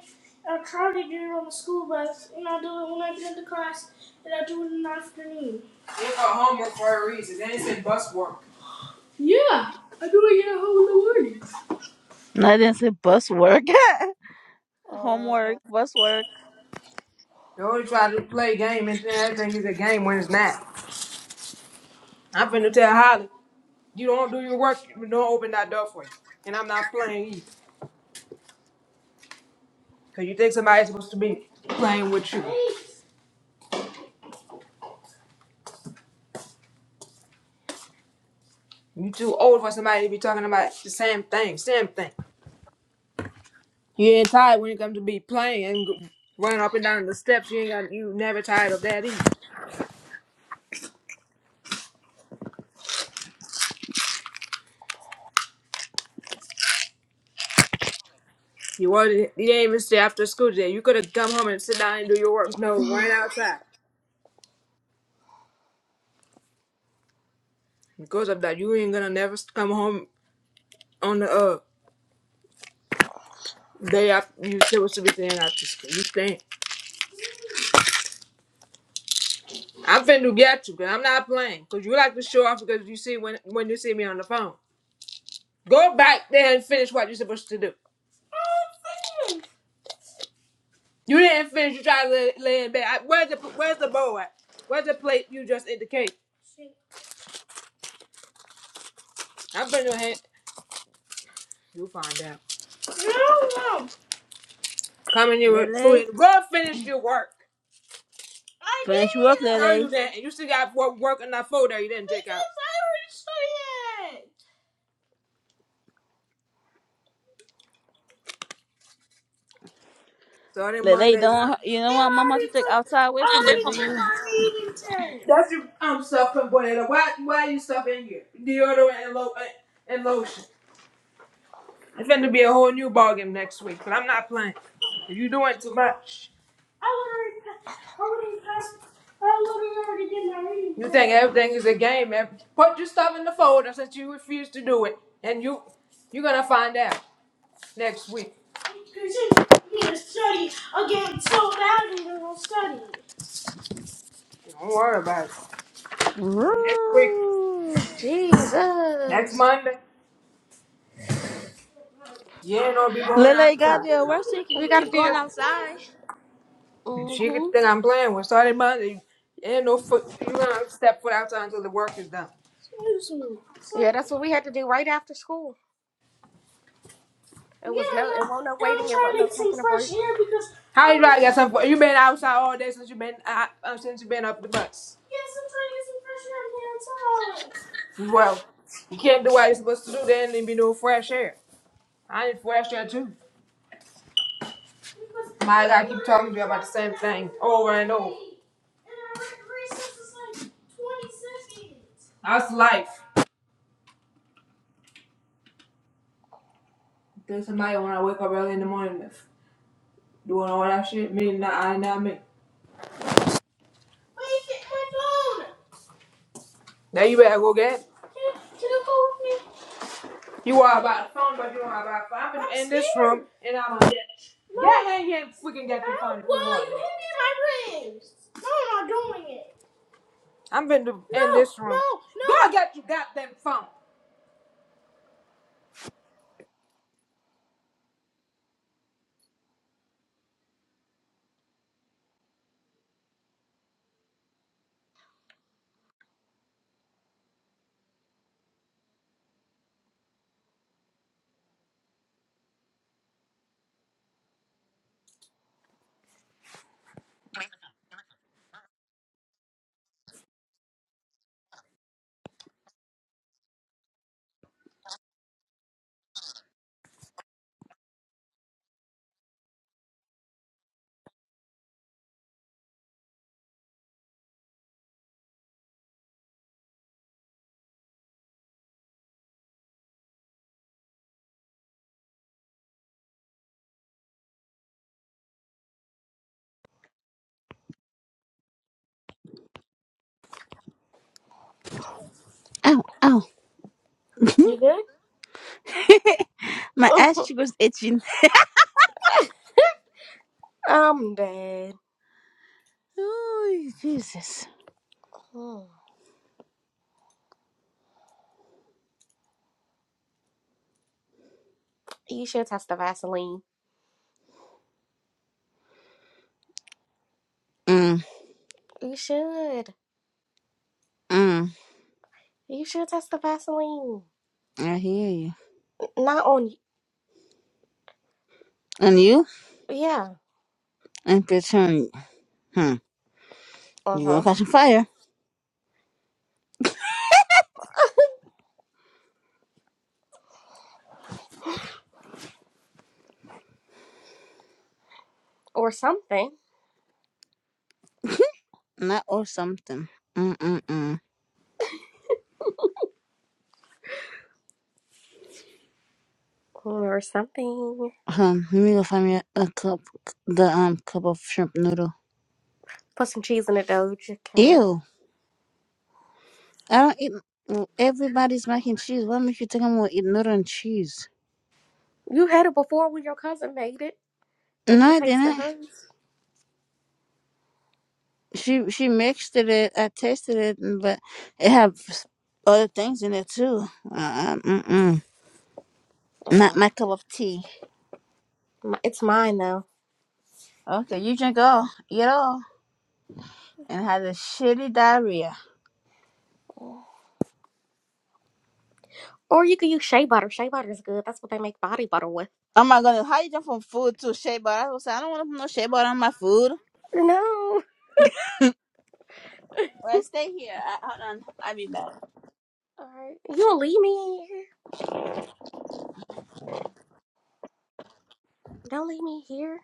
Speaker 2: I try to do it on the school bus, and I do it when I get into class, and I do it in the afternoon. They call homework for a reason. They ain't said bus work.
Speaker 1: And I didn't say bus work. homework, bus work.
Speaker 2: They always try to play a game and think everything is a game when it's not. I'm finna tell Holly. You don't do your work, you don't open that door for you. And I'm not playing either. Because you think somebody's supposed to be playing with you. You too old for somebody to be talking about the same thing, same thing. You ain't tired when it comes to be playing and go- running up and down the steps. You ain't got, you never tired of that either. You wasn't, you didn't even stay after school today. You could have come home and sit down and do your work. No, right outside. Because of that, you ain't gonna never come home on the uh, day after you supposed to be staying after school. You staying. I'm finna get you, cause I'm not playing. Cause you like to show off because you see when when you see me on the phone. Go back there and finish what you're supposed to do. You didn't finish. You try to lay, lay in bed. I, where's the where's the bowl at? Where's the plate you just ate the cake? I'm finna hand. You'll find out. No, no. Come in with food
Speaker 1: Lily.
Speaker 2: and go finish your work. I
Speaker 1: Finish work,
Speaker 2: did. No,
Speaker 1: Lily.
Speaker 2: you didn't. You still got work work in that folder you didn't take out. Because I already started. Starting
Speaker 1: Lele,
Speaker 2: Mondays. huh?
Speaker 1: don't you
Speaker 2: Yeah,
Speaker 1: don't want
Speaker 2: I
Speaker 1: mama to
Speaker 2: already
Speaker 1: take
Speaker 2: took.
Speaker 1: outside away from you,
Speaker 2: I
Speaker 1: do
Speaker 2: already took
Speaker 1: you?
Speaker 2: my eating test. That's your um self component. Why why you stuff in here? Deodorant and lo and lotion. It's gonna be a whole new ballgame next week, but I'm not playing. You doing too much. I already pa- I already passed. I literally already did my reading. You think everything is a game, man? Put your stuff in the folder since you refuse to do it, and you you're gonna find out next week. Because you need to study again so badly to go study. Don't worry about it. But next week,
Speaker 1: Woo.
Speaker 2: next
Speaker 3: Jesus,
Speaker 2: Monday, you ain't gonna be going
Speaker 1: Lele got
Speaker 2: outside.
Speaker 1: the worst so you
Speaker 3: we
Speaker 1: can
Speaker 3: gotta
Speaker 1: keep
Speaker 3: do.
Speaker 1: going outside.
Speaker 2: And she could
Speaker 3: Mm-hmm.
Speaker 2: think I'm playing with starting Monday. You ain't no foot. You gonna step foot outside until the work is done.
Speaker 3: Yeah, that's what we had to do right after school. It
Speaker 2: Yeah,
Speaker 3: was no, it
Speaker 2: and, I,
Speaker 3: wasn't no
Speaker 2: and I'm
Speaker 3: waiting. It
Speaker 2: trying
Speaker 3: wasn't
Speaker 2: to
Speaker 3: no
Speaker 2: get some
Speaker 3: taking a
Speaker 2: fresh
Speaker 3: break.
Speaker 2: air because How you about to get some? You been outside all day since you been uh, uh, since you been up the bus. yes, I'm trying to get some fresh air to get outside. Well, you can't do what you're supposed to do then and be no fresh air. I need fresh air too. Because My God, I keep talking to you about the same thing over and over. and our recess is like 20 seconds. That's life. There's somebody when I wake up early in the morning doing all that shit. Me, not I, not me. Wait, my phone. Now you better go get. it. Can You go with me? You are about the phone, but you are about phone. I'm, in this room, and I'm gonna get. Yeah, yeah, yeah. Freaking get your phone. if you doing it. Doing it. I'm in, the, no, in this room. No, no. Go get your goddamn phone.
Speaker 1: Ow, ow.
Speaker 3: You good?
Speaker 1: My ass cheek was itching.
Speaker 3: I'm dead.
Speaker 1: Ooh, Jesus.
Speaker 3: Hmm. You should test the Vaseline.
Speaker 1: Mm,
Speaker 3: You should.
Speaker 1: mm,
Speaker 3: You should test the Vaseline.
Speaker 1: I hear you.
Speaker 3: Not on.
Speaker 1: And you?
Speaker 3: Yeah.
Speaker 1: And pretend, hmm,
Speaker 3: Uh
Speaker 1: you gonna
Speaker 3: huh.
Speaker 1: catch a fire.
Speaker 3: Or something.
Speaker 1: Not or something. Mm, mm, mm.
Speaker 3: Or something.
Speaker 1: Huh, let me go find me a, a cup, the um cup of shrimp noodle.
Speaker 3: Put some cheese in it, Doja Cat.
Speaker 1: Ew. I don't eat. mm, Everybody's mac and cheese. What makes you think I'm gonna eat noodle and cheese?
Speaker 3: You had it before when your cousin made it, and
Speaker 1: No,
Speaker 3: you
Speaker 1: I
Speaker 3: tasted
Speaker 1: didn't.
Speaker 3: hers.
Speaker 1: She she mixed it. I tasted it, mm, but it had other things in it too. Uh, mm-mm. Not
Speaker 3: Yeah,
Speaker 1: my cup of tea.
Speaker 3: m- it's mine now.
Speaker 1: Okay, you drink all, eat all, and had a shitty diarrhea.
Speaker 3: Or you could use shea butter. Shea butter is good. That's what they make body butter with.
Speaker 1: Oh my goodness, how you jump from food to shea butter? I was like, I don't want to put no shea butter on my food.
Speaker 3: No. All
Speaker 1: Well, stay here. I, hold on, I'll be back.
Speaker 3: right. You don't leave me here. Don't leave me here.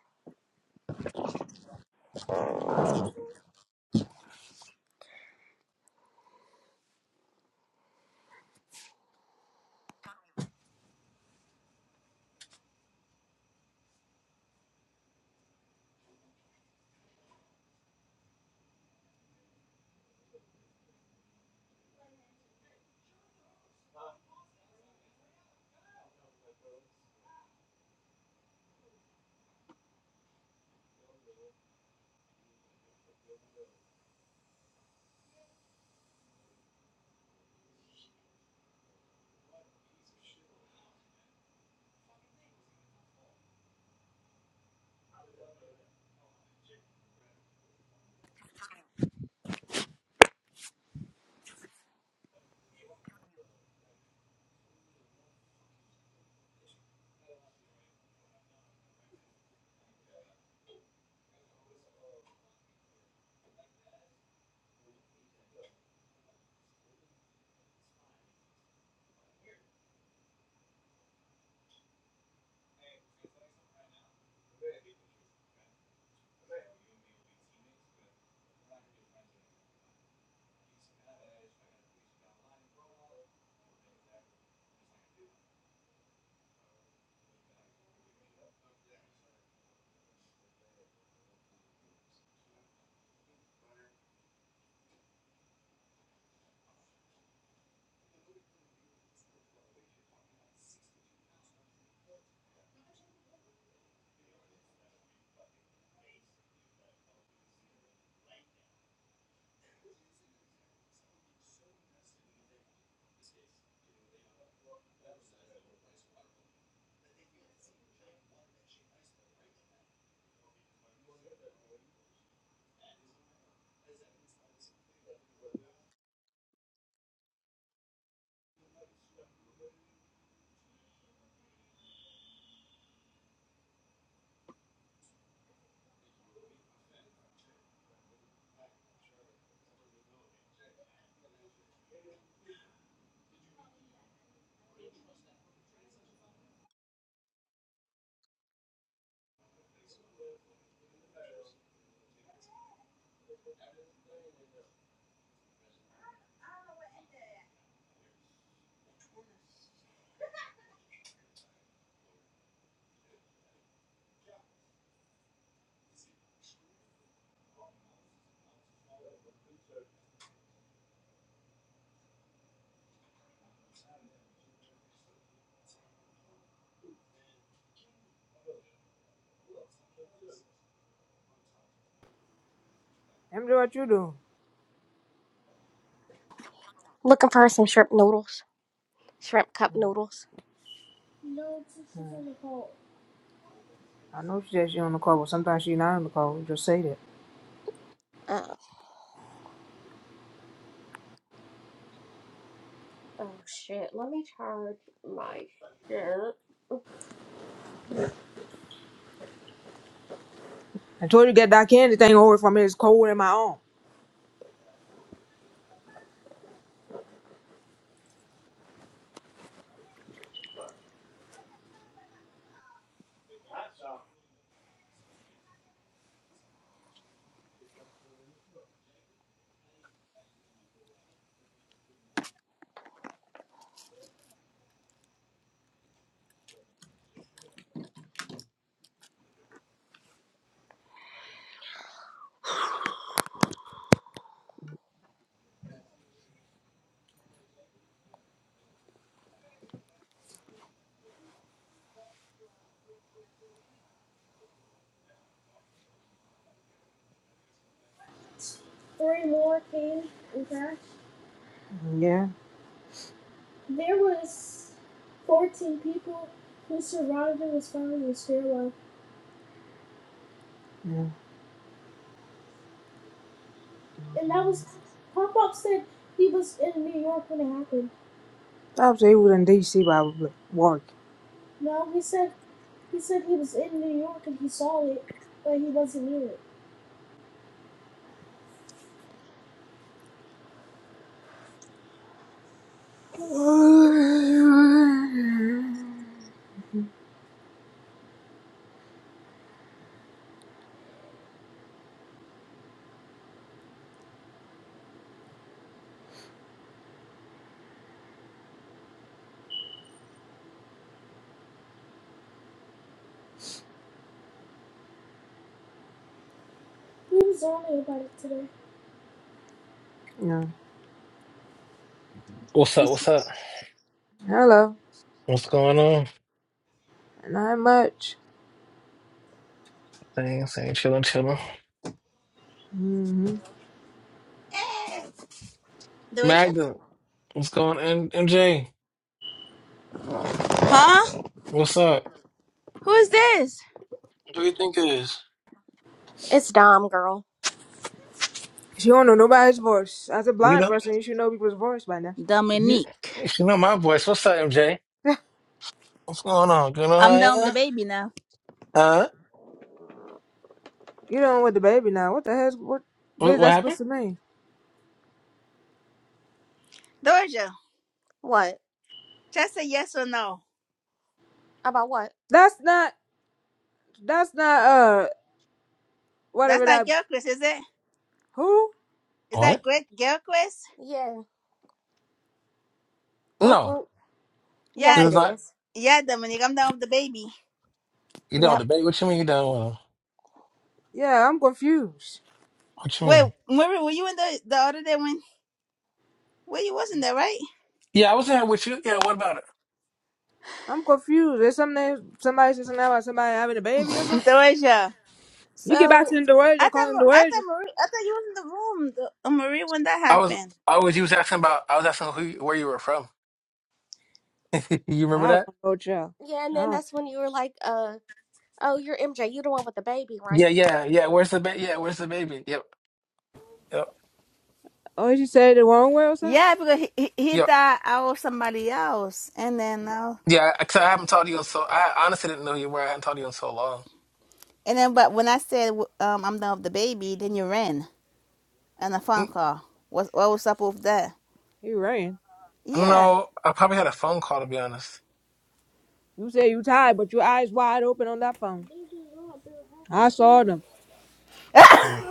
Speaker 2: Let me do what you do.
Speaker 3: Looking for some shrimp noodles. Shrimp cup noodles.
Speaker 2: No, she's hmm. on the call. I know she said she's on the call, but sometimes she's not on the call. Just say that.
Speaker 3: Uh,
Speaker 2: I told you get that candy thing over from me. It's colder than my own. Three more cans in cash. Yeah. There's fourteen people. whose father was found in the stairwell. Yeah. And that was Pop Pop said he was in New York when it happened. Stop saying what in D.C. about work. No, he said he says in New York and he saw it right here. Yeah.
Speaker 9: What's up? What's up?
Speaker 2: Hello.
Speaker 9: What's going on?
Speaker 2: Not much.
Speaker 9: Things ain't chilling, chilling.
Speaker 2: mm hmm
Speaker 1: Hey, the waitress?
Speaker 9: Magda, what's going on? M- MJ,
Speaker 1: Huh?
Speaker 9: what's up?
Speaker 1: Who is this?
Speaker 9: Who you think it is?
Speaker 3: it's Dom, girl.
Speaker 2: She don't know nobody's voice. As a
Speaker 9: You
Speaker 2: blind
Speaker 9: know,
Speaker 2: person, you should know people's voice by now.
Speaker 9: you,
Speaker 1: Dominique.
Speaker 9: you know my voice. What's up, MJ? What's going on? You know how
Speaker 1: I'm
Speaker 9: I
Speaker 1: done with the
Speaker 9: am?
Speaker 1: baby now.
Speaker 9: Huh?
Speaker 2: you don't with the baby now. What the hell? what? What
Speaker 9: What,
Speaker 2: is
Speaker 9: what
Speaker 2: that supposed
Speaker 9: happened?
Speaker 2: to mean?
Speaker 1: Doja,
Speaker 3: What?
Speaker 1: just a yes or no.
Speaker 3: About what?
Speaker 2: That's not. That's not. Uh,
Speaker 1: That's
Speaker 2: whatever
Speaker 1: not
Speaker 2: that.
Speaker 1: girl quiz, is it?
Speaker 2: Who?
Speaker 1: Is that
Speaker 9: What?
Speaker 1: great girl quiz?
Speaker 3: Yeah.
Speaker 2: What's
Speaker 9: No,
Speaker 2: wrong?
Speaker 9: this
Speaker 3: Yes,
Speaker 1: Yeah,
Speaker 3: it
Speaker 9: is not.
Speaker 3: is.
Speaker 1: yeah, Dominique, I'm done with the baby.
Speaker 9: You don't
Speaker 3: Yep.
Speaker 9: debate. What you mean you don't want to?
Speaker 2: Yeah, I'm confused.
Speaker 9: What you
Speaker 1: Wait,
Speaker 9: mean?
Speaker 1: Marie, were you in the, the other day when well you wasn't there, right?
Speaker 9: Yeah, I was in here with you. Yeah, what about it?
Speaker 2: I'm confused. There's something somebody said something about somebody having a baby or something.
Speaker 1: Doja.
Speaker 2: You get back
Speaker 3: So,
Speaker 2: to the
Speaker 1: I
Speaker 2: Doja,
Speaker 1: thought
Speaker 2: calling
Speaker 1: Ma- I
Speaker 2: Doja.
Speaker 1: thought Marie I thought you was in the room, the, uh, Marie, when that
Speaker 9: I was.
Speaker 1: happened.
Speaker 9: I was. You was asking about. I was asking who, you- where you were from. you remember
Speaker 2: I don't
Speaker 9: that?
Speaker 2: know, Joe.
Speaker 3: yeah, and
Speaker 2: I
Speaker 3: then
Speaker 2: don't.
Speaker 3: that's when you were like, uh, oh, you're MJ. You're the one with the baby,
Speaker 9: Yeah,
Speaker 3: right?
Speaker 9: yeah, yeah. Where's the baby? Yeah, where's the baby? Yep, yep,
Speaker 2: Oh, she said it the wrong way or something.
Speaker 1: Yeah, because he, he, he
Speaker 9: yep.
Speaker 1: thought I was somebody else, and then uh,
Speaker 9: Yeah, because I haven't talked to you in so. I honestly didn't know you were. I hadn't talked to you in so long.
Speaker 1: and then but when I said um I'm done with the baby, then you ran on a
Speaker 9: N-
Speaker 1: phone call. What what was up with that?
Speaker 2: You ran.
Speaker 1: Yeah.
Speaker 9: No, I probably had a phone call to be honest.
Speaker 2: You said you tired, but your eyes wide open on that phone. I saw them.
Speaker 9: Mm.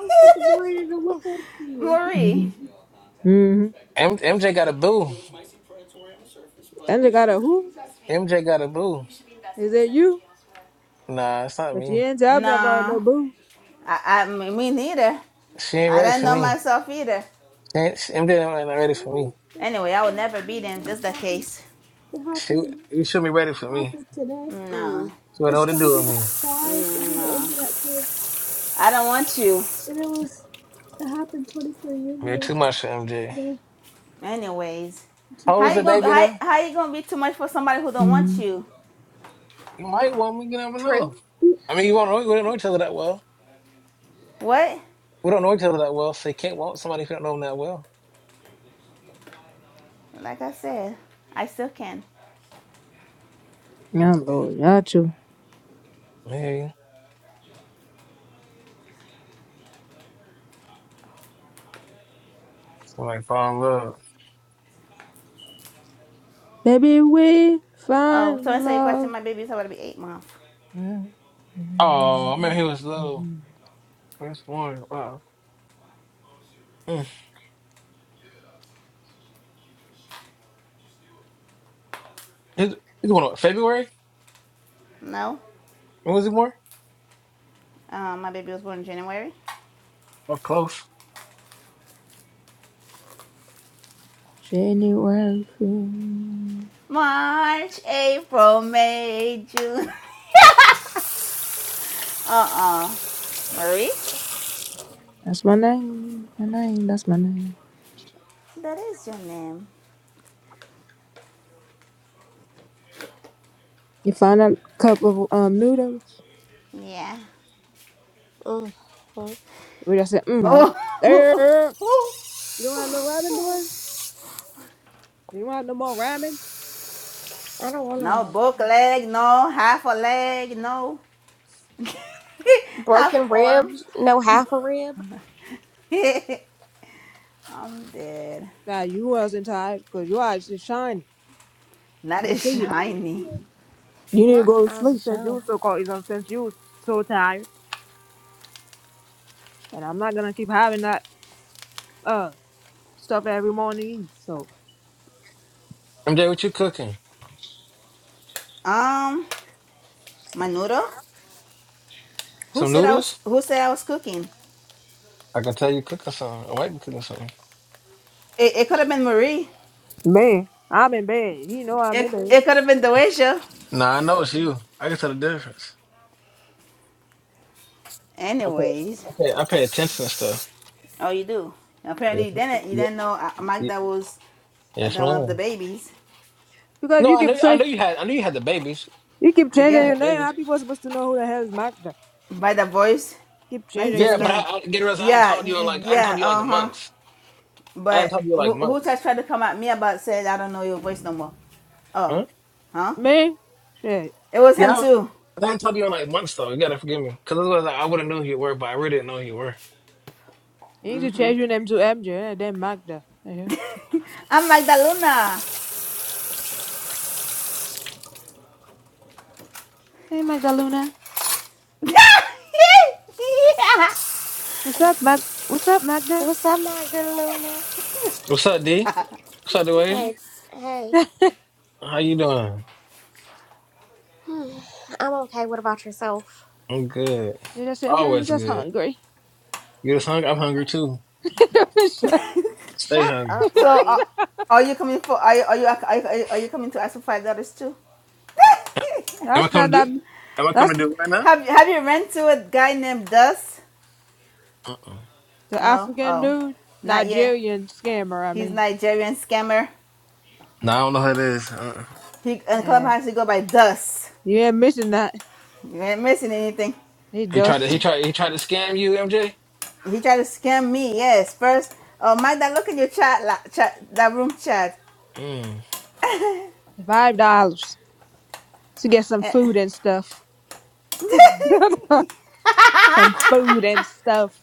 Speaker 1: Marie.
Speaker 2: Mm-hmm. mm-hmm.
Speaker 9: M- MJ got a boo.
Speaker 2: And they got a who?
Speaker 9: MJ got a boo.
Speaker 2: Is it you?
Speaker 9: Nah, it's not
Speaker 2: But you
Speaker 9: me.
Speaker 2: didn't tell me about no
Speaker 1: No,
Speaker 2: boo.
Speaker 1: I, I me neither.
Speaker 9: She ain't
Speaker 1: I
Speaker 9: ready
Speaker 1: don't
Speaker 9: for
Speaker 2: Yeah.
Speaker 1: know
Speaker 9: me.
Speaker 1: myself either.
Speaker 9: She ain't, she, MJ ain't ready for me.
Speaker 1: Anyway, I would never be them. Just the case.
Speaker 9: She you should be ready for me.
Speaker 1: No,
Speaker 3: Mm.
Speaker 9: She would
Speaker 2: It
Speaker 9: know what to do
Speaker 2: started
Speaker 9: with
Speaker 2: at
Speaker 9: me.
Speaker 2: five and then it
Speaker 1: no,
Speaker 2: ended at ten.
Speaker 1: I don't want you.
Speaker 9: You're too much for MJ.
Speaker 1: Anyways,
Speaker 9: How old is
Speaker 1: how
Speaker 9: the
Speaker 1: you gonna
Speaker 9: baby
Speaker 1: how
Speaker 9: now?
Speaker 1: how you gonna be too much for somebody who don't want
Speaker 2: Mm.
Speaker 1: you?
Speaker 9: You might want me. You never
Speaker 3: True.
Speaker 9: know. I mean, you won't know. We don't know each other that well.
Speaker 1: What?
Speaker 9: We don't know each other that well, so you can't want somebody who don't know them that well.
Speaker 1: Like I said, I still can.
Speaker 2: Oh
Speaker 9: Okay,
Speaker 2: Lord, y'all too.
Speaker 9: maybe. Somebody fall in love.
Speaker 2: Maybe we
Speaker 1: Oh,
Speaker 2: find
Speaker 1: so answer your question.
Speaker 2: love.
Speaker 1: My baby's about to be eight months.
Speaker 9: Oh, I remember he was little. First one. Wow. Mm. He's, he's one of February?
Speaker 1: No.
Speaker 9: When was he born?
Speaker 1: Um, my baby was born in January.
Speaker 9: Oh, close.
Speaker 2: January. February.
Speaker 1: March, April, May, June. Uh-uh. Marie?
Speaker 2: That's my name. My name. That's my name.
Speaker 1: That is your name.
Speaker 2: You find a cup of um noodles.
Speaker 1: Yeah.
Speaker 3: Mm.
Speaker 2: We just said, mm, I
Speaker 1: Oh.
Speaker 2: wish. There. You don't have no ramen doors. You don't have no more ramen.
Speaker 3: I don't want
Speaker 1: no
Speaker 3: to.
Speaker 1: book leg, no half a leg, no half
Speaker 3: Broken
Speaker 1: arm.
Speaker 3: ribs, no half a rib.
Speaker 1: I'm dead.
Speaker 2: Nah, you wasn't tired because your eyes is shiny.
Speaker 1: Not
Speaker 2: I
Speaker 1: as
Speaker 2: see it.
Speaker 1: shiny.
Speaker 2: You need to
Speaker 3: Not
Speaker 2: go to
Speaker 3: as a
Speaker 2: sleep since you
Speaker 3: show.
Speaker 2: were so cold. you know, Since you was so tired. and I'm not gonna keep having that uh stuff every morning. either. So
Speaker 9: MJ, what you cooking?
Speaker 1: Um, my noodle. Who
Speaker 9: Some
Speaker 1: said I was?
Speaker 9: noodles?
Speaker 1: Who said I was cooking?
Speaker 9: I can tell you cooking something. I might be cooking something.
Speaker 1: It, it could have been Marie.
Speaker 2: man, I'm in bed. You know I'm
Speaker 1: It
Speaker 2: in bed
Speaker 1: it could have been Doasia.
Speaker 9: Nah, I know it's you. I can tell the difference. I pay,
Speaker 1: Anyways,
Speaker 9: I pay, I pay attention to stuff.
Speaker 1: oh, you do.
Speaker 9: Yes,
Speaker 1: Apparently, you didn't. You
Speaker 9: yes,
Speaker 1: didn't know uh,
Speaker 9: yes,
Speaker 1: Magda was uh,
Speaker 9: yes,
Speaker 1: the one of the
Speaker 9: ma'am.
Speaker 1: babies.
Speaker 2: because
Speaker 9: No,
Speaker 2: you
Speaker 9: I
Speaker 2: keep
Speaker 9: knew, I
Speaker 2: saying
Speaker 9: knew you had, I knew you had the babies.
Speaker 2: you keep
Speaker 9: I knew
Speaker 2: changing
Speaker 9: you
Speaker 1: Yeah.
Speaker 2: your
Speaker 9: had
Speaker 2: name. How
Speaker 9: babies.
Speaker 2: people supposed to know who the hell is Magda?
Speaker 1: by the voice,
Speaker 2: Keep
Speaker 1: like he
Speaker 2: changing
Speaker 1: just
Speaker 9: Yeah,
Speaker 2: your
Speaker 9: but I,
Speaker 1: came.
Speaker 2: name,
Speaker 9: I get the rest. I hadn't
Speaker 1: Yeah,
Speaker 9: talked to
Speaker 1: y-
Speaker 9: you in like, I hadn't talked
Speaker 1: yeah,
Speaker 9: to you in like
Speaker 1: uh huh.
Speaker 9: months. I hadn't
Speaker 1: But
Speaker 9: talked to you in
Speaker 1: who
Speaker 9: like
Speaker 1: who
Speaker 9: months.
Speaker 1: just tried to come at me about said I don't know your voice no more? Oh,
Speaker 9: Huh?
Speaker 1: huh?
Speaker 2: man. Shit,
Speaker 1: It was him
Speaker 9: Yeah, I
Speaker 1: too.
Speaker 9: haven't talked to you in like months though. You gotta forgive me, cause otherwise I would have knew who you were, but I really didn't know who you were.
Speaker 2: you need to change your name to MJ and then Magda. Yeah.
Speaker 1: I'm like the Luna.
Speaker 2: Hey Magda Luna, what's up,
Speaker 3: Oh,
Speaker 2: Mag? What's up, Magda?
Speaker 3: What's up, Magdalena?
Speaker 9: What's up, D? What's up, New Asian?
Speaker 3: Hey, hey.
Speaker 9: How you doing?
Speaker 3: Hmm, I'm okay. What about yourself?
Speaker 9: I'm good.
Speaker 2: They just say, hmm,
Speaker 9: Always
Speaker 2: just
Speaker 9: good.
Speaker 2: hungry.
Speaker 9: You just hungry? I'm hungry too. Stay
Speaker 3: Shut
Speaker 9: hungry.
Speaker 3: up,
Speaker 1: so uh,
Speaker 3: Marie.
Speaker 1: are you coming for? Are you are you are you, are you coming to ask for five dollars too?
Speaker 9: Am I
Speaker 2: That's not
Speaker 9: coming to
Speaker 2: that.
Speaker 9: do? Am I
Speaker 2: That's
Speaker 9: coming to do it right now?
Speaker 1: have you have you ran to a guy named Dust?
Speaker 9: Uh-uh.
Speaker 2: the
Speaker 1: No.
Speaker 2: African
Speaker 1: Oh,
Speaker 2: dude,
Speaker 1: not yet.
Speaker 2: Nigerian scammer. I
Speaker 1: He's
Speaker 2: mean,
Speaker 1: Nigerian scammer.
Speaker 9: No, I don't know who it is. Uh-uh.
Speaker 1: He in
Speaker 2: yeah,
Speaker 1: clubhouse he go by Dust.
Speaker 2: you ain't missing that.
Speaker 1: You ain't missing anything.
Speaker 2: It
Speaker 9: He
Speaker 1: Uh,
Speaker 9: tried to. He
Speaker 2: does.
Speaker 9: tried. He tried to scam you, MJ.
Speaker 1: he tried to scam me. Yes, first. Oh, Magda, look at your chat, la, chat that room chat.
Speaker 9: Mm.
Speaker 2: Five dollars to get some
Speaker 1: Eh.
Speaker 2: food and stuff. some food and stuff.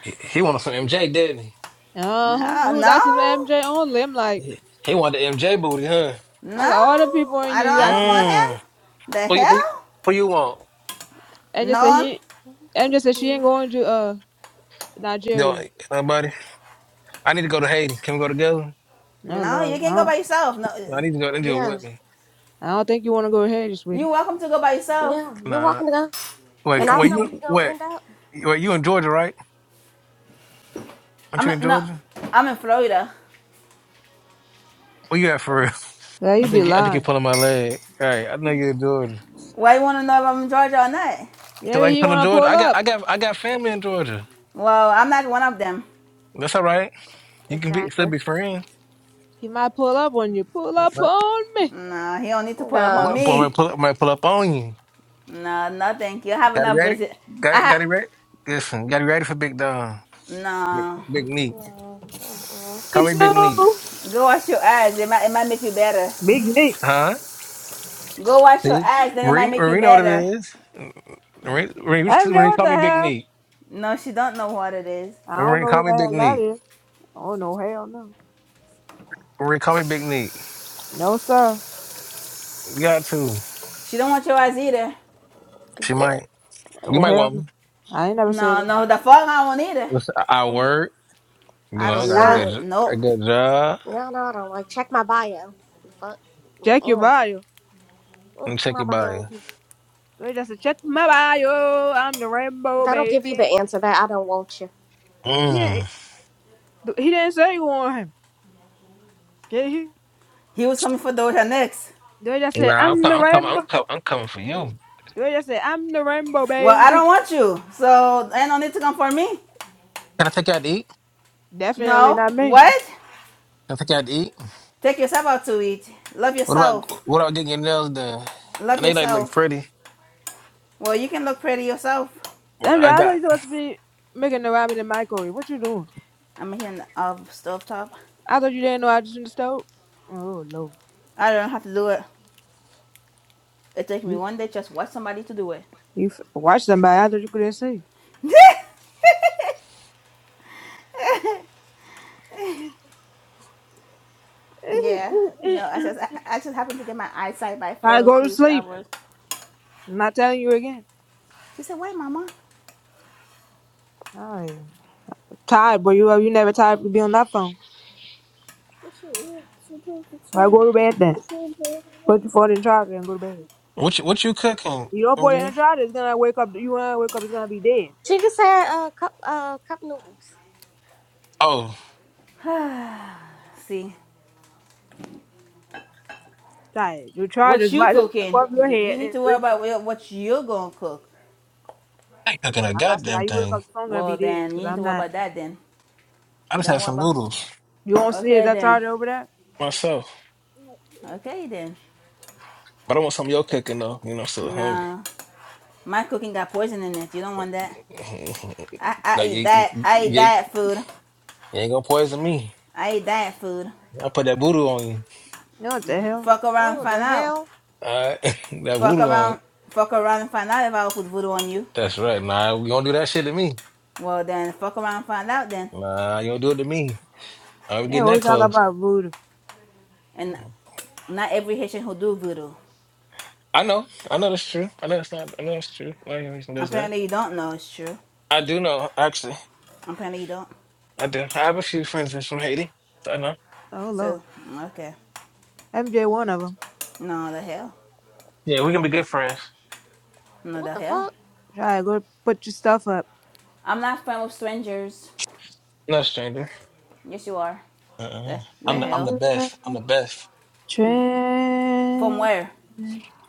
Speaker 9: He, he wanted some MJ, didn't he?
Speaker 2: Uh huh.
Speaker 1: no,
Speaker 2: You was asking for
Speaker 1: no,
Speaker 2: MJ only. I'm like,
Speaker 9: He, he wanted the MJ booty, huh?
Speaker 2: I
Speaker 1: no.
Speaker 2: got all the people in
Speaker 1: I
Speaker 2: here.
Speaker 1: don't.
Speaker 2: You
Speaker 1: I don't
Speaker 2: asking him,
Speaker 1: want him.
Speaker 9: Mm.
Speaker 1: The
Speaker 9: Who, you- who, you-
Speaker 1: hell?
Speaker 9: who you want?
Speaker 2: and just said
Speaker 1: No,
Speaker 2: he, and just said she ain't going to uh
Speaker 9: Yo,
Speaker 2: Nigeria.
Speaker 9: nobody. I need to go to Haiti. Can we go together?
Speaker 2: No
Speaker 1: no. You
Speaker 2: Lord, I
Speaker 1: can go
Speaker 2: don't,
Speaker 1: by yourself. No,
Speaker 9: No, I
Speaker 1: uh,
Speaker 9: need to go. They do it
Speaker 3: Yeah,
Speaker 9: with me.
Speaker 2: I don't think you want to go ahead,
Speaker 1: you
Speaker 2: sweetie.
Speaker 1: are welcome to go by yourself.
Speaker 3: yeah. You're
Speaker 9: Nah.
Speaker 3: welcome to go. And
Speaker 9: Wait.
Speaker 3: I don't
Speaker 9: Wait.
Speaker 3: know
Speaker 9: You.
Speaker 3: where you're gonna
Speaker 9: Wait.
Speaker 3: end up.
Speaker 9: Wait. You in Georgia, right? Aren't
Speaker 1: I'm
Speaker 9: you in
Speaker 1: no.
Speaker 9: Georgia?
Speaker 1: I'm in Florida.
Speaker 9: Where you at for real?
Speaker 2: Yeah,
Speaker 9: I
Speaker 2: you be
Speaker 9: think. You, I think you're
Speaker 2: lying.
Speaker 9: pulling my leg. All right. I know you're in Georgia.
Speaker 1: Why you want to know if I'm in Georgia or not?
Speaker 9: Cause I
Speaker 2: Maybe
Speaker 9: can
Speaker 2: he
Speaker 9: come to
Speaker 2: want to
Speaker 9: Georgia.
Speaker 2: pull
Speaker 9: I got.
Speaker 2: up.
Speaker 9: I got. I got family in Georgia.
Speaker 1: Well, I'm not one of them.
Speaker 9: That's all right. You can be
Speaker 2: He,
Speaker 9: still
Speaker 3: Exactly.
Speaker 9: be friends.
Speaker 2: he might pull up on you. Pull up
Speaker 9: Right.
Speaker 2: on me.
Speaker 1: No, he don't need to pull up
Speaker 9: Might,
Speaker 1: on
Speaker 3: No.
Speaker 9: might
Speaker 1: me.
Speaker 9: pull up. Might pull up on you.
Speaker 1: No, no, thank you. I have
Speaker 9: Got it
Speaker 1: enough
Speaker 9: ready.
Speaker 1: visit.
Speaker 9: Got
Speaker 1: I
Speaker 9: it.
Speaker 1: have.
Speaker 9: Got it ready. Listen. Got it ready for Big Don. Big,
Speaker 1: No.
Speaker 9: big Neat.
Speaker 3: No. Mm-mm.
Speaker 2: Me
Speaker 9: Call me Big Neat.
Speaker 2: too.
Speaker 1: Go wash your eyes. It might it might make you better.
Speaker 2: Big Nick.
Speaker 9: Huh?
Speaker 1: Go wash your
Speaker 9: See,
Speaker 1: eyes, then it might
Speaker 9: Marine.
Speaker 1: make you
Speaker 9: Marine know what
Speaker 1: better.
Speaker 9: it is. Marie, Marie, you-
Speaker 2: MJ,
Speaker 9: Marie,
Speaker 2: what
Speaker 9: call
Speaker 2: the
Speaker 9: me Big
Speaker 2: hell?
Speaker 9: Neat.
Speaker 1: No, she don't know what it is.
Speaker 2: I don't
Speaker 9: Marie,
Speaker 2: know who
Speaker 9: call
Speaker 2: the
Speaker 9: me Big
Speaker 2: hell that
Speaker 9: Neat.
Speaker 2: is. Oh no, hell no.
Speaker 9: Marie, call me Big Neat.
Speaker 2: No, sir.
Speaker 9: You got to.
Speaker 1: She don't want your eyes either.
Speaker 9: She
Speaker 3: D-
Speaker 9: might. You
Speaker 2: Oh,
Speaker 9: might
Speaker 2: hell
Speaker 9: want
Speaker 2: no.
Speaker 9: me.
Speaker 2: I ain't never said
Speaker 1: No,
Speaker 2: that.
Speaker 1: no, the fuck I won't either.
Speaker 9: Listen, I work. You
Speaker 1: I do
Speaker 9: know,
Speaker 2: You
Speaker 9: got a
Speaker 2: work.
Speaker 3: Shit.
Speaker 1: not.
Speaker 9: good, a
Speaker 1: Nope.
Speaker 9: good job.
Speaker 3: No, no, I don't like. Check my bio. The fuck.
Speaker 2: Check your
Speaker 3: Mm-mm.
Speaker 2: bio.
Speaker 9: Let
Speaker 3: Mm,
Speaker 9: me check
Speaker 3: My
Speaker 9: your body.
Speaker 3: bio.
Speaker 2: They just said, check my bio. I'm the rainbow
Speaker 3: That'll give you the
Speaker 2: baby.
Speaker 3: answer that I don't want you.
Speaker 9: Mm.
Speaker 2: Shit. He didn't say you want him. Did he?
Speaker 1: He was coming for Doja next.
Speaker 2: They just said,
Speaker 9: Nah, I'm,
Speaker 2: I'm
Speaker 9: com-
Speaker 2: the
Speaker 9: I'm coming. I'm,
Speaker 2: rainbow.
Speaker 9: com- I'm coming for you.
Speaker 2: They just said, I'm the rainbow
Speaker 1: Well, I
Speaker 2: baby.
Speaker 1: don't want you, so ain't no need to come for me.
Speaker 9: Can I take you out to eat? Can
Speaker 2: Definitely
Speaker 1: No.
Speaker 2: not me.
Speaker 1: What?
Speaker 9: I take you out to eat?
Speaker 1: Take yourself out to eat. Love
Speaker 9: What about
Speaker 1: yourself.
Speaker 9: what about getting your nails done? And
Speaker 1: Love
Speaker 9: they like look
Speaker 1: yourself.
Speaker 9: pretty.
Speaker 1: Well, you can look pretty yourself.
Speaker 2: Damn,
Speaker 9: I
Speaker 2: I thought
Speaker 9: got
Speaker 2: you supposed to be making the Robin and Michael. What you doing?
Speaker 1: I'm here in the uh, stovetop.
Speaker 2: I thought you didn't know I just in the stove. Oh, no.
Speaker 1: I don't have to do it. It takes me
Speaker 2: You,
Speaker 1: one day just watch somebody to do it.
Speaker 2: you f- watch somebody. I thought you couldn't see.
Speaker 1: Yeah, you know, I just I, I just happened to get my eyesight back
Speaker 2: I
Speaker 1: for a
Speaker 2: go to
Speaker 1: few
Speaker 2: sleep.
Speaker 1: hours.
Speaker 2: I'm not telling you again.
Speaker 1: She said, "Wait, Mama."
Speaker 2: Tired, Tired, boy. You are- you never tired to be on that phone. All right, go to bed then. Put your phone in charger and go to bed.
Speaker 9: what you what you cooking?
Speaker 2: You don't put it in
Speaker 9: MJ?
Speaker 2: charger, it's gonna wake up. You wanna wake up, it's gonna be dead.
Speaker 3: She just said uh cup uh cup noodles.
Speaker 9: Oh,
Speaker 1: See,
Speaker 2: Tired. Your
Speaker 1: what
Speaker 2: charger's
Speaker 1: you
Speaker 2: right up
Speaker 1: cooking?
Speaker 2: above your
Speaker 1: You, you
Speaker 2: head
Speaker 1: need
Speaker 2: and
Speaker 1: to worry
Speaker 2: reach you.
Speaker 1: about what you're gonna cook.
Speaker 9: I ain't cooking a
Speaker 2: Like I said, how
Speaker 9: goddamn
Speaker 2: you wake
Speaker 9: thing.
Speaker 2: up, the phone gonna
Speaker 1: Well,
Speaker 2: be dead.
Speaker 1: then
Speaker 2: Cause
Speaker 1: you need
Speaker 2: I'm
Speaker 1: to worry
Speaker 2: not.
Speaker 1: about that. Then
Speaker 9: I just
Speaker 1: don't
Speaker 9: had
Speaker 1: worry
Speaker 9: some
Speaker 1: about.
Speaker 9: noodles
Speaker 2: You won't see
Speaker 1: Okay
Speaker 2: that
Speaker 1: then.
Speaker 2: charger over there.
Speaker 9: myself.
Speaker 1: Okay then.
Speaker 9: But I want some of your cooking though. You know, I'm still hungry.
Speaker 1: No, my cooking got poison in it. You don't want that. I I
Speaker 9: like
Speaker 1: eat
Speaker 9: you, you,
Speaker 1: that.
Speaker 9: you,
Speaker 1: I eat
Speaker 9: you
Speaker 1: diet food.
Speaker 9: ain't gonna poison me.
Speaker 1: I eat diet food.
Speaker 9: I put that voodoo on you.
Speaker 2: No, what the hell?
Speaker 1: Fuck around, and
Speaker 3: Oh
Speaker 1: find
Speaker 3: the
Speaker 1: out.
Speaker 3: hell!
Speaker 9: All right, that
Speaker 1: Fuck
Speaker 9: voodoo on you.
Speaker 1: around. Fuck around and find out if I will put voodoo on you.
Speaker 9: That's right. Nah, you don't do that shit to me.
Speaker 1: Well then, fuck around, and find out then.
Speaker 9: Nah, you don't do it to me. I'm
Speaker 2: Yeah,
Speaker 9: getting
Speaker 2: we
Speaker 9: that
Speaker 2: talk
Speaker 9: close.
Speaker 2: about voodoo.
Speaker 1: And not every Haitian who do voodoo.
Speaker 9: I know. I know that's true. I know that's not. I know that's true. Why you reason does that?
Speaker 1: Apparently you don't know it's true.
Speaker 9: I do know. Actually,
Speaker 1: Apparently you don't.
Speaker 9: I do. I have a few friends that's from Haiti. So I know.
Speaker 2: Oh
Speaker 1: So
Speaker 2: lord,
Speaker 1: okay.
Speaker 2: MJ, one of them.
Speaker 1: No the hell.
Speaker 9: Yeah, we can be good friends.
Speaker 1: No
Speaker 3: What
Speaker 1: the
Speaker 3: the
Speaker 1: hell.
Speaker 3: fuck?
Speaker 2: Try go put your stuff up.
Speaker 1: I'm not friend with strangers.
Speaker 9: No stranger.
Speaker 1: Yes you are. The
Speaker 9: Uh-uh.
Speaker 1: the
Speaker 9: I'm the.
Speaker 2: Train,
Speaker 9: I'm the
Speaker 1: hell.
Speaker 9: best. I'm the best.
Speaker 1: From
Speaker 2: train
Speaker 1: where?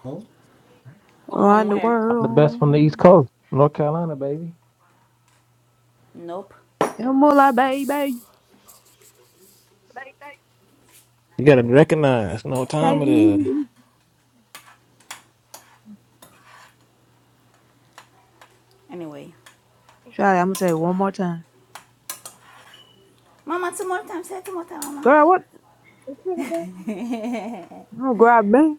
Speaker 9: Huh?
Speaker 2: around
Speaker 1: From
Speaker 2: the
Speaker 1: where?
Speaker 9: I'm the best
Speaker 2: world.
Speaker 9: from the East Coast, North Carolina, baby.
Speaker 1: Nope.
Speaker 2: Come like, baby, baby.
Speaker 9: You gotta recognize, No what time it is.
Speaker 1: Anyway.
Speaker 2: Charlie, I'm gonna say it one more time.
Speaker 1: Mama, two more times. Say two more times, Mama.
Speaker 2: Girl, what? You grab me.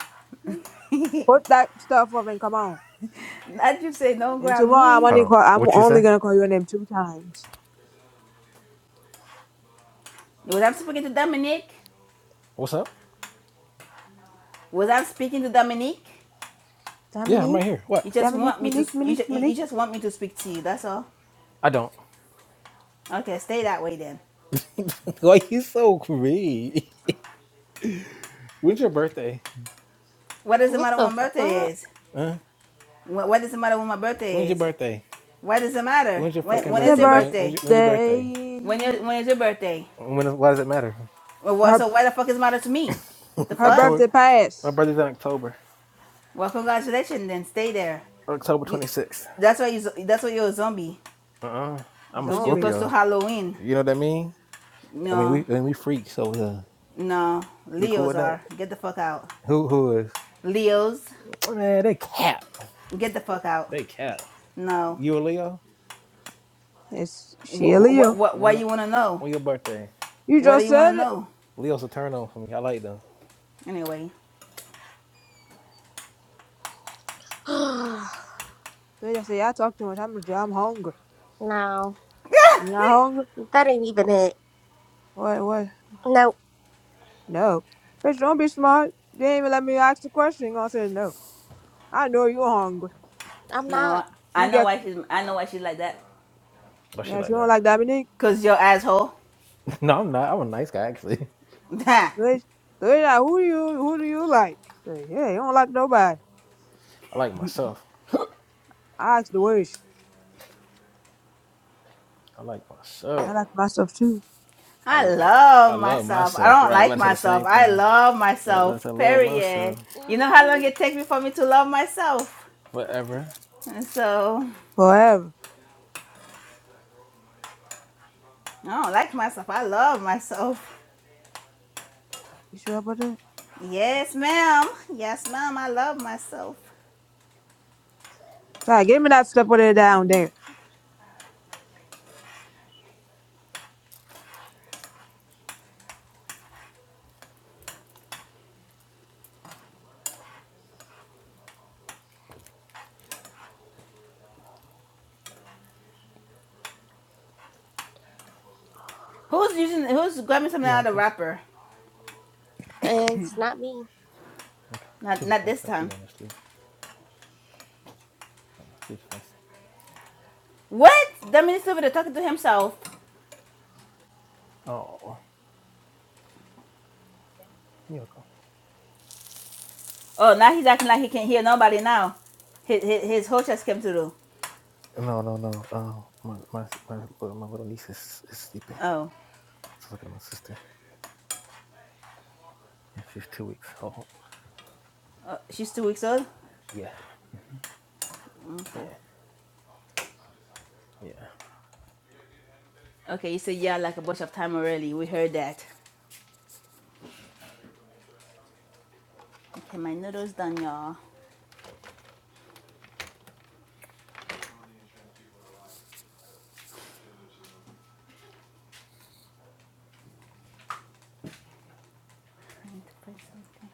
Speaker 1: Not
Speaker 2: Put that stuff up and come on.
Speaker 1: you say, don't
Speaker 2: And
Speaker 1: grab
Speaker 2: tomorrow I'm
Speaker 1: me.
Speaker 9: Hold
Speaker 2: only
Speaker 9: on.
Speaker 2: call. I'm
Speaker 9: What you
Speaker 2: only
Speaker 9: say?
Speaker 2: gonna call your name two times.
Speaker 1: Was I speaking to Dominique?
Speaker 9: What's up?
Speaker 1: Was I speaking to Dominique?
Speaker 9: Yeah, I'm
Speaker 2: Dominique,
Speaker 9: right here. What?
Speaker 1: You just
Speaker 2: Dominique,
Speaker 1: want me to.
Speaker 2: Monique, Monique,
Speaker 1: you you
Speaker 2: Monique.
Speaker 1: just want me to speak to you. That's all.
Speaker 9: I don't.
Speaker 1: Okay, stay that way then.
Speaker 9: Why you so greedy? When's your birthday?
Speaker 1: What does it
Speaker 3: What
Speaker 1: matter
Speaker 3: the
Speaker 1: when my birthday
Speaker 3: fuck?
Speaker 1: is?
Speaker 9: Huh?
Speaker 1: What, what does it matter when my
Speaker 9: When's
Speaker 1: birthday
Speaker 9: your
Speaker 1: is?
Speaker 9: birthday?
Speaker 1: Why does it matter?
Speaker 9: When's your
Speaker 1: When,
Speaker 9: fucking
Speaker 1: when
Speaker 2: It's her
Speaker 1: is your
Speaker 9: birthday? Don't, when's,
Speaker 1: birthday?
Speaker 9: your, when's your birthday?
Speaker 2: birthday.
Speaker 1: When, your, when is your birthday?
Speaker 9: When is, why does it matter?
Speaker 1: Well, wha-
Speaker 2: Her
Speaker 1: so why the fuck does it matter to me? The
Speaker 2: her
Speaker 1: fuck?
Speaker 9: October.
Speaker 2: birthday
Speaker 9: My
Speaker 2: passed.
Speaker 9: birthday's in October.
Speaker 1: Well, congratulations then. Stay there.
Speaker 9: October
Speaker 1: You,
Speaker 9: 26th.
Speaker 1: that's why you. That's why you're a zombie.
Speaker 9: Uh-uh. I'm a
Speaker 1: Cause you're
Speaker 2: Zombie.
Speaker 1: close to
Speaker 9: Scorpio.
Speaker 1: Halloween.
Speaker 9: You know what I mean? I mean, we
Speaker 1: No,
Speaker 9: I mean, we freaks, so uh,
Speaker 1: no.
Speaker 9: you cool
Speaker 1: Leos
Speaker 9: with that?
Speaker 1: are. Get the fuck out.
Speaker 9: Who who is?
Speaker 1: Leos,
Speaker 9: Man, they cap.
Speaker 1: get the fuck out.
Speaker 9: They cat,
Speaker 1: No.
Speaker 9: You a Leo?
Speaker 2: It's Sheila.
Speaker 1: What? What?
Speaker 2: You.
Speaker 1: What?
Speaker 9: When
Speaker 1: Why
Speaker 9: your
Speaker 1: you wanna know?
Speaker 9: when your birthday?
Speaker 2: You
Speaker 1: What do
Speaker 2: just
Speaker 1: you wanna
Speaker 2: said it.
Speaker 1: know?
Speaker 9: Leo's a turn on for me. I like them.
Speaker 1: Anyway.
Speaker 2: They just say I talk too much. I'm I'm hungry.
Speaker 3: no,
Speaker 2: You're not hungry.
Speaker 3: that ain't even it.
Speaker 2: What? What?
Speaker 3: No,
Speaker 2: No. Bitch, don't be smart. You ain't even let me ask the question. You gonna say no. I know you hungry.
Speaker 3: I'm
Speaker 1: No,
Speaker 3: not.
Speaker 1: I
Speaker 2: You
Speaker 1: know
Speaker 2: get
Speaker 1: why she's. I know why she's like that.
Speaker 9: Oh, she
Speaker 2: yeah. She
Speaker 9: like
Speaker 2: don't
Speaker 9: that.
Speaker 2: like Dominique.
Speaker 1: Cause your asshole.
Speaker 9: no, I'm not. I'm a nice guy actually.
Speaker 2: Bitch, so it's like, who do you who do you like? Say, yeah, you don't like nobody.
Speaker 9: I like myself.
Speaker 2: I ask the wish.
Speaker 9: I like
Speaker 2: I
Speaker 9: myself.
Speaker 2: like myself too.
Speaker 9: I
Speaker 1: I love
Speaker 9: I love
Speaker 1: myself. I
Speaker 9: myself.
Speaker 1: don't
Speaker 9: Right.
Speaker 1: like
Speaker 9: Let's say the
Speaker 1: myself.
Speaker 9: same
Speaker 1: I
Speaker 9: thing.
Speaker 1: love myself.
Speaker 9: let I love
Speaker 1: Period.
Speaker 9: myself.
Speaker 1: You know how
Speaker 3: Mhm.
Speaker 1: long it takes me for me to love myself.
Speaker 9: Whatever.
Speaker 1: And so
Speaker 2: Forever.
Speaker 1: I don't like myself. I love myself.
Speaker 2: You sure about that?
Speaker 1: Yes, ma'am. Yes, ma'am. I love myself.
Speaker 2: Try give me that step with it down there.
Speaker 1: Who's using? Who's grabbing something
Speaker 9: You
Speaker 1: out
Speaker 9: want
Speaker 1: of the
Speaker 9: this?
Speaker 1: wrapper?
Speaker 3: It's not me.
Speaker 9: Okay. She
Speaker 1: Not,
Speaker 9: just
Speaker 1: not
Speaker 9: woke
Speaker 1: this
Speaker 9: up. She
Speaker 1: time.
Speaker 9: going to sleep. She's fussy.
Speaker 1: What? That means he's over there talking to himself.
Speaker 9: Oh, you okay?
Speaker 1: Oh, now he's acting like he can't hear nobody now. His, his, his whole chest came through.
Speaker 9: No, no, no. Um, my my my little, my little niece is, is sleeping.
Speaker 1: Oh,
Speaker 9: She's looking at my sister. Yeah, she's two weeks old.
Speaker 1: uh, she's two weeks old?
Speaker 9: Yeah.
Speaker 1: Okay.
Speaker 9: Yeah. Yeah.
Speaker 1: Okay, you said yeah like a bunch of time already. We heard that. Okay, my noodles done, y'all. Trying to find something.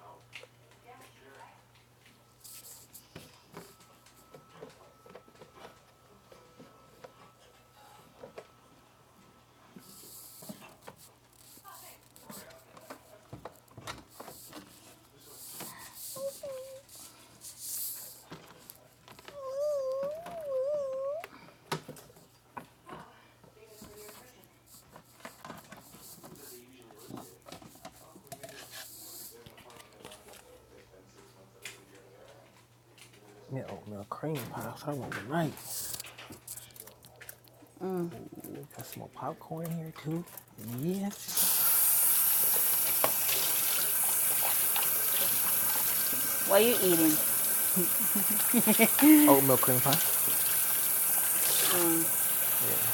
Speaker 9: Give me an oatmeal cream pie. That's what I want tonight. Ooh, got some more popcorn here too. Yes.
Speaker 1: What are you eating?
Speaker 9: Oatmeal cream pie. Yeah.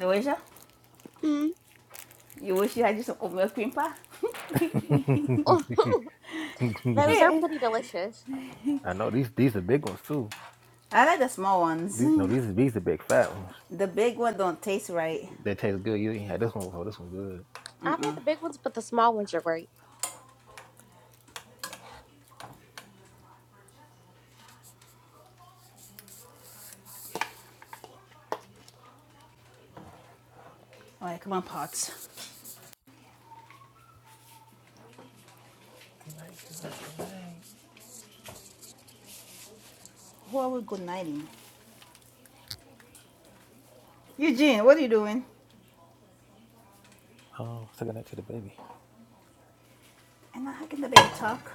Speaker 1: Deweja?
Speaker 3: Mm.
Speaker 1: You wish you had just some oatmeal cream pie?
Speaker 3: Oh, those are pretty delicious.
Speaker 9: I know these these are big ones too.
Speaker 1: I like the small ones.
Speaker 9: These no, these these are big fat ones.
Speaker 1: The big one don't taste right.
Speaker 9: They taste good. You ain't had this one before. This one good.
Speaker 3: I've had the big ones, but the small ones are great.
Speaker 1: All right, come on, Potts.
Speaker 9: Good night, girl. Good night.
Speaker 1: Who are we good nighting? Eugene, what are you doing?
Speaker 9: Oh, say good night to the baby.
Speaker 1: And now how can the baby talk?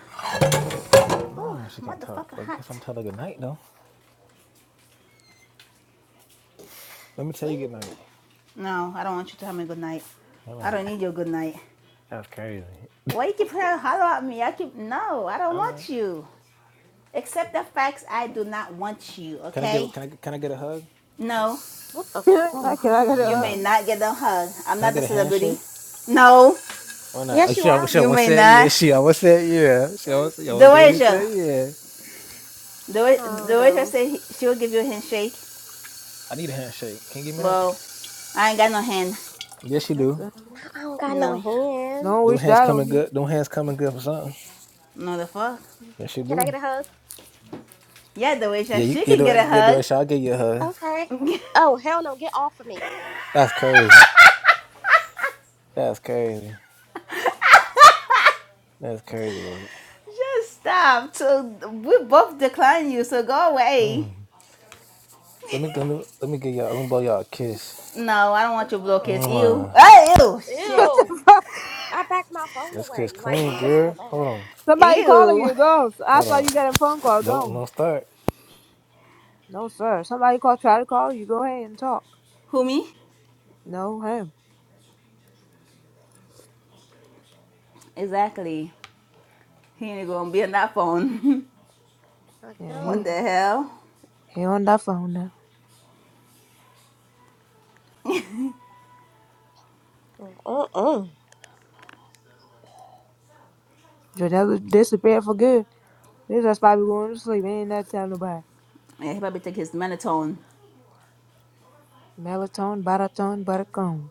Speaker 1: Oh,
Speaker 9: No, she can't talk.
Speaker 1: motherfucker
Speaker 9: But I guess I'm
Speaker 1: hot.
Speaker 9: telling her good night though. Let me tell
Speaker 1: Whee!
Speaker 9: you good night.
Speaker 1: No, I don't want you to have me good night.
Speaker 9: I'm
Speaker 1: I
Speaker 9: like,
Speaker 1: don't need your good night.
Speaker 9: that's crazy.
Speaker 1: Why you keep trying to holler at me? I keep no, I don't
Speaker 9: I'm like,
Speaker 1: want you. Accept the facts I do not want you,
Speaker 9: can I give
Speaker 1: okay?
Speaker 9: can I can I get a hug?
Speaker 1: No,
Speaker 3: What the? F-
Speaker 2: I
Speaker 3: oh.
Speaker 2: can I get a
Speaker 1: you
Speaker 9: Damn.
Speaker 1: may
Speaker 2: hug.
Speaker 1: not get a hug. I'm
Speaker 9: Can I
Speaker 1: not the
Speaker 9: get a
Speaker 1: celebrity.
Speaker 9: handshake?
Speaker 1: No,
Speaker 9: Why not? Oh,
Speaker 3: Yes, you
Speaker 9: she
Speaker 3: are.
Speaker 9: almost, she
Speaker 1: you
Speaker 9: almost
Speaker 1: may
Speaker 9: said yeah.
Speaker 1: not.
Speaker 9: She almost said yeah. She
Speaker 3: Right?
Speaker 9: almost, she almost gave me a
Speaker 1: Doasia.
Speaker 9: said yeah.
Speaker 1: Do-
Speaker 3: Hold
Speaker 1: Doasia
Speaker 3: on.
Speaker 1: said she will give you a handshake.
Speaker 9: I need a handshake. Can you give me that?
Speaker 1: Well, I ain't got no hand.
Speaker 9: Yes, you
Speaker 2: What
Speaker 9: do.
Speaker 2: the-
Speaker 3: I don't got no
Speaker 1: No.
Speaker 3: hands.
Speaker 2: Don't
Speaker 9: Them
Speaker 2: wish
Speaker 9: hands
Speaker 2: that on
Speaker 9: coming
Speaker 2: you.
Speaker 9: good. Them hands coming good for something.
Speaker 1: No the fuck?
Speaker 9: Yes, you yeah,
Speaker 3: Can I get
Speaker 9: do.
Speaker 3: a hug?
Speaker 1: Yeah,
Speaker 9: Yeah,
Speaker 1: Doasia,
Speaker 9: you
Speaker 1: she
Speaker 9: get
Speaker 1: can get a
Speaker 9: doing. They're doing.
Speaker 1: hug.
Speaker 9: Shit, I'll give you a hug.
Speaker 3: Okay. Oh hell no! Get off of me.
Speaker 9: That's crazy. That's crazy. That's crazy work.
Speaker 1: Just stop. So we both decline you, so go away.
Speaker 9: Mm. Let me let me let me give y'all. Let me blow y'all a kiss.
Speaker 1: No, I don't want your blow kiss.
Speaker 3: No.
Speaker 1: Ew.
Speaker 9: Mwah.
Speaker 1: Ah, ew.
Speaker 2: what
Speaker 1: Shit.
Speaker 3: Ew.
Speaker 2: the fuck?
Speaker 3: I backed my phone
Speaker 9: Let's kiss
Speaker 3: away, like
Speaker 9: clean,
Speaker 3: just for
Speaker 9: girl.
Speaker 3: that.
Speaker 9: Hold on.
Speaker 2: Somebody calling
Speaker 1: Ew.
Speaker 2: you. Go. I
Speaker 9: Hold
Speaker 2: saw
Speaker 9: on.
Speaker 2: you getting a phone call.
Speaker 9: Don't
Speaker 2: Go.
Speaker 9: don't start.
Speaker 2: No sir. Somebody call. Try to call you. Go ahead and talk.
Speaker 1: Who me?
Speaker 2: No, him.
Speaker 1: Exactly. He ain't gonna be on that phone.
Speaker 3: Like
Speaker 2: Yeah,
Speaker 1: what
Speaker 2: he
Speaker 1: the
Speaker 3: no.
Speaker 1: hell?
Speaker 2: he on that phone now.
Speaker 3: Mm-mm.
Speaker 2: Janelle disappeared for good. This ass probably going to sleep. Ain't that tell nobody.
Speaker 1: Yeah, he probably take his melatonin.
Speaker 2: Melatonin, baritone, buttercone.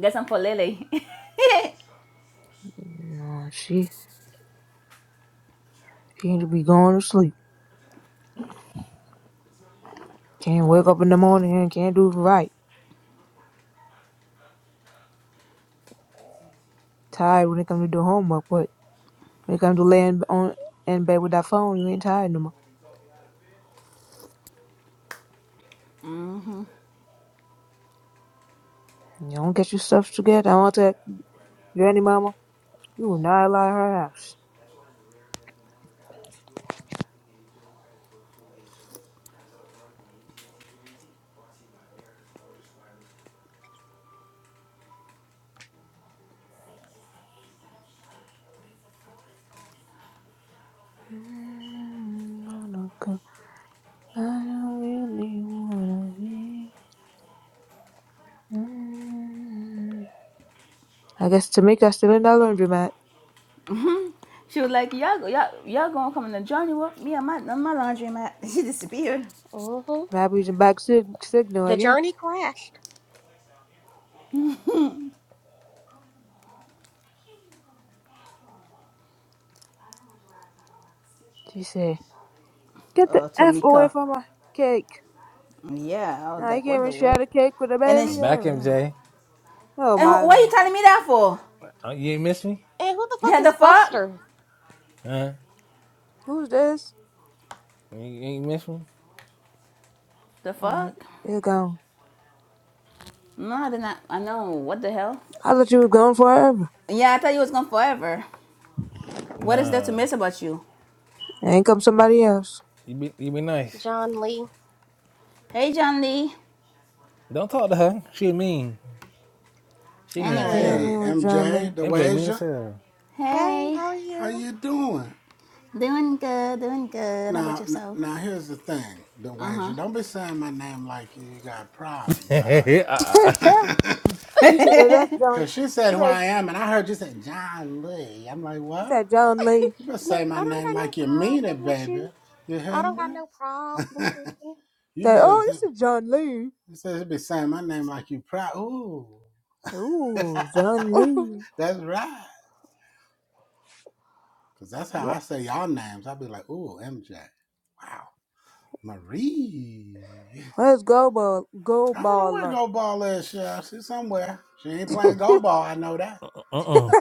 Speaker 1: Get some for Lily.
Speaker 2: You know, she she need to be going to sleep. Can't wake up in the morning and can't do it right. Tired when it come to do homework, but when it come to laying on in bed with that phone, you ain't tired no more.
Speaker 1: Mm-hmm.
Speaker 2: You don't get your stuff together. I want to, granny mama, you will not allow her house. Mm, I don't go- I don't really wanna be. Mm. I guess Tamika's still in that laundromat.
Speaker 1: she was like, y'all, y'all, y'all gonna come on the journey with me and my, my laundry mat. She disappeared.
Speaker 3: Mm-hmm.
Speaker 2: Rabbi's a back sig- signal, I
Speaker 3: The
Speaker 2: guess.
Speaker 3: journey crashed.
Speaker 2: She said, Get the
Speaker 1: Oh,
Speaker 2: F away
Speaker 1: Tamika.
Speaker 2: from my cake."
Speaker 1: Yeah, I was
Speaker 2: Now he
Speaker 1: like,
Speaker 2: came
Speaker 1: what the
Speaker 2: and she
Speaker 1: word?
Speaker 2: had a cake with a
Speaker 1: And then
Speaker 9: I'm
Speaker 2: baby.
Speaker 1: she,
Speaker 9: back,
Speaker 2: Oh,
Speaker 9: MJ.
Speaker 2: oh
Speaker 1: and wh-
Speaker 2: my
Speaker 1: what are you
Speaker 2: lord.
Speaker 1: telling me that for?
Speaker 9: Uh, You ain't miss me,
Speaker 3: And who the fuck
Speaker 1: Yeah, the
Speaker 3: is
Speaker 1: fuck?
Speaker 3: Buster?
Speaker 9: huh?
Speaker 2: Who's this?
Speaker 9: You you ain't miss me.
Speaker 1: The
Speaker 2: Alright,
Speaker 1: fuck?
Speaker 2: you're gone.
Speaker 1: No, I did not. I know. What the hell?
Speaker 2: I thought you were gone forever.
Speaker 1: Yeah, I thought you was gone forever. What is there to
Speaker 9: Nah.
Speaker 1: miss about you?
Speaker 2: Ain't come somebody else.
Speaker 9: You be you be nice.
Speaker 3: John Lee.
Speaker 1: Hey, John Lee.
Speaker 9: Don't talk to her. She mean. She mean as
Speaker 1: Anyway,
Speaker 2: Yeah,
Speaker 9: hell.
Speaker 2: me
Speaker 10: Hey,
Speaker 2: with John
Speaker 10: MJ,
Speaker 2: Lee.
Speaker 9: MJ mean as
Speaker 10: DeWasia,
Speaker 9: hell.
Speaker 3: Hey,
Speaker 1: hey,
Speaker 3: how are
Speaker 10: how
Speaker 3: you?
Speaker 10: you doing?
Speaker 1: doing good, doing good. How about
Speaker 10: Now, n-
Speaker 1: yourself?
Speaker 10: now here's the thing, DeWasia, don't be saying my name like you, you got a problem, bruh.
Speaker 9: uh
Speaker 2: He said, "Oh, that's John.
Speaker 10: Cause she said
Speaker 2: He
Speaker 10: who I
Speaker 2: says,
Speaker 10: am, and I heard you say John Lee. I'm like,
Speaker 2: he
Speaker 10: what?
Speaker 2: said, John Lee.
Speaker 10: You better say
Speaker 3: No,
Speaker 10: my
Speaker 3: I don't
Speaker 10: name
Speaker 3: got no
Speaker 10: like you mean it,
Speaker 3: problem with
Speaker 10: baby.
Speaker 3: you.
Speaker 10: You
Speaker 3: I
Speaker 10: hear
Speaker 3: don't got
Speaker 10: me?
Speaker 3: no problems with you.
Speaker 10: you
Speaker 2: Say,
Speaker 10: better
Speaker 2: oh,
Speaker 10: say,
Speaker 2: this is John Lee.
Speaker 10: you said you be saying my name like you proud. Ooh,
Speaker 2: Ooh, John Lee.
Speaker 10: that's right. Cause that's how I say y'all names. I'll be like, ooh, MJ. Wow. Marie.
Speaker 2: Where's Go Ball, Go
Speaker 10: I don't know where
Speaker 2: Baller?
Speaker 10: go ball last year. She's somewhere. She ain't
Speaker 9: uh
Speaker 10: playing go ball. I know that.
Speaker 9: uh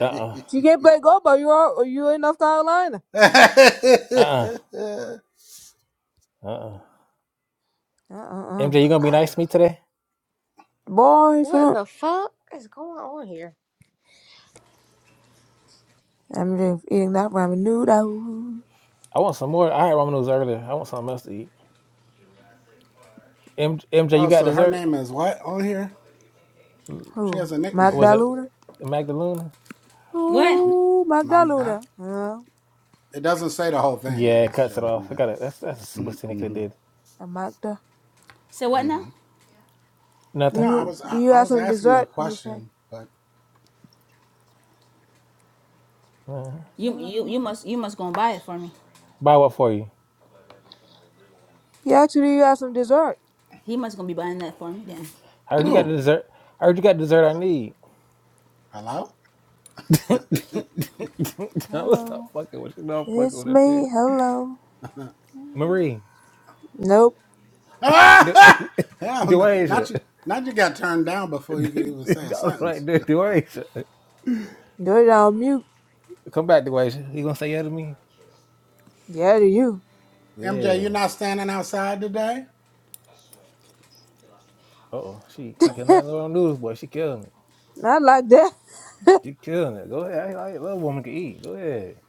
Speaker 9: uh
Speaker 2: She can't play Go Ball. You are, or you in North Carolina.
Speaker 10: I
Speaker 9: uh uh uh.
Speaker 2: Uh-uh-uh.
Speaker 9: MJ, you gonna be
Speaker 10: got-
Speaker 9: nice to me today?
Speaker 2: Boy, if you
Speaker 3: What in
Speaker 2: don't.
Speaker 3: the fuck is going on here?
Speaker 2: I'm just eating that ramen noodle.
Speaker 9: I want some more. I had ramen noodles earlier. I want something else to eat. M- MJ,
Speaker 10: oh,
Speaker 9: you got
Speaker 10: so her
Speaker 9: dessert?
Speaker 10: name is what on here?
Speaker 9: M-
Speaker 10: She
Speaker 2: Who?
Speaker 10: has a nickname,
Speaker 9: Was it
Speaker 2: Magdalena?
Speaker 9: Magdalena?
Speaker 1: What?
Speaker 2: Ooh,
Speaker 10: Magda.
Speaker 2: Magdalena. Huh?
Speaker 10: It doesn't say the whole thing. It
Speaker 9: Yeah, it
Speaker 10: just
Speaker 9: cuts it
Speaker 10: shows me
Speaker 9: off. I
Speaker 10: that.
Speaker 9: got it. That's that's a super
Speaker 10: hmm
Speaker 9: cynic they
Speaker 10: hmm
Speaker 9: did
Speaker 2: And Magda.
Speaker 1: So what now?
Speaker 10: hmm
Speaker 2: Do
Speaker 10: No,
Speaker 9: nothing.
Speaker 10: I
Speaker 2: you
Speaker 10: was
Speaker 2: do
Speaker 10: I,
Speaker 2: you
Speaker 10: I
Speaker 2: have
Speaker 10: was
Speaker 2: some
Speaker 10: asking you a
Speaker 2: dessert? He said.
Speaker 10: question, but
Speaker 9: Uh,
Speaker 1: You
Speaker 2: Hello.
Speaker 1: you you must you must go and buy it for me.
Speaker 9: buy what for you?
Speaker 2: Yeah, actually do you have some dessert?
Speaker 1: He must gonna be buying that for me then.
Speaker 9: I heard you got the
Speaker 10: who?
Speaker 9: dessert. I heard you got the dessert I need.
Speaker 10: Hello?
Speaker 9: I was stop
Speaker 2: Hello.
Speaker 9: fucking with you. No, I'm fucking
Speaker 2: It's
Speaker 9: with that
Speaker 2: me.
Speaker 9: shit.
Speaker 2: Hello.
Speaker 9: Marie,
Speaker 2: Nope.
Speaker 9: do,
Speaker 10: Ah! Hell no! Not
Speaker 9: Duasia.
Speaker 10: you! Not you got turned down before you could even say a
Speaker 9: All
Speaker 10: sentence.
Speaker 9: right, Du- Duasia.
Speaker 2: Do it on mute.
Speaker 9: Come back, Duasia. You gonna say yeah to me?
Speaker 2: Yeah, do you.
Speaker 10: MJ,
Speaker 9: Yeah.
Speaker 10: you not standing outside today?
Speaker 9: Uh oh. She she cannot know on news, boy. She killing it.
Speaker 2: Not like that.
Speaker 9: She killing it. Go ahead. I, like, I love woman can eat. Go ahead.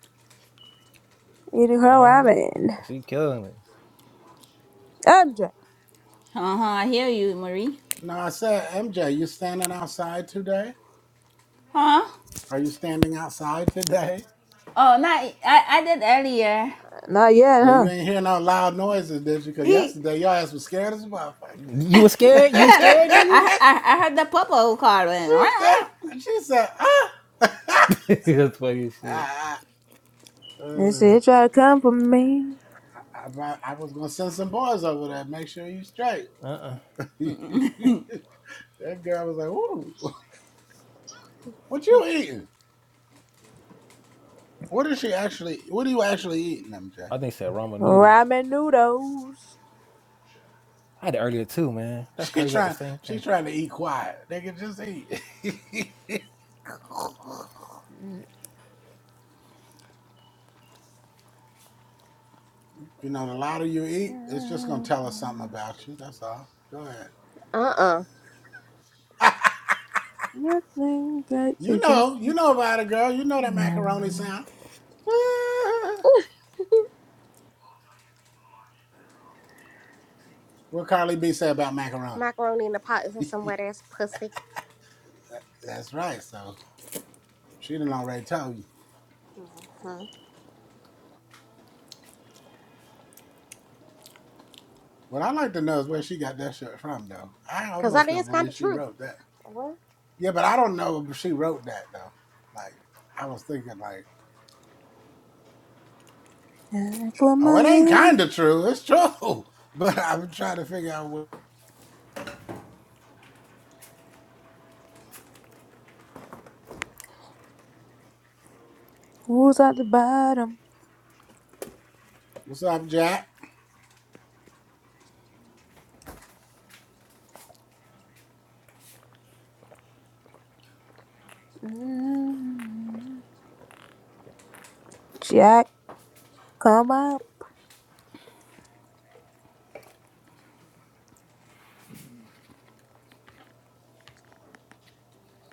Speaker 2: Eating her
Speaker 9: Uh huh.
Speaker 2: ramen.
Speaker 9: She killing it.
Speaker 2: MJ.
Speaker 1: Uh huh. I hear you, Marie.
Speaker 10: No, I said, MJ, you standing outside today?
Speaker 1: Huh?
Speaker 10: Are you standing outside today?
Speaker 1: Oh, not I. I did earlier.
Speaker 2: Not yet,
Speaker 10: But you
Speaker 2: huh?
Speaker 10: ain't hear no loud noises, did you? Because
Speaker 1: He.
Speaker 10: yesterday your ass was scared as a motherfucker.
Speaker 9: You was scared? You
Speaker 10: nigga.
Speaker 9: was
Speaker 1: I,
Speaker 9: scared, nigga?
Speaker 1: I I heard the popo call went.
Speaker 10: she said, she said, ah.
Speaker 9: That's funny as shit.
Speaker 10: I, I,
Speaker 2: They said
Speaker 10: uh,
Speaker 2: you try to come for me.
Speaker 10: I, I was going to send some boys over there, make sure you straight.
Speaker 9: Uh uh
Speaker 10: that girl was like, ooh, what you eating? What is she actually, what are you actually eating, MJ?
Speaker 9: I think it said ramen noodles.
Speaker 2: Ramen noodles.
Speaker 9: I had it earlier too, man. That's
Speaker 10: She
Speaker 9: crazy. Like the
Speaker 10: trying
Speaker 9: same
Speaker 10: she
Speaker 9: thing.
Speaker 10: trying to eat quiet. They can just eat. you know, the louder you eat, it's just gonna tell us something about you. That's all. Go ahead.
Speaker 3: Uh-uh.
Speaker 2: Nothing but you
Speaker 10: you know,
Speaker 2: just.
Speaker 10: you know about it, girl. You know that macaroni sound. what Carly B said about macaroni.
Speaker 3: Macaroni in the pot is some wet ass pussy.
Speaker 10: That's right. So she done already told you.
Speaker 3: Mm-hmm.
Speaker 10: What I like to know is where she got that shit from, though. I
Speaker 3: Cause that
Speaker 10: almost don't
Speaker 3: is kind
Speaker 10: believe
Speaker 3: of
Speaker 10: she
Speaker 3: true.
Speaker 10: wrote that.
Speaker 3: Well,
Speaker 10: Yeah, but I don't know if she wrote that though. Like I was thinking, like.
Speaker 2: Jack
Speaker 10: Oh, it ain't
Speaker 2: LaManne,
Speaker 10: kind of true. It's true. But I'm trying to figure out what,
Speaker 2: who's at the bottom?
Speaker 10: what's up, Jack.
Speaker 2: mm Jack, come up.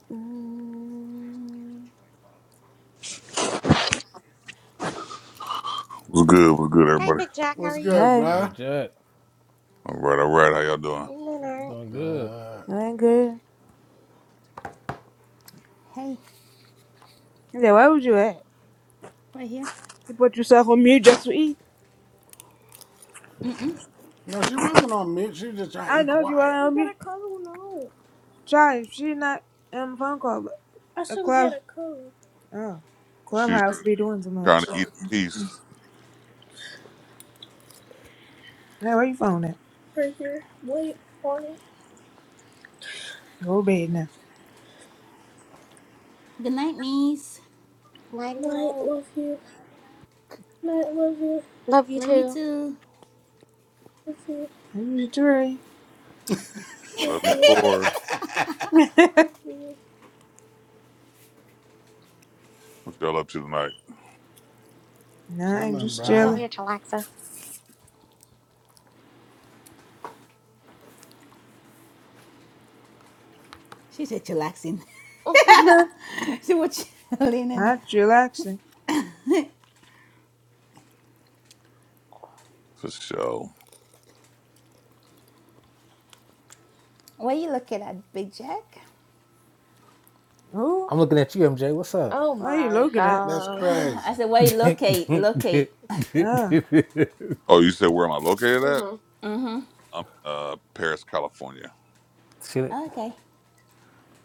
Speaker 2: mm
Speaker 11: What's good? What's good,
Speaker 3: Hey,
Speaker 11: everybody?
Speaker 3: Big Jack, how are
Speaker 10: What's
Speaker 3: you?
Speaker 10: good,
Speaker 2: Hey,
Speaker 10: bruh?
Speaker 9: Big Jack,
Speaker 11: All right, all right. How y'all doing?
Speaker 3: night.
Speaker 9: doing good.
Speaker 10: Uh,
Speaker 2: you ain't good.
Speaker 1: hey,
Speaker 2: He said, where would you at?
Speaker 1: right here.
Speaker 2: You put yourself on mute just to eat.
Speaker 10: no, she wasn't on mute. She was just trying to
Speaker 2: I
Speaker 10: eat
Speaker 2: know if you want
Speaker 10: quiet.
Speaker 2: on mute. Try if she not on the phone call. But I should club. Get a- oh,
Speaker 11: She's
Speaker 2: clubhouse be doing too
Speaker 11: trying
Speaker 2: much.
Speaker 11: to eat in
Speaker 2: Hey,
Speaker 11: peace.
Speaker 2: where you phone at? Right here. Wait, on it. Go to bed now.
Speaker 1: Good night, niece.
Speaker 3: nighty
Speaker 2: Night, Night, love
Speaker 3: night.
Speaker 2: love you. Night, love you.
Speaker 3: Love you
Speaker 1: Love you
Speaker 3: too.
Speaker 1: too.
Speaker 2: Okay. I'm just chilling.
Speaker 11: Love you, core. What y'all up to tonight?
Speaker 2: nah, I'm
Speaker 10: Chilling,
Speaker 2: just
Speaker 3: That's over
Speaker 10: bruh.
Speaker 2: chilling.
Speaker 3: here, chillaxing.
Speaker 1: She said chillaxing.
Speaker 3: Mm-hmm.
Speaker 1: she was chilling and.
Speaker 2: Not relaxing.
Speaker 11: For sure.
Speaker 1: What are you looking at, Big Jack?
Speaker 2: Oh,
Speaker 9: I'm looking at you, MJ. What's up?
Speaker 3: Oh
Speaker 2: what are you
Speaker 3: my
Speaker 2: looking at?
Speaker 10: That's
Speaker 3: god.
Speaker 1: I
Speaker 10: crazy.
Speaker 1: said, where you
Speaker 9: Shit.
Speaker 1: locate? Locate.
Speaker 2: Ah.
Speaker 11: Oh, you said where am I located at?
Speaker 3: Mhm.
Speaker 1: Mm-hmm.
Speaker 11: I'm in uh Paris, California.
Speaker 1: Okay.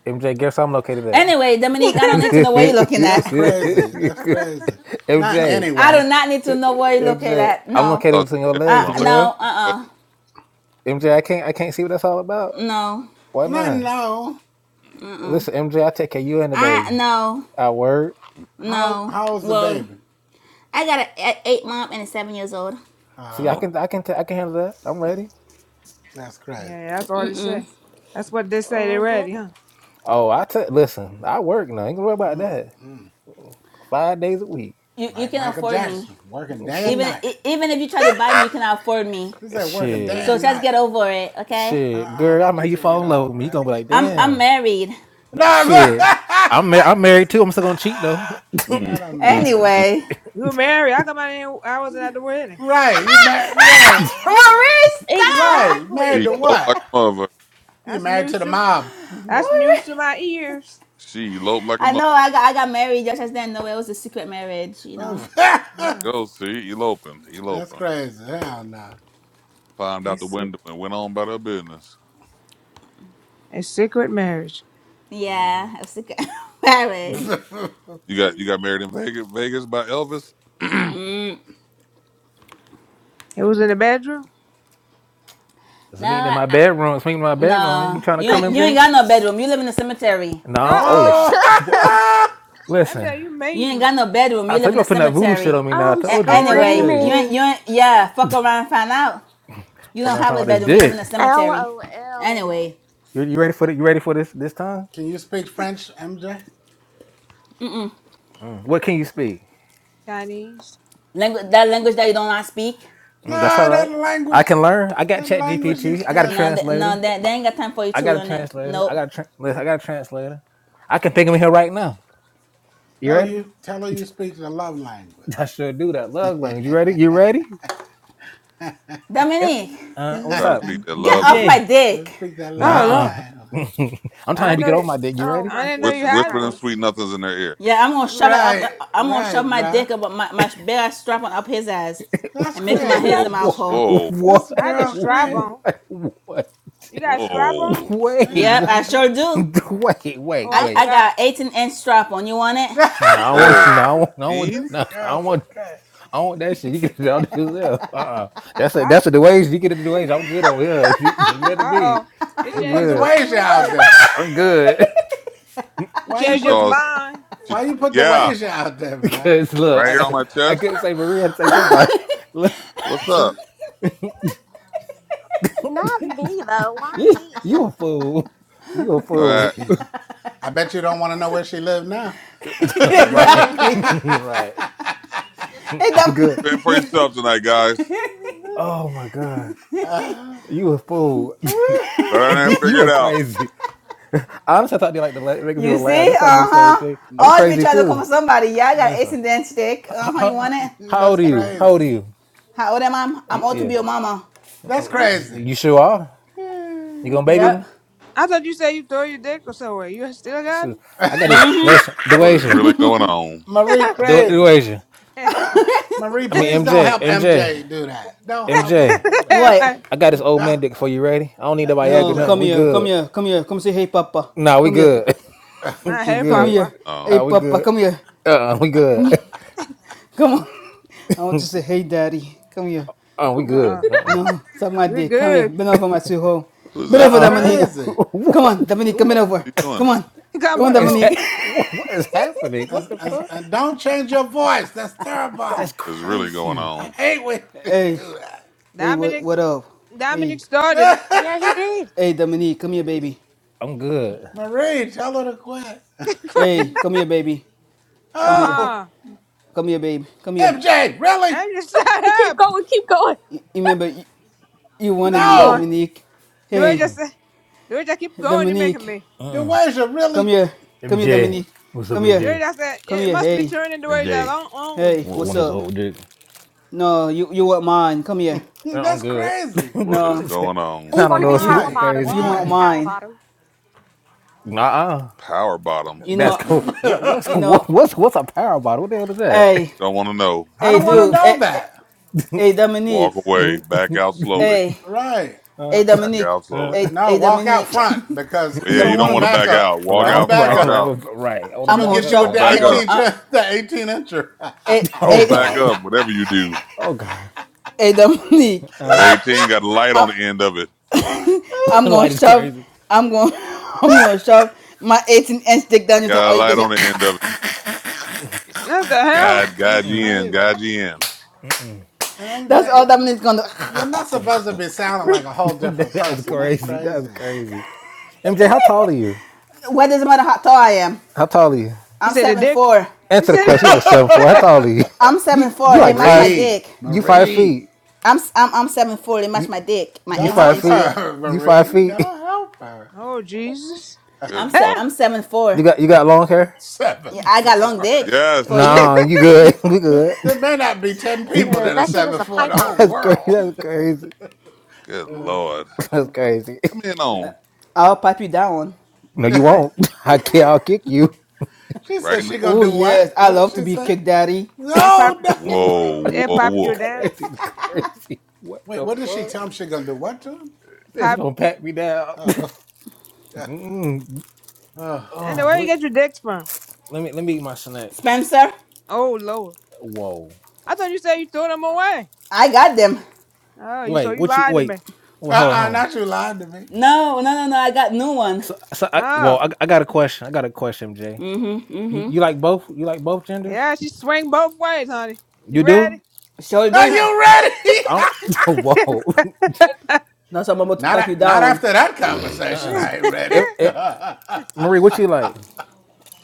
Speaker 9: MJ, guess I'm located at.
Speaker 1: Anyway, Dominique, I don't need to know where you're looking
Speaker 10: That's
Speaker 1: at.
Speaker 2: oh.
Speaker 10: crazy. That's crazy. Not
Speaker 9: MJ,
Speaker 1: I
Speaker 10: anyway.
Speaker 1: do not need to know where you're looking
Speaker 9: MJ,
Speaker 1: at.
Speaker 9: I'm
Speaker 1: No.
Speaker 9: located
Speaker 11: Thought
Speaker 9: between your
Speaker 11: you said
Speaker 1: Uh,
Speaker 11: what
Speaker 9: legs,
Speaker 11: I'm
Speaker 9: girl.
Speaker 1: no. Uh.
Speaker 11: looking
Speaker 1: uh
Speaker 9: MJ, I can't, I can't see what that's all about.
Speaker 1: No.
Speaker 9: Why
Speaker 10: Not
Speaker 9: not?
Speaker 10: no.
Speaker 1: Mm.
Speaker 9: Listen, MJ, I take care of you and the
Speaker 1: I
Speaker 9: baby.
Speaker 1: no.
Speaker 9: I work.
Speaker 10: How
Speaker 1: No.
Speaker 10: how's the
Speaker 1: Well,
Speaker 10: baby?
Speaker 1: I got an eight mom and a seven years old.
Speaker 11: for.
Speaker 9: See, I
Speaker 10: Uh,
Speaker 11: Oh,
Speaker 9: can, I can, ta- I can handle that. I'm ready.
Speaker 10: that's crazy.
Speaker 2: Yeah, yeah, that's all they say. That's what they say they
Speaker 3: Mhm.
Speaker 2: ready, huh?
Speaker 9: Oh, I take. Listen, I work now. You Ain't gonna worry about
Speaker 10: mm
Speaker 9: that.
Speaker 10: mm.
Speaker 9: Five days a week.
Speaker 1: You you
Speaker 10: Like
Speaker 1: can
Speaker 10: Michael
Speaker 1: afford me.
Speaker 10: Jackson, working day and
Speaker 1: Even
Speaker 10: night.
Speaker 1: e, even if you try to buy me, you cannot afford me.
Speaker 10: He said working day
Speaker 9: Shit.
Speaker 1: So
Speaker 10: and
Speaker 1: just
Speaker 10: night.
Speaker 1: get over it, okay?
Speaker 9: Shit.
Speaker 10: Uh-uh,
Speaker 9: Girl,
Speaker 10: that
Speaker 9: I'm how
Speaker 10: you
Speaker 9: you
Speaker 10: can't
Speaker 9: fall
Speaker 10: get
Speaker 9: in love with
Speaker 10: over
Speaker 9: me. You
Speaker 10: it.
Speaker 9: gonna be like,
Speaker 1: I'm I'm
Speaker 9: damn.
Speaker 1: married.
Speaker 9: No-
Speaker 10: No, but-
Speaker 9: Shit. I'm mar- I'm married too. I'm still gonna cheat though.
Speaker 11: mm,
Speaker 10: not I'm
Speaker 11: mm,
Speaker 10: married.
Speaker 11: mm.
Speaker 1: Anyway.
Speaker 2: You married. How come I didn't I wasn't at the wedding?
Speaker 10: Right, you married. Right,
Speaker 1: Marista.
Speaker 10: right. Married
Speaker 11: she
Speaker 10: to
Speaker 3: Exactly.
Speaker 11: eloped
Speaker 10: what?
Speaker 11: like a mother.
Speaker 10: You
Speaker 2: That's
Speaker 10: married to
Speaker 2: news
Speaker 10: the
Speaker 2: to
Speaker 10: mob.
Speaker 2: that's news to my ears.
Speaker 11: She eloped like a
Speaker 1: I
Speaker 11: mother.
Speaker 1: know I got I got married just as then. No, it was a secret marriage, you know.
Speaker 11: There
Speaker 2: Huh.
Speaker 11: you go. See, eloping,
Speaker 10: That's
Speaker 11: eloping.
Speaker 10: crazy. Hell no.
Speaker 11: Climbed out
Speaker 2: It's
Speaker 11: the
Speaker 2: sick.
Speaker 11: window and went on about her business.
Speaker 2: A secret marriage.
Speaker 10: Mhm.
Speaker 1: Yeah, a secret marriage.
Speaker 11: You got you got married in Vegas, Vegas by Elvis. you
Speaker 1: Mm,
Speaker 2: It was in the bedroom?
Speaker 9: It's a
Speaker 1: no,
Speaker 9: meeting in
Speaker 1: I,
Speaker 9: my
Speaker 1: I-
Speaker 9: bedroom. It's a meeting in my bedroom. You
Speaker 1: no,
Speaker 9: trying to
Speaker 1: you
Speaker 9: come,
Speaker 1: ain't you ain't
Speaker 9: MJ?
Speaker 1: got no bedroom. You live in a cemetery.
Speaker 2: Uh uh-uh. uh.
Speaker 9: No. Oh
Speaker 2: uh
Speaker 9: shit. What?
Speaker 10: oh,
Speaker 2: i am
Speaker 9: Listen.
Speaker 2: there you
Speaker 1: You ain't
Speaker 2: mean,
Speaker 1: got no bedroom.
Speaker 9: I
Speaker 1: You live
Speaker 9: told
Speaker 1: in
Speaker 9: you
Speaker 1: a
Speaker 9: I'm putting that voodoo shit
Speaker 1: cemetery.
Speaker 9: on me now. I
Speaker 3: I'm
Speaker 9: told
Speaker 1: A-
Speaker 9: you. What I tell
Speaker 1: anyway, you
Speaker 9: you?
Speaker 1: ain't
Speaker 3: screaming.
Speaker 1: you ain't yeah. Fuck around, and find out. You don't
Speaker 9: Fucking
Speaker 1: have
Speaker 9: find
Speaker 1: a
Speaker 9: out this
Speaker 1: bedroom. You live
Speaker 9: dick.
Speaker 1: in a cemetery.
Speaker 3: LOL.
Speaker 1: Anyway,
Speaker 9: You, you ready for it? You ready for this this time?
Speaker 10: can you speak French, MJ?
Speaker 9: Mm. What can you speak?
Speaker 2: Chinese.
Speaker 1: language that language that you don't want to speak.
Speaker 9: Mm, that's
Speaker 10: No,
Speaker 9: all
Speaker 10: that
Speaker 9: right. I
Speaker 10: language.
Speaker 9: can learn. I got
Speaker 10: That
Speaker 9: Chat
Speaker 10: language you
Speaker 9: GPT. I got a
Speaker 10: can't
Speaker 1: No, th-
Speaker 10: speak.
Speaker 1: no,
Speaker 9: translator.
Speaker 1: they, they ain't got time for you
Speaker 9: I
Speaker 1: to
Speaker 9: got a
Speaker 1: learn it.
Speaker 9: translator. I
Speaker 1: Nope.
Speaker 9: got a tra- listen, I got a translator. I can think of him here right now. You
Speaker 10: tell
Speaker 9: ready?
Speaker 10: you. Tell her you speak the love language.
Speaker 9: I sure do that. Love language. You ready? You ready? Em-
Speaker 1: Dominique,
Speaker 9: Uh, what's
Speaker 11: about to
Speaker 2: Thank
Speaker 9: up,
Speaker 11: speak that
Speaker 1: get
Speaker 11: love. language.
Speaker 1: off my
Speaker 9: MJ?
Speaker 10: You
Speaker 1: dick.
Speaker 10: speak that
Speaker 2: Oh
Speaker 10: love
Speaker 9: Nah,
Speaker 2: Lord.
Speaker 10: language.
Speaker 9: uh. I'm
Speaker 2: I
Speaker 9: trying to get
Speaker 2: know
Speaker 9: on my dick. You
Speaker 3: Oh
Speaker 9: ready?
Speaker 2: I
Speaker 3: my
Speaker 2: didn't know
Speaker 11: Whis-
Speaker 2: you
Speaker 3: Jesus
Speaker 2: had
Speaker 11: whisper them
Speaker 2: one.
Speaker 3: Christ.
Speaker 11: sweet nothings in their ear.
Speaker 1: Yeah, I'm gonna shove it up.
Speaker 10: Right,
Speaker 1: I'm gonna
Speaker 10: right,
Speaker 1: shove my
Speaker 10: bruh.
Speaker 1: dick up my my big ass strap on up his ass,
Speaker 10: That's
Speaker 1: and make him my his a
Speaker 10: crazy.
Speaker 2: That's
Speaker 11: Whoa,
Speaker 2: the
Speaker 1: mouth
Speaker 2: sh-
Speaker 9: What?
Speaker 1: hole.
Speaker 11: whoa,
Speaker 9: What?
Speaker 10: This
Speaker 2: not the
Speaker 10: girl
Speaker 2: strap
Speaker 10: crazy.
Speaker 2: on.
Speaker 9: What?
Speaker 2: You got a strap on?
Speaker 11: whoa,
Speaker 9: Wait,
Speaker 1: Yep,
Speaker 9: wha-
Speaker 1: I
Speaker 10: Damn,
Speaker 1: sure
Speaker 10: MJ.
Speaker 1: do.
Speaker 9: wait,
Speaker 2: Oh,
Speaker 9: wait,
Speaker 2: I
Speaker 1: I,
Speaker 9: wait.
Speaker 1: I
Speaker 2: forgot.
Speaker 1: got 18 inch strap on. You want
Speaker 9: No,
Speaker 2: I
Speaker 9: I
Speaker 2: forgot.
Speaker 9: want,
Speaker 11: whoa.
Speaker 9: no, I want, no, I want,
Speaker 11: 18?
Speaker 10: this
Speaker 9: no, I don't
Speaker 10: girl's okay.
Speaker 9: want, I don't want that shit. You get it out yourself. Uh-uh. That's a, that's a the ways. You get it the ways. I'm good over here. Don't get that
Speaker 2: Uh
Speaker 9: to me.
Speaker 2: oh.
Speaker 10: Why
Speaker 2: You
Speaker 9: I'm
Speaker 10: you
Speaker 2: changed
Speaker 10: put
Speaker 2: his
Speaker 10: the
Speaker 9: good.
Speaker 2: mind
Speaker 10: wager
Speaker 2: real
Speaker 10: out
Speaker 2: quick.
Speaker 10: there?
Speaker 9: I'm good.
Speaker 2: You
Speaker 10: Why
Speaker 11: She
Speaker 10: you
Speaker 2: changed
Speaker 10: put
Speaker 2: his
Speaker 11: calls,
Speaker 2: mind.
Speaker 11: she,
Speaker 10: why you put the
Speaker 11: yeah,
Speaker 10: wager out there, bro?
Speaker 9: Because look,
Speaker 11: right here on
Speaker 9: I,
Speaker 11: my
Speaker 9: I
Speaker 11: chest.
Speaker 9: couldn't say Maria had to say somebody. Look,
Speaker 11: What's up?
Speaker 3: Not me though. Why
Speaker 9: you,
Speaker 3: me?
Speaker 9: you a fool. You a
Speaker 11: All right.
Speaker 9: fool.
Speaker 10: I bet you don't want to know where she live now.
Speaker 1: it?
Speaker 9: right.
Speaker 2: hmm
Speaker 1: exactly.
Speaker 9: right.
Speaker 1: It
Speaker 9: I'm good.
Speaker 11: Fend
Speaker 1: don't
Speaker 11: for yourself
Speaker 1: mean-
Speaker 11: tonight, guys.
Speaker 9: Oh my God.
Speaker 10: uh,
Speaker 9: You a fool.
Speaker 11: Go down there and
Speaker 9: you
Speaker 11: figure
Speaker 9: are
Speaker 11: it out.
Speaker 9: crazy. I honestly thought they like to la- make
Speaker 1: you
Speaker 9: people laugh.
Speaker 1: see?
Speaker 9: That's why I do
Speaker 1: Uh
Speaker 9: the same
Speaker 1: huh.
Speaker 9: thing. I'm
Speaker 1: Always be
Speaker 9: crazy
Speaker 1: trying to come for
Speaker 9: too.
Speaker 1: somebody. Yeah, I got
Speaker 9: Listen,
Speaker 1: an inch dick. Uh
Speaker 9: how,
Speaker 1: huh. You
Speaker 9: how,
Speaker 1: want it?
Speaker 9: how
Speaker 10: That's
Speaker 9: old are you? How old are
Speaker 10: crazy.
Speaker 9: you?
Speaker 1: How old am I? I'm
Speaker 9: Y-
Speaker 1: old to
Speaker 9: Yeah,
Speaker 1: be your mama.
Speaker 10: That's crazy.
Speaker 9: Mm, you sure are. You gonna
Speaker 2: I,
Speaker 9: baby me?
Speaker 1: Yep.
Speaker 2: I thought you said you throw your dick or somewhere. You still got
Speaker 9: Shoot. I gotta
Speaker 1: Mm-hmm.
Speaker 9: listen.
Speaker 11: What is
Speaker 9: Dewasia,
Speaker 11: really going on?
Speaker 10: Marie
Speaker 9: Du-
Speaker 10: crazy.
Speaker 9: Dewasia.
Speaker 2: it?
Speaker 10: Marie,
Speaker 9: I
Speaker 10: please
Speaker 9: mean
Speaker 10: don't
Speaker 9: MJ,
Speaker 10: help
Speaker 9: MJ.
Speaker 10: MJ do that. Don't help her
Speaker 9: MJ,
Speaker 10: do that.
Speaker 1: What?
Speaker 9: I got this old man dick for you. Ready? I don't need no Viagra,
Speaker 1: No,
Speaker 10: MJ,
Speaker 9: nothing.
Speaker 1: come
Speaker 9: We
Speaker 1: here, come
Speaker 9: good.
Speaker 1: here, come here, come say hey, Papa.
Speaker 9: Nah, we
Speaker 1: Come here,
Speaker 9: good.
Speaker 2: not
Speaker 9: we
Speaker 2: hey,
Speaker 1: come
Speaker 9: good.
Speaker 1: here.
Speaker 2: Papa.
Speaker 1: Hey,
Speaker 9: Uh,
Speaker 11: Um,
Speaker 9: we
Speaker 1: Papa,
Speaker 9: good.
Speaker 1: come here.
Speaker 9: Uh, we good.
Speaker 1: Come on. I want you to say, hey, daddy, come here.
Speaker 9: Uh, we
Speaker 2: Uh uh
Speaker 9: good. Uh,
Speaker 1: No, suck my
Speaker 2: we are
Speaker 1: dick. Come here.
Speaker 2: good.
Speaker 1: Bend over, my sweet hoe.
Speaker 11: who's
Speaker 9: uh-uh.
Speaker 1: Bend
Speaker 11: this?
Speaker 10: that's
Speaker 1: over,
Speaker 9: uh.
Speaker 1: Dominique.
Speaker 10: crazy.
Speaker 1: Come on,
Speaker 9: what?
Speaker 1: Dominique, come in
Speaker 9: What?
Speaker 1: over.
Speaker 11: What are you
Speaker 1: Come
Speaker 11: doing?
Speaker 1: on. Come on,
Speaker 2: Coming
Speaker 9: What is
Speaker 2: over.
Speaker 9: that?
Speaker 1: Dominique.
Speaker 9: What, what is happening? What
Speaker 10: And,
Speaker 9: the
Speaker 10: and,
Speaker 9: fuck?
Speaker 10: and don't change your voice. That's terrible.
Speaker 9: That's
Speaker 11: What is really going
Speaker 9: crazy.
Speaker 10: I
Speaker 11: on?
Speaker 10: hate when you
Speaker 1: hey,
Speaker 10: do
Speaker 1: hey, what,
Speaker 2: Dominic.
Speaker 1: what up?
Speaker 2: Dominic
Speaker 1: Hey,
Speaker 2: started it.
Speaker 3: yeah, he
Speaker 10: that.
Speaker 3: did.
Speaker 1: hey, Dominique, come here, baby.
Speaker 9: I'm good.
Speaker 10: Marie, tell her to quit.
Speaker 1: Hey, come here, baby.
Speaker 2: uh
Speaker 1: Come here.
Speaker 10: oh,
Speaker 2: uh.
Speaker 1: Come here, baby. Come here.
Speaker 10: MJ, really?
Speaker 2: And you shut
Speaker 3: Keep
Speaker 2: up.
Speaker 3: going, keep going.
Speaker 1: You, you remember, you, you wanted
Speaker 2: Keep
Speaker 1: me,
Speaker 2: going.
Speaker 10: No.
Speaker 1: Dominique.
Speaker 2: Do it
Speaker 1: Hey,
Speaker 9: Uh.
Speaker 2: just. The y'all keep going, you're making
Speaker 1: Dominique.
Speaker 2: me.
Speaker 9: Uh.
Speaker 10: DeWasia,
Speaker 1: Come
Speaker 10: really?
Speaker 1: here. Come here,
Speaker 9: MJ,
Speaker 1: Dominique.
Speaker 9: what's up,
Speaker 1: Come
Speaker 2: The
Speaker 1: here.
Speaker 9: MJ?
Speaker 2: y'all said,
Speaker 1: Come
Speaker 2: it
Speaker 1: here,
Speaker 2: must be
Speaker 1: hey,
Speaker 2: turning the way you
Speaker 9: MJ,
Speaker 2: don't own.
Speaker 1: hey,
Speaker 9: want
Speaker 1: what's
Speaker 9: want this
Speaker 1: up?
Speaker 9: old dick?
Speaker 1: No, you you want mine? Come here,
Speaker 9: Uh, I'm
Speaker 10: That's
Speaker 9: good. I
Speaker 10: crazy.
Speaker 11: What is
Speaker 1: No,
Speaker 11: going on?
Speaker 3: Hey,
Speaker 9: don't
Speaker 1: you
Speaker 9: know. This
Speaker 1: you
Speaker 9: is
Speaker 10: Why?
Speaker 1: you
Speaker 9: crazy.
Speaker 1: want
Speaker 10: Why?
Speaker 1: mine.
Speaker 9: Nah.
Speaker 11: Power bottoms.
Speaker 1: You
Speaker 11: What?
Speaker 9: That's
Speaker 1: know,
Speaker 9: cool. What, what's
Speaker 1: you know.
Speaker 9: what, what's what's a power bottle? What the hell is that?
Speaker 1: Hey,
Speaker 11: Don't want to know.
Speaker 10: I
Speaker 1: hey,
Speaker 11: You
Speaker 10: don't want to
Speaker 1: dude.
Speaker 10: know
Speaker 1: Hey, hey,
Speaker 10: that.
Speaker 1: hey,
Speaker 11: walk
Speaker 1: Dominique.
Speaker 11: away, back out slowly,
Speaker 1: Hey,
Speaker 10: Right.
Speaker 9: uh,
Speaker 1: hey,
Speaker 11: back
Speaker 1: Dominique.
Speaker 11: out
Speaker 9: uh,
Speaker 11: slowly.
Speaker 1: Hey,
Speaker 10: No,
Speaker 1: hey,
Speaker 10: walk out
Speaker 1: Dominique.
Speaker 10: front because
Speaker 11: But yeah,
Speaker 10: you
Speaker 11: you
Speaker 10: don't
Speaker 11: don't
Speaker 10: want to
Speaker 11: want to
Speaker 1: Dominique.
Speaker 10: back
Speaker 11: back
Speaker 10: up.
Speaker 11: out. Walk
Speaker 10: Don't
Speaker 9: round
Speaker 11: out,
Speaker 10: back
Speaker 9: right,
Speaker 11: walk
Speaker 10: up.
Speaker 11: out.
Speaker 9: round right. Hold
Speaker 10: She's
Speaker 9: him
Speaker 1: I'm
Speaker 10: gonna
Speaker 1: gonna
Speaker 9: back
Speaker 10: get you
Speaker 9: up
Speaker 10: with
Speaker 11: Don't
Speaker 1: shove.
Speaker 9: now.
Speaker 10: that
Speaker 1: I'm
Speaker 11: back
Speaker 1: gonna.
Speaker 10: 18
Speaker 11: up.
Speaker 10: ch-
Speaker 1: Uh,
Speaker 10: that 18 incher.
Speaker 1: hey,
Speaker 9: Oh
Speaker 11: Don't
Speaker 1: hey,
Speaker 11: back
Speaker 9: god.
Speaker 11: up. Whatever you do,
Speaker 9: Oh god.
Speaker 1: hey, Dominique.
Speaker 11: that
Speaker 9: Uh,
Speaker 11: 18 got a light
Speaker 1: I'm,
Speaker 11: on the end of it.
Speaker 1: I'm
Speaker 9: the
Speaker 1: gonna
Speaker 9: light is
Speaker 1: shove.
Speaker 9: crazy.
Speaker 1: I'm gonna. I'm gonna shove my 18 inch dick down
Speaker 11: It
Speaker 1: your throat. Oh,
Speaker 11: got a
Speaker 1: you can
Speaker 11: light
Speaker 1: say,
Speaker 11: on the end of it.
Speaker 2: What the
Speaker 10: that's
Speaker 2: hell?
Speaker 11: God, God,
Speaker 10: that's
Speaker 9: Mm-mm,
Speaker 11: you in. God,
Speaker 10: crazy.
Speaker 11: you in.
Speaker 9: mm-mm,
Speaker 10: And
Speaker 1: That's
Speaker 10: MJ,
Speaker 1: all Dominique's gonna do.
Speaker 10: you're not supposed to be sounding like a whole different
Speaker 9: that is
Speaker 10: person. That's
Speaker 9: crazy. That's
Speaker 10: crazy.
Speaker 9: crazy. MJ, how tall are you?
Speaker 1: What does it matter how tall I am?
Speaker 9: How tall are you?
Speaker 2: He
Speaker 1: I'm
Speaker 2: said the
Speaker 1: seven
Speaker 2: dick.
Speaker 1: four.
Speaker 2: He
Speaker 9: Answer the
Speaker 2: said,
Speaker 9: question. You know, seven four. How tall are you?
Speaker 1: I'm seven
Speaker 9: You
Speaker 1: four.
Speaker 9: you
Speaker 1: It
Speaker 9: like
Speaker 1: match
Speaker 9: five
Speaker 1: my
Speaker 9: feet?
Speaker 10: Marie,
Speaker 1: dick.
Speaker 9: You five
Speaker 10: Marie,
Speaker 9: feet?
Speaker 1: I'm i I'm I'm seven four. They match
Speaker 9: You
Speaker 1: my dick, my
Speaker 9: you
Speaker 10: don't
Speaker 1: eighteen
Speaker 9: five
Speaker 10: help
Speaker 1: inch
Speaker 9: feet?
Speaker 1: dick.
Speaker 10: her,
Speaker 9: You five
Speaker 10: Marie.
Speaker 9: feet?
Speaker 10: Don't help her.
Speaker 2: oh, Jesus.
Speaker 11: Good
Speaker 1: I'm se-
Speaker 11: Lord.
Speaker 2: Ah,
Speaker 1: I'm seven four.
Speaker 9: You got you got long hair?
Speaker 1: Yeah,
Speaker 10: Seven
Speaker 1: I got long
Speaker 10: four.
Speaker 1: dick for
Speaker 11: Yes.
Speaker 1: you.
Speaker 9: No, you good. We good.
Speaker 10: there may not be ten people
Speaker 3: yeah,
Speaker 10: that are
Speaker 3: that shit is
Speaker 10: seven
Speaker 3: a
Speaker 10: four in the whole
Speaker 9: That's
Speaker 3: python.
Speaker 9: crazy.
Speaker 10: world.
Speaker 9: That's crazy.
Speaker 11: Good
Speaker 10: Uh,
Speaker 11: Lord.
Speaker 9: That's crazy.
Speaker 11: Come in on.
Speaker 1: I'll pipe you down,
Speaker 9: No, you
Speaker 2: what?
Speaker 9: won't. I can't. I'll kick you.
Speaker 10: She
Speaker 11: Right
Speaker 10: said
Speaker 11: in the.
Speaker 10: she gonna
Speaker 1: Oh
Speaker 10: do what?
Speaker 1: yes, I
Speaker 10: What did
Speaker 1: love to
Speaker 10: she
Speaker 1: be
Speaker 10: say?
Speaker 1: kick daddy.
Speaker 2: It pop,
Speaker 10: No, no.
Speaker 11: Whoa,
Speaker 2: it
Speaker 11: whoa,
Speaker 2: pop
Speaker 9: it's
Speaker 2: you
Speaker 11: whoa.
Speaker 2: down.
Speaker 9: crazy. It's crazy. What
Speaker 10: Wait,
Speaker 9: the
Speaker 10: what did she
Speaker 9: fuck?
Speaker 10: tell him she gonna do? What to him?
Speaker 9: It's
Speaker 2: Pop.
Speaker 9: gonna pat me down.
Speaker 10: Oh, God.
Speaker 9: Mm.
Speaker 10: oh
Speaker 2: And where
Speaker 10: God.
Speaker 9: Oh,
Speaker 2: you
Speaker 9: let,
Speaker 2: get your dicks from?
Speaker 9: let me let me eat my snack.
Speaker 1: Spencer.
Speaker 2: Oh, Lord.
Speaker 9: Whoa.
Speaker 2: I thought you said you threw them away.
Speaker 1: I got them.
Speaker 2: Oh, you so
Speaker 9: Wait.
Speaker 2: you
Speaker 9: What you?
Speaker 2: lied to me.
Speaker 9: Wait. Well, hold on.
Speaker 10: Uh-uh,
Speaker 9: hold on.
Speaker 10: not you lying to me.
Speaker 1: No, no, no, no. I got new one.
Speaker 9: So, so I, Whoa.
Speaker 2: Oh,
Speaker 9: I, I got a question. I got a question, Jay.
Speaker 1: Mhm,
Speaker 9: You
Speaker 1: mhm.
Speaker 9: you like both? You like both genders?
Speaker 2: yeah, she swing both ways, honey.
Speaker 9: You
Speaker 2: You ready?
Speaker 9: do?
Speaker 1: Sure
Speaker 10: Are
Speaker 1: do.
Speaker 2: Yeah.
Speaker 10: you ready?
Speaker 9: I don't. Whoa.
Speaker 1: That's how I'm about to
Speaker 10: not
Speaker 1: pipe you
Speaker 10: a- not
Speaker 1: down.
Speaker 10: after that conversation,
Speaker 9: Uh-uh.
Speaker 10: I ain't ready.
Speaker 9: If, if Marie, what you like?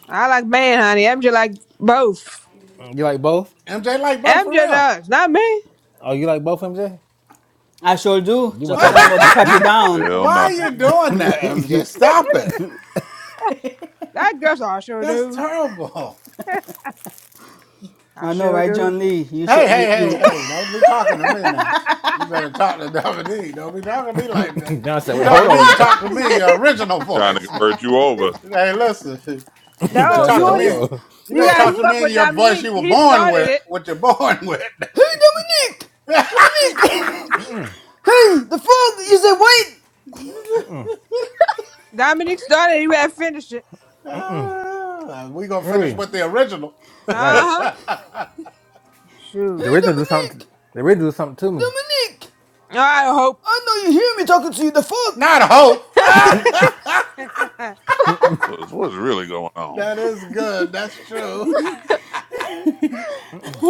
Speaker 2: I like man, honey. MJ like both.
Speaker 9: You like both?
Speaker 10: MJ like both for
Speaker 2: MJ
Speaker 10: real.
Speaker 2: does, not me.
Speaker 9: Oh, you like both MJ?
Speaker 1: I sure do.
Speaker 9: You my
Speaker 1: Just like
Speaker 9: type
Speaker 1: I'm
Speaker 9: of
Speaker 1: about to
Speaker 9: you.
Speaker 1: pipe you
Speaker 9: you,
Speaker 1: down.
Speaker 11: Hell
Speaker 10: Why are
Speaker 11: no.
Speaker 10: you
Speaker 9: you,
Speaker 10: doing that, MJ?
Speaker 9: you-
Speaker 10: Stop it.
Speaker 2: That girl, I sure
Speaker 10: That's
Speaker 2: do.
Speaker 10: terrible.
Speaker 2: I
Speaker 1: I know,
Speaker 2: sure
Speaker 1: right,
Speaker 2: do.
Speaker 1: John Lee? You
Speaker 10: Hey,
Speaker 1: should
Speaker 10: hey,
Speaker 1: you
Speaker 10: hey,
Speaker 1: you.
Speaker 10: hey, don't be talking to me now. You better talk to Dominique. Don't be talking to me like that.
Speaker 9: John said,
Speaker 10: You
Speaker 9: "Wait,
Speaker 10: talk
Speaker 9: hold
Speaker 10: to me,
Speaker 9: on."
Speaker 10: you
Speaker 9: Now.
Speaker 10: talk to me, your original
Speaker 11: Trying to
Speaker 10: voice.
Speaker 11: convert you over.
Speaker 10: hey, listen, you better
Speaker 2: No,
Speaker 9: John
Speaker 10: talk
Speaker 9: said,
Speaker 2: you
Speaker 10: to
Speaker 9: "Hold
Speaker 2: only,
Speaker 10: me.
Speaker 9: on."
Speaker 10: You
Speaker 2: you
Speaker 10: better
Speaker 1: hey,
Speaker 2: got
Speaker 10: talk to
Speaker 2: stuck
Speaker 10: me in
Speaker 2: with
Speaker 10: your voice
Speaker 2: Dominique.
Speaker 10: you were
Speaker 2: He
Speaker 10: born
Speaker 2: started
Speaker 10: with,
Speaker 2: it.
Speaker 10: what you're born with.
Speaker 1: Dominique, Dominique.
Speaker 9: Mm-mm,
Speaker 1: hey, the phone. You said wait.
Speaker 9: mm-mm,
Speaker 2: Dominique started it. You had to finish it.
Speaker 9: mm-mm.
Speaker 10: Ah, we gonna finish
Speaker 9: Marie,
Speaker 10: with the original.
Speaker 2: Uh
Speaker 9: right?
Speaker 2: huh.
Speaker 9: The
Speaker 1: Hey,
Speaker 2: Shoot.
Speaker 9: rhythm do something.
Speaker 1: Dominique!
Speaker 9: The rhythm do something to me.
Speaker 1: Dominique!
Speaker 2: All right, Hope.
Speaker 1: I know you hear me talking to you, the fuck?
Speaker 10: Not hope.
Speaker 2: uh
Speaker 9: Mm-mm,
Speaker 11: What's, what's really going on?
Speaker 10: that is good. That's true.
Speaker 9: mm-mm,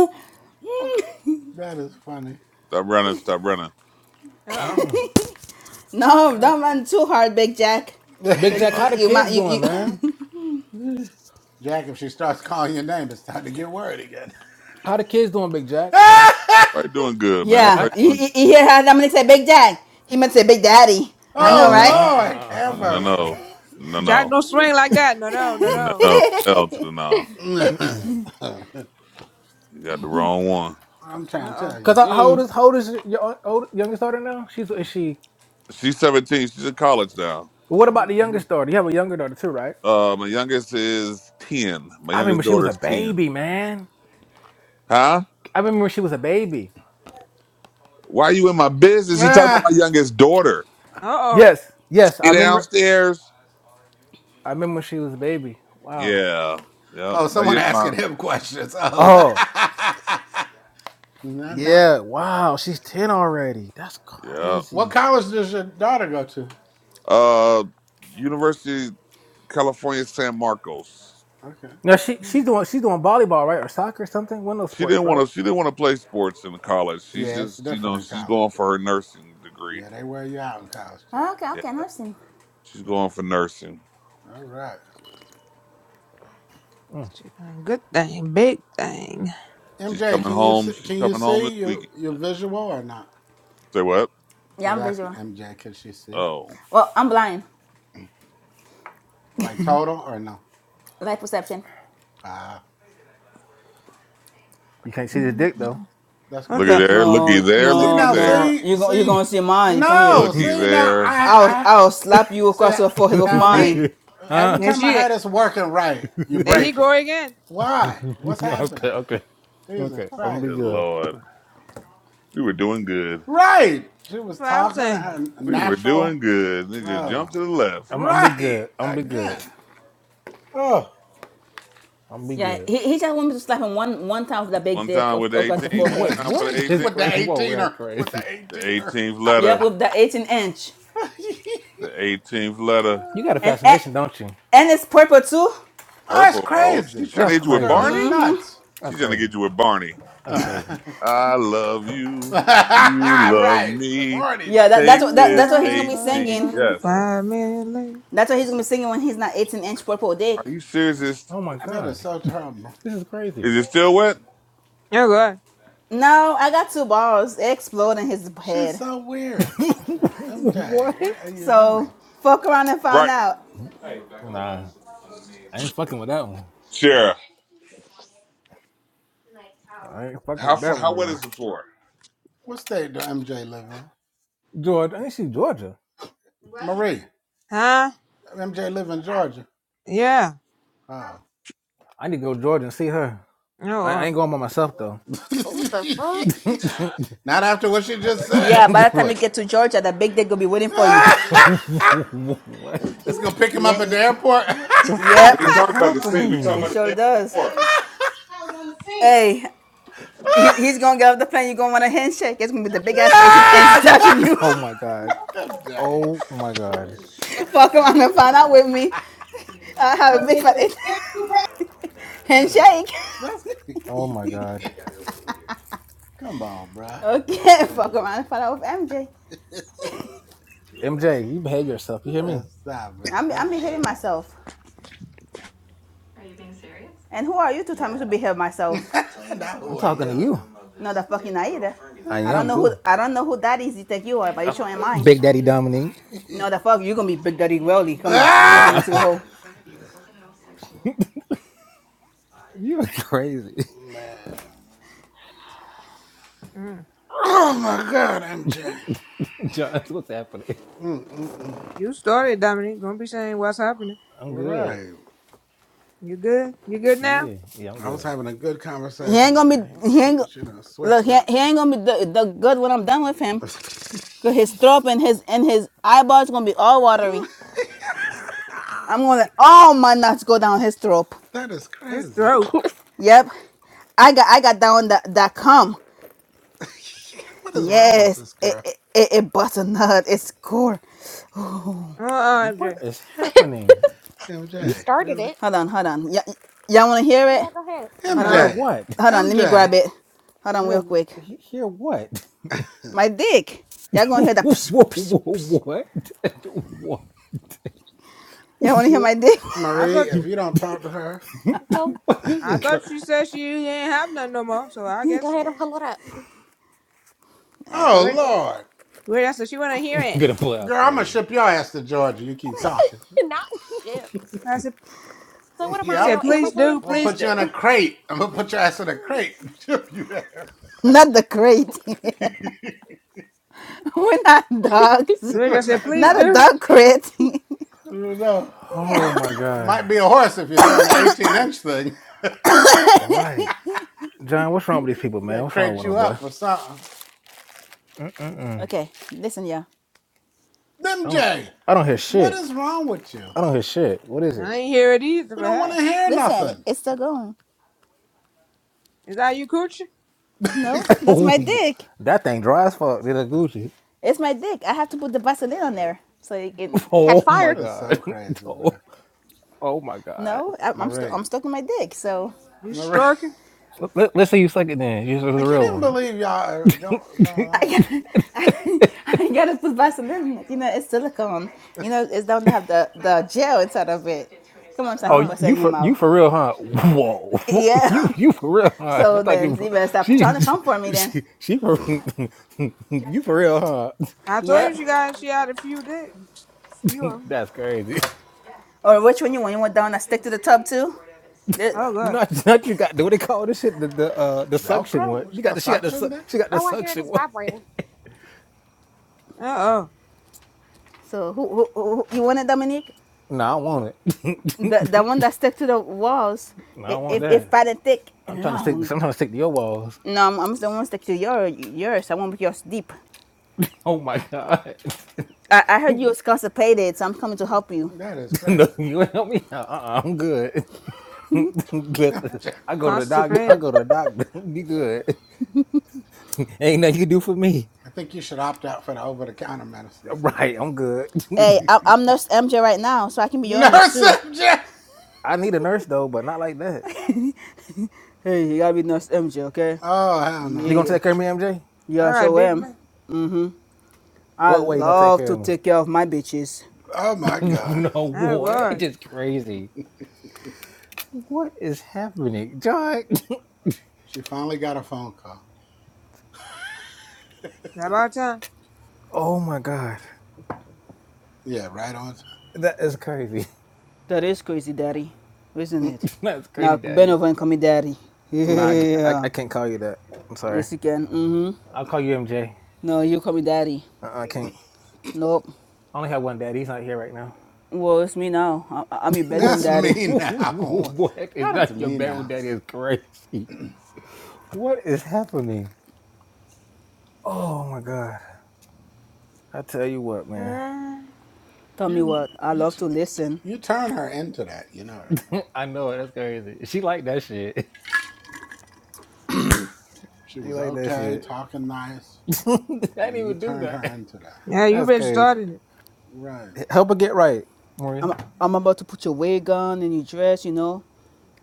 Speaker 10: that is funny.
Speaker 11: Stop running. Stop running.
Speaker 2: oh.
Speaker 9: mm-mm.
Speaker 1: No, don't run too hard, Big Jack.
Speaker 9: Big
Speaker 1: Because
Speaker 9: Jack,
Speaker 11: Uh,
Speaker 9: how
Speaker 1: you,
Speaker 9: the
Speaker 1: you
Speaker 9: kids
Speaker 1: might, you,
Speaker 9: doing, man?
Speaker 1: you
Speaker 10: Jack, if she starts calling your name, it's time to get worried again.
Speaker 9: How the kids doing, Big Jack?
Speaker 11: everybody doing good, man.
Speaker 9: I,
Speaker 1: yeah.
Speaker 11: Everybody
Speaker 1: You, you
Speaker 11: doing
Speaker 1: you hear how Dominique say Big Jack? He meant to say Big Daddy. I
Speaker 9: no,
Speaker 1: know,
Speaker 10: oh
Speaker 9: no, uh,
Speaker 1: right?
Speaker 10: Lord,
Speaker 9: uh, uh, uh,
Speaker 11: good.
Speaker 10: have
Speaker 9: uh.
Speaker 11: No,
Speaker 9: uh.
Speaker 10: mercy.
Speaker 9: uh.
Speaker 11: no. No,
Speaker 2: Jack
Speaker 11: no.
Speaker 2: don't swing like that. No, no, no,
Speaker 11: No,
Speaker 2: no.
Speaker 11: no. Hell to the no.
Speaker 9: Mm-mm.
Speaker 11: You got the wrong one.
Speaker 10: I'm
Speaker 2: Uh
Speaker 10: trying to
Speaker 2: oh.
Speaker 10: tell
Speaker 9: Cause
Speaker 10: you.
Speaker 9: I, how old is how old is your, your old, youngest daughter now? She's is she?
Speaker 11: She's 17. She's in college now.
Speaker 9: But what about the
Speaker 10: Mm-mm.
Speaker 9: youngest daughter? You have a younger daughter too, right?
Speaker 11: Uh, my youngest is ten. My
Speaker 9: I remember
Speaker 11: youngest
Speaker 9: she was
Speaker 11: daughter
Speaker 9: a
Speaker 11: is ten.
Speaker 9: baby, man.
Speaker 11: Huh?
Speaker 9: I remember she was a baby.
Speaker 11: Why are you in my business? You talking about
Speaker 10: Ah,
Speaker 11: my youngest daughter?
Speaker 2: Uh oh.
Speaker 9: Yes, yes, I
Speaker 11: She
Speaker 9: remember.
Speaker 11: downstairs.
Speaker 9: I remember she was a baby. Wow.
Speaker 11: Yeah. Yep.
Speaker 10: oh,
Speaker 11: My
Speaker 10: someone
Speaker 11: y- my.
Speaker 10: asking him questions. Oh,
Speaker 9: Oh,
Speaker 10: no, no.
Speaker 9: yeah. Wow, she's ten already. That's
Speaker 11: Yeah.
Speaker 10: What
Speaker 9: crazy.
Speaker 10: college does your daughter go to?
Speaker 11: Uh, University California San Marcos.
Speaker 10: Okay.
Speaker 9: Now she
Speaker 2: Mhm.
Speaker 9: she's doing she's doing volleyball, right, or soccer, or something. One of those
Speaker 11: She didn't
Speaker 9: sports,
Speaker 11: want
Speaker 9: right?
Speaker 11: to. She didn't want to play sports in college. She's
Speaker 10: Yeah, it's
Speaker 11: just, you
Speaker 10: different
Speaker 11: know,
Speaker 10: in
Speaker 11: she's
Speaker 10: college.
Speaker 11: going for
Speaker 10: There.
Speaker 11: her nursing degree.
Speaker 10: Yeah, they wear you out in college. There.
Speaker 1: Okay,
Speaker 11: Yeah,
Speaker 1: okay, I understand.
Speaker 11: she's going
Speaker 10: Yeah.
Speaker 11: for nursing.
Speaker 10: All right.
Speaker 9: Mm.
Speaker 2: She done good thing, big thing.
Speaker 11: She's
Speaker 10: MJ,
Speaker 11: coming
Speaker 10: can you
Speaker 11: home.
Speaker 10: see,
Speaker 11: She's
Speaker 10: can you
Speaker 11: coming home this
Speaker 10: see your
Speaker 11: weekend.
Speaker 10: your visual or not?
Speaker 11: Say what?
Speaker 10: I
Speaker 1: Yeah,
Speaker 10: was
Speaker 1: I'm
Speaker 10: asking
Speaker 1: visual.
Speaker 10: MJ, can she see?
Speaker 11: Oh,
Speaker 1: Well, I'm blind.
Speaker 10: Like total or no?
Speaker 1: Light perception.
Speaker 10: Ah, uh,
Speaker 9: You can't see the
Speaker 2: Mhm.
Speaker 9: dick though.
Speaker 10: that's
Speaker 2: What
Speaker 11: looky
Speaker 2: the?
Speaker 10: crazy.
Speaker 11: there, looky
Speaker 1: No,
Speaker 11: there,
Speaker 10: See
Speaker 11: looky
Speaker 1: no,
Speaker 10: now,
Speaker 11: there.
Speaker 1: no.
Speaker 10: see,
Speaker 1: You go, you
Speaker 10: see,
Speaker 1: gonna see mine. Come here.
Speaker 10: no,
Speaker 11: Looky
Speaker 10: see now,
Speaker 11: there.
Speaker 10: I,
Speaker 1: I'll,
Speaker 10: I,
Speaker 1: I'll slap you
Speaker 10: see
Speaker 1: across the forehead with
Speaker 10: now, Nate.
Speaker 1: mine.
Speaker 9: huh?
Speaker 10: Every
Speaker 2: There
Speaker 10: time I
Speaker 2: she.
Speaker 10: had this working right, you
Speaker 2: There he
Speaker 10: break it.
Speaker 2: go again.
Speaker 10: Why? What's
Speaker 9: okay,
Speaker 10: happening
Speaker 9: okay,
Speaker 10: here? Jesus
Speaker 9: okay. I'm gonna
Speaker 10: Christ,
Speaker 9: be
Speaker 11: Good
Speaker 10: bro.
Speaker 9: good.
Speaker 11: Lord. We were doing good.
Speaker 10: Right, she was
Speaker 2: That's what I'm
Speaker 10: talking to
Speaker 2: saying.
Speaker 10: her
Speaker 11: We were doing
Speaker 10: natural.
Speaker 11: good. They just jumped
Speaker 10: Oh,
Speaker 11: to the left.
Speaker 9: I'm, I'm gonna be
Speaker 10: right
Speaker 9: good. I'm gonna be good.
Speaker 10: again. Oh,
Speaker 9: I'm gonna be
Speaker 1: Yeah,
Speaker 9: good.
Speaker 1: he, he just wanted me to slap him one one time with a big
Speaker 11: One
Speaker 1: dick
Speaker 11: time
Speaker 1: of-
Speaker 11: with the
Speaker 1: across the
Speaker 11: 18, one
Speaker 9: Wait,
Speaker 1: forehead.
Speaker 11: time for
Speaker 9: what?
Speaker 11: the
Speaker 9: That's
Speaker 11: 18.
Speaker 10: with the
Speaker 9: crazy. Whoa, that's
Speaker 10: eighteener, with the
Speaker 9: crazy.
Speaker 11: The
Speaker 10: eighteener.
Speaker 11: 18th
Speaker 1: Yep,
Speaker 11: letter.
Speaker 1: with the 18 inch.
Speaker 11: The 18th letter.
Speaker 9: You got a
Speaker 1: And and
Speaker 9: fascination, don't you?
Speaker 1: it's purple too.
Speaker 10: Oh, it's
Speaker 11: Purple. Oh, she's
Speaker 10: crazy.
Speaker 11: trying to
Speaker 9: That's
Speaker 11: hit you
Speaker 10: These
Speaker 11: with
Speaker 9: crazy.
Speaker 10: girls are
Speaker 11: Barney?
Speaker 10: nuts.
Speaker 11: She's
Speaker 9: That's
Speaker 11: trying to
Speaker 9: crazy.
Speaker 11: get you with Barney.
Speaker 9: That's crazy.
Speaker 10: right.
Speaker 11: I love you. You love
Speaker 10: The
Speaker 11: me.
Speaker 10: Barney.
Speaker 1: Yeah, that,
Speaker 2: We
Speaker 1: that's
Speaker 11: Take
Speaker 1: what that, that's
Speaker 11: this
Speaker 1: what he's gonna
Speaker 11: 18.
Speaker 1: be
Speaker 2: never
Speaker 1: singing.
Speaker 2: gonna
Speaker 11: Yes.
Speaker 2: find me like-
Speaker 1: That's what he's gonna be singing when he's not 18 inch purple dick.
Speaker 11: Are you serious? Is,
Speaker 9: Oh my
Speaker 10: That
Speaker 9: god,
Speaker 10: is so terrible.
Speaker 9: this is crazy.
Speaker 11: is it still wet?
Speaker 2: Oh God,
Speaker 1: No golden
Speaker 10: She's
Speaker 1: head.
Speaker 10: so weird. MJ,
Speaker 9: what?
Speaker 10: what are you
Speaker 1: So
Speaker 10: doing?
Speaker 1: fuck around and find
Speaker 11: Right.
Speaker 1: out.
Speaker 9: Nah, I ain't fucking with that one.
Speaker 11: Sure.
Speaker 9: I ain't fucking
Speaker 11: How,
Speaker 9: with
Speaker 11: fu-
Speaker 9: that one,
Speaker 11: how wet
Speaker 9: girl.
Speaker 11: is the floor?
Speaker 10: What state do MJ live in?
Speaker 9: Georgia, I ain't see Georgia.
Speaker 10: Marie.
Speaker 2: huh?
Speaker 10: MJ live in Georgia.
Speaker 2: Yeah.
Speaker 10: Oh.
Speaker 9: I need to go to Georgia and see her.
Speaker 2: No.
Speaker 9: I, I
Speaker 2: uh,
Speaker 9: ain't going by myself though.
Speaker 3: What the fuck?
Speaker 10: Not after what she just said.
Speaker 1: Yeah, by the time
Speaker 9: right.
Speaker 1: you get to Georgia, the big dick gonna be waiting for you.
Speaker 9: what? The,
Speaker 10: it's gonna pick him
Speaker 1: Yeah,
Speaker 10: up at the airport.
Speaker 9: what the fuck
Speaker 11: We
Speaker 1: yep,
Speaker 11: ain't
Speaker 9: is
Speaker 11: talking about the sink. We talking
Speaker 9: happening?
Speaker 1: it
Speaker 11: about the
Speaker 1: sure
Speaker 11: damn
Speaker 1: does.
Speaker 11: floor.
Speaker 1: Hey, he, he's gonna get off the plane. you gonna want a handshake. It's gonna be the big ass 18 inch touching you.
Speaker 9: Oh my god.
Speaker 10: MJ.
Speaker 9: Oh my god.
Speaker 1: fuck around and find out with me. I have a big fat 18
Speaker 10: That is
Speaker 1: handshake.
Speaker 10: that's
Speaker 9: Oh my
Speaker 10: creepy.
Speaker 9: god.
Speaker 10: Come on, bruh. That's
Speaker 1: Okay, fuck
Speaker 10: crazy.
Speaker 1: around and find out with MJ.
Speaker 9: MJ, you behave yourself. You
Speaker 10: You
Speaker 9: hear me?
Speaker 10: better Stop it.
Speaker 1: I'm
Speaker 10: That's
Speaker 1: I'm behaving myself. And who are you to tell yeah. me to behave myself?
Speaker 10: uh, not
Speaker 9: I'm
Speaker 10: who are
Speaker 9: talking to
Speaker 10: you.
Speaker 9: you.
Speaker 1: No, the fucking dead I either.
Speaker 9: I
Speaker 1: I don't
Speaker 9: am
Speaker 1: know who
Speaker 9: too.
Speaker 1: I don't know who that is you think you are, but you
Speaker 9: Oh,
Speaker 1: showing mine.
Speaker 9: Big Daddy Dominique.
Speaker 1: No, the fuck you gonna be Big Daddy Welly. Come on, bend over my
Speaker 9: Uh-uh.
Speaker 1: sweet
Speaker 10: Ah!
Speaker 1: hole.
Speaker 9: You are crazy.
Speaker 10: Man.
Speaker 2: mm.
Speaker 10: Oh my God, MJ.
Speaker 9: John, what's happening?
Speaker 10: Mm-mm-mm.
Speaker 2: You started, Dominique. Don't be saying what's happening.
Speaker 9: I'm good.
Speaker 10: Right.
Speaker 2: You good? You good now?
Speaker 9: Yeah, yeah, I'm
Speaker 10: I was
Speaker 9: good.
Speaker 10: having a good
Speaker 1: He
Speaker 10: conversation
Speaker 1: ain't
Speaker 10: with
Speaker 1: gonna
Speaker 10: her.
Speaker 1: be he
Speaker 10: He,
Speaker 1: ain't
Speaker 10: he should have
Speaker 1: look
Speaker 10: switched
Speaker 1: he,
Speaker 10: up.
Speaker 1: he ain't gonna be the, the good when I'm done with him. Cause his throat and his and his eyeballs gonna be all watery. I'm gonna let all my nuts go down his throat.
Speaker 10: that is
Speaker 2: It's
Speaker 10: crazy.
Speaker 2: dope.
Speaker 1: Yep, I got I got down that that cum.
Speaker 10: what is wrong with
Speaker 1: Yes,
Speaker 10: this
Speaker 1: it
Speaker 10: girl?
Speaker 1: it, it, it busts It's cool.
Speaker 2: Uh uh
Speaker 9: What is happening?
Speaker 3: you
Speaker 10: MJ,
Speaker 3: started
Speaker 10: really?
Speaker 3: it.
Speaker 1: Hold on, hold on. Y- y- y'all wanna hear it?
Speaker 3: Yeah, go ahead.
Speaker 2: Oh,
Speaker 1: Hold on,
Speaker 9: Hear
Speaker 2: no,
Speaker 10: MJ.
Speaker 9: what?
Speaker 1: hold on. Let me
Speaker 3: All
Speaker 10: MJ.
Speaker 1: grab
Speaker 3: right,
Speaker 1: it. Hold on,
Speaker 9: Hear
Speaker 1: real quick.
Speaker 9: he- hear what?
Speaker 1: My dick. Y'all gonna
Speaker 9: what?
Speaker 1: hear the psh psh psh.
Speaker 9: what? What?
Speaker 1: Y'all wanna hear my dick?
Speaker 2: I
Speaker 10: Marie,
Speaker 2: thought
Speaker 10: if you don't talk to her,
Speaker 3: go
Speaker 9: What is
Speaker 2: I
Speaker 9: this? Cra-
Speaker 2: thought she said she ain't have none no more. So I
Speaker 3: go
Speaker 2: guess
Speaker 3: ahead and
Speaker 2: mm,
Speaker 3: pull it up.
Speaker 1: All right.
Speaker 10: oh
Speaker 2: Lord,
Speaker 10: Lord,
Speaker 2: Lord, I said she wanna hear
Speaker 9: I'm
Speaker 2: it.
Speaker 9: gonna play out
Speaker 10: girl, I'm gonna
Speaker 9: crazy.
Speaker 10: ship your ass to Georgia. You keep talking.
Speaker 3: Not shit.
Speaker 2: I said
Speaker 3: So what am
Speaker 2: she
Speaker 3: I
Speaker 10: Yep,
Speaker 2: said
Speaker 3: now?
Speaker 2: please do,
Speaker 3: Amazon,
Speaker 10: I'm gonna
Speaker 2: please
Speaker 10: put you
Speaker 2: do.
Speaker 10: in
Speaker 3: FedEx,
Speaker 10: a crate. I'm gonna put your ass in a crate. and Ship you there.
Speaker 1: Not the crate. We're not dogs.
Speaker 2: Lord, I
Speaker 10: We're
Speaker 2: said
Speaker 10: not
Speaker 2: please
Speaker 1: Not a
Speaker 10: dog.
Speaker 2: do.
Speaker 1: dog crate.
Speaker 10: No, we
Speaker 9: Oh my god!
Speaker 10: might be a horse if you're doing the 18 inch thing.
Speaker 9: Right, John. What's wrong with these people,
Speaker 10: We gotta
Speaker 9: man? What's wrong
Speaker 10: crate
Speaker 9: with them,
Speaker 10: you
Speaker 9: boy?
Speaker 10: up or something.
Speaker 1: okay, listen, y'all.
Speaker 10: Them
Speaker 9: I don't.
Speaker 10: Jay,
Speaker 9: I don't hear
Speaker 10: what
Speaker 9: shit.
Speaker 10: is wrong with you?
Speaker 9: I don't hear shit. What is it?
Speaker 2: I ain't hear it either,
Speaker 10: We
Speaker 2: but
Speaker 10: don't want
Speaker 2: hey,
Speaker 10: to hear
Speaker 1: Listen, it-
Speaker 10: nothing.
Speaker 1: it's still going.
Speaker 2: is that you, coochie?
Speaker 1: No, that's my dick.
Speaker 9: that thing dry as fuck. Did a Gucci?
Speaker 1: It's my dick. I have to put the Vaseline on there so it can.
Speaker 3: catch
Speaker 9: Oh my
Speaker 3: fire.
Speaker 10: That is so
Speaker 9: god.
Speaker 10: crazy, bro.
Speaker 9: Oh, oh my god.
Speaker 1: No, I- I'm still
Speaker 10: Marie,
Speaker 1: I'm stuck in my dick. So.
Speaker 2: You
Speaker 10: Marie,
Speaker 2: stroking?
Speaker 9: Let, let, let's say you suck it then. This is
Speaker 10: I
Speaker 9: a
Speaker 10: can't
Speaker 9: real
Speaker 10: even
Speaker 9: one.
Speaker 10: believe y'all are going on with it.
Speaker 1: I, I, I gotta put Vaseline. in it. You know, it's silicone. You know, it's don't have the the gel inside of it. Come on, so I can
Speaker 9: Oh,
Speaker 2: Oh,
Speaker 1: bust it
Speaker 9: you
Speaker 1: in your
Speaker 9: for you
Speaker 1: mouth.
Speaker 9: for real, huh? Whoa, you
Speaker 1: Yeah.
Speaker 9: you for real, huh? I
Speaker 1: So
Speaker 9: thought you
Speaker 1: then,
Speaker 9: for,
Speaker 1: you better stop
Speaker 9: she
Speaker 1: trying to come for me then.
Speaker 9: she she for you for real, huh?
Speaker 2: I
Speaker 9: I
Speaker 2: told
Speaker 1: Yep.
Speaker 2: you guys she had a few dick, few of 'em.
Speaker 9: that's crazy.
Speaker 1: Or which one you want? You want that one that stick to the tub too? This-
Speaker 2: Oh God.
Speaker 9: Not not you got what they call this shit the the uh the suction
Speaker 10: Velcro?
Speaker 9: one.
Speaker 10: What
Speaker 9: You
Speaker 10: you
Speaker 9: got
Speaker 10: got
Speaker 9: the, she got the
Speaker 10: suction
Speaker 9: su-
Speaker 10: there?
Speaker 9: she got the
Speaker 3: Oh, I hear it
Speaker 9: suction
Speaker 3: is
Speaker 9: one.
Speaker 3: vibrating.
Speaker 2: Uh oh,
Speaker 1: so who, who, who you want it, Dominique?
Speaker 9: No, nah, I want it.
Speaker 1: The the one that stick to the walls.
Speaker 9: No, I
Speaker 1: It
Speaker 9: don't want
Speaker 1: it, it
Speaker 9: that.
Speaker 1: fat and thick
Speaker 9: I'm
Speaker 1: and
Speaker 9: trying to stick. I'm
Speaker 1: long.
Speaker 9: trying to stick to your walls.
Speaker 1: No, I'm, I'm the one stick to your yours. I want yours deep.
Speaker 9: Oh my god!
Speaker 1: I, I heard you was constipated, so I'm coming to help you.
Speaker 10: That is
Speaker 9: no,
Speaker 10: crazy.
Speaker 9: you ain't help me out. Uh-uh, I'm good. I go to the doctor. I
Speaker 2: constipated.
Speaker 9: go to the doctor. Be good. Ain't nothing you can do for me.
Speaker 10: I think you should opt out for the over the counter medicine at this
Speaker 9: Right, I'm good.
Speaker 1: Hey,
Speaker 10: point.
Speaker 1: I'm, I'm Nurse MJ right now, so I can be your nurse
Speaker 10: Nurse
Speaker 1: too.
Speaker 10: Jack!
Speaker 9: I need a nurse though, but not like that.
Speaker 1: Hey, you gotta be Nurse MJ, okay?
Speaker 10: Oh hell
Speaker 9: You
Speaker 10: no.
Speaker 9: gonna
Speaker 1: Yeah.
Speaker 9: take care of me, MJ?
Speaker 2: All
Speaker 1: Yeah,
Speaker 2: right,
Speaker 1: sure
Speaker 2: big
Speaker 1: am.
Speaker 2: man.
Speaker 1: Mm-hmm. I
Speaker 9: What way you gonna take
Speaker 1: love
Speaker 9: care
Speaker 1: to
Speaker 9: of
Speaker 1: take care of my bitches.
Speaker 10: Oh my
Speaker 9: me?
Speaker 10: god.
Speaker 9: no,
Speaker 2: Oh
Speaker 9: boy,
Speaker 2: God,
Speaker 9: it's
Speaker 2: Is
Speaker 9: just crazy. What is happening, John?
Speaker 10: She finally got a phone call.
Speaker 2: that about time.
Speaker 9: Oh my god,
Speaker 10: Yeah, right on time.
Speaker 9: that is crazy.
Speaker 1: That is crazy, daddy. Isn't
Speaker 10: Mm,
Speaker 1: it?
Speaker 9: That's
Speaker 1: Now,
Speaker 9: crazy,
Speaker 1: bend
Speaker 9: Daddy.
Speaker 1: over and call me daddy.
Speaker 9: No, I,
Speaker 10: Mm-mm.
Speaker 9: I, I
Speaker 1: Yeah.
Speaker 9: can't call you that. I'm sorry.
Speaker 1: Yes, you can. Mm-hmm.
Speaker 9: I'll call you MJ.
Speaker 1: No, you call me daddy.
Speaker 9: Uh-uh, I can't.
Speaker 1: Nope.
Speaker 9: I only have one daddy. He's not here right now.
Speaker 1: Well, it's me now. I- I- I'm your bedroom
Speaker 10: That's
Speaker 1: daddy.
Speaker 10: me now.
Speaker 9: what is
Speaker 10: That is
Speaker 9: that? Your
Speaker 10: me
Speaker 9: barrel
Speaker 10: now.
Speaker 9: daddy is crazy. What is happening? Oh my god! I tell you what, man.
Speaker 2: Mm.
Speaker 1: Tell me
Speaker 10: You
Speaker 1: what. I
Speaker 10: you
Speaker 1: love
Speaker 10: t-
Speaker 1: to listen.
Speaker 10: you turn her into that, you know.
Speaker 9: I know it. That's crazy. She like that shit.
Speaker 10: She
Speaker 9: She
Speaker 10: was
Speaker 9: like that
Speaker 10: okay,
Speaker 9: shit.
Speaker 10: talking nice.
Speaker 9: I didn't
Speaker 10: Then you
Speaker 9: even do
Speaker 10: turned her
Speaker 9: that.
Speaker 10: into that.
Speaker 2: Yeah, you
Speaker 9: That's
Speaker 2: been
Speaker 9: crazy.
Speaker 2: starting it.
Speaker 10: Right.
Speaker 9: Help her get right, Marie.
Speaker 1: I'm, I'm about to put your wig on and your dress, you know.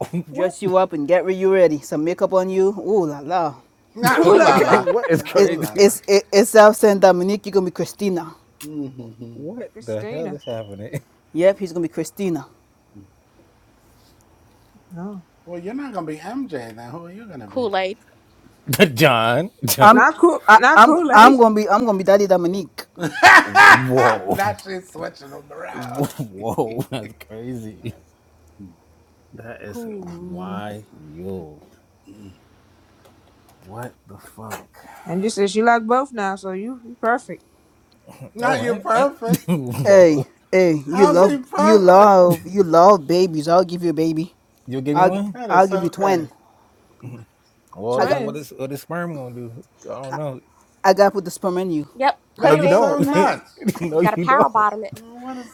Speaker 9: What?
Speaker 1: dress you up and get you ready. Some makeup on you. Ooh la la.
Speaker 10: Not
Speaker 2: Ooh
Speaker 10: ooh
Speaker 2: la
Speaker 10: la
Speaker 2: la,
Speaker 10: la.
Speaker 9: what is
Speaker 10: Not
Speaker 1: It,
Speaker 10: ooh la
Speaker 9: crazy?
Speaker 10: la.
Speaker 1: it's it, it's out saying Dominique, you're gonna be Christina.
Speaker 10: Hmm
Speaker 9: What the hell
Speaker 2: Christina.
Speaker 9: is happening?
Speaker 1: Yep, he's gonna be Christina.
Speaker 2: Oh.
Speaker 10: Well, you're not gonna be MJ then. Who are you gonna be?
Speaker 3: Kool Aid.
Speaker 9: John. John.
Speaker 1: I'm
Speaker 2: Not cool.
Speaker 1: I,
Speaker 2: Not
Speaker 1: I'm
Speaker 2: cool,
Speaker 1: I'm
Speaker 2: Ace.
Speaker 1: gonna be I'm gonna be Daddy Dominique.
Speaker 9: Whoa.
Speaker 10: now she's switching them around.
Speaker 9: Whoa. That's crazy. That is
Speaker 2: Cool.
Speaker 9: wild. What the fuck?
Speaker 2: And you said she like both now, so you, you perfect.
Speaker 10: not
Speaker 9: Oh,
Speaker 10: you
Speaker 9: hey, hey.
Speaker 10: perfect.
Speaker 1: Hey
Speaker 9: Whoa.
Speaker 1: hey, you
Speaker 10: How's he
Speaker 1: love you
Speaker 10: perfect?
Speaker 1: love you love babies. I'll give you a baby.
Speaker 9: You'll give me
Speaker 1: I'll gi-
Speaker 9: one?
Speaker 10: That is
Speaker 1: I'll give
Speaker 10: so
Speaker 1: you
Speaker 10: crazy.
Speaker 1: twin.
Speaker 9: Well,
Speaker 1: I
Speaker 9: it's
Speaker 1: got
Speaker 9: like what is
Speaker 2: Twins.
Speaker 9: what is sperm gonna do? I don't know.
Speaker 1: I got to put the sperm in you.
Speaker 3: Yep,
Speaker 9: No,
Speaker 3: put
Speaker 10: That
Speaker 3: it
Speaker 9: you
Speaker 10: is
Speaker 3: in
Speaker 10: so
Speaker 3: from the
Speaker 9: don't.
Speaker 3: back. That's
Speaker 10: nuts.
Speaker 3: you
Speaker 9: no,
Speaker 3: got to
Speaker 9: you
Speaker 3: power
Speaker 9: don't.
Speaker 3: bottom it.
Speaker 10: Well, What is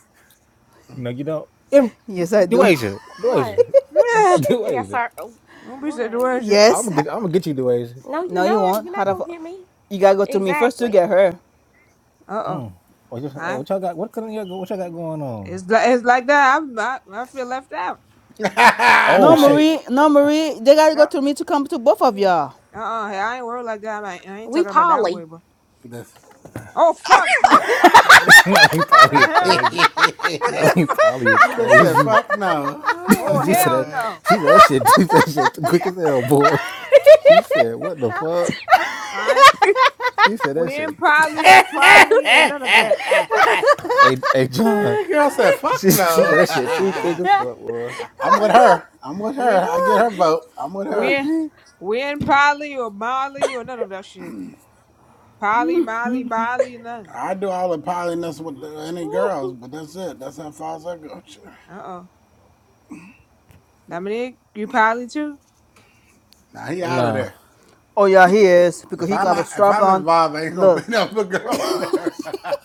Speaker 9: No, you don't. Em-
Speaker 1: Yes, I
Speaker 9: Do
Speaker 1: do.
Speaker 9: Asia. Do
Speaker 3: What?
Speaker 9: Asia.
Speaker 2: Yeah.
Speaker 9: Do
Speaker 3: Yes,
Speaker 9: Asia.
Speaker 3: sir. Oh,
Speaker 2: Don't be such a
Speaker 3: What?
Speaker 2: word. Uh
Speaker 9: I'm gonna
Speaker 1: yes. ha-
Speaker 9: get I'm gonna get you, Do Asia.
Speaker 3: No, you're
Speaker 1: No, you
Speaker 3: not.
Speaker 1: won't.
Speaker 3: You're
Speaker 1: How
Speaker 3: not
Speaker 1: the fu-
Speaker 3: gonna get me.
Speaker 1: You gotta go through me first to
Speaker 3: Exactly.
Speaker 1: get her.
Speaker 2: oh.
Speaker 9: Mm. Oh, just, oh,
Speaker 2: Hi.
Speaker 9: what y'all got? What kind of y'all, go- what y'all got going on?
Speaker 2: It's like it's like that. I'm I, I feel left out.
Speaker 9: Oh,
Speaker 1: No,
Speaker 9: shit.
Speaker 10: right?
Speaker 1: Marie. No, Marie. They gotta
Speaker 2: Uh
Speaker 1: go
Speaker 2: uh.
Speaker 1: through me to come to both of
Speaker 3: Mm.
Speaker 1: y'all.
Speaker 2: I ain't worried like that. I ain't, I ain't
Speaker 3: We
Speaker 2: talking about that
Speaker 3: Polly.
Speaker 2: way, but
Speaker 10: This
Speaker 2: oh fuck no.
Speaker 10: that
Speaker 9: No, he
Speaker 2: The
Speaker 9: probably is
Speaker 2: hell.
Speaker 9: crazy. Naomi Polly is
Speaker 10: bitch said,
Speaker 9: crazy.
Speaker 10: "Fuck no."
Speaker 2: Oh
Speaker 9: she
Speaker 2: hell
Speaker 9: said that
Speaker 2: no.
Speaker 9: she said that shit that shit too quick as hell, boy. She said, what the fuck?
Speaker 2: Alright.
Speaker 9: He said that
Speaker 2: We in
Speaker 9: shit.
Speaker 2: poly or trolley and none of that.
Speaker 9: Hey hey John.
Speaker 10: Girl said,
Speaker 9: She,
Speaker 10: "Fuck
Speaker 9: she
Speaker 10: no."
Speaker 9: said that shit too quick as fuck, boy.
Speaker 10: I- I'm with her. I'm with
Speaker 2: We
Speaker 10: her. I get her vote. I'm with her.
Speaker 2: we we in poly or molly or none of that shit. Poly, molly, molly, none.
Speaker 10: I do all the polyness with the, any girls, but that's it. That's how far I go.
Speaker 2: Uh oh. Dominique, you probably too?
Speaker 10: Now he out of
Speaker 9: Nah.
Speaker 10: there.
Speaker 1: Oh yeah, he is because
Speaker 10: If
Speaker 1: he gonna
Speaker 10: I'm
Speaker 1: have
Speaker 10: out,
Speaker 1: a
Speaker 10: if
Speaker 1: strap
Speaker 10: I'm
Speaker 1: on.
Speaker 10: involved, I ain't gonna be
Speaker 1: Look,
Speaker 10: no other girls
Speaker 3: what
Speaker 10: there. that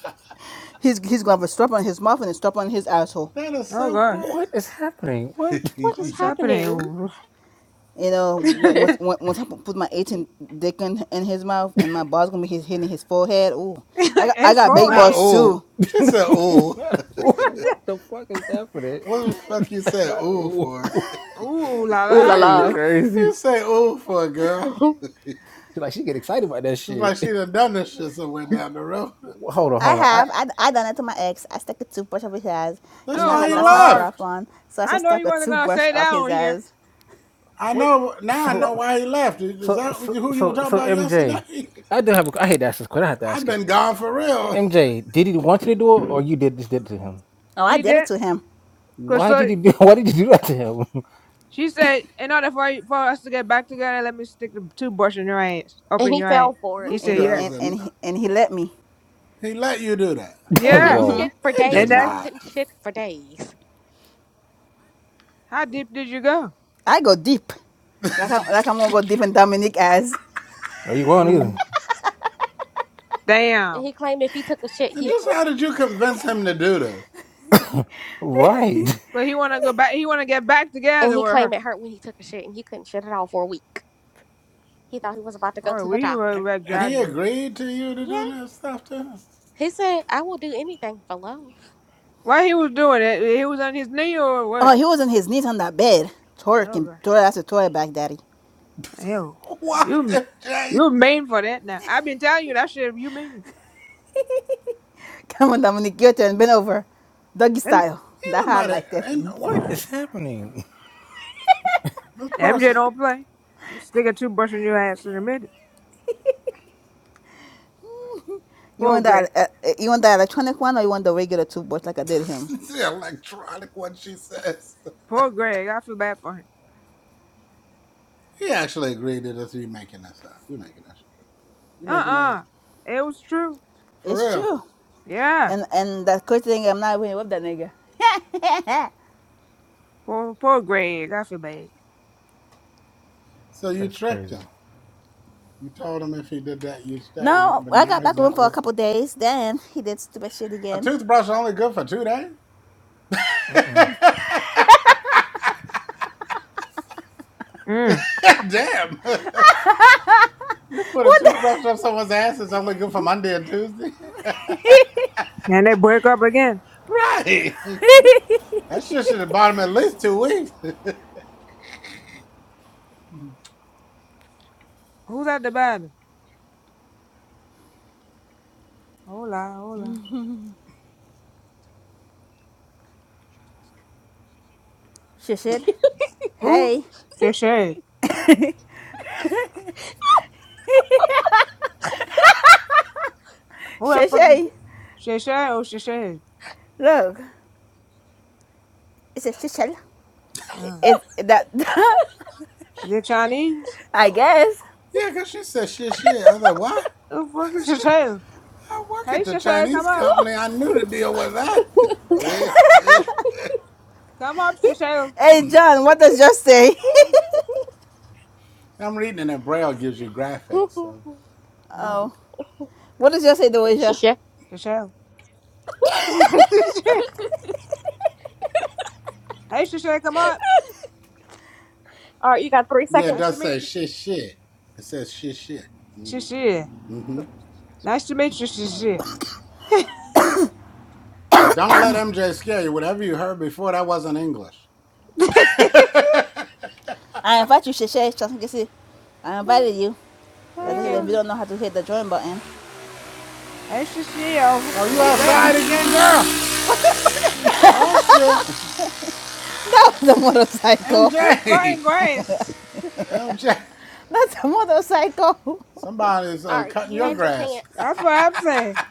Speaker 1: he's he's gonna have a strap on his mouth and a strap on his asshole.
Speaker 10: is
Speaker 2: Oh
Speaker 10: so
Speaker 2: god.
Speaker 10: crazy.
Speaker 9: What is happening? What?
Speaker 3: is
Speaker 2: What's
Speaker 3: happening?
Speaker 2: happening?
Speaker 1: You know, once once once I put my 18 dick in, in his mouth and my balls gonna be his, hitting his forehead. Ooh, I got I
Speaker 2: it's
Speaker 1: got big
Speaker 10: Not
Speaker 2: forehead.
Speaker 1: balls
Speaker 10: ooh.
Speaker 1: too.
Speaker 10: She said ooh.
Speaker 9: what the fuck is happening?
Speaker 10: What the fuck you say
Speaker 9: Not
Speaker 10: ooh for?
Speaker 9: ooh.
Speaker 2: Ooh la
Speaker 3: Ooh la
Speaker 9: This
Speaker 2: la.
Speaker 9: is
Speaker 3: la.
Speaker 10: what you
Speaker 9: crazy.
Speaker 10: say ooh for, girl? It's
Speaker 9: She like she get excited about that shit.
Speaker 10: like she done done this shit somewhere down the road.
Speaker 9: hold on,
Speaker 1: I
Speaker 9: hold on. I
Speaker 1: have. I, I done it to my ex. I stuck a toothbrush up his ass. You
Speaker 10: That's
Speaker 1: know, I
Speaker 2: oh
Speaker 10: why
Speaker 1: had
Speaker 10: he
Speaker 1: lost my
Speaker 10: left.
Speaker 2: lord.
Speaker 1: strap on, so I
Speaker 2: I
Speaker 1: just
Speaker 2: know
Speaker 1: stuck
Speaker 2: you
Speaker 1: a
Speaker 2: wasn't gonna
Speaker 1: toothbrush
Speaker 2: say
Speaker 1: up
Speaker 2: that
Speaker 1: his
Speaker 2: on here.
Speaker 1: ass.
Speaker 10: I
Speaker 9: what
Speaker 10: know now. I
Speaker 9: so
Speaker 10: know
Speaker 2: But
Speaker 10: why he left. Is
Speaker 9: So,
Speaker 10: that
Speaker 9: so,
Speaker 10: who you were
Speaker 9: so,
Speaker 10: talking
Speaker 9: so,
Speaker 10: about yesterday?
Speaker 9: MJ, I do have. A, I hate to ask this question. I have to
Speaker 10: I've
Speaker 9: ask it.
Speaker 10: been gone for real.
Speaker 9: MJ, did he want you to do it, or you did just did it to him?
Speaker 1: Oh, I
Speaker 2: he
Speaker 1: did it
Speaker 2: did.
Speaker 1: to him,
Speaker 2: Cause
Speaker 9: Why did
Speaker 2: so
Speaker 9: you do? Why did you do that to him?
Speaker 2: she said, in order for you- for us to get back together, let me stick the toothbrush in your ass, up
Speaker 3: and
Speaker 2: in
Speaker 3: he
Speaker 2: your ass.
Speaker 3: fell for it
Speaker 2: He
Speaker 10: This
Speaker 1: And
Speaker 2: said,
Speaker 1: he
Speaker 2: yeah,
Speaker 10: girl's
Speaker 1: and
Speaker 10: a.
Speaker 1: and he, and he let me.
Speaker 10: He let you do that.
Speaker 3: and
Speaker 2: yeah.
Speaker 3: couldn't shit
Speaker 9: Whoa,
Speaker 3: for
Speaker 10: He did
Speaker 2: And
Speaker 3: days,
Speaker 2: that,
Speaker 3: y'all.
Speaker 10: not.
Speaker 3: Couldn't shit for days.
Speaker 2: how deep did you go?
Speaker 1: I go deep,
Speaker 2: Yeah.
Speaker 1: like I like I'm gonna go deep in Dominique ass.
Speaker 9: are you wrong either?
Speaker 2: Mm.
Speaker 3: And
Speaker 2: Damn.
Speaker 3: he claimed if he took a shit,
Speaker 10: And
Speaker 3: he
Speaker 10: just
Speaker 3: hurt.
Speaker 10: how did you convince him to do this?
Speaker 9: Right.
Speaker 2: But he wanna go back. He wanna get back
Speaker 3: And
Speaker 2: together
Speaker 3: he
Speaker 2: with
Speaker 3: claimed
Speaker 2: her.
Speaker 3: it hurt when he took a shit, and he couldn't shit at all for a week. He thought he was about to go
Speaker 2: Oh,
Speaker 3: to the
Speaker 2: we
Speaker 3: doctor.
Speaker 2: were
Speaker 10: And he
Speaker 2: exaggerating.
Speaker 10: agreed to you to
Speaker 3: Yeah,
Speaker 10: do this stuff to us.
Speaker 3: he said, "I will do anything for love."
Speaker 2: Why he was doing that? He was on his knee or what?
Speaker 1: Oh, he was on his knees on that bed,
Speaker 2: Oh
Speaker 1: twerking,
Speaker 2: god,
Speaker 1: twerk a toy back, daddy.
Speaker 2: hell,
Speaker 10: What
Speaker 2: you
Speaker 10: the Jay?
Speaker 2: you mean for that now? I've been telling you that shit. You mean?
Speaker 1: Come on, Dominic, your turn. Bend over, doggy
Speaker 2: And
Speaker 1: style.
Speaker 10: Ain't
Speaker 1: That hard
Speaker 10: nobody.
Speaker 1: like that.
Speaker 10: Ain't no-
Speaker 9: What is happening?
Speaker 10: this
Speaker 2: MJ
Speaker 10: person.
Speaker 2: don't play. Stick a toothbrush in your ass in a minute.
Speaker 1: You
Speaker 2: Poor
Speaker 1: want
Speaker 2: Greg.
Speaker 1: that? Uh, uh, you want that electronic one, or you want the regular toothbrush like I did him?
Speaker 10: the electronic what she says.
Speaker 2: Poor Greg. I feel bad for him.
Speaker 10: He actually agreed to this. You making this up? You making this? You
Speaker 2: Uh
Speaker 10: making that
Speaker 2: uh
Speaker 10: up?
Speaker 2: It was true.
Speaker 10: For
Speaker 1: It's
Speaker 10: real?
Speaker 1: true.
Speaker 2: Yeah.
Speaker 1: And and that crazy thing, I'm not even with that nigga. Eh.
Speaker 2: Poor poor Greg. I feel bad.
Speaker 10: So you
Speaker 9: That's
Speaker 10: tricked
Speaker 9: crazy.
Speaker 10: him. You told him if he did that, you'd stay with him,
Speaker 1: No,
Speaker 10: but
Speaker 1: I
Speaker 10: now
Speaker 1: got
Speaker 10: he's
Speaker 1: back with him
Speaker 10: not
Speaker 1: for a
Speaker 10: with you.
Speaker 1: couple days. Then he did stupid shit
Speaker 10: A
Speaker 1: again.
Speaker 10: toothbrush is only good for two days?
Speaker 9: Uh-uh.
Speaker 2: Mm.
Speaker 10: Damn. you put a toothbrush up someone's ass, it's only good for Monday and Tuesday?
Speaker 2: And they break up again.
Speaker 10: right. That shit should have bought him at least two weeks.
Speaker 2: Who's at the bottom? Hola, hola.
Speaker 1: Shit, shit.
Speaker 2: Who?
Speaker 1: Hey,
Speaker 2: Shay Shay. Who that
Speaker 1: shit,
Speaker 2: fucking
Speaker 1: shit.
Speaker 2: Shay Shay? Oh Shay Shay.
Speaker 1: Look, it's a shit, shit.
Speaker 2: Oh.
Speaker 1: It, it that.
Speaker 2: Is it Chinese?
Speaker 1: I guess.
Speaker 10: Yeah, because she said shit, shit. I was like, why?
Speaker 2: Oh, fuck is Shashale.
Speaker 10: I work at
Speaker 2: Hey,
Speaker 10: the
Speaker 2: Shashale,
Speaker 10: Chinese
Speaker 2: come up.
Speaker 10: company. I knew to deal with that. yeah, yeah.
Speaker 2: Come up, Shashale.
Speaker 1: Hey, John, what does yours say?
Speaker 10: I'm reading and it. Braille gives you graphics. So,
Speaker 1: Oh.
Speaker 2: Oh,
Speaker 1: What does your say, Doja?
Speaker 3: Shit.
Speaker 2: Shashale. hey, Shashale, come up.
Speaker 3: All right, you got three
Speaker 10: yeah, it
Speaker 2: Nice to
Speaker 10: does
Speaker 3: seconds.
Speaker 10: say
Speaker 2: meet you.
Speaker 10: shit, shit. It says shit, shit. Mm-hmm.
Speaker 2: Shashir.
Speaker 10: hmm
Speaker 2: Nice to meet you, Shashir.
Speaker 10: But don't let MJ scare you. Whatever you heard before, that wasn't English.
Speaker 2: so
Speaker 1: I invite you, Shishay. see, I invited you. That's
Speaker 2: you
Speaker 1: because if you
Speaker 2: can.
Speaker 1: don't know how to hit the join button,
Speaker 2: Hey, Shashir.
Speaker 10: Oh, you
Speaker 2: Who's that?
Speaker 10: outside again, girl? Oh shit,
Speaker 1: the motorcycle.
Speaker 2: Who's
Speaker 10: MJ,
Speaker 2: crying Grace?
Speaker 10: MJ,
Speaker 1: That's a motorcycle.
Speaker 10: somebody's uh,
Speaker 3: All right,
Speaker 10: cutting
Speaker 3: you
Speaker 10: your
Speaker 3: had your
Speaker 10: grass.
Speaker 3: chance.
Speaker 2: That's what I'm saying.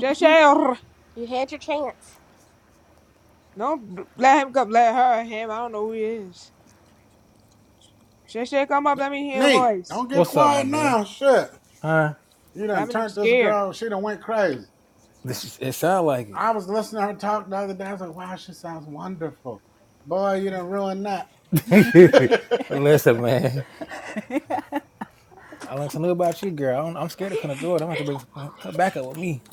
Speaker 2: Shashale.
Speaker 3: You had your chance.
Speaker 2: Don't let him come, let her, him. I don't know who he is. Shashale, come up. Let me hear your
Speaker 10: Nate,
Speaker 2: voice.
Speaker 10: don't get
Speaker 9: What's up, my
Speaker 10: quiet
Speaker 9: boy?
Speaker 10: now. Shit,
Speaker 9: Huh?
Speaker 10: you done turned
Speaker 2: Dominic's
Speaker 10: this
Speaker 2: scared.
Speaker 10: girl. She done went crazy.
Speaker 9: This is, it sound like
Speaker 10: I was listening to her talk the other day. I was like, wow, she sounds wonderful. Boy, you done ruined that.
Speaker 9: it. Listen, man. I learned something about you, girl. I don't, I'm scared of Colonel Jordan. I'm gonna have to bring some come back up with me.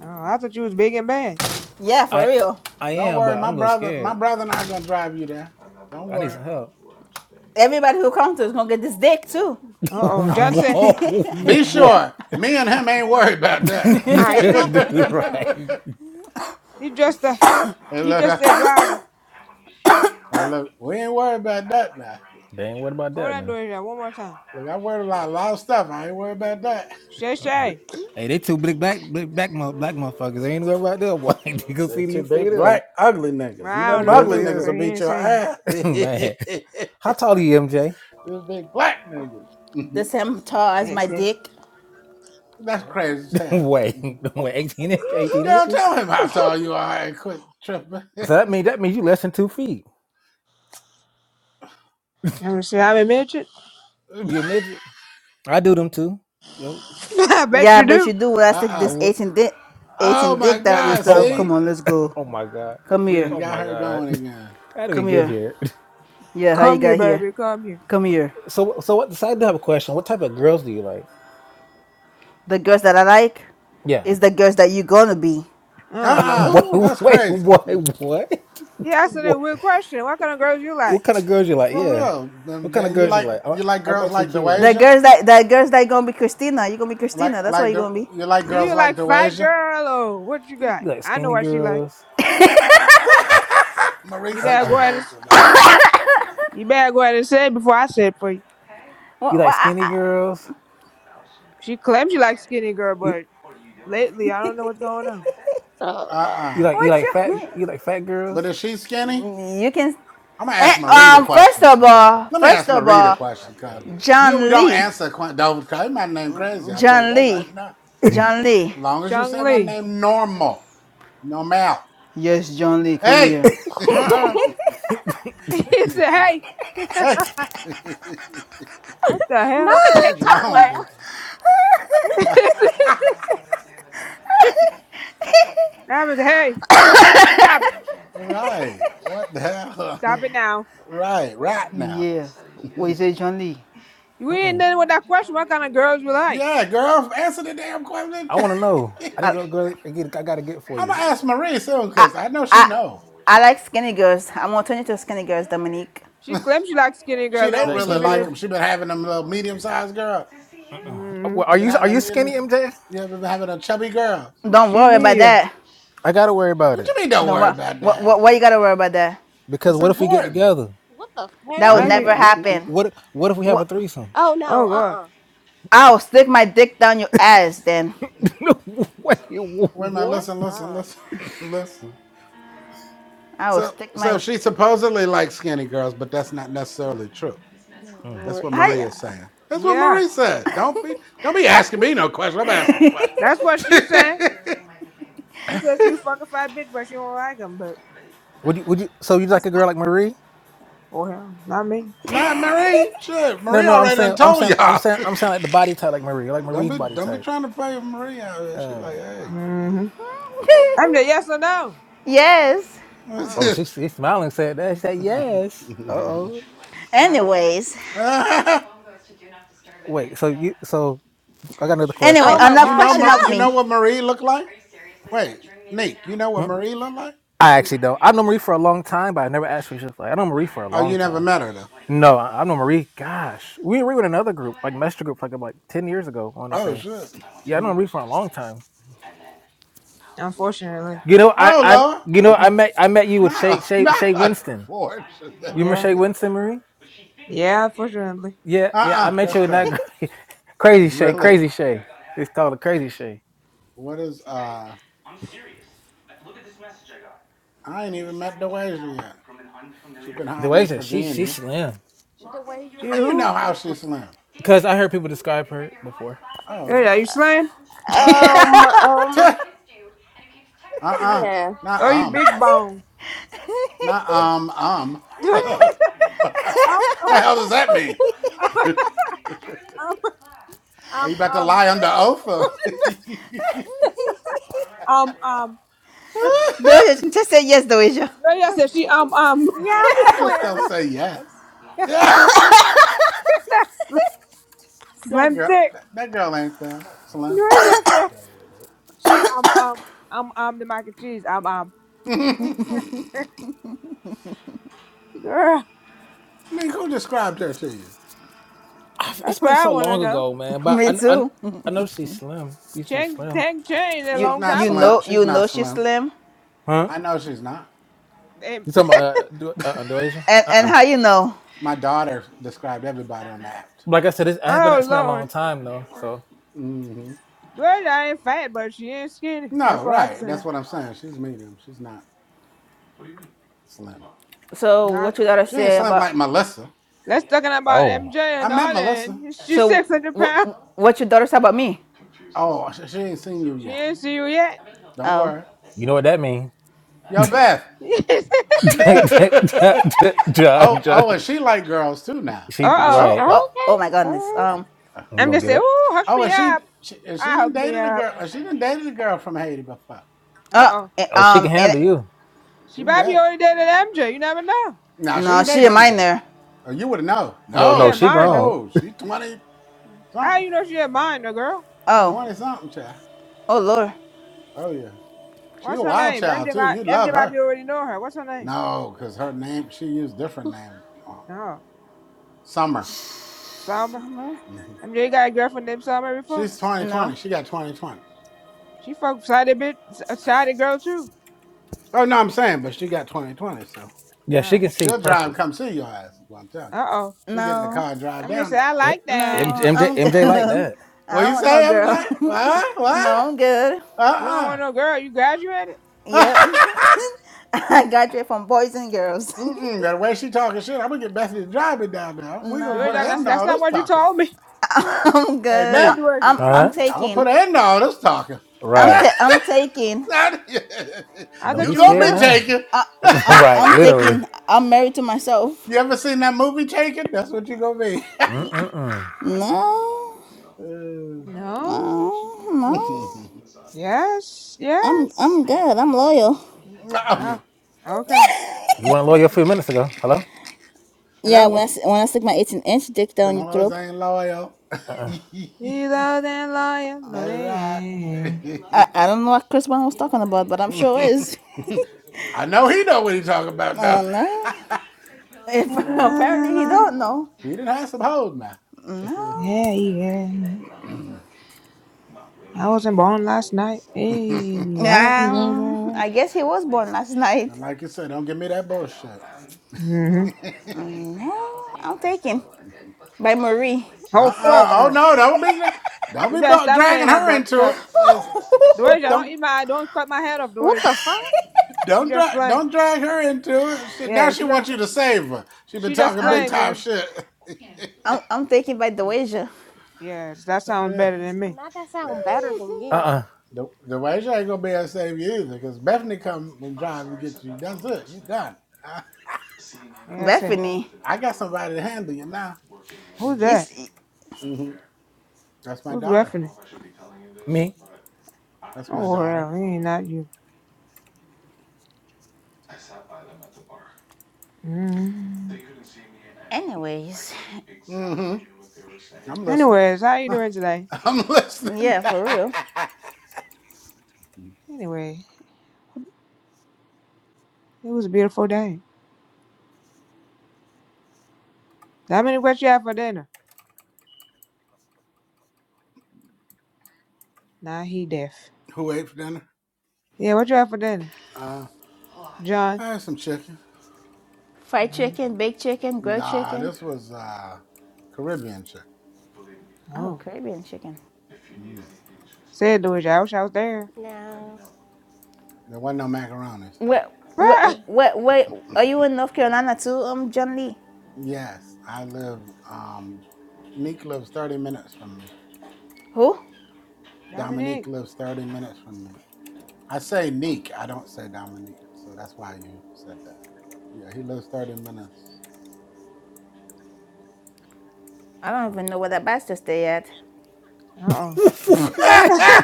Speaker 2: Oh, I thought you was big and bad.
Speaker 1: Yeah, for
Speaker 9: I
Speaker 1: real.
Speaker 9: I
Speaker 10: Don't
Speaker 9: am,
Speaker 10: worry,
Speaker 9: but I'm
Speaker 10: my
Speaker 9: a little
Speaker 10: brother, my
Speaker 9: scared.
Speaker 10: brother and I gonna drive you there. Don't
Speaker 9: I need
Speaker 10: worry.
Speaker 9: some help.
Speaker 1: Everybody who calls dick too.
Speaker 2: Uh
Speaker 10: I,
Speaker 2: oh.
Speaker 10: I,
Speaker 2: Johnson.
Speaker 9: Whoa,
Speaker 10: Be
Speaker 2: Jo-
Speaker 9: what?
Speaker 10: sure, me and him ain't worried about that.
Speaker 3: All right, can I remove
Speaker 9: Dude,
Speaker 3: him
Speaker 9: right?
Speaker 3: now?
Speaker 2: he dressed up.
Speaker 10: hey,
Speaker 2: He
Speaker 10: look,
Speaker 2: just
Speaker 10: I,
Speaker 2: said driver.
Speaker 10: hey, look, we ain't worried about that now.
Speaker 9: They ain't worried about
Speaker 2: Hold
Speaker 9: that,
Speaker 2: on,
Speaker 9: man.
Speaker 2: Doja. One more time.
Speaker 10: Look, I worried about a lot of stuff. I ain't worried about that.
Speaker 2: Shay
Speaker 9: Uh-uh.
Speaker 2: Shay.
Speaker 9: Hey, they two big black big black black motherfuckers. They ain't worried right there. Why you go
Speaker 10: Say
Speaker 9: see
Speaker 10: two
Speaker 9: you see
Speaker 10: big
Speaker 9: them?
Speaker 10: black ugly
Speaker 2: Well,
Speaker 10: niggas. You know
Speaker 2: I
Speaker 9: You
Speaker 2: don't
Speaker 10: them
Speaker 2: know. He
Speaker 9: go
Speaker 10: ugly
Speaker 9: see
Speaker 2: moving,
Speaker 10: niggas
Speaker 2: but
Speaker 10: will
Speaker 9: them,
Speaker 2: he
Speaker 10: beat
Speaker 2: ain't
Speaker 10: your
Speaker 2: saying
Speaker 10: ass.
Speaker 9: man. How tall are you, MJ?
Speaker 10: Them big black niggas.
Speaker 1: The same tall
Speaker 2: it.
Speaker 1: as
Speaker 10: Mhm.
Speaker 1: my
Speaker 2: That's it.
Speaker 1: dick.
Speaker 10: That's crazy as hell.
Speaker 9: wait,
Speaker 10: Mhm.
Speaker 9: wait, 18, 18
Speaker 10: Girl,
Speaker 9: inches?
Speaker 10: tell him how tall you are and quit tripping.
Speaker 9: So that mean that means you less than two feet.
Speaker 2: I'm gonna say I'm a midget.
Speaker 10: uh
Speaker 9: You a midget? I do them too. Yo,
Speaker 2: I bet
Speaker 1: Yeah, I
Speaker 2: you
Speaker 1: bet
Speaker 2: do.
Speaker 1: you do when I stick
Speaker 9: I
Speaker 10: uh
Speaker 1: this
Speaker 9: would.
Speaker 1: 18 dick,
Speaker 10: Oh
Speaker 1: 18
Speaker 10: my
Speaker 1: dick down your
Speaker 10: God,
Speaker 9: Oh
Speaker 1: throat.
Speaker 9: my.
Speaker 1: Come
Speaker 10: see?
Speaker 1: on, let's go.
Speaker 9: Oh my god.
Speaker 1: Come
Speaker 10: You done
Speaker 1: here.
Speaker 9: Oh
Speaker 10: got
Speaker 9: my
Speaker 10: her
Speaker 9: god.
Speaker 10: going again.
Speaker 9: How do we
Speaker 1: Come
Speaker 9: get
Speaker 1: here.
Speaker 9: here?
Speaker 1: Yeah, how you
Speaker 2: Come here,
Speaker 1: got here?
Speaker 2: baby. Come here.
Speaker 1: Come here.
Speaker 9: So so what? So I do have a question. What type of girls do you like?
Speaker 1: The girls that I like
Speaker 9: Yeah.
Speaker 1: is the girls that you gonna be.
Speaker 2: Oh Lord.
Speaker 10: Uh-uh.
Speaker 9: wait
Speaker 3: Ooh.
Speaker 10: That's
Speaker 9: wait
Speaker 10: crazy.
Speaker 9: what what
Speaker 2: He asked a
Speaker 9: what?
Speaker 2: weird question. What kind of girls you like?
Speaker 9: What kind of girls you like?
Speaker 10: For
Speaker 9: Yeah.
Speaker 10: real. Them
Speaker 9: What kind
Speaker 10: J-
Speaker 9: of
Speaker 10: You
Speaker 9: girls you
Speaker 10: like
Speaker 9: like? I,
Speaker 10: you like
Speaker 9: I'm
Speaker 10: girls
Speaker 9: actually
Speaker 10: like
Speaker 9: curious.
Speaker 1: The
Speaker 10: Dewasia?
Speaker 1: girls that the girls that gonna be Christina. you gonna be
Speaker 10: Like
Speaker 1: Christina. That's why
Speaker 10: like
Speaker 1: you
Speaker 10: the
Speaker 1: gonna be.
Speaker 10: you like
Speaker 2: Do
Speaker 10: girls
Speaker 2: you
Speaker 10: like
Speaker 2: like fat
Speaker 10: Dewasia?
Speaker 2: girl or what you got?
Speaker 9: You like
Speaker 2: I know
Speaker 9: skinny
Speaker 2: what she like.
Speaker 9: girls?
Speaker 10: Marie
Speaker 2: You
Speaker 9: Uh
Speaker 10: said
Speaker 2: better
Speaker 10: she
Speaker 2: go
Speaker 9: uh
Speaker 2: ahead
Speaker 10: know
Speaker 2: and
Speaker 10: what
Speaker 2: s-
Speaker 10: you like.
Speaker 2: you better go ahead and say it before I say it for you.
Speaker 9: You
Speaker 1: What,
Speaker 9: like skinny
Speaker 1: what,
Speaker 9: girls?
Speaker 2: She claims she likes skinny girl,
Speaker 9: You,
Speaker 2: but lately I don't know what's going on.
Speaker 3: Oh, no.
Speaker 9: you
Speaker 10: Uh-uh.
Speaker 9: like you
Speaker 1: what
Speaker 9: like fat
Speaker 1: you,
Speaker 9: you like fat girls?
Speaker 10: But is she skinny?
Speaker 1: you can,
Speaker 10: I'm gonna
Speaker 1: eh,
Speaker 10: ask Marie the
Speaker 1: um, first
Speaker 10: questions.
Speaker 1: of
Speaker 10: 'cause-
Speaker 1: all,
Speaker 10: Let me ask
Speaker 1: first of
Speaker 10: Marie the
Speaker 1: all,
Speaker 10: questions, cause you we
Speaker 1: John
Speaker 10: don't
Speaker 1: Lee,
Speaker 10: answer que- don't call my name crazy. I tell you
Speaker 1: John
Speaker 10: that right
Speaker 1: Lee,
Speaker 10: now.
Speaker 1: John Lee.
Speaker 10: As long as you
Speaker 2: Chung
Speaker 10: say my
Speaker 2: Lee.
Speaker 10: name normal. Normal.
Speaker 1: Yes, John Lee, come
Speaker 10: Hey!
Speaker 1: here.
Speaker 2: Uh
Speaker 10: hey!
Speaker 9: Mm-mm.
Speaker 2: uh He said, hey, what
Speaker 3: Not
Speaker 2: the
Speaker 3: the
Speaker 10: Something's
Speaker 3: TikTok
Speaker 10: wrong with
Speaker 3: laugh.
Speaker 10: this.
Speaker 2: hell? And I was, hey, stop it.
Speaker 10: Right. What the hell?
Speaker 2: Stop it now.
Speaker 10: right. Right now.
Speaker 1: Yeah. What you say, John Lee?
Speaker 2: You ain't done with that question. What kind of girls you like?
Speaker 10: Yeah, girl, answer the damn question.
Speaker 9: I want to know. I need
Speaker 1: I,
Speaker 9: a girl. I, get, I gotta get for
Speaker 10: I'm gonna
Speaker 9: you.
Speaker 10: ask Marie soon
Speaker 1: I,
Speaker 10: because I know she
Speaker 1: I,
Speaker 10: know.
Speaker 1: I like skinny girls. I'm gonna turn you to skinny girls, Dominique.
Speaker 2: She claims she likes skinny girl.
Speaker 10: She
Speaker 9: You
Speaker 10: don't
Speaker 9: Like
Speaker 2: Lately, she
Speaker 10: really
Speaker 9: skinny
Speaker 2: been
Speaker 10: like
Speaker 2: in.
Speaker 9: girls.
Speaker 10: them. She been having them little medium sized girl.
Speaker 9: Uh-uh.
Speaker 2: hmm
Speaker 9: Well, are
Speaker 10: You been
Speaker 9: you are
Speaker 10: having a
Speaker 9: you
Speaker 10: medium.
Speaker 9: skinny, MJ?
Speaker 10: You ever been having a chubby girl?
Speaker 1: Don't
Speaker 2: She
Speaker 1: worry about
Speaker 2: medium.
Speaker 1: that.
Speaker 9: I gotta worry about
Speaker 10: What you
Speaker 9: it
Speaker 10: mean? Don't
Speaker 1: Don't
Speaker 10: worry
Speaker 1: worry.
Speaker 10: about
Speaker 1: What,
Speaker 10: that.
Speaker 1: what, what you gotta worry about that?
Speaker 9: because
Speaker 10: It's
Speaker 9: what if we get
Speaker 10: important.
Speaker 9: together?
Speaker 3: What the
Speaker 1: That will
Speaker 9: What
Speaker 3: hell?
Speaker 9: if
Speaker 2: Wife
Speaker 9: we
Speaker 2: is-
Speaker 1: never
Speaker 9: wh- wh-
Speaker 1: happen.
Speaker 9: what what if we have a
Speaker 1: What?
Speaker 9: threesome?
Speaker 3: Oh, no.
Speaker 2: Oh,
Speaker 3: Uh
Speaker 2: God.
Speaker 3: uh
Speaker 1: I'll stick my dick down your ass then.
Speaker 9: No, Wait, wh-
Speaker 10: Wait a minute.
Speaker 3: Oh,
Speaker 9: what?
Speaker 10: Listen, listen,
Speaker 3: God.
Speaker 10: listen, listen.
Speaker 1: I will
Speaker 10: So,
Speaker 1: stick
Speaker 10: so
Speaker 1: my.
Speaker 10: she supposedly likes skinny girls, but that's not necessarily true.
Speaker 3: Oh,
Speaker 9: Hmm.
Speaker 10: That's
Speaker 3: Lord.
Speaker 10: what Maria's saying. That's what
Speaker 2: Yeah.
Speaker 10: Maria said. Don't be don't be asking me no question. I'm asking the question.
Speaker 2: That's what she said. She says you fucking fat bitch, but she don't like him. But
Speaker 9: Would you would you? So you
Speaker 2: that's
Speaker 9: like a
Speaker 2: not.
Speaker 9: girl like Marie?
Speaker 2: Oh, hell. Not me.
Speaker 10: Not Marie. Shit,
Speaker 9: No,
Speaker 10: Marie
Speaker 9: no. I'm
Speaker 10: already done
Speaker 9: saying I'm
Speaker 10: told
Speaker 9: saying I'm
Speaker 10: y'all.
Speaker 9: saying I'm saying like the body type like Marie, like
Speaker 10: Don't
Speaker 9: Marie's
Speaker 10: be
Speaker 9: body
Speaker 10: don't be
Speaker 9: type.
Speaker 10: trying to play with Marie out here. She
Speaker 9: Uh,
Speaker 10: like, hey.
Speaker 2: hmm I'm the yes or no.
Speaker 1: yes.
Speaker 10: what's
Speaker 2: Oh.
Speaker 9: oh, she
Speaker 10: this?
Speaker 9: she smiling said that. She said yes. Uh oh.
Speaker 2: I mean,
Speaker 1: Anyways.
Speaker 10: uh,
Speaker 9: Wait. So you so I got another
Speaker 1: Anyway,
Speaker 3: Oh,
Speaker 9: question.
Speaker 10: but
Speaker 3: my
Speaker 1: enough
Speaker 10: you
Speaker 3: God.
Speaker 10: know
Speaker 1: question of
Speaker 10: you
Speaker 3: Enough!
Speaker 10: know
Speaker 1: me.
Speaker 10: what Marie looked like? Wait, Nick, you know what Marie looked like?
Speaker 9: I actually don't. I've known Marie for a long time, but I never asked her. She's like, I know Marie for a
Speaker 10: Oh,
Speaker 9: long
Speaker 10: you never
Speaker 9: time.
Speaker 10: met her though.
Speaker 9: No, I, I know Marie. Gosh, we were in another group, like Master Group, like about ten years ago. I want to
Speaker 10: Oh
Speaker 9: say,
Speaker 10: shit.
Speaker 9: yeah, I know Marie for a long time.
Speaker 2: unfortunately.
Speaker 9: You know, I,
Speaker 10: Oh
Speaker 9: I,
Speaker 10: Lord.
Speaker 9: you know, I met, I met you with Shay,
Speaker 10: Not
Speaker 9: Shay, Shay
Speaker 10: not
Speaker 9: Winston.
Speaker 10: unfortunately.
Speaker 9: You remember
Speaker 2: Yeah.
Speaker 9: Shay Winston, Marie?
Speaker 2: Yeah, unfortunately.
Speaker 9: Yeah,
Speaker 10: Uh
Speaker 9: yeah,
Speaker 10: uh-uh,
Speaker 9: I
Speaker 10: uh
Speaker 9: met
Speaker 10: that's
Speaker 9: you in
Speaker 10: crazy.
Speaker 9: that gr- crazy Shay,
Speaker 10: Really?
Speaker 9: crazy Shay. It's called a crazy Shay.
Speaker 10: What is uh I ain't even met Doasia yet. She's been
Speaker 9: The
Speaker 10: hiding
Speaker 9: way
Speaker 10: in
Speaker 9: she, she, she's
Speaker 10: Virginia.
Speaker 9: slim.
Speaker 2: She
Speaker 10: How you
Speaker 3: DeWasia.
Speaker 10: know
Speaker 2: who?
Speaker 10: how
Speaker 3: What
Speaker 10: she slim?
Speaker 9: Cause I heard people describe her before.
Speaker 10: Oh
Speaker 2: Hey,
Speaker 10: really?
Speaker 2: are you slim?
Speaker 3: the- Um,
Speaker 10: Tch,
Speaker 3: um,
Speaker 10: uh-uh.
Speaker 3: yeah.
Speaker 10: Not
Speaker 2: Or you
Speaker 10: um.
Speaker 2: big bone?
Speaker 10: Not
Speaker 9: Yeah.
Speaker 10: um um.
Speaker 2: I'm,
Speaker 10: the hell does that mean?
Speaker 2: I'm,
Speaker 10: Are
Speaker 2: Um,
Speaker 10: you
Speaker 2: um,
Speaker 10: about to
Speaker 2: um,
Speaker 10: lie under oath? or-
Speaker 2: um, um.
Speaker 1: Doja, just say yes, Doja.
Speaker 2: Gloria
Speaker 10: not,
Speaker 2: said she um um.
Speaker 3: Yeah,
Speaker 10: not just
Speaker 3: I'm
Speaker 10: don't say yes. Yeah,
Speaker 2: That's
Speaker 10: that
Speaker 2: slim
Speaker 10: girl,
Speaker 2: dick.
Speaker 10: that, that girl ain't them slim.
Speaker 2: Gloria said she um um um um the mac and cheese um um.
Speaker 10: Nick,
Speaker 3: slim.
Speaker 2: Girl,
Speaker 10: who described her to you?
Speaker 9: I've- it's
Speaker 2: that's what
Speaker 9: been
Speaker 2: I
Speaker 9: so
Speaker 2: want to
Speaker 9: long
Speaker 2: know.
Speaker 9: ago, man. But
Speaker 1: Me
Speaker 9: I, I,
Speaker 1: too.
Speaker 9: I know she's slim. Used to be
Speaker 2: Chang
Speaker 9: slim,
Speaker 2: Tang changed a
Speaker 1: You
Speaker 10: She's
Speaker 2: long
Speaker 10: not
Speaker 1: you
Speaker 2: time ago.
Speaker 10: slim.
Speaker 1: know
Speaker 10: She's
Speaker 1: you
Speaker 10: not
Speaker 1: know she's
Speaker 10: slim.
Speaker 1: slim,
Speaker 9: huh?
Speaker 10: I know she's not.
Speaker 2: And,
Speaker 9: You talking about uh, do uh, do Asian
Speaker 1: and
Speaker 9: Uh,
Speaker 1: and
Speaker 9: uh
Speaker 1: how you know?
Speaker 10: My daughter described everybody on the app to me.
Speaker 9: Like I said, it's, it's been
Speaker 2: oh
Speaker 9: it's been a long
Speaker 2: Lord,
Speaker 9: time though. So,
Speaker 10: hmm
Speaker 2: Gloria ain't fat, but she ain't skinny. That's
Speaker 10: No,
Speaker 2: what I'm
Speaker 10: right. That's
Speaker 2: saying.
Speaker 10: what I'm saying. She's medium. She's not slim.
Speaker 1: So
Speaker 2: Nah.
Speaker 1: what your daughter
Speaker 10: She ain't
Speaker 1: say
Speaker 10: slim like Melissa.
Speaker 2: Let's talking about
Speaker 9: oh,
Speaker 2: MJ
Speaker 10: I
Speaker 2: and
Speaker 10: met
Speaker 2: all that.
Speaker 10: Melissa.
Speaker 2: and She's
Speaker 1: So
Speaker 2: six hundred pounds.
Speaker 1: what your daughter say about me?
Speaker 10: Oh, sh- she ain't seen you
Speaker 2: She
Speaker 10: yet.
Speaker 2: ain't see you yet.
Speaker 10: Don't
Speaker 1: Oh
Speaker 10: worry.
Speaker 9: you know what that means?
Speaker 10: Yo, Beth.
Speaker 2: uh
Speaker 10: oh,
Speaker 9: John, John,
Speaker 10: oh, and she like girls too now.
Speaker 9: she
Speaker 10: So,
Speaker 2: oh.
Speaker 1: oh
Speaker 9: right.
Speaker 3: Okay.
Speaker 1: oh oh my
Speaker 3: Uh,
Speaker 1: goodness. Um
Speaker 10: uh,
Speaker 9: You
Speaker 2: I'm
Speaker 9: gonna
Speaker 2: just
Speaker 9: get
Speaker 2: saying.
Speaker 9: it?
Speaker 2: Ooh, hook
Speaker 10: oh,
Speaker 2: me
Speaker 10: and
Speaker 2: up.
Speaker 10: she she, and she
Speaker 2: I
Speaker 10: didn't
Speaker 2: hooked me
Speaker 10: dated a
Speaker 2: up.
Speaker 10: girl. and She didn't dated a girl from Haiti before.
Speaker 2: Uh
Speaker 1: uh
Speaker 2: oh.
Speaker 1: eh,
Speaker 9: Oh, she can
Speaker 1: um and
Speaker 9: handle you.
Speaker 10: She
Speaker 2: She might be
Speaker 10: ready?
Speaker 2: already dated MJ. You never know.
Speaker 10: No, she
Speaker 1: no,
Speaker 10: ain't
Speaker 1: she
Speaker 10: dated
Speaker 1: a
Speaker 10: MJ.
Speaker 1: minor.
Speaker 10: Or you would have known.
Speaker 9: No,
Speaker 2: She
Speaker 9: no,
Speaker 2: a
Speaker 10: No,
Speaker 9: she
Speaker 10: sh-
Speaker 2: minor.
Speaker 9: grown.
Speaker 10: no, she twenty
Speaker 2: How
Speaker 10: something.
Speaker 2: you know she a minor, girl?
Speaker 10: She
Speaker 1: Oh
Speaker 10: twenty something, child.
Speaker 1: oh lord.
Speaker 10: Oh yeah, she a
Speaker 2: What's her
Speaker 10: wild
Speaker 2: name?
Speaker 10: child
Speaker 2: MJ
Speaker 10: too.
Speaker 2: might
Speaker 10: You'd
Speaker 2: MJ
Speaker 10: love
Speaker 2: might
Speaker 10: her.
Speaker 2: be already know her. What's her name?
Speaker 10: No, because her name she used different name. uh,
Speaker 2: Oh,
Speaker 10: Summer.
Speaker 2: Summer.
Speaker 1: Summer?
Speaker 10: hmm
Speaker 2: MJ got a girlfriend named Summer before.
Speaker 10: She's twenty twenty.
Speaker 1: No
Speaker 10: She got twenty twenty.
Speaker 2: She fuck sided bitch, a sided girl too.
Speaker 10: Oh no, I'm saying, but she got twenty twenty. So
Speaker 9: Yeah, she
Speaker 2: Uh
Speaker 9: can see
Speaker 10: she'll drive and
Speaker 9: perfect.
Speaker 10: come see your ass. Is what I'm telling. you.
Speaker 2: uh oh.
Speaker 10: She'll get in the
Speaker 1: no
Speaker 10: car and drive
Speaker 2: I'm just
Speaker 10: down
Speaker 2: saying
Speaker 10: that
Speaker 2: I
Speaker 10: road.
Speaker 9: M-
Speaker 2: like that.
Speaker 1: no.
Speaker 9: MJ,
Speaker 1: I'm good.
Speaker 9: MJ like that,
Speaker 1: I
Speaker 10: What you
Speaker 1: don't
Speaker 10: say,
Speaker 1: want no
Speaker 10: MJ?
Speaker 1: girl.
Speaker 10: What? What?
Speaker 1: no, I'm good.
Speaker 2: You don't
Speaker 10: Uh
Speaker 2: want no girl. You graduated.
Speaker 1: Yep.
Speaker 10: uh-uh.
Speaker 1: I graduated from boys and girls.
Speaker 10: Mm-mm, the way she talking shit, I'm gonna get Bethany to drive me down there. We gonna
Speaker 2: Georgia
Speaker 10: put an
Speaker 2: gonna
Speaker 10: end
Speaker 2: say
Speaker 10: to
Speaker 1: no.
Speaker 2: that's
Speaker 10: all
Speaker 2: not
Speaker 10: this
Speaker 2: what you
Speaker 10: talking.
Speaker 2: told me.
Speaker 1: I'm
Speaker 10: Hey
Speaker 1: good. I,
Speaker 2: Said
Speaker 10: Nate,
Speaker 2: Georgia,
Speaker 1: I'm
Speaker 2: that's not
Speaker 1: I'm
Speaker 2: what
Speaker 9: huh?
Speaker 2: you
Speaker 10: I'm gonna
Speaker 2: told me.
Speaker 1: taking.
Speaker 10: put an end to all this talking.
Speaker 1: I'm
Speaker 9: Right.
Speaker 1: ta- I'm taking.
Speaker 10: Not,
Speaker 2: I
Speaker 9: Don't
Speaker 2: thought
Speaker 10: you
Speaker 9: be
Speaker 2: you was
Speaker 10: gonna
Speaker 9: scared
Speaker 10: be
Speaker 2: done.
Speaker 9: now.
Speaker 10: taken.
Speaker 1: I, I'm
Speaker 9: right,
Speaker 1: I'm
Speaker 9: literally.
Speaker 1: taking. I'm married to myself.
Speaker 10: you ever seen that movie Taken? That's what you gonna be.
Speaker 9: Mm-mm-mm.
Speaker 1: No.
Speaker 10: Uh,
Speaker 2: No.
Speaker 1: No. No.
Speaker 2: Yes.
Speaker 1: I'm
Speaker 2: Yes.
Speaker 1: I'm good. I'm loyal.
Speaker 2: Oh, okay.
Speaker 9: You weren't a lawyer? a few minutes ago. Hello?
Speaker 1: Yeah, when
Speaker 2: Hello.
Speaker 1: I, s- when I stick my 18 inch dick down
Speaker 10: Them
Speaker 1: your
Speaker 10: hoes
Speaker 1: throat.
Speaker 10: ain't loyal.
Speaker 9: Uh-uh.
Speaker 2: He's Healer than lion, no they
Speaker 10: That's right.
Speaker 2: ain't.
Speaker 1: I, I don't know what Chris Brown was talking about, but I'm sure is.
Speaker 10: I know he know what he talking about
Speaker 1: Oh
Speaker 10: though.
Speaker 1: no. If
Speaker 2: Healer than
Speaker 1: apparently he
Speaker 2: lion.
Speaker 1: don't know.
Speaker 10: he didn't have some hoes now.
Speaker 1: No.
Speaker 2: Yeah, yeah.
Speaker 10: and
Speaker 2: I wasn't born last night. Hey, I don't
Speaker 1: Um,
Speaker 2: know that.
Speaker 1: I guess he was born last night.
Speaker 10: like you said, don't give me that bullshit.
Speaker 2: Mm-hmm.
Speaker 1: No, I'm taken by Marie.
Speaker 2: Oh fuck
Speaker 10: Uh-uh. Oh
Speaker 2: no.
Speaker 10: no! Don't be don't
Speaker 2: You
Speaker 10: be
Speaker 2: better
Speaker 10: bu-
Speaker 2: stop
Speaker 10: dragging
Speaker 2: saying that
Speaker 10: her
Speaker 2: dumb
Speaker 10: into
Speaker 2: stuff.
Speaker 10: it. It's-
Speaker 2: Dorisha, don't
Speaker 10: don't
Speaker 2: eat my don't cut my head off,
Speaker 3: What the
Speaker 2: Dorisha.
Speaker 3: fuck?
Speaker 2: She
Speaker 10: don't
Speaker 2: just
Speaker 10: drag
Speaker 2: playing.
Speaker 10: don't drag her into it. She, now
Speaker 2: Yeah,
Speaker 10: she
Speaker 2: she just
Speaker 10: wants you to save her. She been
Speaker 2: she just
Speaker 10: talking big
Speaker 1: I'm,
Speaker 2: playing,
Speaker 10: time
Speaker 2: Dorisha.
Speaker 10: shit.
Speaker 1: I'm, I'm taken by the wager.
Speaker 2: Yes, that sounds
Speaker 10: Uh,
Speaker 2: better than me.
Speaker 3: Not that sound better than you.
Speaker 9: Uh-uh.
Speaker 10: The the way she ain't gonna be able to save you either, because Bethany come and drive and get you. That's it. You done. I,
Speaker 2: Like I said.
Speaker 10: I got somebody to handle you now.
Speaker 2: Who's that?
Speaker 1: It's,
Speaker 10: Mm-hmm. That's my
Speaker 2: Who's
Speaker 10: daughter.
Speaker 2: reffing it?
Speaker 9: Me?
Speaker 10: That's my
Speaker 2: Oh
Speaker 10: daughter.
Speaker 2: well, it ain't not you. Mm-hmm.
Speaker 1: anyway,
Speaker 10: Mm-hmm. I'm listening.
Speaker 2: Anyways, how you doing today?
Speaker 10: I'm listening.
Speaker 1: yeah, for real.
Speaker 2: Anyway, it was a beautiful day. Dominic, what you have for dinner? Nah, he deaf.
Speaker 10: Who ate for dinner?
Speaker 2: Yeah, what you have for dinner?
Speaker 10: Uh,
Speaker 2: John.
Speaker 10: I had some chicken.
Speaker 1: Fried
Speaker 2: Uh,
Speaker 1: chicken, baked chicken, grilled
Speaker 10: Nah,
Speaker 1: chicken.
Speaker 10: this was uh Caribbean chicken.
Speaker 1: Oh,
Speaker 2: oh.
Speaker 1: Caribbean chicken.
Speaker 10: Mm.
Speaker 2: Said Louis, I wish I was there.
Speaker 3: No.
Speaker 10: There wasn't no macaroni, so
Speaker 1: Where, where,
Speaker 2: Bruh.
Speaker 1: where, where are you in North Carolina too? Um, John Lee.
Speaker 10: yes, I live. Um, Neek lives thirty minutes from me.
Speaker 1: Who?
Speaker 10: Dominique
Speaker 2: Dominic.
Speaker 10: lives thirty minutes from me. I say Neek, I don't say Dominique, so that's why you said that. Yeah, he lives thirty minutes
Speaker 1: I don't
Speaker 10: from.
Speaker 1: even know where that bastard stay at.
Speaker 2: Uh-oh.
Speaker 10: Me.
Speaker 9: what?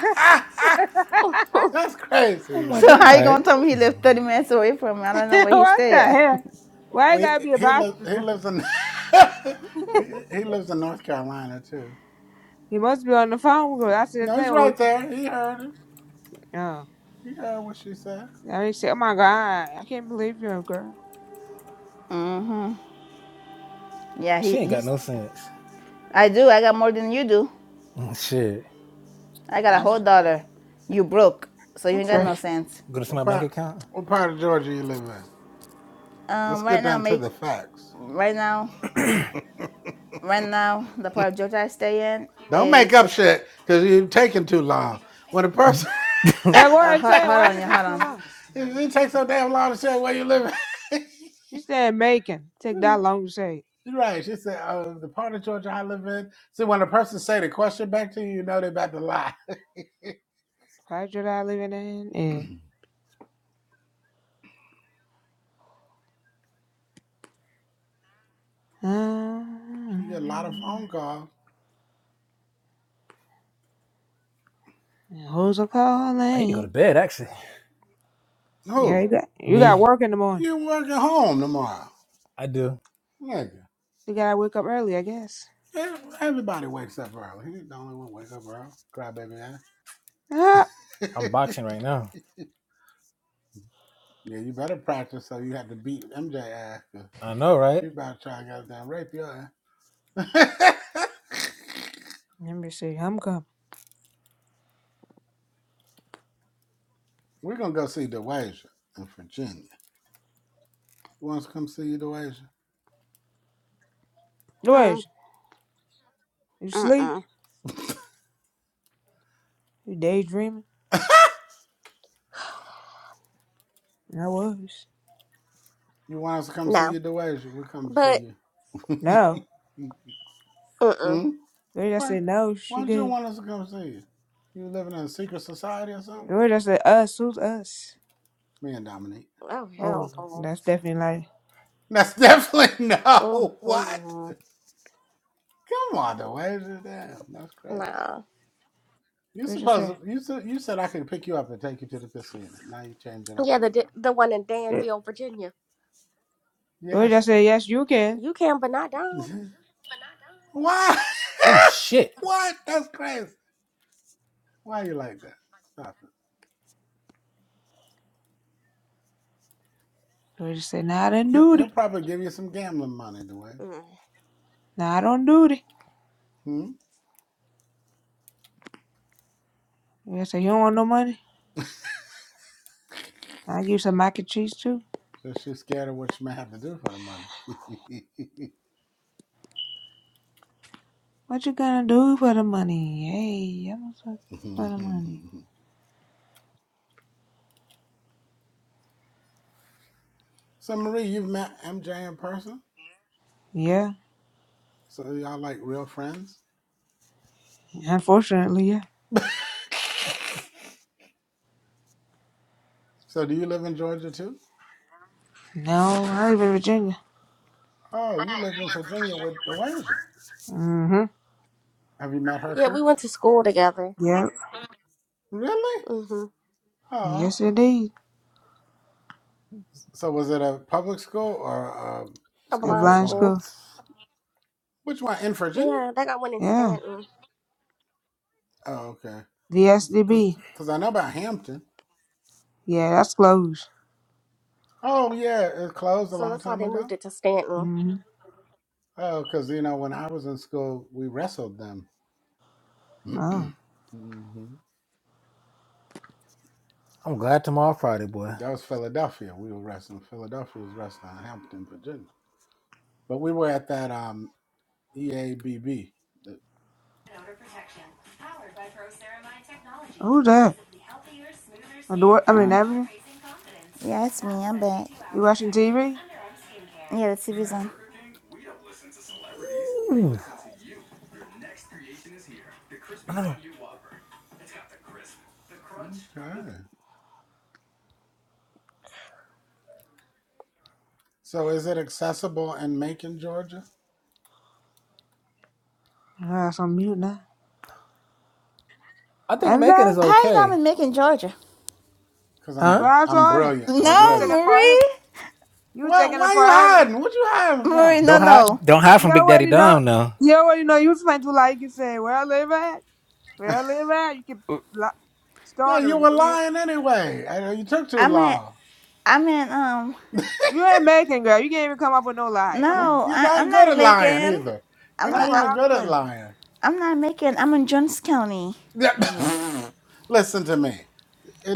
Speaker 10: that's crazy,
Speaker 9: Oh my
Speaker 10: right
Speaker 1: So
Speaker 10: there.
Speaker 1: how you
Speaker 9: God.
Speaker 1: gonna tell me he lived 30 minutes away from me? I don't know where he
Speaker 2: what the
Speaker 1: stay at.
Speaker 2: hell? Why you
Speaker 10: We,
Speaker 2: gotta be a
Speaker 10: he lives.
Speaker 2: bastard?
Speaker 10: He
Speaker 2: though?
Speaker 10: lives in. he, he lives in North Carolina too.
Speaker 2: He must be on the phone because I said the
Speaker 10: No,
Speaker 2: thing.
Speaker 10: he's
Speaker 2: Oh,
Speaker 10: right
Speaker 2: it's-
Speaker 10: there. He heard. it.
Speaker 2: oh.
Speaker 10: You heard what she said.
Speaker 2: Dominic said, oh my God, I can't believe you're a girl.
Speaker 1: yeah,
Speaker 9: She
Speaker 1: he
Speaker 9: ain't got
Speaker 1: he's
Speaker 9: no sense.
Speaker 1: I do. I got more than you do.
Speaker 9: Mm, Shit.
Speaker 1: I got a
Speaker 2: I said,
Speaker 1: whole dollar. You broke, so you ain't got
Speaker 2: okay.
Speaker 1: no sense.
Speaker 9: Go to see
Speaker 10: What
Speaker 9: my bank
Speaker 10: part?
Speaker 9: account?
Speaker 10: What part of Georgia you live in? Let's
Speaker 1: Um,
Speaker 10: get
Speaker 1: right now,
Speaker 10: down to
Speaker 1: make
Speaker 10: the facts.
Speaker 1: right now, right now, the part of Georgia I stay in
Speaker 10: Don't make
Speaker 1: is.
Speaker 10: up shit because you're taking too long. When a person, it,
Speaker 2: Yeah,
Speaker 9: I
Speaker 2: what
Speaker 1: Uh,
Speaker 2: I'm
Speaker 1: ho-
Speaker 2: saying,
Speaker 1: hold
Speaker 2: why it
Speaker 1: on, yeah,
Speaker 2: take us
Speaker 1: hold
Speaker 2: too
Speaker 1: on.
Speaker 2: long?
Speaker 10: it takes so damn long to say where you live. in.
Speaker 2: You said Macon. Take that long to say.
Speaker 10: You're right. She said, "Oh, the part of Georgia I live in." See, when a person say the question back to you, you know they're about to lie.
Speaker 2: Project I living in and
Speaker 10: She get a lot of
Speaker 2: uh,
Speaker 10: phone calls.
Speaker 2: and who's a
Speaker 9: need to go to
Speaker 2: calling?
Speaker 9: bed, actually.
Speaker 2: Yeah,
Speaker 10: Who?
Speaker 2: you got you got
Speaker 9: Me?
Speaker 2: work in the morning.
Speaker 10: You working home tomorrow,
Speaker 9: I do.
Speaker 10: nigga?
Speaker 2: You gotta wake up early, I guess.
Speaker 10: Yeah, Everybody wakes up early. He's the only one wake up early. Crybaby ass.
Speaker 2: Ah,
Speaker 9: I'm
Speaker 10: yeah,
Speaker 9: boxing right now.
Speaker 10: you better practice so you have to beat MJ after.
Speaker 9: I know,
Speaker 10: She
Speaker 9: right?
Speaker 10: about to try and goddamn rape your ass.
Speaker 2: let me see. I'm coming.
Speaker 10: We're gonna go see DeWasia in Virginia. You want us to come see you, DeWasia?
Speaker 3: hmm.
Speaker 2: George, you sleep?
Speaker 3: Mm-mm.
Speaker 2: You daydreaming? I was.
Speaker 10: You want us to come see
Speaker 3: No.
Speaker 10: you, DeWasia? We'll come
Speaker 3: But
Speaker 10: see you.
Speaker 2: No.
Speaker 3: mm-mm.
Speaker 10: hmm?
Speaker 2: George, I
Speaker 10: Why,
Speaker 2: said no.
Speaker 10: why
Speaker 2: She
Speaker 10: don't you
Speaker 2: good.
Speaker 10: want us to come see you? You living in a secret society or something?
Speaker 2: George, I said us. Who's us?
Speaker 10: Me and Dominique.
Speaker 3: Oh
Speaker 2: Oh,
Speaker 3: hell
Speaker 2: Lord,
Speaker 3: no.
Speaker 2: that's definitely like.
Speaker 10: That's definitely
Speaker 3: Oh
Speaker 10: no. What?
Speaker 3: mm-mm.
Speaker 10: Come on, DeWasia. Damn, that's crazy.
Speaker 3: no.
Speaker 10: You
Speaker 2: George, I
Speaker 10: supposed
Speaker 2: said.
Speaker 10: to, you said you said I could pick you up and take you to the casino. Now you're changing up
Speaker 3: Yeah,
Speaker 10: on
Speaker 3: the
Speaker 10: the bro.
Speaker 3: d- the one in
Speaker 2: eh,
Speaker 3: Danville, Virginia.
Speaker 2: George, I
Speaker 10: Yes.
Speaker 2: said yes. You can.
Speaker 3: You can, but not down.
Speaker 10: Why?
Speaker 9: Oh, shit.
Speaker 10: what? That's crazy. Why are you like that? Stop it.
Speaker 2: George I said nah. I didn't
Speaker 10: He'll,
Speaker 2: do it.
Speaker 10: he'll probably give you some gambling money, the way.
Speaker 3: Mm.
Speaker 2: Nah, I don't do it.
Speaker 10: Hmm.
Speaker 2: George I said you don't want no money. Nah, I give you some mac and cheese too.
Speaker 10: So she's scared of what she may have to do for the money.
Speaker 2: What you gonna do for the money? Hey, I'm gonna for the money.
Speaker 10: so Marie, you've met MJ in person.
Speaker 2: Yeah,
Speaker 10: So y'all like real friends.
Speaker 2: unfortunately, yeah.
Speaker 10: So do you live in Georgia too?
Speaker 2: No, I live in Virginia.
Speaker 10: Oh, you live in Virginia with the Dewasia.
Speaker 2: Mm-hmm.
Speaker 10: Have you met her
Speaker 3: Yeah, we
Speaker 10: too?
Speaker 3: went to school together.
Speaker 2: Yep.
Speaker 10: Really?
Speaker 3: Mm-hmm.
Speaker 10: Oh,
Speaker 2: Yes, indeed.
Speaker 10: So was it a public school or a
Speaker 3: A
Speaker 10: school
Speaker 2: At
Speaker 10: for
Speaker 3: blind
Speaker 10: the
Speaker 2: blind
Speaker 10: blind?
Speaker 3: school.
Speaker 2: school.
Speaker 10: Which one in Virginia?
Speaker 3: Yeah, they got one in
Speaker 2: Yeah.
Speaker 3: Stanton,
Speaker 10: Oh, okay. cause
Speaker 2: VSDB.
Speaker 10: I know about Hampton.
Speaker 2: Yeah, that's closed.
Speaker 10: Oh yeah, it closed a
Speaker 3: so
Speaker 10: long
Speaker 3: that's why
Speaker 10: time
Speaker 3: they
Speaker 10: ago.
Speaker 3: moved it to Stanton.
Speaker 2: Mm-hmm.
Speaker 10: Oh, cause you know when I was in school, we wrestled them.
Speaker 2: Oh,
Speaker 10: hmm
Speaker 9: I'm glad tomorrow Friday, boy.
Speaker 10: That was Philadelphia. We were wrestling. Philadelphia was wrestling in Hampton, Virginia. But we were at that um EABB.
Speaker 2: who's that? On the what? I mean, Avenue. You watching TV?
Speaker 1: Reason.
Speaker 9: Ooh. No, no, no.
Speaker 10: Okay. So is it accessible in Macon, Georgia?
Speaker 2: Oh, that's on mute now.
Speaker 9: I think Macon
Speaker 2: MJ,
Speaker 9: is
Speaker 1: How you know I'm
Speaker 9: okay.
Speaker 1: in Macon, Georgia?
Speaker 10: Cause
Speaker 9: Huh?
Speaker 10: I'm
Speaker 2: grabs
Speaker 10: I'm
Speaker 2: on him.
Speaker 10: brilliant. I'm
Speaker 2: Cause you were
Speaker 1: No,
Speaker 10: brilliant.
Speaker 2: taking
Speaker 1: Marie.
Speaker 2: forever. You were
Speaker 10: What?
Speaker 2: taking it
Speaker 10: Why you
Speaker 2: forever.
Speaker 10: hiding? What you hiding from?
Speaker 1: Marie, no,
Speaker 9: Don't hide.
Speaker 1: no.
Speaker 9: Don't hide
Speaker 2: You
Speaker 9: from Big Daddy
Speaker 2: already know.
Speaker 9: Dom now.
Speaker 2: You already know. You was meant to like and say, "Where I live at." Well, live out. You keep
Speaker 9: Uh,
Speaker 2: li-
Speaker 10: Yeah,
Speaker 2: stuttering,
Speaker 10: you
Speaker 2: her in
Speaker 10: were
Speaker 2: for real.
Speaker 10: lying anyway. And you took too
Speaker 1: I'm in.
Speaker 10: long.
Speaker 1: I'm in. Um,
Speaker 2: You ain't making, girl. You can't even come up with no lie. Come
Speaker 10: You-
Speaker 2: on now.
Speaker 1: no,
Speaker 10: You're
Speaker 1: I,
Speaker 10: not
Speaker 1: I'm
Speaker 10: good
Speaker 1: not
Speaker 10: at lying
Speaker 1: making.
Speaker 10: either. You're
Speaker 1: I'm
Speaker 2: That's
Speaker 10: not
Speaker 1: not.
Speaker 2: what
Speaker 1: I'm,
Speaker 10: even
Speaker 2: I'm
Speaker 10: good at
Speaker 2: saying.
Speaker 10: lying.
Speaker 1: I'm not making. I'm in Jones County.
Speaker 2: Yeah.
Speaker 10: Yeah. Listen to me.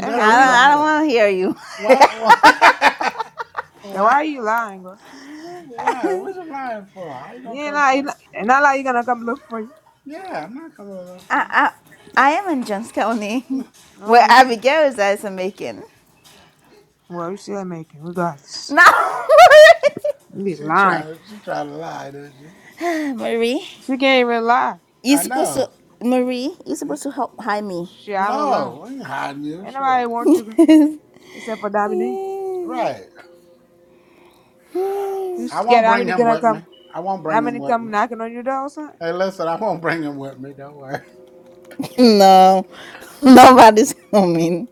Speaker 1: I don't.
Speaker 10: doesn't
Speaker 2: we li-
Speaker 1: I don't
Speaker 10: matter.
Speaker 1: want to hear you.
Speaker 10: Why? Why?
Speaker 2: yeah, why
Speaker 10: Why?
Speaker 2: are you lying, girl?
Speaker 10: why? What you lying for? I ain't gonna
Speaker 2: You ain't
Speaker 10: come
Speaker 2: lying.
Speaker 10: for you.
Speaker 2: not it's not like you gonna come look for you.
Speaker 10: Yeah, I'm not coming over for
Speaker 1: I, I, I am in Johns County,
Speaker 10: you.
Speaker 2: No,
Speaker 1: where
Speaker 2: you ain't.
Speaker 1: Abigail resides in Macon.
Speaker 2: Well, you still making, regardless.
Speaker 1: No,
Speaker 2: You be
Speaker 10: she
Speaker 2: lying.
Speaker 10: tried. She tried to lie, didn't she?
Speaker 1: Marie,
Speaker 2: She can't even lie.
Speaker 1: you
Speaker 10: I
Speaker 1: supposed
Speaker 10: know.
Speaker 1: to Marie, you supposed to help hide me.
Speaker 2: Shit, I don't lie.
Speaker 10: No, we ain't hiding you.
Speaker 2: Ain't
Speaker 10: Should
Speaker 2: nobody want you, girl. Except for Dominique.
Speaker 10: right.
Speaker 2: You
Speaker 10: I
Speaker 2: scared
Speaker 10: won't bring
Speaker 2: Dominique
Speaker 10: him
Speaker 2: gonna
Speaker 10: with
Speaker 2: come.
Speaker 10: me. I won't bring him
Speaker 2: Dominique
Speaker 10: with
Speaker 2: come
Speaker 10: me.
Speaker 2: knocking on your door or something?
Speaker 10: Hey, listen, I won't bring him with me. Don't worry.
Speaker 1: no, nobody's coming.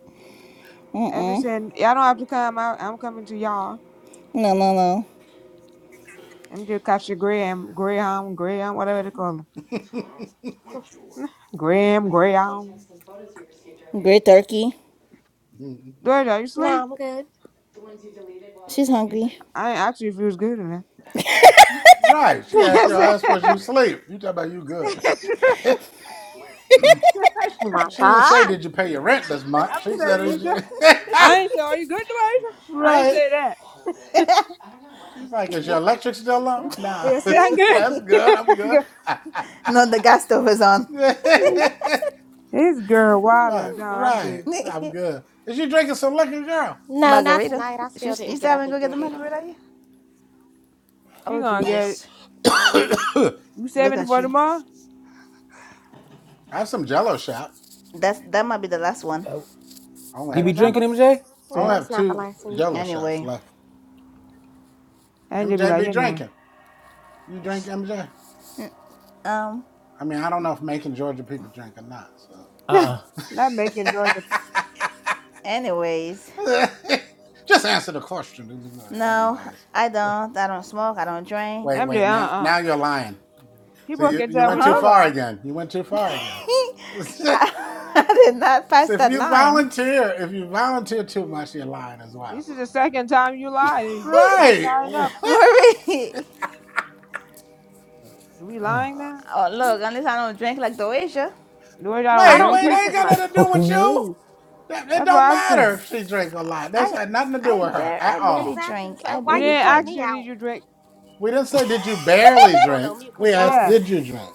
Speaker 2: I'm just
Speaker 1: Mm-mm.
Speaker 2: saying, y'all don't have to come out. I'm coming to y'all.
Speaker 1: No, no, no.
Speaker 2: Them just caught your Graham, Graham, Graham, whatever they call him. Graham, Graham.
Speaker 1: Great turkey.
Speaker 2: Georgia, are you
Speaker 3: No,
Speaker 2: sleep?
Speaker 3: I'm good.
Speaker 1: She's hungry.
Speaker 2: I ain't asked you if you was good or not.
Speaker 10: right. She asked
Speaker 2: I
Speaker 10: your
Speaker 2: said,
Speaker 10: ass was you sleep. You talk about you good.
Speaker 2: I
Speaker 3: Oh my
Speaker 10: she didn't say,
Speaker 3: god.
Speaker 10: did you pay your rent this month? She
Speaker 2: said, are
Speaker 10: said,
Speaker 2: you
Speaker 10: is
Speaker 2: good?
Speaker 10: you...
Speaker 2: I ain't say, are you good, Georgia? I ain't
Speaker 10: right.
Speaker 2: say that.
Speaker 10: She's like, is your electric still on? Nah.
Speaker 2: Yes,
Speaker 10: Yeah,
Speaker 2: I'm good.
Speaker 10: That's good. I'm
Speaker 2: I'm
Speaker 10: good.
Speaker 1: No, the gas stove is on.
Speaker 10: what
Speaker 2: good. His girl
Speaker 10: the
Speaker 2: wild and
Speaker 10: fuck?
Speaker 2: I'm
Speaker 10: Right.
Speaker 2: good.
Speaker 10: I'm good. Is you drinking some liquor, girl?
Speaker 3: No, not
Speaker 1: margarita.
Speaker 3: tonight. I still
Speaker 1: She's, you
Speaker 3: didn't get
Speaker 1: still
Speaker 3: up
Speaker 1: haven't
Speaker 3: and
Speaker 1: go get the
Speaker 3: get it.
Speaker 1: margarita yet?
Speaker 2: She
Speaker 1: Oh
Speaker 2: gonna get it.
Speaker 1: Jesus!
Speaker 3: No,
Speaker 2: You
Speaker 1: Look
Speaker 2: saving it
Speaker 1: at
Speaker 2: for
Speaker 1: you.
Speaker 2: tomorrow?
Speaker 10: I have some jello shots.
Speaker 1: That's that might be the last one.
Speaker 9: Do
Speaker 10: I only
Speaker 9: you be
Speaker 10: have
Speaker 2: Yes, I'm
Speaker 10: two.
Speaker 9: drinking,
Speaker 2: a
Speaker 9: MJ?
Speaker 10: I
Speaker 2: save.
Speaker 10: only
Speaker 3: No,
Speaker 10: have
Speaker 3: it's not the
Speaker 10: two
Speaker 3: lesson.
Speaker 10: jello shots
Speaker 1: Anyway,
Speaker 10: left.
Speaker 2: And just be
Speaker 10: MJ
Speaker 2: like,
Speaker 10: be
Speaker 2: you know
Speaker 10: drinking. You drink MJ?
Speaker 1: um.
Speaker 10: I mean, I don't know if Macon, Georgia people drink or not. So
Speaker 2: what?
Speaker 9: Uh-uh.
Speaker 2: Not making Georgia.
Speaker 1: Anyways,
Speaker 10: just answer the question.
Speaker 1: no,
Speaker 10: Anyways,
Speaker 1: I don't. I don't smoke. I don't drink.
Speaker 10: wait,
Speaker 2: I'm just uh
Speaker 10: wait. Now,
Speaker 2: uh.
Speaker 10: now you're lying.
Speaker 2: He
Speaker 10: So you,
Speaker 2: working
Speaker 10: you
Speaker 1: Uh
Speaker 2: time
Speaker 10: went
Speaker 2: when
Speaker 10: too
Speaker 2: you're
Speaker 1: Huh?
Speaker 10: far
Speaker 2: lying.
Speaker 10: again. You went too far again. so
Speaker 1: I, I did not pass
Speaker 10: if
Speaker 1: that
Speaker 10: you
Speaker 1: line.
Speaker 10: volunteer, if you volunteer too much, you're lying as well.
Speaker 2: This is the second time you lied. That's
Speaker 10: Right.
Speaker 2: not enough.
Speaker 1: Marie.
Speaker 2: Are we lying now?
Speaker 1: Oh look, unless I don't drink like Doasia.
Speaker 2: The Lord, I don't
Speaker 3: I
Speaker 10: Wait,
Speaker 3: don't
Speaker 2: drink
Speaker 10: wait. They
Speaker 2: it.
Speaker 3: drink
Speaker 10: ain't
Speaker 3: as
Speaker 10: got
Speaker 3: much.
Speaker 10: nothing to do with you.
Speaker 9: Mm.
Speaker 10: it
Speaker 2: That's what
Speaker 10: don't
Speaker 2: I'm
Speaker 10: matter
Speaker 2: saying.
Speaker 10: if she drink a lot. That's
Speaker 1: I
Speaker 10: had nothing to do
Speaker 1: I
Speaker 10: with her
Speaker 1: bear
Speaker 10: at
Speaker 1: I barely
Speaker 10: all.
Speaker 3: Exactly.
Speaker 1: drink.
Speaker 3: So
Speaker 1: I
Speaker 3: why
Speaker 2: We
Speaker 3: you
Speaker 1: barely
Speaker 2: didn't
Speaker 3: point
Speaker 2: ask
Speaker 1: drink.
Speaker 3: me
Speaker 2: you, did
Speaker 3: out?
Speaker 2: you drink?
Speaker 10: We didn't say did you barely
Speaker 3: I'm going
Speaker 10: drink.
Speaker 3: on mute
Speaker 10: We
Speaker 3: because y'all
Speaker 10: asked
Speaker 2: Yeah.
Speaker 10: did
Speaker 3: wishy.
Speaker 10: you drink.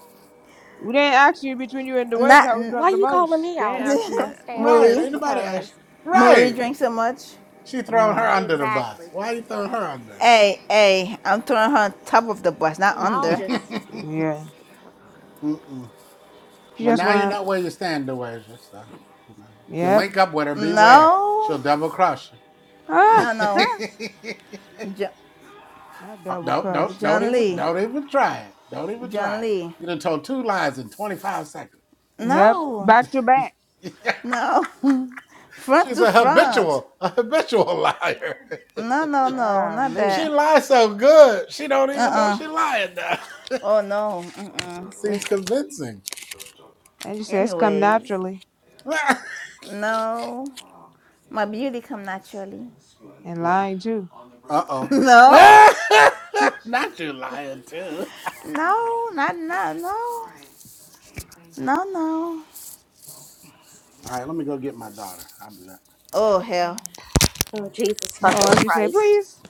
Speaker 2: We didn't ask you between you and the words
Speaker 1: Not
Speaker 2: how we
Speaker 1: n-
Speaker 3: Why
Speaker 2: drunk the
Speaker 3: you calling
Speaker 2: most.
Speaker 3: me
Speaker 2: They didn't
Speaker 3: out?
Speaker 2: ask you that.
Speaker 3: I'm staying on
Speaker 10: Right.
Speaker 3: mute
Speaker 10: Ain't
Speaker 1: Marie.
Speaker 10: nobody asked.
Speaker 3: because
Speaker 1: Marie
Speaker 10: Right.
Speaker 1: drinks so much.
Speaker 10: She throwing her
Speaker 2: No.
Speaker 10: under the bus.
Speaker 3: exactly
Speaker 10: Why you throwing her under that?
Speaker 1: Hey, hey, I'm throwing her on top of the bus, not
Speaker 3: y'all
Speaker 1: under.
Speaker 3: just
Speaker 2: Yeah.
Speaker 10: Mm-mm.
Speaker 2: You
Speaker 10: well,
Speaker 2: just
Speaker 10: now you
Speaker 2: wanna.
Speaker 10: know where you stand, DeWasia. So, you know, if you
Speaker 2: Yep.
Speaker 10: link up with her, beware.
Speaker 1: No,
Speaker 10: She'll double cross you.
Speaker 2: Ah!
Speaker 1: no, no. Jo-
Speaker 2: That
Speaker 10: Oh,
Speaker 2: double
Speaker 10: don't don't
Speaker 2: cuss.
Speaker 10: don't
Speaker 1: John
Speaker 10: even
Speaker 1: Lee.
Speaker 10: don't even try it. Don't even
Speaker 1: John
Speaker 10: try it.
Speaker 1: Lee.
Speaker 10: You done told two lies in twenty five seconds.
Speaker 2: Yep.
Speaker 1: No,
Speaker 2: Back to back.
Speaker 1: no. front
Speaker 10: She's
Speaker 1: to
Speaker 10: a
Speaker 1: front.
Speaker 10: habitual a habitual liar.
Speaker 1: No, no, no, not
Speaker 2: Golly.
Speaker 10: She
Speaker 1: that.
Speaker 10: lies so good. She don't even know
Speaker 1: Uh-uh.
Speaker 10: she lying now.
Speaker 1: Oh, no. Mm-mm.
Speaker 10: It seems
Speaker 2: Which-
Speaker 10: convincing.
Speaker 2: And you said it's come
Speaker 1: Anyways,
Speaker 2: naturally.
Speaker 1: no. My beauty come naturally.
Speaker 2: And
Speaker 10: well,
Speaker 2: lying too.
Speaker 10: uh oh.
Speaker 1: no,
Speaker 10: Not you lying too.
Speaker 1: no, not, not, no. No, no.
Speaker 10: All right, let me go get my daughter. I'll be back.
Speaker 1: Oh, hell.
Speaker 3: oh, Jesus
Speaker 2: Uh oh, I'm
Speaker 3: fucking
Speaker 2: just saying,
Speaker 3: Christ.
Speaker 2: please.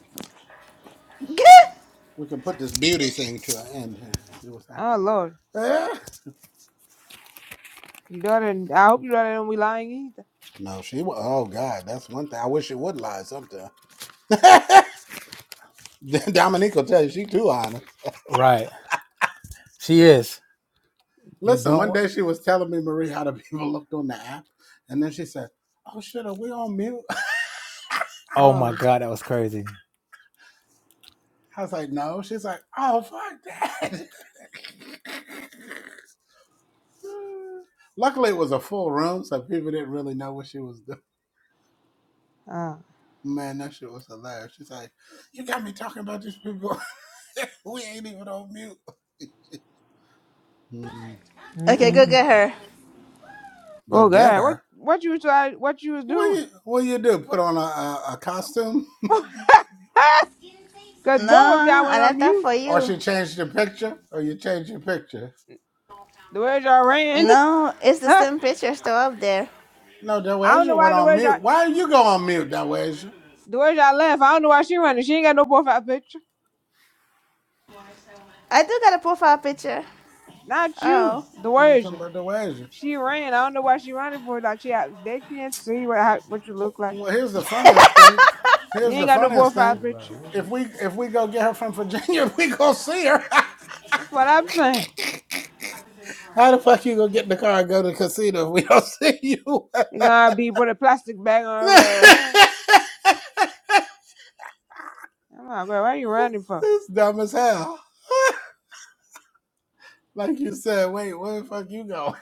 Speaker 1: get,
Speaker 10: We can put this beauty thing to an end here. It was
Speaker 2: Oh Lord.
Speaker 10: that.
Speaker 2: Your daughter and I hope your daughter don't be lying either.
Speaker 10: no, she wa Oh God, that's one thing. I wish it would lie sometimes. Dominique will tell you she too honest.
Speaker 9: right. She is. You
Speaker 10: Listen,
Speaker 9: don't
Speaker 10: one
Speaker 9: want.
Speaker 10: day she was telling me Marie how the people looked on the app, and then she said, "Oh shit, are we on mute?"
Speaker 9: Oh my
Speaker 2: Oh,
Speaker 9: God, that was crazy.
Speaker 10: I was like, no. She's like, oh, fuck that. Luckily, it was a full room, so people didn't really know what she was doing.
Speaker 2: oh,
Speaker 10: Man, that shit was hilarious. She's like, you got me talking about these people. we ain't even on mute.
Speaker 1: okay, go
Speaker 2: mm-mm.
Speaker 1: get her.
Speaker 10: Go
Speaker 2: oh,
Speaker 10: get
Speaker 2: God, what,
Speaker 10: her.
Speaker 2: what you try, what you was
Speaker 10: What do
Speaker 2: doing?
Speaker 10: you what do you do? Put on a, a, a costume,
Speaker 2: Cause both of
Speaker 1: No,
Speaker 2: y'all
Speaker 1: I
Speaker 2: went on
Speaker 1: left that
Speaker 2: mute.
Speaker 1: for
Speaker 10: or
Speaker 1: you.
Speaker 10: she changed the picture, or you change your picture.
Speaker 2: The words y'all ran,
Speaker 1: No, it's the
Speaker 2: I
Speaker 1: same picture still up there.
Speaker 10: No,
Speaker 2: don't know
Speaker 10: Deweja went
Speaker 2: why the
Speaker 10: on
Speaker 2: words y'all,
Speaker 10: mute. Why are you going on mute, Deweja?
Speaker 2: the words y'all left. I don't know why she running. She ain't got no profile picture.
Speaker 1: I do got a profile picture.
Speaker 2: Not you.
Speaker 1: Oh,
Speaker 2: The
Speaker 10: You were
Speaker 2: words
Speaker 10: talking
Speaker 2: you.
Speaker 10: about Deweja.
Speaker 2: She ran. I don't know why she running for. it. Like she, out- they can't see what how, what you
Speaker 10: Well,
Speaker 2: look like.
Speaker 10: well, here's the funniest thing.
Speaker 2: You
Speaker 10: Here's the
Speaker 2: ain't got no
Speaker 10: funniest
Speaker 2: profile
Speaker 10: thing.
Speaker 2: picture.
Speaker 10: If we if we go get her from Virginia, we go see her.
Speaker 2: That's what I'm saying.
Speaker 10: How the fuck you gonna get in the car and go to the casino if we don't see you?
Speaker 2: You gonna be put a plastic bag on her hair. I'm like, girl, what you running for?
Speaker 10: it's dumb as hell. Like you said, wait, where the fuck you go?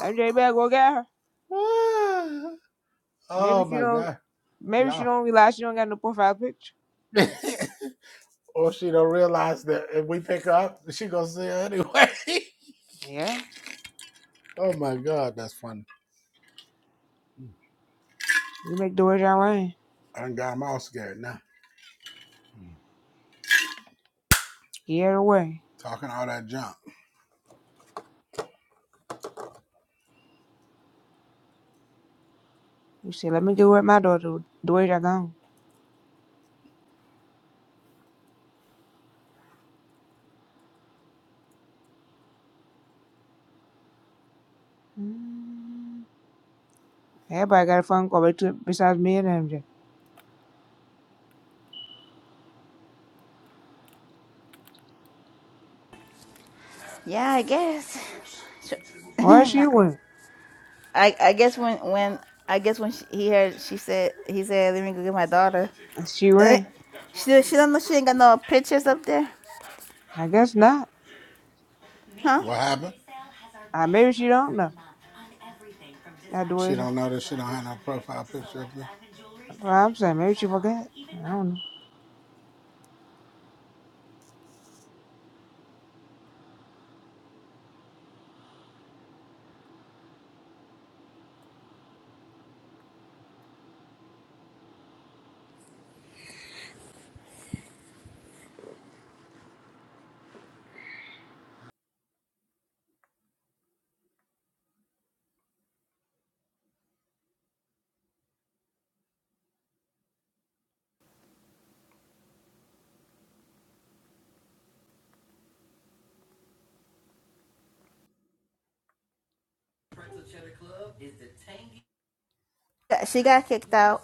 Speaker 2: MJ, Bell, go get her. Maybe
Speaker 10: oh
Speaker 2: she
Speaker 10: my
Speaker 2: don't.
Speaker 10: god,
Speaker 2: Maybe she
Speaker 10: yeah.
Speaker 2: don't realize she don't got no profile picture.
Speaker 10: or she don't realize that if we pick her up, she gonna see her anyway.
Speaker 2: Yeah,
Speaker 10: oh my god, that's funny.
Speaker 2: you make the way your way.
Speaker 10: I done got them all scared now.
Speaker 2: Get away.
Speaker 10: Talking all that junk.
Speaker 2: You say, let me get with my daughter. The way you gone. Mm. Everybody got a phone call bet- besides me and MJ.
Speaker 1: yeah, I guess.
Speaker 2: Where she went?
Speaker 1: I I guess when when I guess when she, he heard she said he said let me go get my daughter.
Speaker 2: She went.
Speaker 1: She she don't know she ain't got no pictures up there,
Speaker 2: I guess not.
Speaker 1: huh?
Speaker 10: What happened?
Speaker 2: Uh, maybe she don't know. That the way
Speaker 10: She
Speaker 2: she-
Speaker 10: don't know that she don't have no profile picture of her.
Speaker 2: That's what I'm saying. Maybe she forgot. I don't know.
Speaker 1: She got kicked out.